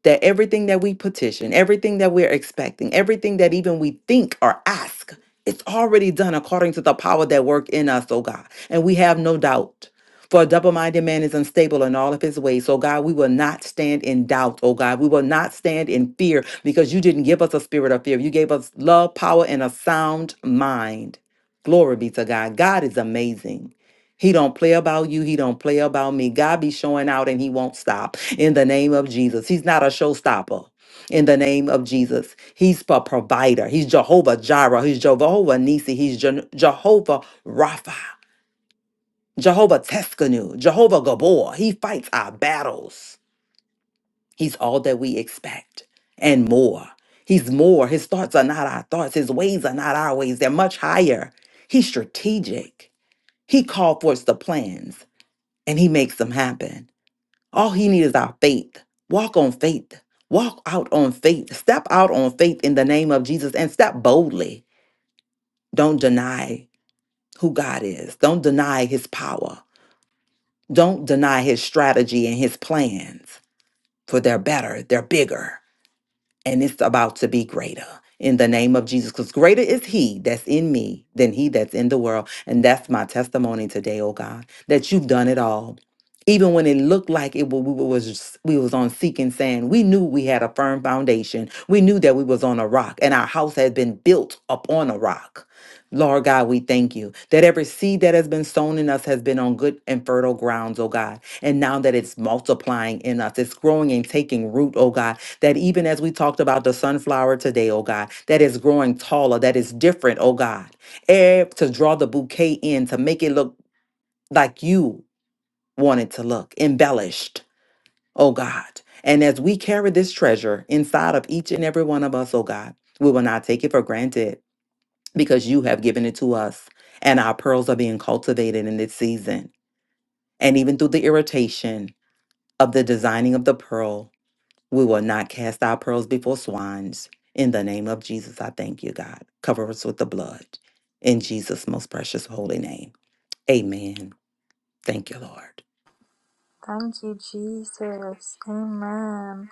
that everything that we petition, everything that we're expecting, everything that even we think or ask, it's already done according to the power that work in us, oh God. And we have no doubt. For a double-minded man is unstable in all of his ways. So God, we will not stand in doubt, oh God. We will not stand in fear because you didn't give us a spirit of fear. You gave us love, power, and a sound mind. Glory be to God. God is amazing. He don't play about you. He don't play about me. God be showing out and he won't stop in the name of Jesus. He's not a showstopper in the name of Jesus. He's a provider. He's Jehovah Jireh. He's Jehovah Nisi. He's Je- Jehovah Rapha. Jehovah Teskanu. Jehovah Gabor. He fights our battles. He's all that we expect and more. He's more. His thoughts are not our thoughts. His ways are not our ways. They're much higher. He's strategic. He called forth the plans and he makes them happen. All he needs is our faith. Walk on faith. Walk out on faith. Step out on faith in the name of Jesus and step boldly. Don't deny who God is. Don't deny his power. Don't deny his strategy and his plans, for they're better, they're bigger. and it's about to be greater in the name of Jesus. Because greater is He that's in me than He that's in the world. And that's my testimony today, oh God, that you've done it all. Even when it looked like it wa- we was we was on seeking sand, we knew we had a firm foundation. We knew that we was on a rock, and our house had been built upon a rock. Lord God, we thank you that every seed that has been sown in us has been on good and fertile grounds, oh God. And now that it's multiplying in us, it's growing and taking root, oh God that even as we talked about the sunflower today, oh God, that is growing taller, that is different, oh God, eh, to draw the bouquet in, to make it look like you want it to look, embellished, oh God. And as we carry this treasure inside of each and every one of us, oh God, we will not take it for granted because you have given it to us. And our pearls are being cultivated in this season. And even through the irritation of the designing of the pearl, We will not cast our pearls before swines. In the name of Jesus, I thank you, God. Cover us with the blood. In Jesus' most precious holy name. Amen. Thank you, Lord.
Thank you, Jesus. Amen.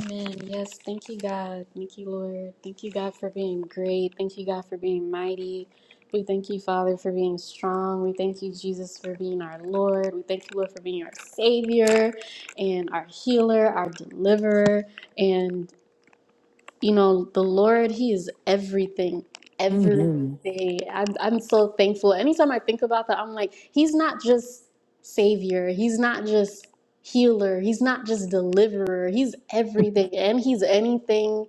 amen yes thank you god thank you lord thank you god for being great thank you god for being mighty we thank you father for being strong we thank you jesus for being our lord we thank you lord for being our savior and our healer our deliverer and. you know, the Lord, He is everything, every
hmm
day. I'm, I'm so thankful. Anytime I think about that, I'm like, He's not just Savior, He's not just healer, He's not just deliverer, He's everything, and He's anything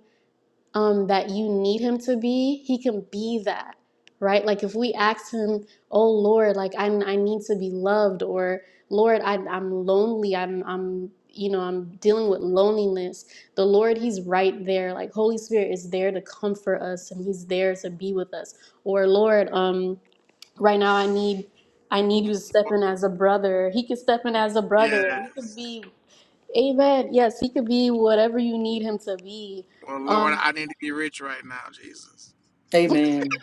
um, that you need him to be, he can be that, right? Like if we ask him, oh Lord, like I, I need to be loved, or Lord, I, I'm lonely, I'm, I'm, you know, I'm dealing with loneliness. The Lord, he's right there. Like Holy Spirit is there to comfort us and he's there to be with us. Or Lord, um, right now I need, I need you to step in as a brother. He could step in as a brother. He could
Yes.
be, amen. Yes, he could be whatever you need him to be.
Well, Lord,
Um,
I need to be rich right now, Jesus.
Amen.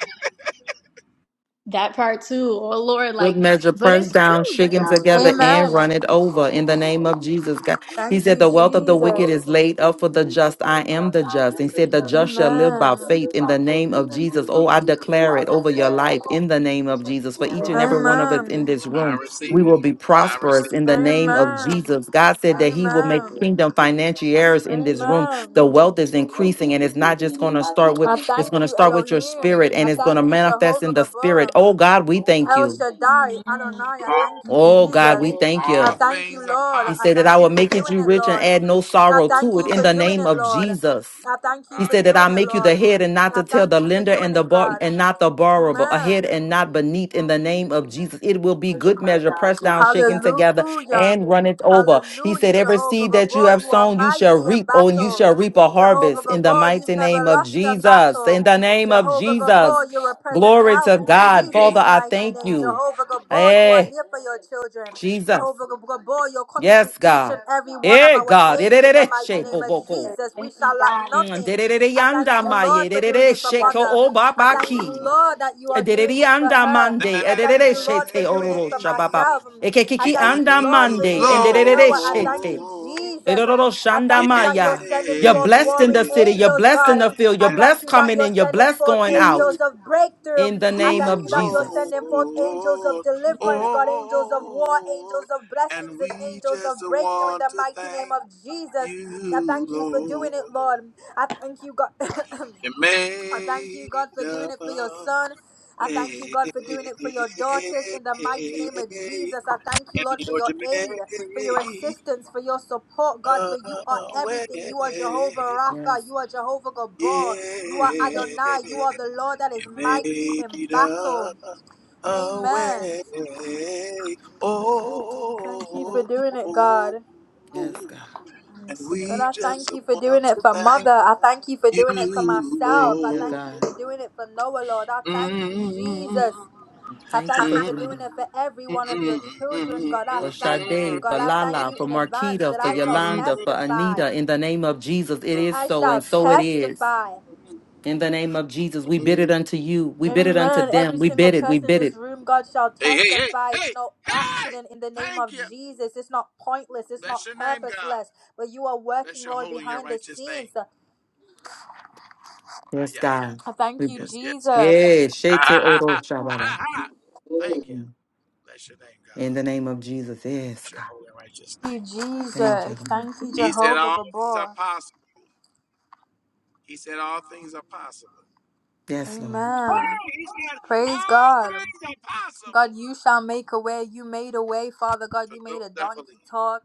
That part too. Oh Lord,
Good
like,
measure,
but
pressed
it's
down,
true.
shaken together, and
Amen.
run it over in the name of Jesus. God, He
Thank
said,
you,
The wealth of the wicked
Jesus.
is laid up for the just. I am the just. He said, The just shall live by
Amen.
faith in the name of Jesus. Oh, I declare it over your life in the name of Jesus. For each and every one of us in
Amen.
this
I
room,
We
receive
we
it.
will
will
be
be
I receive
prosperous
prosperous.
in the name of
Amen.
Jesus. God said that He will make
Amen.
kingdom financiers in this room. The
Amen.
wealth is
The wealth is
increasing, and it's not
increasing
just
and
going
it's
to
not just
start with,
I
it's
thank
going to
you,
start with your
Elohim.
spirit and
I
it's going to
thank you,
manifest
Jehovah
in the spirit.
Gabor.
Oh, God, we thank
El
you.
Shaddai,
Mm,
Adonai, I
it.
thank you,
you
Oh God,
Jesus.
we thank
All
I
you.
thank
things
you,
are
Lord.
He
I
said
possible.
that I
thank you
will
for
make it
doing
you
it,
rich and
Lord.
add no
I
sorrow
thank
to it
you
in
for
the
That's
doing
name
it,
right.
of
Lord.
Jesus.
I thank you
He
for
said
Hallelujah.
that
doing
I will
it,
make you
Lord.
the head and not
I
the tail,
thank
the
you for
lender
doing
and the
it,
bar
God.
and not the borrower, but
Amen.
ahead and not beneath in the name of Jesus. It will be good measure, pressed down, shaken together,
Hallelujah.
and run it over. He said,
Hallelujah,
Every
Jehovah
seed
Glory
that
to
you
Gabor.
your
have
You
name.
are
sown, you shall
mighty in
reap, oh, and you
battle.
shall reap a
Jehovah
harvest in the
Gabor,
mighty
you've never
name of
lost a
Jesus.
battle.
In the name of
Jehovah
Jesus.
Gabor, you're a present
Glory
help
to
in
Hey,
God.
Jesus'
hey.
Father, I
mighty
thank
name.
you.
Jehovah Gabor, you are
Hey,
here for your children.
Jesus.
Jehovah Gabor, you're coming to
Yes,
each
God.
and every one of
Eh,
our
God.
aid in the
Erere she
mighty name of
hoboko.
Jesus. We shall lack nothing.
Derere
I thank
yanda
you,
maye.
Lord, for doing
Derere
it for
sheko
mother. I thank you,
Oh,
obabaki.
Lord, that you are doing
Derere
it for
anda
her.
mande.
Thank
I thank
Erere
you,
she
Lord,
te
for doing it
ororo
for
shababa.
myself. I
you,
Ekekiki
thank you,
anda
Lord, for
mande.
doing
And
it for
derere
Noah. I
she
thank
te.
you,
Lord.
Jesus. um,
Eroro
I
shanda
Yeah.
thank you that you're
maya.
sending
You're
forth
blessed in
warring
the city. You're
angels,
blessed in
God.
the
Thank
field. You're
I thank
blessed
you that
coming
you're
in. You're
sending
blessed
forth
going
angels
you,
out.
of
In
breakthrough.
the
I
name
thank
of
you that you're
Jesus.
sending forth angels of
Lord.
deliverance, God, angels of war,
Oh,
angels of
and
blessings, and
we
angels
just
of breakthrough in
want
the
to
mighty name
thank
of Jesus. I
you,
thank you for doing it,
Lord.
Lord. I thank you, God.
You
I thank
made
you, God, for
a
doing it for your son. I thank you,
way.
God, for doing it for your daughters in the mighty name of Jesus. I thank you,
And
Lord, for
Lord,
your
you made
aid,
a
for your
way.
assistance, for your support, God, for you are everything. You are Jehovah Rapha.
Yes,
You are Jehovah Gabor. You are
Yeah.
Adonai. You are the Lord that is
You
mighty in
made
battle.
a,
Amen.
way.
Thank you for
Oh,
doing it,
oh,
God.
yes,
oh.
God.
And
God,
we
I
just
thank you for doing
want
it
to
for
thank
mother. I thank you for
you,
doing it for myself.
Thank
I
you,
Lord.
thank you
God.
for doing it for Noah, Lord. I thank you,
Mm,
Jesus. I
Thank you
thank
for
mm.
you for
doing
doing
it.
it for every
Hey,
one of your
hey,
children, God. I
for
thank you,
Sade, for
God. I thank
Lala,
you
for
in advance
Marquita,
that
for
I shall
Yolanda, for
testify.
Anita. In the name of Jesus, it is
I
so, and
shall
so it is.
testify.
In the name of Jesus, we bid it unto you. We bid it unto
Amen.
them.
Every
We
single
bid it. We
person in
bid
this
it.
room, God shall
hey,
testify.
hey,
It's no
hey!
accident in the name
Thank
of
you.
Jesus. It's not pointless. It's
Bless
not
your name, God.
purposeless. But you are
Bless
working,
your
Lord,
holy and your
behind the
righteous name.
scenes. I
Ah,
Yes,
yeah.
God. We,
Thank you,
Yes, yes, yes,
Jesus.
yes.
yeah,
Ah,
Shete
ah, ah,
Oro
ah, ah,
Shababa.
ah. ah.
Thank
Thank you. Bless your name,
In
God.
the name of Jesus, yes,
Bless your
God.
holy and righteous
you,
name.
Thank you,
Jesus.
Lord.
Thank you,
He said
Jehovah
all things are
Gabor.
possible. He said all things are possible.
Yes, Lord.
Amen.
Hey, he said
Praise
all
God.
things are
God,
possible
you shall make a way. You made a way, Father God.
to
You made
those
a
that
donkey
believe.
talk.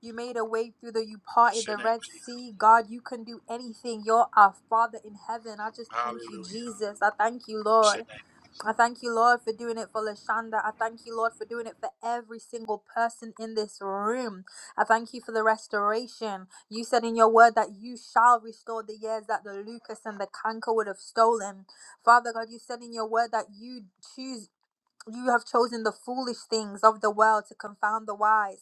You made a way through the, you parted
Bless your
the
name,
Red
Jesus.
Sea. God, you can do anything. You're our Father in heaven. I just thank you,
Hallelujah.
Jesus. I thank you,
Bless your
Lord.
name.
I thank you, Lord, for doing it for Lashanda. I thank you, Lord, for doing it for every single person in this room. I thank you for the restoration. You said in your word that you shall restore the years that the Lucas and the canker would have stolen. Father God, you said in your word that you choose you have chosen the foolish things of the world to confound the wise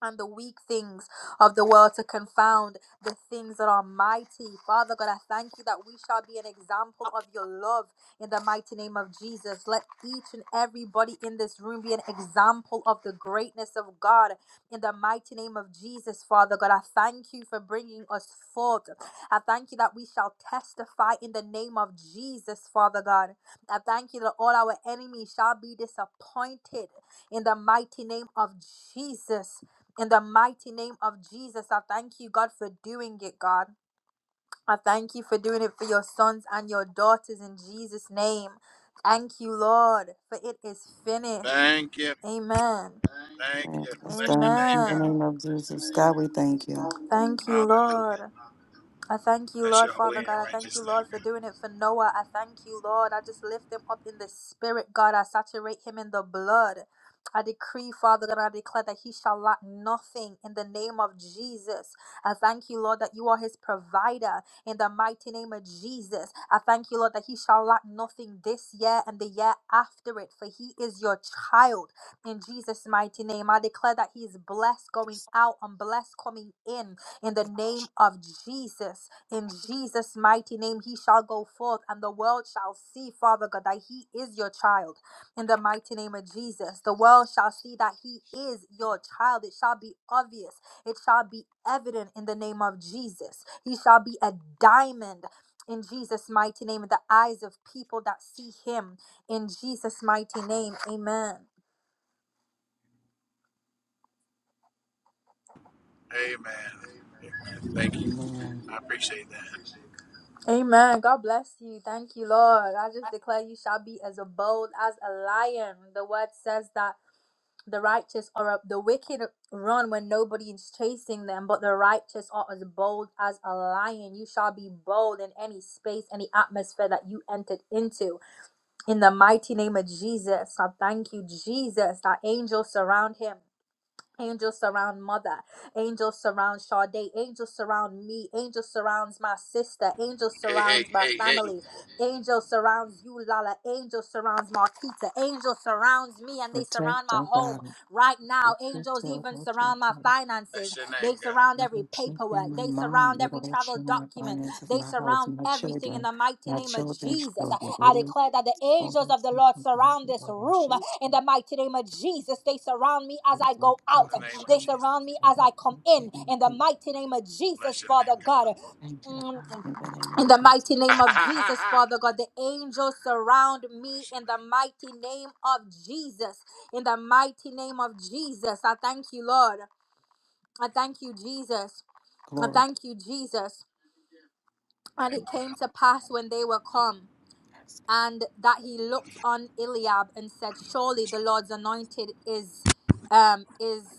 and the weak things of the world to confound the things that are mighty. Father God, I thank you that we shall be an example of your love in the mighty name of Jesus. Let each and everybody in this room be an example of the greatness of God in the mighty name of Jesus, Father God. I thank you for bringing us forth. I thank you that we shall testify in the name of Jesus, Father God. I thank you that all our enemies shall be disappointed in the mighty name of Jesus. In the mighty name of Jesus, I thank you, God, for doing it, God. I thank you for doing it for your sons and your daughters in Jesus' name. Thank you, Lord, for it is finished.
Thank you.
Amen.
Thank
Amen.
you.
It's
Bless
done
your
in
name,
the
Amen.
name of Jesus. God, we thank you.
Thank you,
God.
Lord.
Hallelujah.
I thank you,
Bless
Lord,
your
Father
holy and
God. I thank
righteous
you, Lord, for
name.
doing it for Noah. I thank you, Lord. I just lift him up in the spirit, God. I saturate him in the blood. I decree, Father God, I declare that he shall lack nothing in the name of Jesus. I thank you, Lord, that you are his provider in the mighty name of Jesus. I thank you, Lord, that he shall lack nothing this year and the year after it, for he is your child in Jesus' mighty name. I declare that he is blessed going out and blessed coming in in the name of Jesus. In Jesus' mighty name, he shall go forth, and the world shall see, Father God, that he is your child. In the mighty name of Jesus, the world shall see that he is your child. It shall be obvious, it shall be evident in the name of Jesus. He shall be a diamond. In Jesus' mighty name, in the eyes of people that see him. In Jesus' mighty name, amen.
God. Amen. Amen. Thank you.
Amen.
I appreciate that.
Amen. God bless you. Thank you, Lord. I just declare you shall be as bold as a lion. The word says that the righteous are the wicked run when nobody is chasing them, but the righteous are as bold as a lion. You shall be bold in any space, any atmosphere that you entered into. In the mighty name of Jesus, I thank you, Jesus, that angels surround him. Angels surround mother. Angels surround Sade. Angels surround me. Angels surrounds my sister. Angels
Hey, hey,
surrounds my
hey, hey.
family. Angels surrounds you, Lala. Angels surrounds Marquita. Angels surrounds me and they
Protect
surround my
our
home
God.
right now.
Protect
Angels
our
even surround my
children.
finances.
Bless your name,
They
God.
surround
Let
every
them keep in
paperwork.
my
They
mind,
surround every
Lord, I
travel
show my
document.
finances,
They
my house,
surround
my
everything in
children,
the mighty
my
name of
children's
Jesus.
children.
I
Lord,
declare that the
all
angels
those
of the
things
Lord
in my
surround this
Lord, I
room.
should
In
take.
the mighty name of Jesus, they surround me as
Jesus,
I go
In
out.
Lord, I
the name
show
of
They
my
Jesus.
surround me
Lord,
as
I
I come
should take.
in. In the
anything.
mighty name of
Bless
Jesus,
your
Father
name, God.
God.
Thank you,
Mm,
God, in the name
In
of
the
Jesus.
mighty
Ha,
name
ha,
of
ha, ha,
Jesus,
ha.
Father God, the angels surround me
Bless
in the
your
mighty name of Jesus. In the mighty name of Jesus, I thank you, Lord. I thank you, Jesus. I
Glory.
thank you, Jesus. And
name. Name.
it came to pass when they were come. and that he looked on Eliab and said, "Surely the Lord's anointed is um, is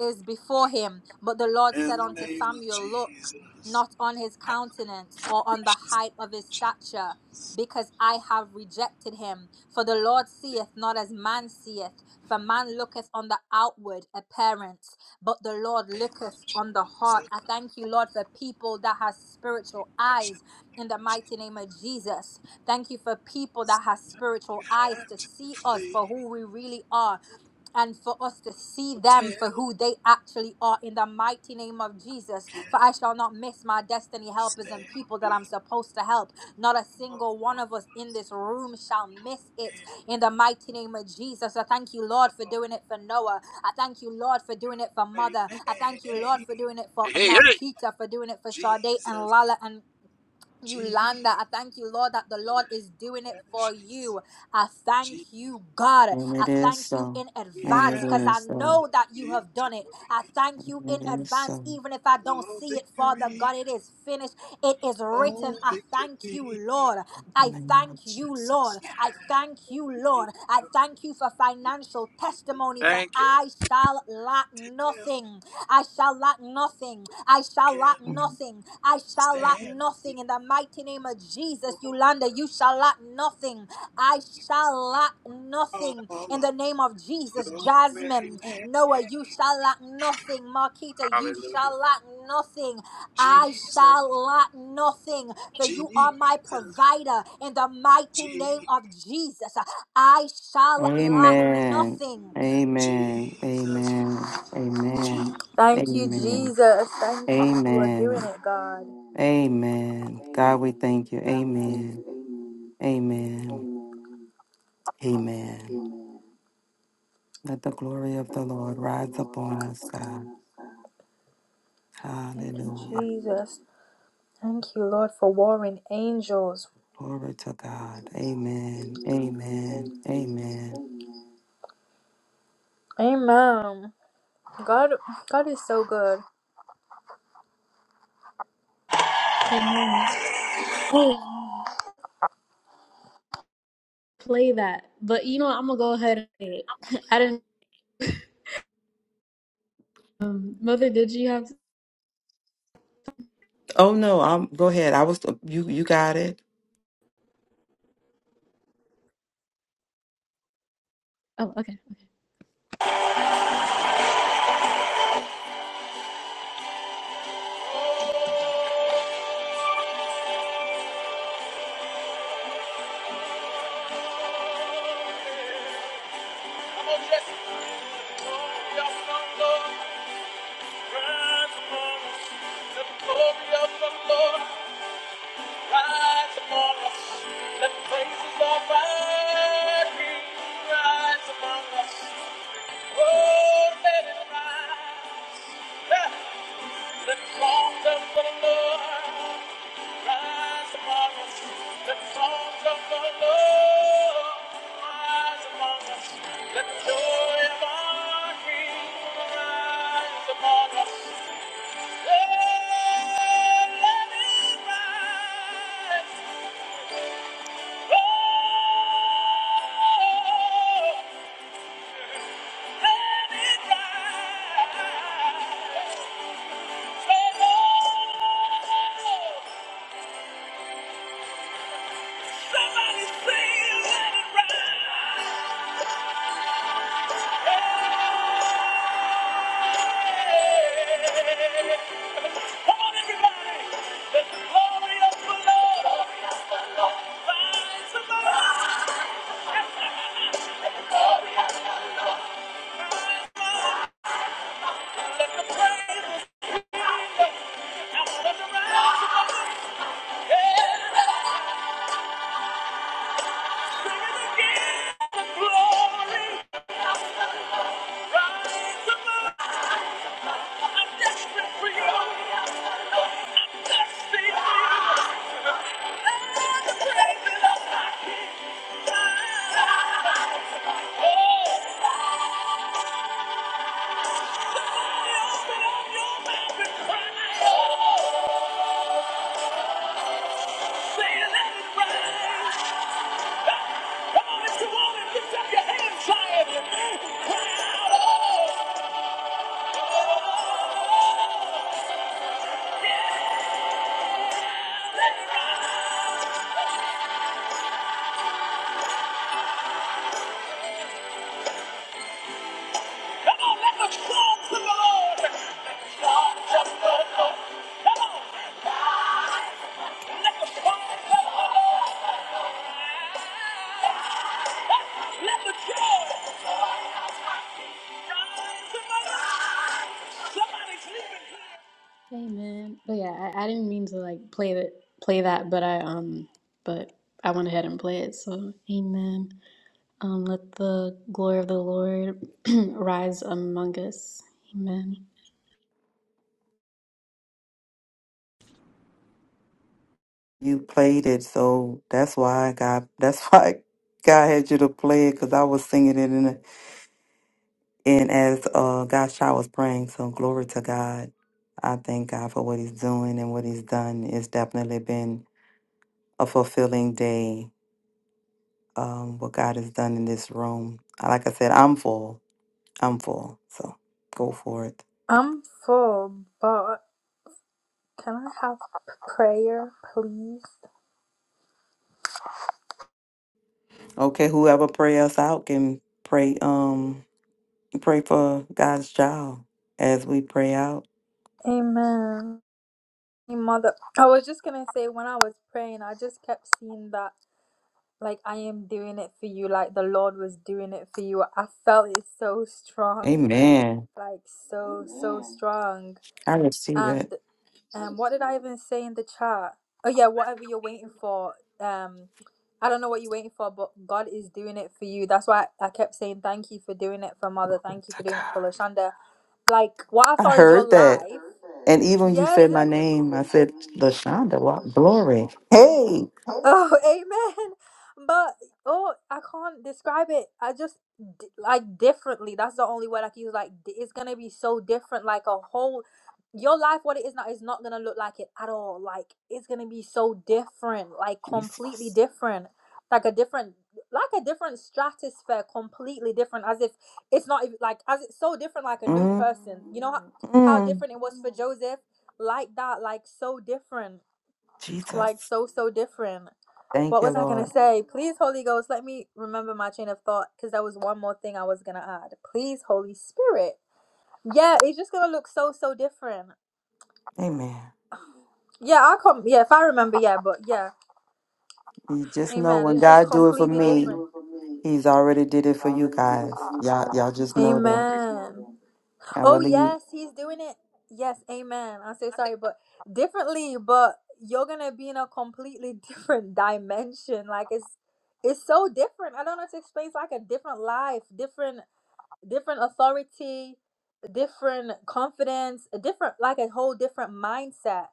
is before him." But the Lord
In
said
the
unto
name of
Samuel, "Look
Jesus.
not on his countenance or on the
Precious
height of his stature." Because I have rejected him. For the Lord seeth not as man seeth, for man looketh on the outward appearance, but the Lord
name of
looketh on the heart.
Jesus.
I thank you, Lord, for people that has spiritual
Precious
eyes
name
in the
of
mighty name of Jesus Thank you for people
Jesus.
that has
You
spiritual eyes
have
to
to
see us
flee.
for who we really are. And for us to see them
Hotel
for who they actually are in the mighty name of Jesus.
can't
For I shall not miss my destiny helpers
stand
and people that
me.
I'm supposed to help. Not a single one of us in this room shall miss it in the mighty name of Jesus. I thank you, Lord, for doing it for Noah. I thank you, Lord, for doing it for Mother.
Hey,
I thank you, Lord,
hey,
for doing it for
hey.
Marquita, for doing it for Sade and
Jesus,
Lala and you land that I thank you, Lord, that the Lord is doing it for
Jesus,
you. I thank
Jesus,
you, God.
And it
I
is
thank you
so.
in
we
And it
advance
have
because I
is so.
know that you have done it.
victory,
I thank you in
And it is so.
advance,
In
even if I don't
oh
see it, Father
victory,
God. It is finished, it is
oh
written. I
victory,
thank you, Lord. I
the name of
thank you, Lord.
Jesus.
I thank you, Lord. I
victory.
thank you for financial testimony, for
Thank you.
I shall lack
Tell
nothing. I shall lack nothing. I shall lack
can
Mm.
nothing. I shall lack
stand
nothing in the mighty name of Jesus.
before
Yolanda, you shall lack nothing. I shall lack
all
nothing in
of
the name of Jesus.
your
Jasmine,
greatness.
Noah, you shall lack nothing. Marquita, you
Hallelujah. Hallelujah,
shall lack nothing. I
Jesus,
shall lack nothing, for you are my
Jesus,
provider in the mighty name
Jesus,
of Jesus. I shall lack
Amen.
nothing.
Amen.
Jesus,
Amen.
Jesus.
Amen.
Thank you,
Amen.
Jesus. Thank you. You are doing
Amen.
it, God.
Amen. God, we
Amen.
thank you.
God, we thank you.
Amen.
Amen.
Amen.
Amen.
Amen.
Amen.
Let the glory of
The
the
glory
Lord
of the
rise
Lord
upon
rise
us,
upon
God.
us, God. Thank
Hallelujah.
you, Jesus. Thank you, Lord, for winning angels.
Glory to God. Amen.
Amen.
Amen.
Amen.
Amen.
Amen. Amen. God, God is so good.
Play that. But you know, what, I'm gonna go ahead and I didn't. Um, Mother, did you have?
Oh no, I'm go ahead. I was you you got it.
Oh, okay. Rise among us, let the glory of the Lord rise among us. Let the praises of our King rise among us. Oh, let it rise. Let the songs of the Lord Somebody say let it rise. Come on, everybody. Let the glory of the Lord rise above. Let the praises rise above. Let the rise above. Yeah. Let the glory rise above. I'm desperate for you. I'm thirsty for you. Let the praises rise. Oh. Let the joy of my God to my life. Somebody's leaving. Amen. But yeah, I, I didn't mean to like play that play that, but I um but I went ahead and played it. So amen. Um let the glory of the Lord rise among us. Amen.
You played it, so that's why I got that's why God had you to play it because I was singing it And as uh, gosh, I was praying, so glory to God. I thank God for what He's doing and what He's done. It's definitely been a fulfilling day. Um, what God has done in this room. Like I said, I'm full. I'm full. So go for it.
I'm full, but can I have prayer, please?
Okay, whoever pray us out can pray. Um, pray for God's child as we pray out.
Amen. Your Mother, I was just gonna say when I was praying, I just kept seeing that like I am doing it for you, like the Lord was doing it for you. I felt it so strong,
Amen.
like so so Amen. strong.
I receive it.
And um, what did I even say in the chat? Oh yeah, whatever you're waiting for, um, I don't know what you're waiting for, but God is doing it for you. That's why I kept saying thank you for doing it for Mother,
Glory
thank you for
to
doing it
God.
for Lashanda like what I
I
saw is your
heard that.
life.
And even when you
Yes.
said my name, I said
it-
Lashonda. Wow, glory. Hey,
Oh, amen. But oh, I can't describe it. I just d- like differently. That's the only word I can use. Like d- it's gonna be so different. Like a whole your life what it is now is not gonna look like it at all like it's gonna be so different like completely
Jesus.
different like a different like a different stratosphere completely different as if it's not even like as it's so different like a new
mm
person you know how, how
mm.
different it was for joseph like that like so different like
Jesus.
so so different what
Thank you,
was i gonna
Lord.
say please holy ghost let me remember my train of thought because there was one more thing i was gonna add please holy spirit yeah it's just gonna look so so different
Amen.
Yeah, I com yeah, if I remember, yeah, but yeah,
You just know
amen.
when
It's just
God do it for
completely
me,
different.
He's already did it for you guys. Y'all, y'all just know that.
Amen.
I
Oh
really,
yes,
thank
he's doing it. Yes, amen. I say sorry, but differently, but you're gonna be in a completely different dimension. Like it's it's so different. I don't know how to explain. It's like a different life, different different authority, different confidence, a different like a whole different mindset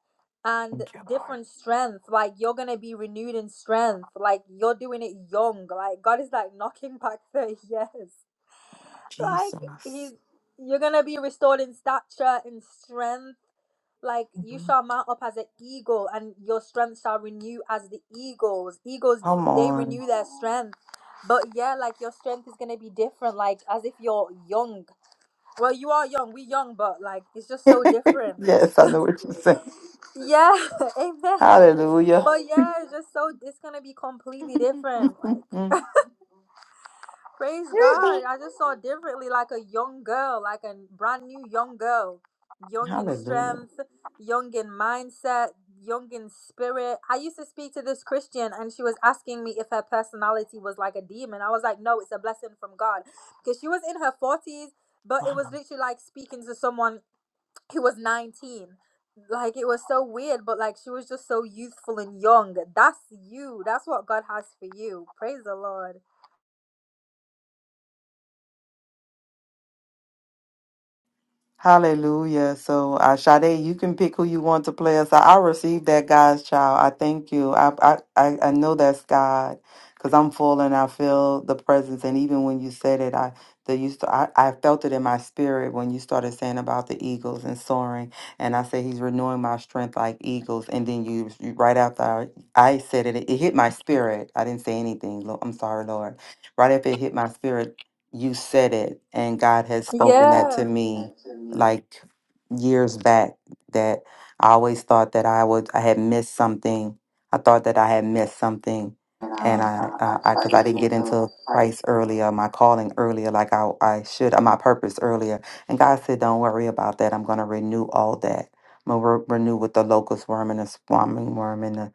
and
you, Lord.
different strength. Like you're gonna be renewed in strength. Like you're doing it young. Like God is like knocking back thirty years. Like he's
Jesus.
you're gonna be restored in stature and strength. Like you
Mhm.
shall mount up as an eagle, and your strength shall renew as the eagles. Eagles
Come
they
on.
renew their strength, but yeah, like your strength is gonna be different. Like as if you're young well, you are young. We young, but like it's just so different. Just
yes, I know what you're saying.
yeah, amen.
Hallelujah.
But yeah, it's just so it's gonna be completely different. Like praise God, I just saw differently, like a young girl, like a brand new young girl, young in
Hallelujah.
strength, young in mindset, young in spirit. I used to speak to this Christian, and she was asking me if her personality was like a demon. I was like, no, it's a blessing from God, because she was in her forties. But
Wow.
it was literally like speaking to someone he was 19 like it was so weird but like she was just so youthful and young that's you that's what god has for you praise the lord
Hallelujah. So, uh, Sade, you can pick who you want to play us. I, I received that God's child. I thank you. I I, I I know that's God because I'm full and I feel the presence. And even when you said it, I the you st- I, I felt it in my spirit when you started saying about the eagles and soaring. And I said He's renewing my strength like eagles. And then you, you right after I, I said it, it hit my spirit. I didn't say anything. Lo- I'm sorry, Lord. Right after it hit my spirit, you said it, and God has spoken that
yeah
to me like years back that I always thought that I would I had missed something. I thought that I had missed something, and
Mm.
I uh, I because I didn't get into Christ earlier, my calling earlier, like I I should, uh, my purpose earlier. And God said, "Don't worry about that. I'm going to renew all that. I'm going to renew with the locust worm and the swarming worm and the."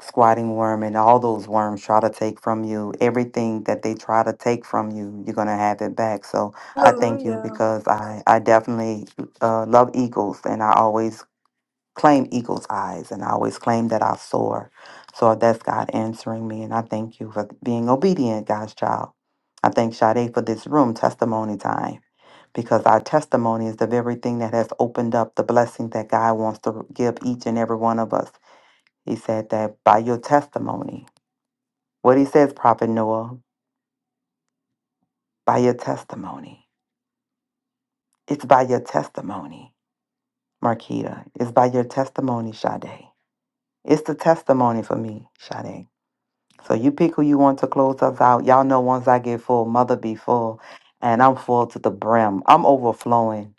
Squatting worm and all those worms try to take from you everything that they try to take from you, you're going to have it back. So, I thank you
hallelujah
because I, I definitely uh, love eagles and I always claim eagle's eyes and I always claim that I soar. So that's God answering me. And I thank you for being obedient, God's child. I thank Sade for this room, testimony time, because our testimony is the very thing that has opened up the blessing that God wants to give each and every one of us. He said that by your testimony, what he says, Prophet Noah, by your testimony, it's by your testimony. Marquita. It's by your testimony, Sade. It's the testimony for me, Sade. So you pick who you want to close us out. Y'all know once I get full, mother be full. And I'm full to the brim. I'm overflowing.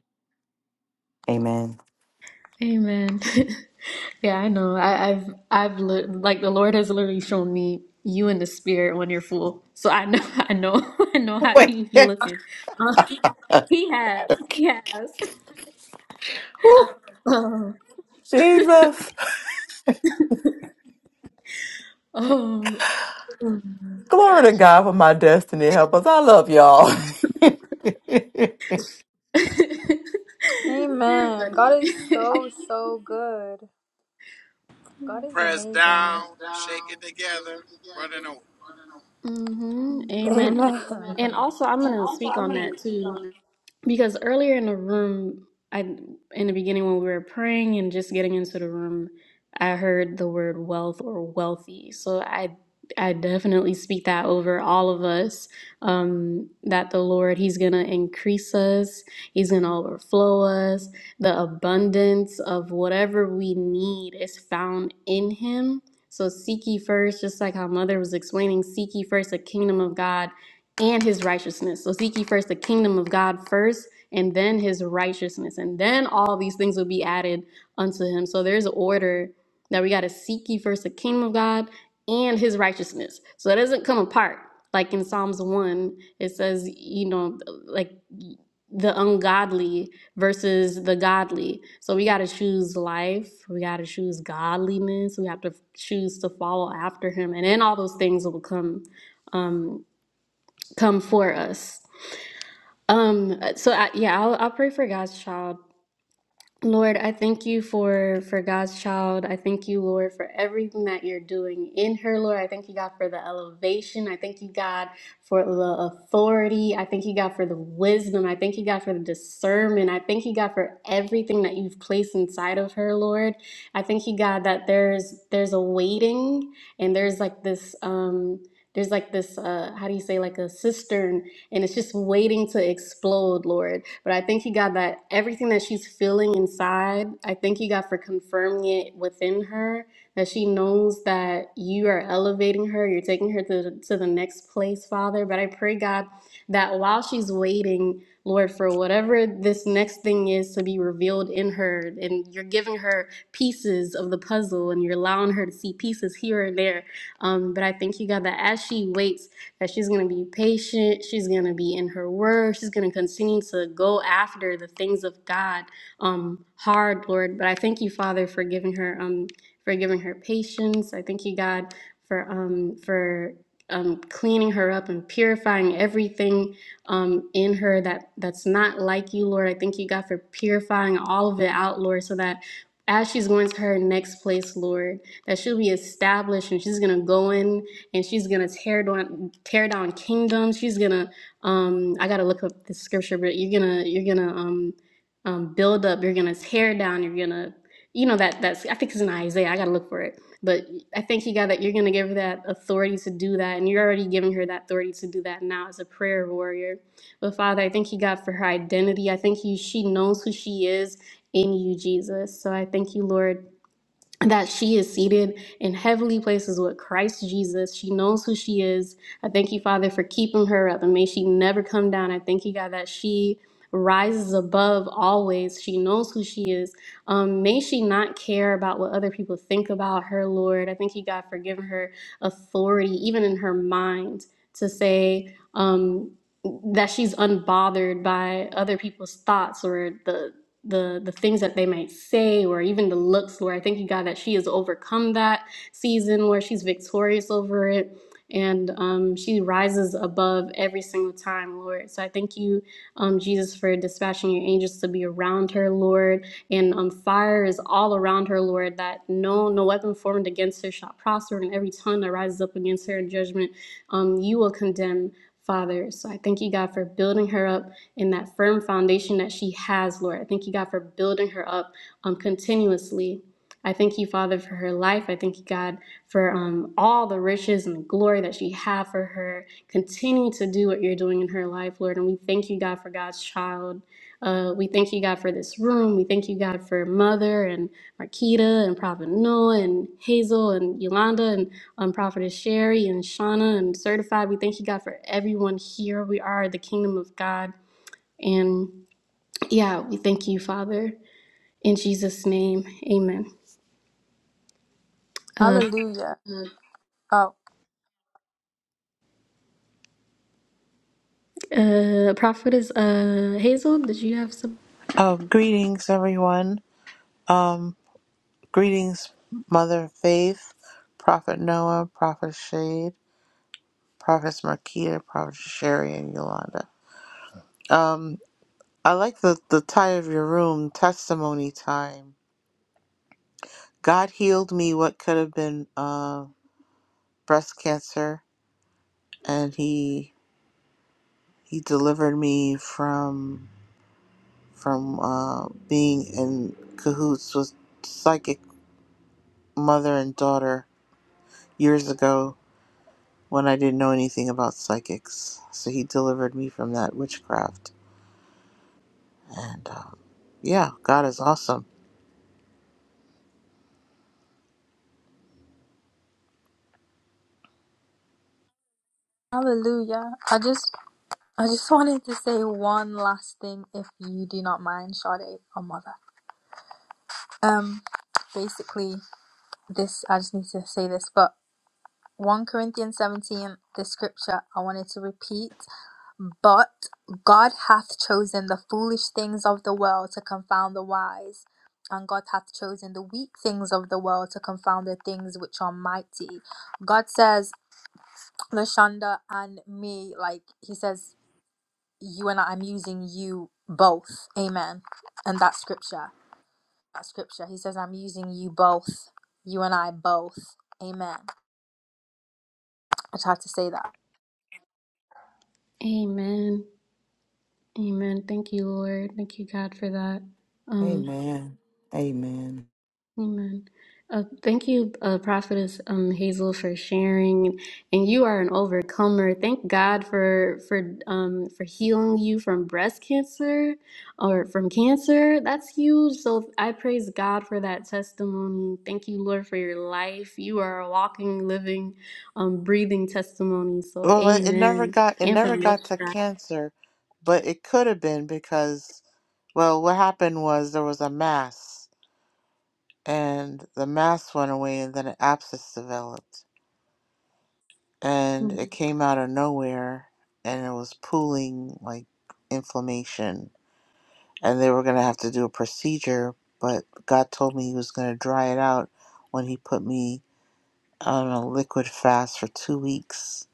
Amen.
Amen. yeah, I know. I, I've I've li- like the Lord has literally shown me you in the spirit when you're full. So I know I know I know how
Wait.
you be looking. He has. He has. Oh, oh my
Glory to
gosh.
God for my destiny. Help us. I love y'all.
You're
amen god
funny.
is so so good god is
Press
amazing
down, shake it together, running over.
hmm Amen.
amen
And also, I'm going
And
to
also,
speak
I'm
on
gonna
that
speak
too.
on
because earlier in the room i in the beginning when we were praying and just getting into the room i heard the word wealth or wealthy so i i definitely speak that over all of us um that the lord he's gonna increase us he's gonna overflow us the abundance of whatever we need is found in him so seek ye first just like how mother was explaining seek ye first the kingdom of god and his righteousness. So seek ye first the kingdom of God first, and then his righteousness, and then all these things will be added unto him. So there's an order that we got to seek ye first the kingdom of God and his righteousness. So it doesn't come apart. Like in Psalms 1, it says, you know, like the ungodly versus the godly. So we got to choose life. We got to choose godliness. We have to choose to follow after him. And then all those things will come um, come for us. Um, so I, yeah, I'll, I'll pray for God's child Lord, I thank you for for God's child. I thank you, Lord, for everything that you're doing in her, Lord. I thank you, God, for the elevation. I thank you, God, for the authority. I thank you, God, for the wisdom. I thank you, God, for the discernment. I thank you, God, for everything that you've placed inside of her, Lord. I thank you, God, that there's there's a waiting and there's like this um there's like this uh how do you say like a cistern and it's just waiting to explode, Lord. But I think he got that everything that she's feeling inside, I think he got for confirming it within her that she knows that you are elevating her, you're taking her to, to the next place, Father. But I pray, God, that while she's waiting, Lord, for whatever this next thing is to be revealed in her, and you're giving her pieces of the puzzle and you're allowing her to see pieces here and there. Um, but I thank you, God, that as she waits, that she's going to be patient. She's going to be in her word. She's going to continue to go after the things of God um, hard, Lord. But I thank you, Father, for giving her um, for giving her patience. I thank you, God, for um, for um, cleaning her up and purifying everything um, in her that that's not like you, Lord. I thank you, God, for purifying all of it out, Lord, so that as she's going to her next place, Lord, that she'll be established and she's gonna go in and she's gonna tear down tear down kingdoms. She's gonna um I gotta look up the scripture, but you're gonna you're gonna um um build up, you're gonna tear down, you're gonna you know that that's I think it's in Isaiah. I gotta look for it. But I think you got that you're gonna give her that authority to do that, and you're already giving her that authority to do that now as a prayer warrior. But Father, I thank you God for her identity. I think you she knows who she is in you, Jesus. So I thank you, Lord that she is seated in heavenly places with Christ Jesus. She knows who she is. I thank you, Father, for keeping her up and may she never come down. I thank you, God, that she rises above always. She knows who she is. Um, may she not care about what other people think about her, Lord. I thank you, God, for giving her authority, even in her mind, to say, um, that she's unbothered by other people's thoughts or the the the things that they might say or even the looks where I thank you God that she has overcome that season where she's victorious over it and um, she rises above every single time, Lord. So I thank you, um, Jesus, for dispatching your angels to be around her, Lord. And um, fire is all around her, Lord, that no no weapon formed against her shall prosper, and every tongue that rises up against her in judgment, um, you will condemn. Father, so I thank you, God, for building her up and that firm foundation that she has, Lord. I thank you, God, for building her up um, continuously. I thank you, Father, for her life. I thank you, God, for um, all the riches and the glory that you have for her. Continue to do what you're doing in her life, Lord. And we thank you, God, for God's child. Uh, we thank you, God, for this room. We thank you, God, for Mother and Marquita and Prophet Noah and Hazel and Yolanda and um, Prophetess Sherry and Shauna and Certified. We thank you, God, for everyone here. We are the kingdom of God. And yeah, we thank you, Father. In Jesus' name, amen. Uh,
hallelujah oh
uh, prophet is uh, Hazel. Did you have some?
Um, greetings, everyone. Um, greetings, Mother Faith, Prophet Noah, Prophet Shade, Prophetess Marquita, Prophet Sherry, and Yolanda. Um, I like the, the title of your room, Testimony Time. God healed me what could have been uh, breast cancer, and He He delivered me from from uh, being in cahoots with psychic mother and daughter years ago when I didn't know anything about psychics. So he delivered me from that witchcraft. And um, yeah, God is awesome.
hallelujah i just I just wanted to say one last thing, if you do not mind, Sade or Mother. Um, basically, this I just need to say this, but one Corinthians seventeen, the scripture I wanted to repeat. But God hath chosen the foolish things of the world to confound the wise, and God hath chosen the weak things of the world to confound the things which are mighty. God says, Lashonda and me, like He says. you and I, I'm using you both. Amen. And that scripture, that scripture, he says, I'm using you both, you and I both. Amen. I tried to say that.
Amen. Amen. Thank you, Lord. Thank you, God, for that. Um,
Amen. Amen.
Amen. Uh, thank you, uh, Prophetess um, Hazel, for sharing. And you are an overcomer. Thank God for for um, for healing you from breast cancer or from cancer. That's huge. So I praise God for that testimony. Thank you, Lord, for your life. You are a walking, living, um, breathing testimony. So
Well, it it never
Amen.
got it
And
never
from with
got to
God,
cancer, but it could have been because well, what happened was there was a mass and the mass went away and then an abscess developed and it
Mhm.
came out of nowhere and it was pooling like inflammation and they were going to have to do a procedure, but God told me He was going to dry it out when He put me on a liquid fast for two weeks.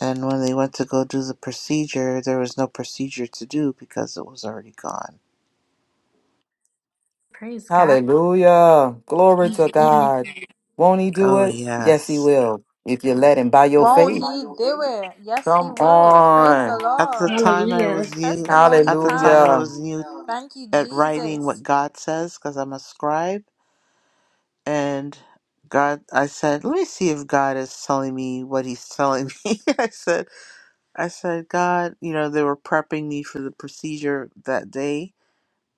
And when they went to go do the procedure, there was no procedure to do because it was already gone.
praise God.
Hallelujah. Glory to God. Won't he do
Oh,
it? Yes, he
yes.
will. If you let him by your
Won't
faith.
he do it? Yes, he
Come
will. Praise the
on.
At the
Lord.
time I was new,
Testimony
at the time I
time.
Hallelujah.
was new
Thank you,
at writing what
Jesus.
God says because I'm a scribe. And God, I said, let me see if God is telling me what He's telling me. I said, I said, God, you know, they were prepping me for the procedure that day.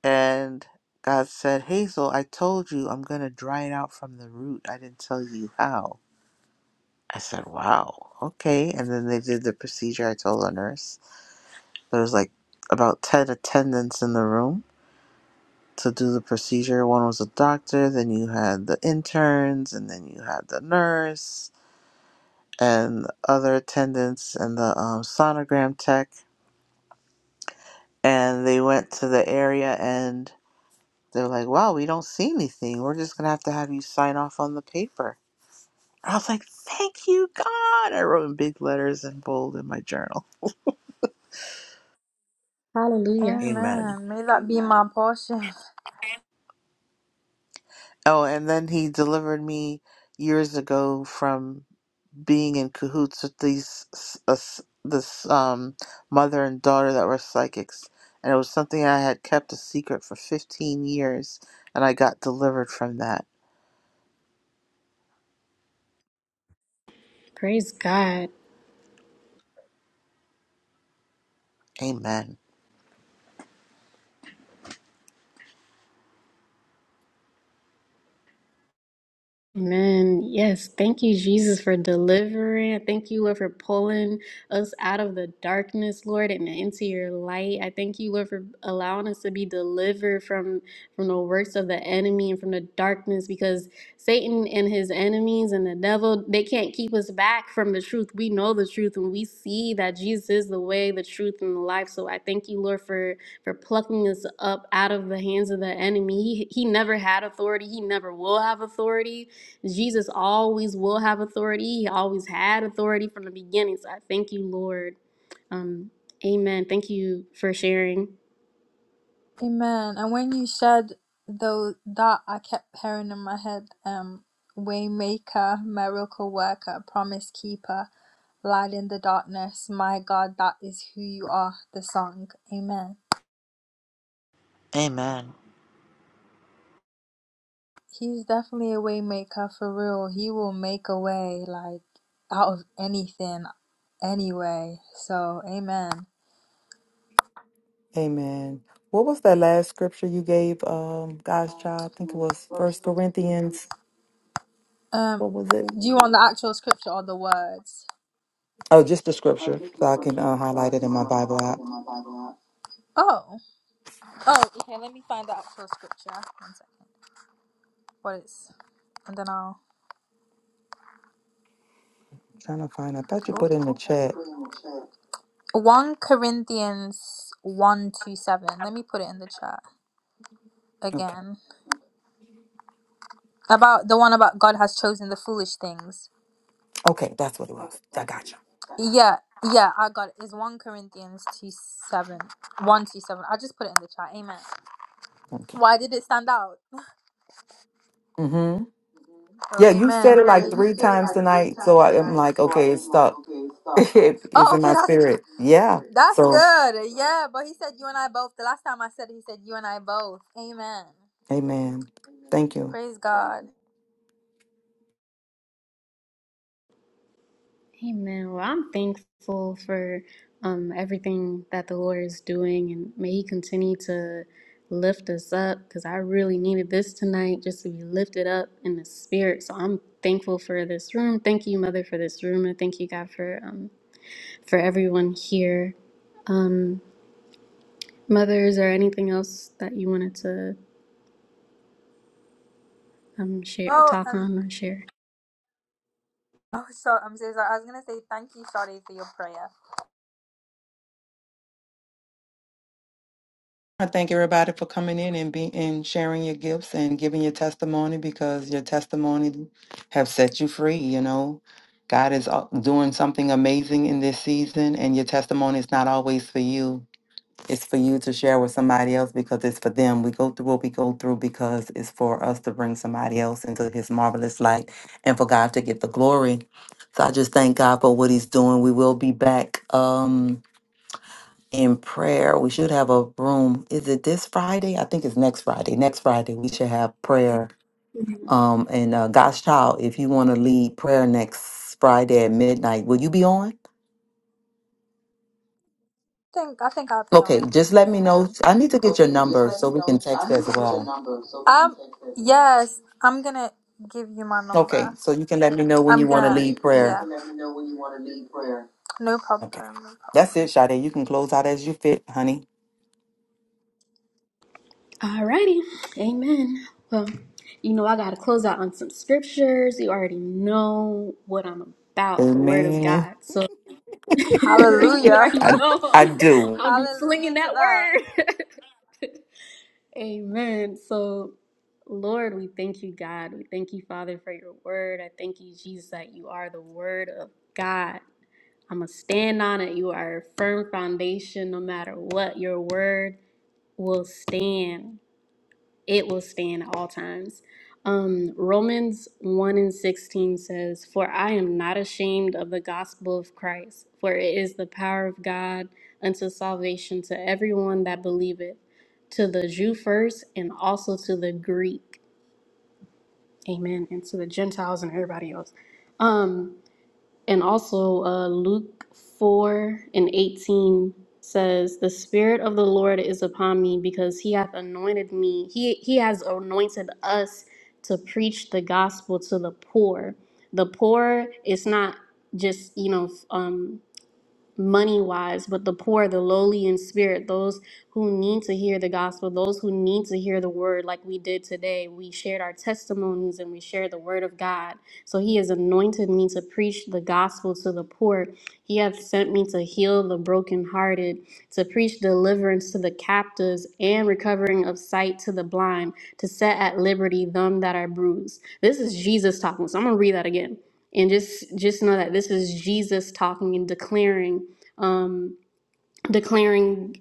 And God said, Hazel, I told you I'm going to dry it out from the root. I didn't tell you how. I said, wow, okay. And then they did the procedure. I told the nurse there was like about 10 attendants in the room to do the procedure. One was a doctor, then you had the interns, and then you had the nurse and other attendants and the um, sonogram tech and they went to the area and they're like, wow, we don't see anything. We're just going to have to have you sign off on the paper. I was like, thank you, God. I wrote in big letters and bold in my journal.
Hallelujah.
Amen.
Amen. May that be my portion.
Oh, and then he delivered me years ago from being in cahoots with these s- this um, mother and daughter that were psychics. And it was something I had kept a secret for 15 years, and I got delivered from that.
Praise God.
Amen.
Amen. Yes. Thank you, Jesus, for delivering. Thank you, Lord, for pulling us out of the darkness, Lord, and into your light. I thank you, Lord, for allowing us to be delivered from from the works of the enemy and from the darkness, because Satan and his enemies and the devil they can't keep us back from the truth. We know the truth, and we see that Jesus is the way, the truth, and the life. So I thank you, Lord, for for plucking us up out of the hands of the enemy. He, he never had authority. He never will have authority Jesus always will have authority. He always had authority from the beginning. So I thank you, Lord. Um, amen. Thank you for sharing.
Amen. And when you said though that, I kept hearing in my head, um, waymaker, miracle worker, promise keeper, light in the darkness. My God, that is who you are. The song. Amen.
Amen.
He's definitely a waymaker for real. He will make a way like out of anything, anyway. So, amen.
Amen. What was that last scripture you gave, um, God's child? I think it was First Corinthians.
Um,
What was
do
it?
you want the actual scripture or the words?
Oh, just the
Oh,
scripture,
just the
so I can
scripture,
uh,
so I
highlight it in
can uh,
my Bible
highlight it
app.
in my Bible app. Oh. Oh, okay. Let me find out for scripture. One second. What is? And then I'll. Oh.
I'm trying to find. I thought you
Um, Oh.
put it
I
in the
thought
chat.
put it in the chat. 1 Corinthians one two seven. Let me put it in the chat
Okay.
again. About the one about God has chosen the foolish things.
Okay, that's what it was.
Okay,
I
that's what it
got you.
was. Got it. Yeah. Yeah, I got it. It's 1 Corinthians 2 7. 1 two seven. I just put it in the chat. Amen.
Thank you.
Why did it stand out?
Mm-hmm.
Mm-hmm. Oh,
Yeah, you said
amen.
it
Yeah, Okay.
like
you
three
said it
times
like three
tonight, so
times
I am
tonight,
like,
so I
okay, it's
am like,
stuck.
okay, stop.
it's
Oh,
in
okay.
my
That's good.
spirit. Yeah.
That's
So,
Yeah. good. Yeah, but he said you and I both. The last time I said it, he said you and I both. Amen.
Amen. Thank
Amen.
you.
Praise God.
Amen. Well, I'm thankful for um, everything that the Lord is doing, and may He continue to lift us up because I really needed this tonight just to be lifted up in the spirit. So I'm thankful for this room. Thank you, Mother, for this room, and thank you, God, for um, for everyone here. Um, Mother, is there anything else that you wanted to? I'm share
Oh,
talk
and
on and share.
oh, so I'm so sorry. I was gonna say thank you, Shawty, for your prayer.
I thank everybody for coming in and being and sharing your gifts and giving your testimony because your testimony have set you free. You know, God is uh, doing something amazing in this season, and your testimony is not always for you. It's for you to share with somebody else because it's for them. We go through what we go through because it's for us to bring somebody else into His marvelous light and for God to get the glory. So I just thank God for what He's doing. We will be back. Um, in prayer. We should have a room. Is it this Friday? I think it's next Friday. Next Friday we should have prayer. Um, and uh, God's child, if you want to lead prayer next Friday at midnight, will you be on?
think I think I'll be on.
Okay, just let me know.
Amen.
I need to get your
Okay, just
number
let
so
me
we can
know. I
text
need
as
to get your
well.
number so we can Um, text it. yes, I'm gonna give you my number.
Okay, so you can let me know when
I'm
you want to
gonna. Okay,
lead
so you yeah.
prayer.
can let me know when you want to lead prayer. No
Okay,
problem. No
that's it,
problem.
Sade. You can close out as you fit, honey.
Alrighty. Amen. Well, you know I gotta close out on some scriptures. You already know what I'm about, the word of
Amen.
God. So you
Hallelujah.
already
I
know
I
I'm
do.
I'll be slinging
Hallelujah to
that
that.
word. Amen. So Lord, we thank you, God. We thank you, Father, for your word. I thank you, Jesus, that you are the word of God. I'm going to stand on it. You are a firm foundation no matter what. Your word will stand. it will stand at all times. Um, Romans 1 and 16 says, For I am not ashamed of the gospel of Christ, for it is the power of God unto salvation to everyone that believeth, to the Jew first, and also to the Greek. Amen. And to the Gentiles and everybody else. Um, and also, uh, Luke 4 and 18 says, The Spirit of the Lord is upon me because he hath anointed me. He, he has anointed us to preach the gospel to the poor. The poor is not just, you know, um, money wise, but the poor, the lowly in spirit, those who need to hear the gospel, those who need to hear the word, like we did today. We shared our testimonies and we shared the word of God. So He has anointed me to preach the gospel to the poor. He hath sent me to heal the brokenhearted, to preach deliverance to the captives and recovering of sight to the blind, to set at liberty them that are bruised. This is Jesus talking. So I'm going to read that again and just just know that this is Jesus talking and declaring um, declaring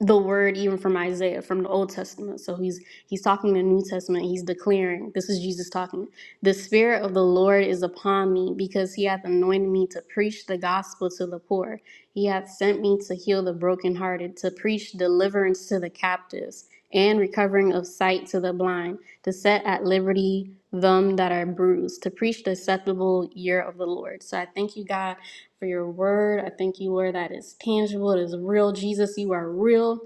the word even from Isaiah from the Old Testament. So he's he's talking the New Testament. He's declaring this is Jesus talking. The Spirit of the Lord is upon me because He hath anointed me to preach the gospel to the poor. He hath sent me to heal the brokenhearted, to preach deliverance to the captives, and recovering of sight to the blind, to set at liberty them that are bruised, to preach the acceptable year of the Lord. So I thank you, God for your word. I thank you, Lord, that is tangible, it is real. Jesus, you are real.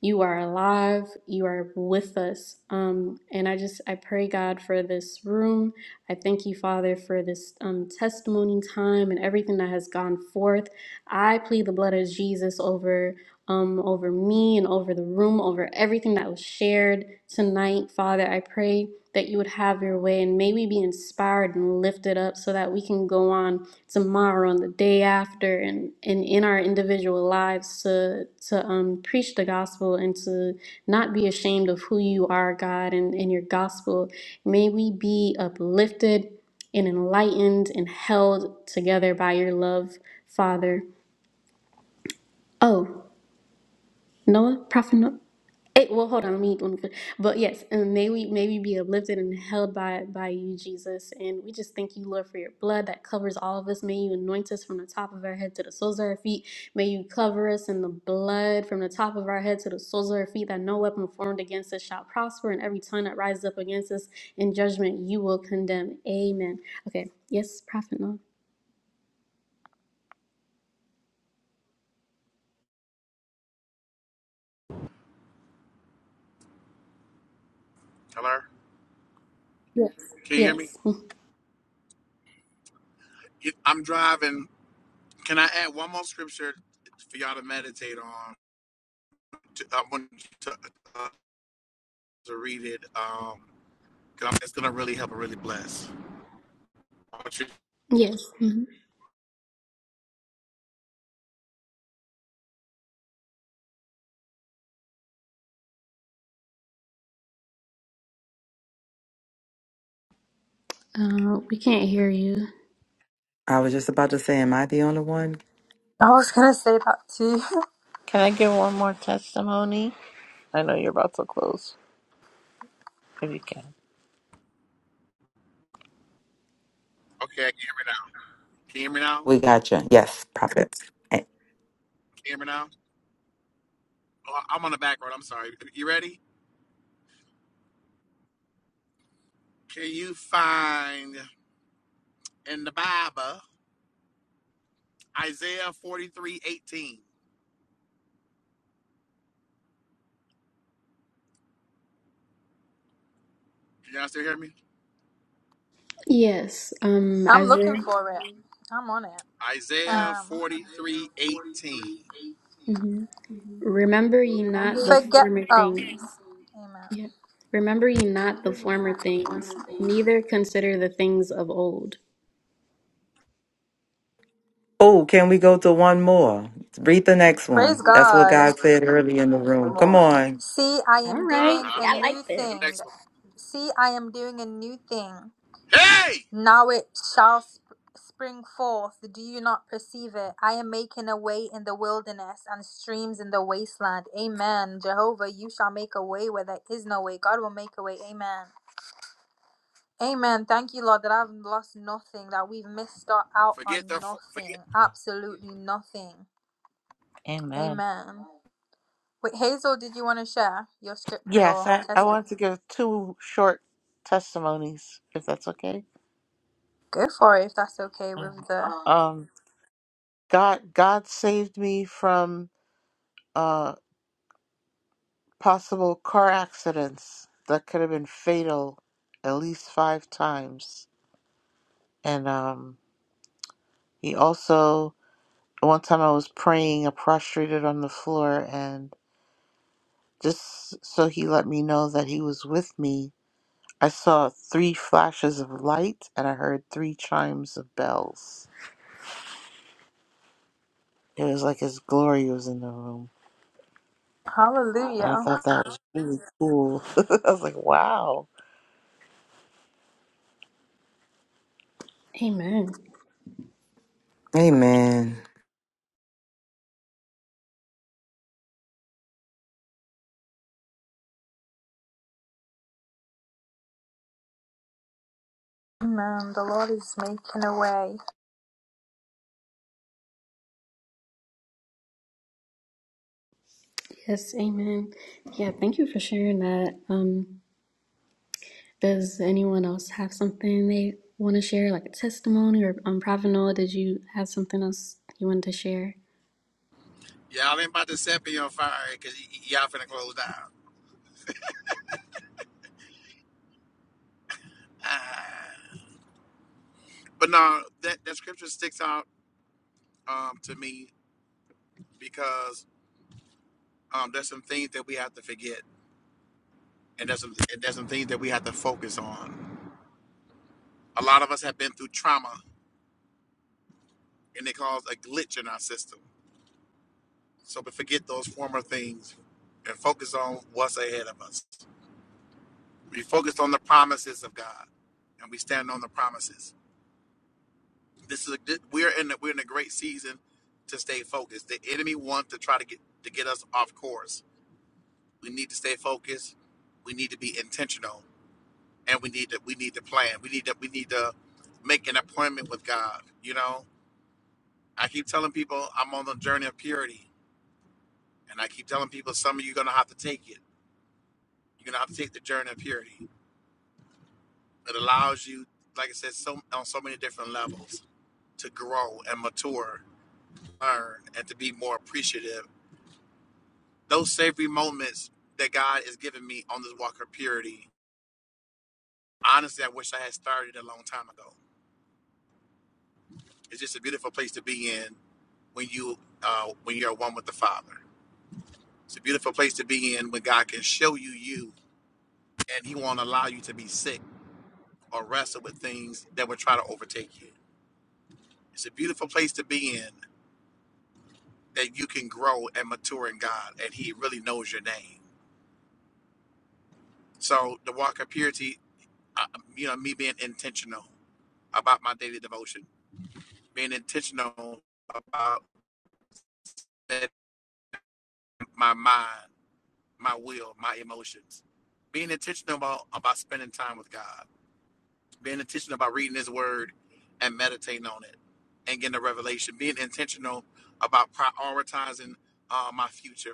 You are alive. You are with us. Um, and I just, I pray, God, for this room. I thank you, Father, for this um, testimony time and everything that has gone forth. I plead the blood of Jesus over um, over me and over the room, over everything that was shared tonight. Father, I pray that you would have your way and may we be inspired and lifted up so that we can go on tomorrow and the day after and, and in our individual lives to, to um, preach the gospel and to not be ashamed of who you are, God, and, and your gospel. May we be uplifted and enlightened and held together by your love, Father. Oh, Noah, Prophet Noah. Hey, well, hold on. Let me, let me, but yes, and may we, may we be uplifted and held by, by you, Jesus. And we just thank you, Lord, for your blood that covers all of us. May you anoint us from the top of our head to the soles of our feet. May you cover us in the blood from the top of our head to the soles of our feet, that no weapon formed against us shall prosper, and every tongue that rises up against us in judgment you will condemn. Amen. Okay. Yes, Prophet. No.
Hello? Can you hear me?
Yes. Mhm.
I'm driving. Can I add one more scripture for y'all to meditate on? To, I want you to, uh, to read it. Um, because it's going to really help and really bless. I want you-
Yes. hmm Uh, we can't hear you.
I was just about to say, am I the only one?
I was gonna say that too.
Can I give one more testimony? I know you're about to close, if you can.
okay, I can hear me now. Can you hear me now? Can
We got you. Yes, prophet. Eh,
you hear me now? Oh, I'm on the back road. I'm sorry. You ready? Can you find in the Bible Isaiah 43:18? Can y'all still hear me?
Yes. Um,
I'm looking
Isaiah.
for it. I'm on it.
Isaiah
Um.
43 18.
Remember ye not the
Forget.
former
Oh.
things.
Amen.
Yeah. Remember ye not the former things, neither consider the things of old.
Oh, can we go to one more? Read the next
Praise
one. That's what
God.
God said early in the room.
Come
Come
on.
on.
See, I
All
am
right.
doing
Uh-huh.
a new
You the
thing.
next one.
See, I am doing a new thing.
Hey!
Now it shall sp- spring forth. Do you not perceive it? I am making a way in the wilderness and streams in the wasteland. Amen. Jehovah, you shall make a way where there is no way. God will make a way. Amen. Amen. Thank you, Lord, that I've lost nothing, that we've missed out
Forget
on
the forget
nothing. Absolutely nothing.
Amen.
Amen. Wait, Hazel, did you want to share your script,
Yes,
your
I, I
testimony?
want to give two short testimonies, if that's okay.
Go for it if that's okay
Um,
with the.
um, God God saved me from uh, possible car accidents that could have been fatal at least five times. And um, he also, one time I was praying, I prostrated on the floor, and just so he let me know that he was with me I saw three flashes of light and I heard three chimes of bells. It was like his glory was in the room. And I
Hallelujah.
thought that was really cool. I was like, wow.
Amen.
Amen.
Amen. The Lord is making a way.
Yes, amen. Yeah, thank you for sharing that. Um, does anyone else have something they want to share, like a testimony or um, Prophet Noah, did you have something else you wanted to share?
y'all ain't about to set me on fire because y- y- y'all finna close down. Ah. But no, that, that scripture sticks out um, to me because um, there's some things that we have to forget and there's some and there's some things that we have to focus on. A lot of us have been through trauma and it caused a glitch in our system. So we forget those former things and focus on what's ahead of us. We focus on the promises of God, and we stand on the promises. This is a, good- we're in the, we're in a great season to stay focused. The enemy wants to try to get to get us off course. We need to stay focused. We need to be intentional, and we need to we need to plan. We need to we need to make an appointment with God. You know, I keep telling people I'm on the journey of purity, and I keep telling people some of you are gonna have to take it. You're gonna have to take the journey of purity. It allows you, like I said, so on so many different levels to grow and mature, learn, and to be more appreciative. Those savory moments that God has given me on this walk of purity, honestly, I wish I had started a long time ago. It's just a beautiful place to be in when you uh, when you're one with the Father. It's a beautiful place to be in when God can show you you, and He won't allow you to be sick or wrestle with things that would try to overtake you. It's a beautiful place to be in that you can grow and mature in God, and He really knows your name. So the walk of purity, uh, you know, me being intentional about my daily devotion, being intentional about my mind, my will, my emotions, being intentional about, about spending time with God, being intentional about reading His Word and meditating on it, and getting a revelation, being intentional about prioritizing uh, my future.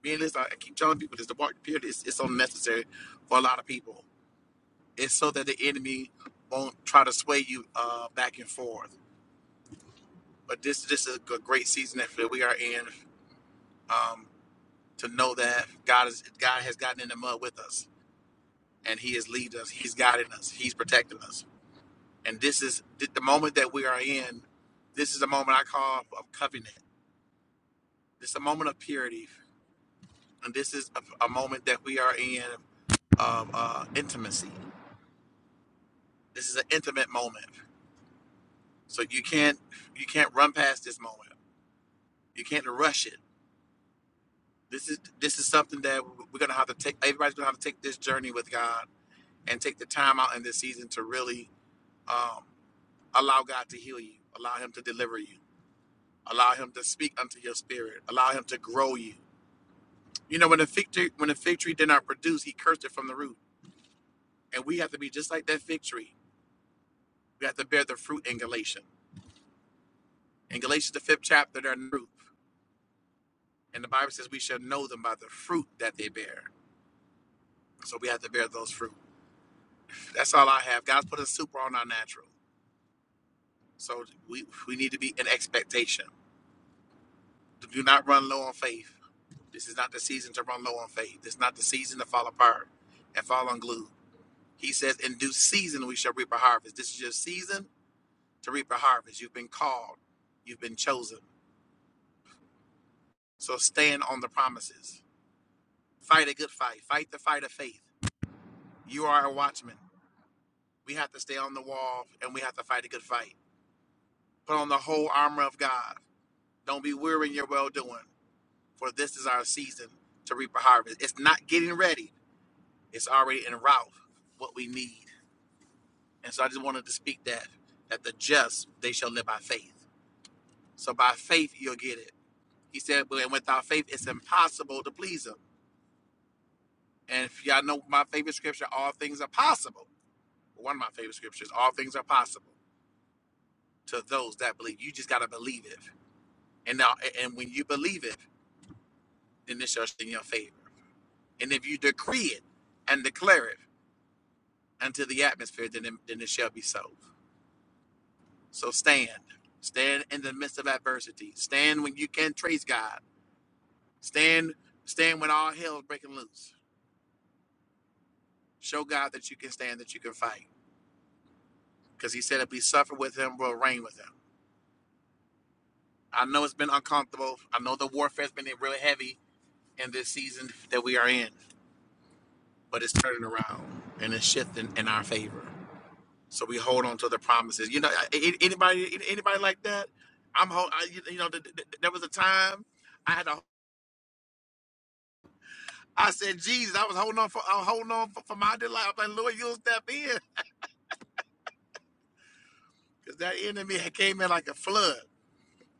Being this, I keep telling people this: the walk of purity is it's so necessary for a lot of people It's so that the enemy won't try to sway you uh, back and forth. But this this is a great season that we are in um, to know that God is God has gotten in the mud with us, and He has leading us. He's guiding us. He's protecting us. And this is th- the moment that we are in. This is a moment I call of covenant. This is a moment of purity, and this is a, a moment that we are in of uh, intimacy. This is an intimate moment, so you can't you can't run past this moment. You can't rush it this is this is something that we're gonna have to take. Everybody's gonna have to take this journey with God and take the time out in this season to really um, allow God to heal you, allow Him to deliver you, allow Him to speak unto your spirit, allow Him to grow you. You know, when the fig tree, when the fig tree did not produce, He cursed it from the root, and we have to be just like that fig tree. We have to bear the fruit in Galatians. In Galatians, the fifth chapter, there are no fruit, and the Bible says we shall know them by the fruit that they bear. So we have to bear those fruit. That's all I have. God's put a super on our natural. So we we need to be in expectation. Do not run low on faith. This is not the season to run low on faith. This is not the season to fall apart and fall unglued. He says, "In due season we shall reap a harvest." This is your season to reap a harvest. You've been called. You've been chosen. So stand on the promises. Fight a good fight. Fight the fight of faith. You are a watchman. We have to stay on the wall and we have to fight a good fight. Put on the whole armor of God. Don't be weary in your well doing. for this is our season to reap a harvest. It's not getting ready, it's already en route what we need. And so I just wanted to speak that, that the just, they shall live by faith. So by faith, you'll get it. He said, but without faith, it's impossible to please him. And if y'all know my favorite scripture, all things are possible. Well, One of my favorite scriptures, all things are possible to those that believe. You just got to believe it. And now, and when you believe it, then it shall be in your favor. And if you decree it and declare it, unto the atmosphere, then it, then it shall be so. So stand. Stand in the midst of adversity. Stand when you can trace God. Stand stand when all hell is breaking loose. Show God that you can stand, that you can fight. Because he said if we suffer with him, we'll reign with him. I know it's been uncomfortable. I know the warfare's been really heavy in this season that we are in, but it's turning around and it's shifting in our favor. So we hold on to the promises. You know, I- a- anybody anybody like that? I'm hold. I, you you know, th- th- there was a time I had a. I said, Jesus, I was holding on for. I'm holding on for, for my delight. I'm like, Lord, you'll step in because that enemy had came in like a flood.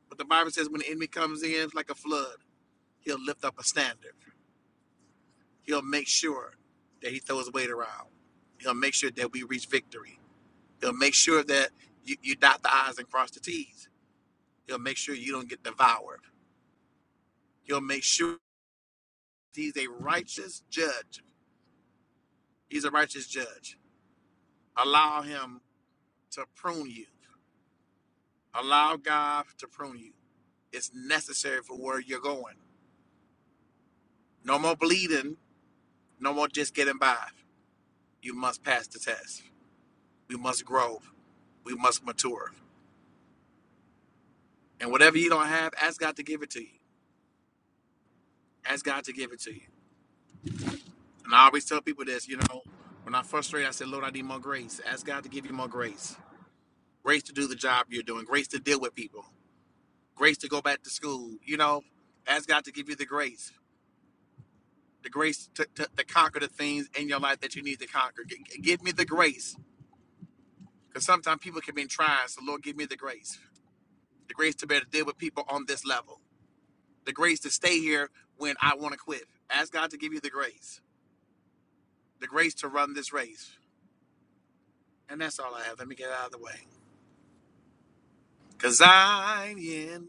But the Bible says when the enemy comes in like a flood, he'll lift up a standard. He'll make sure that he throws weight around. He'll make sure that we reach victory. He'll make sure that you, you dot the I's and cross the T's. He'll make sure you don't get devoured. He'll make sure. He's a righteous judge. He's a righteous judge. Allow him to prune you. Allow God to prune you. It's necessary for where you're going. No more bleeding. No more just getting by. You must pass the test. We must grow. We must mature. And whatever you don't have, ask God to give it to you. Ask God to give it to you. And I always tell people this, you know, when I'm frustrated, I say, Lord, I need more grace. Ask God to give you more grace. Grace to do the job you're doing, grace to deal with people, grace to go back to school. You know, ask God to give you the grace, the grace to, to, to conquer the things in your life that you need to conquer. G- give me the grace, because sometimes people can be in trials. So Lord, give me the grace, the grace to be able to deal with people on this level, the grace to stay here when I want to quit. Ask God to give you the grace, the grace to run this race, and that's all I have. Let me get out of the way, because I'm in.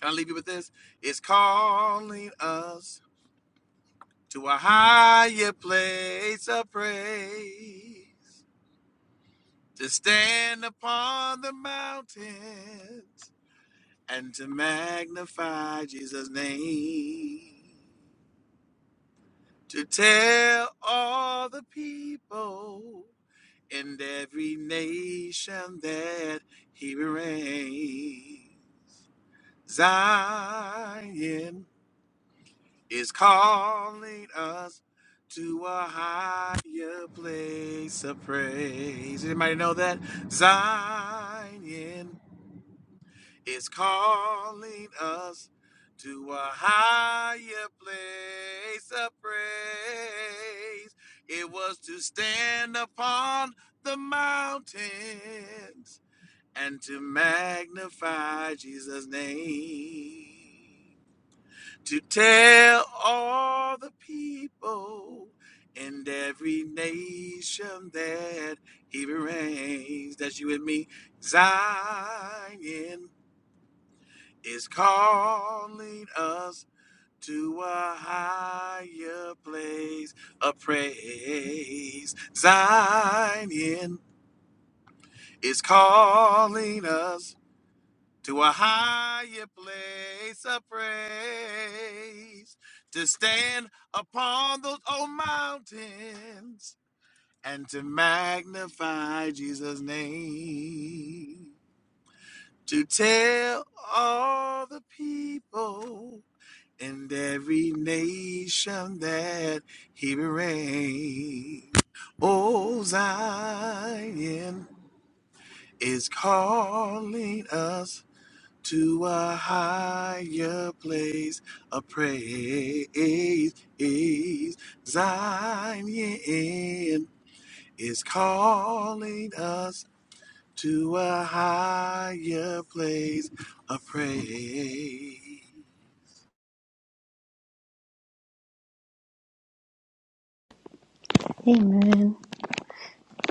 Can I leave you with this? It's calling us. to a higher place of praise, to stand upon the mountains and to magnify Jesus' name, to tell all the people in every nation that he reigns. Zion. is calling us to a higher place of praise. Anybody know that? Zion is calling us to a higher place of praise. It was to stand upon the mountains and to magnify Jesus' name to tell all the people in every nation that he reigns. That's you and me. Zion is calling us to a higher place of praise. Zion is calling us to a higher place of praise, to stand upon those old mountains and to magnify Jesus' name, to tell all the people and every nation that he reigns. Oh, Zion is calling us to a higher place of praise. Zion is calling us to a higher place of praise.
Amen.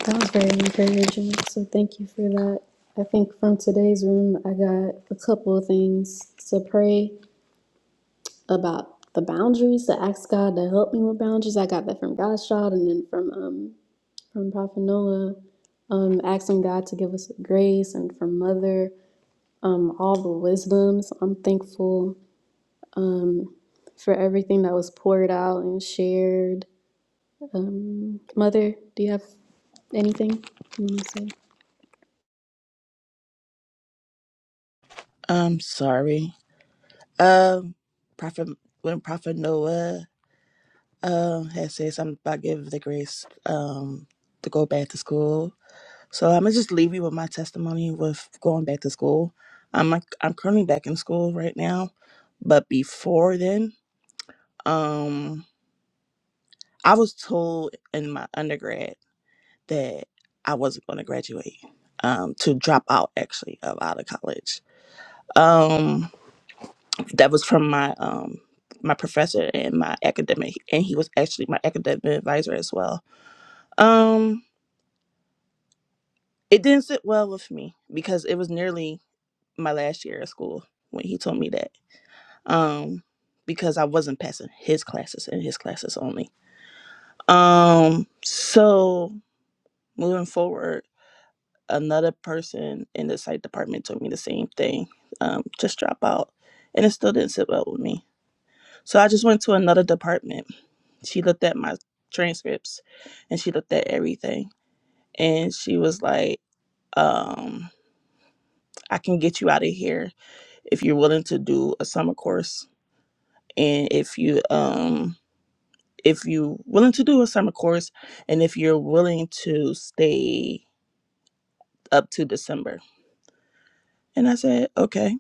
That was very encouraging. So thank you for that. I think from today's room, I got a couple of things to pray about the boundaries to ask God to help me with boundaries. I got that from God's child and then from um from Prophet Noah, um asking God to give us grace and from mother, um all the wisdoms. I'm thankful um for everything that was poured out and shared. Um mother, do you have anything you want to say?
I'm sorry. Um, Prophet, when Prophet Noah um had said something about give the grace um to go back to school, So I'm gonna just leave you with my testimony with going back to school. I'm like, I'm currently back in school right now, but before then, um, I was told in my undergrad that I wasn't going to graduate, um, to drop out actually of out of college. Um, that was from my um my professor and my academic, and he was actually my academic advisor as well. Um, it didn't sit well with me because it was nearly my last year of school when he told me that um, because I wasn't passing his classes and his classes only. Um, so moving forward, another person in the site department told me the same thing. Um, just drop out. And it still didn't sit well with me. So I just went to another department. She looked at my transcripts and she looked at everything. And she was like, um, I can get you out of here if you're willing to do a summer course and if you um if you're willing to do a summer course and if you're willing to stay up to December. And I said, okay.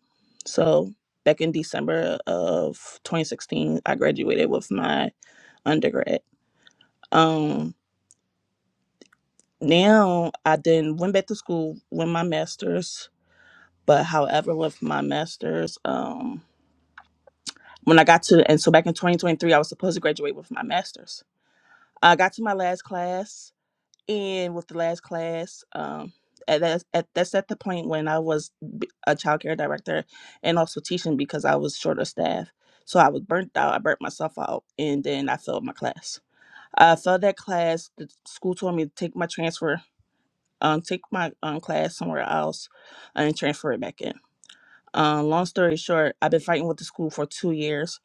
So back in December of 2016, I graduated with my undergrad. Um, now I then went back to school with my master's, but however, with my master's, um, when I got to, and so back in 2023, I was supposed to graduate with my master's. I got to my last class and with the last class um at that's at, that's at the point when i was b- a child care director and also teaching because i was short of staff so i was burnt out i burnt myself out and then i failed my class i failed that class the school told me to take my transfer um take my um class somewhere else and transfer it back in um long story short i've been fighting with the school for two years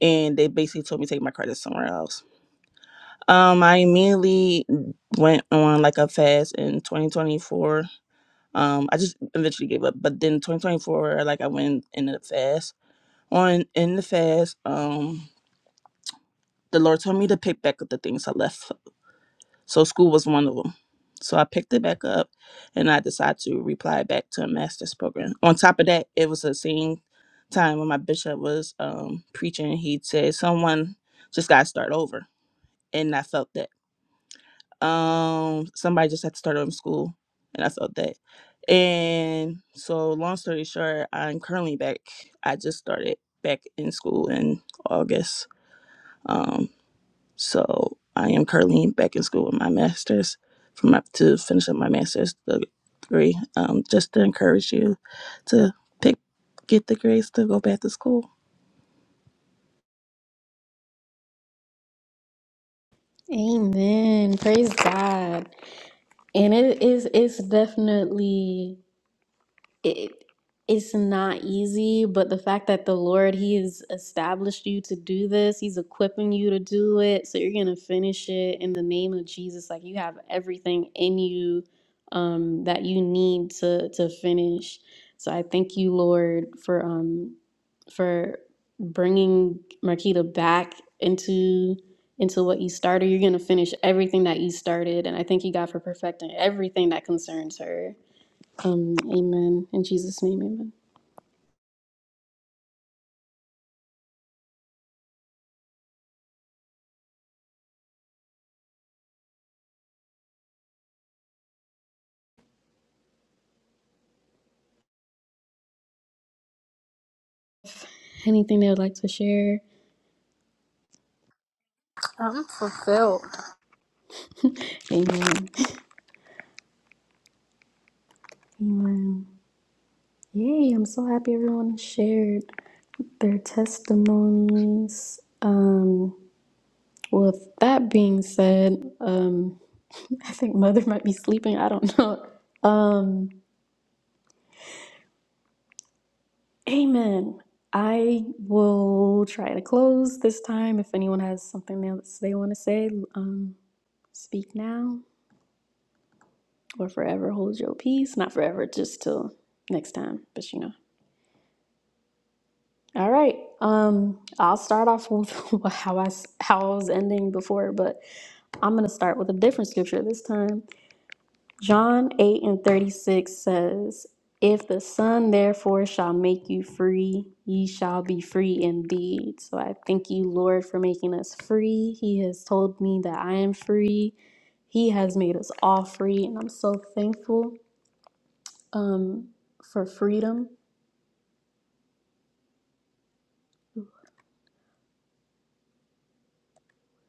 and they basically told me to take my credits somewhere else um, I immediately went on like a fast in 2024. Um, I just eventually gave up, but then 2024, like I went in the fast. On in the fast, um, the Lord told me to pick back up the things I left. So school was one of them. So I picked it back up, and I decided to reply back to a master's program. On top of that, it was the same time when my bishop was um preaching. He said someone just got to start over, and I felt that. Um, somebody just had to start over school, and I all that. And so, long story short, I'm currently back. I just started back in school in August. Um, so I am currently back in school with my master's from up to finish up my master's degree. Um, just to encourage you to pick, get the grades to go back to school.
Amen. Praise God. And it is it's definitely it it's not easy, but the fact that the Lord He has established you to do this, He's equipping you to do it, so you're gonna finish it in the name of Jesus. Like you have everything in you um, that you need to to finish. So I thank you, Lord, for um for bringing Marquita back into into what you started. You're gonna finish everything that you started, and I thank you, God, for perfecting everything that concerns her. Um, amen. In Jesus' name, amen. Anything they would like to share?
I'm fulfilled.
amen. Amen. Yay, I'm so happy everyone shared their testimonies. Um, with that being said, um, I think mother might be sleeping. I don't know. Um, amen. I will try to close this time. If anyone has something else they want to say, um, speak now. or forever hold your peace. Not forever, just till next time. But you know. All right. Um, I'll start off with how I s- how I was ending before, but I'm gonna start with a different scripture this time. John eight and thirty six says, "If the Son therefore shall make you free, ye shall be free indeed." So I thank you, Lord, for making us free. He has told me that I am free. He has made us all free, and I'm so thankful. um, for freedom.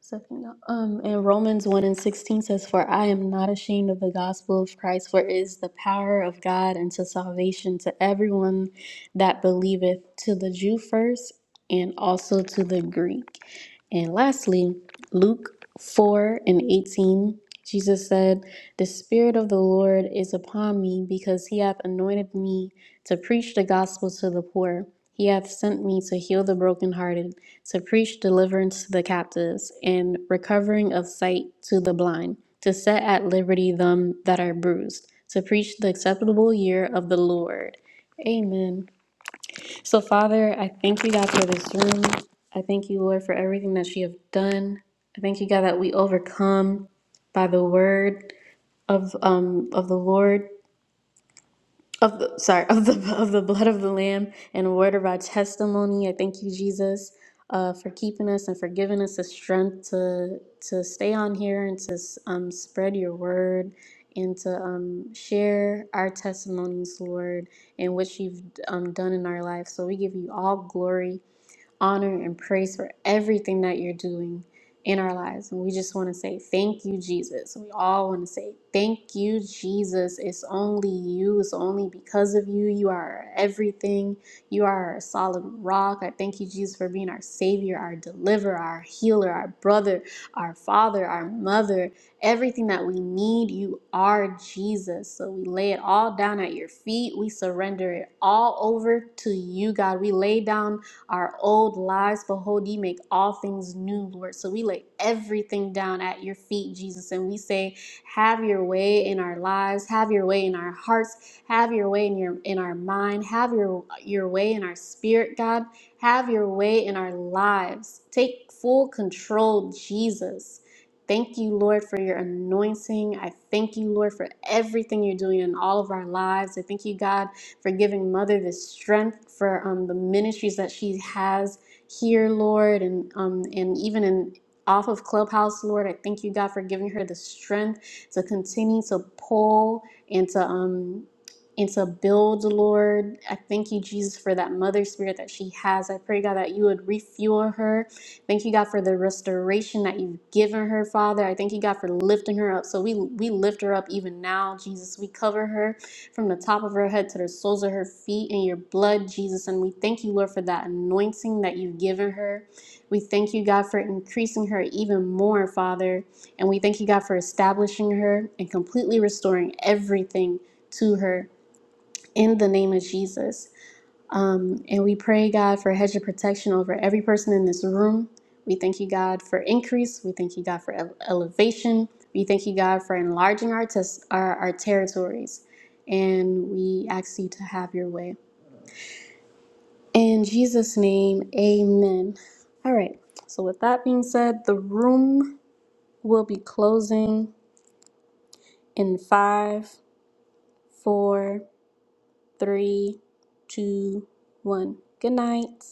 Second, um, and Romans one and sixteen says, "For I am not ashamed of the gospel of Christ, for it is the power of God unto salvation to everyone that believeth, to the Jew first, and also to the Greek." And lastly, Luke four and eighteen, Jesus said. The Spirit of the Lord is upon me, because he hath anointed me to preach the gospel to the poor. He hath sent me to heal the brokenhearted, to preach deliverance to the captives, and recovering of sight to the blind, to set at liberty them that are bruised, to preach the acceptable year of the Lord. Amen. So, Father, I thank you, God, for this room. I thank you, Lord, for everything that you have done. I thank you, God, that we overcome by the word of um of the Lord of the sorry of the of the blood of the Lamb and word of our testimony. I thank you, Jesus, uh, for keeping us and for giving us the strength to to stay on here and to um spread your word and to um share our testimonies, Lord, and what you've um done in our life. So we give you all glory honor and praise for everything that you're doing in our lives. And we just want to say thank you, Jesus. We all want to say thank you, Jesus. It's only you. It's only because of you. You are our everything. You are our solid rock. I thank you, Jesus, for being our Savior, our deliverer, our healer, our brother, our father, our mother. Everything that we need, you are Jesus. So we lay it all down at your feet. We surrender it all over to you, God. We lay down our old lives. Behold, ye make all things new, Lord. So we lay everything down at your feet, Jesus, and we say, Have your way in our lives, have your way in our hearts, have your way in your in our mind, have your your way in our spirit, God. Have your way in our lives. Take full control, Jesus. Thank you, Lord, for your anointing. I thank you, Lord, for everything you're doing in all of our lives. I thank you, God for giving Mother the strength for um, the ministries that she has here, Lord, and um, and even in off of Clubhouse, Lord. I thank you, God, for giving her the strength to continue to pull and to um and to build, Lord. I thank you, Jesus, for that mother spirit that she has. I pray, God, that you would refuel her. Thank you, God, for the restoration that you've given her, Father. I thank you, God, for lifting her up. So we we lift her up even now, Jesus. We cover her from the top of her head to the soles of her feet in your blood, Jesus. And we thank you, Lord, for that anointing that you've given her. We thank you, God, for increasing her even more, Father. And we thank you, God, for establishing her and completely restoring everything to her in the name of Jesus. Um, and we pray, God, for a hedge of protection over every person in this room. We thank you, God, for increase. We thank you, God, for ele- elevation. We thank you, God, for enlarging our, tes- our, our territories. And we ask you to have your way. In Jesus' name, amen. All right. So, with that being said, the room will be closing in five, four, three, two, one. Good night.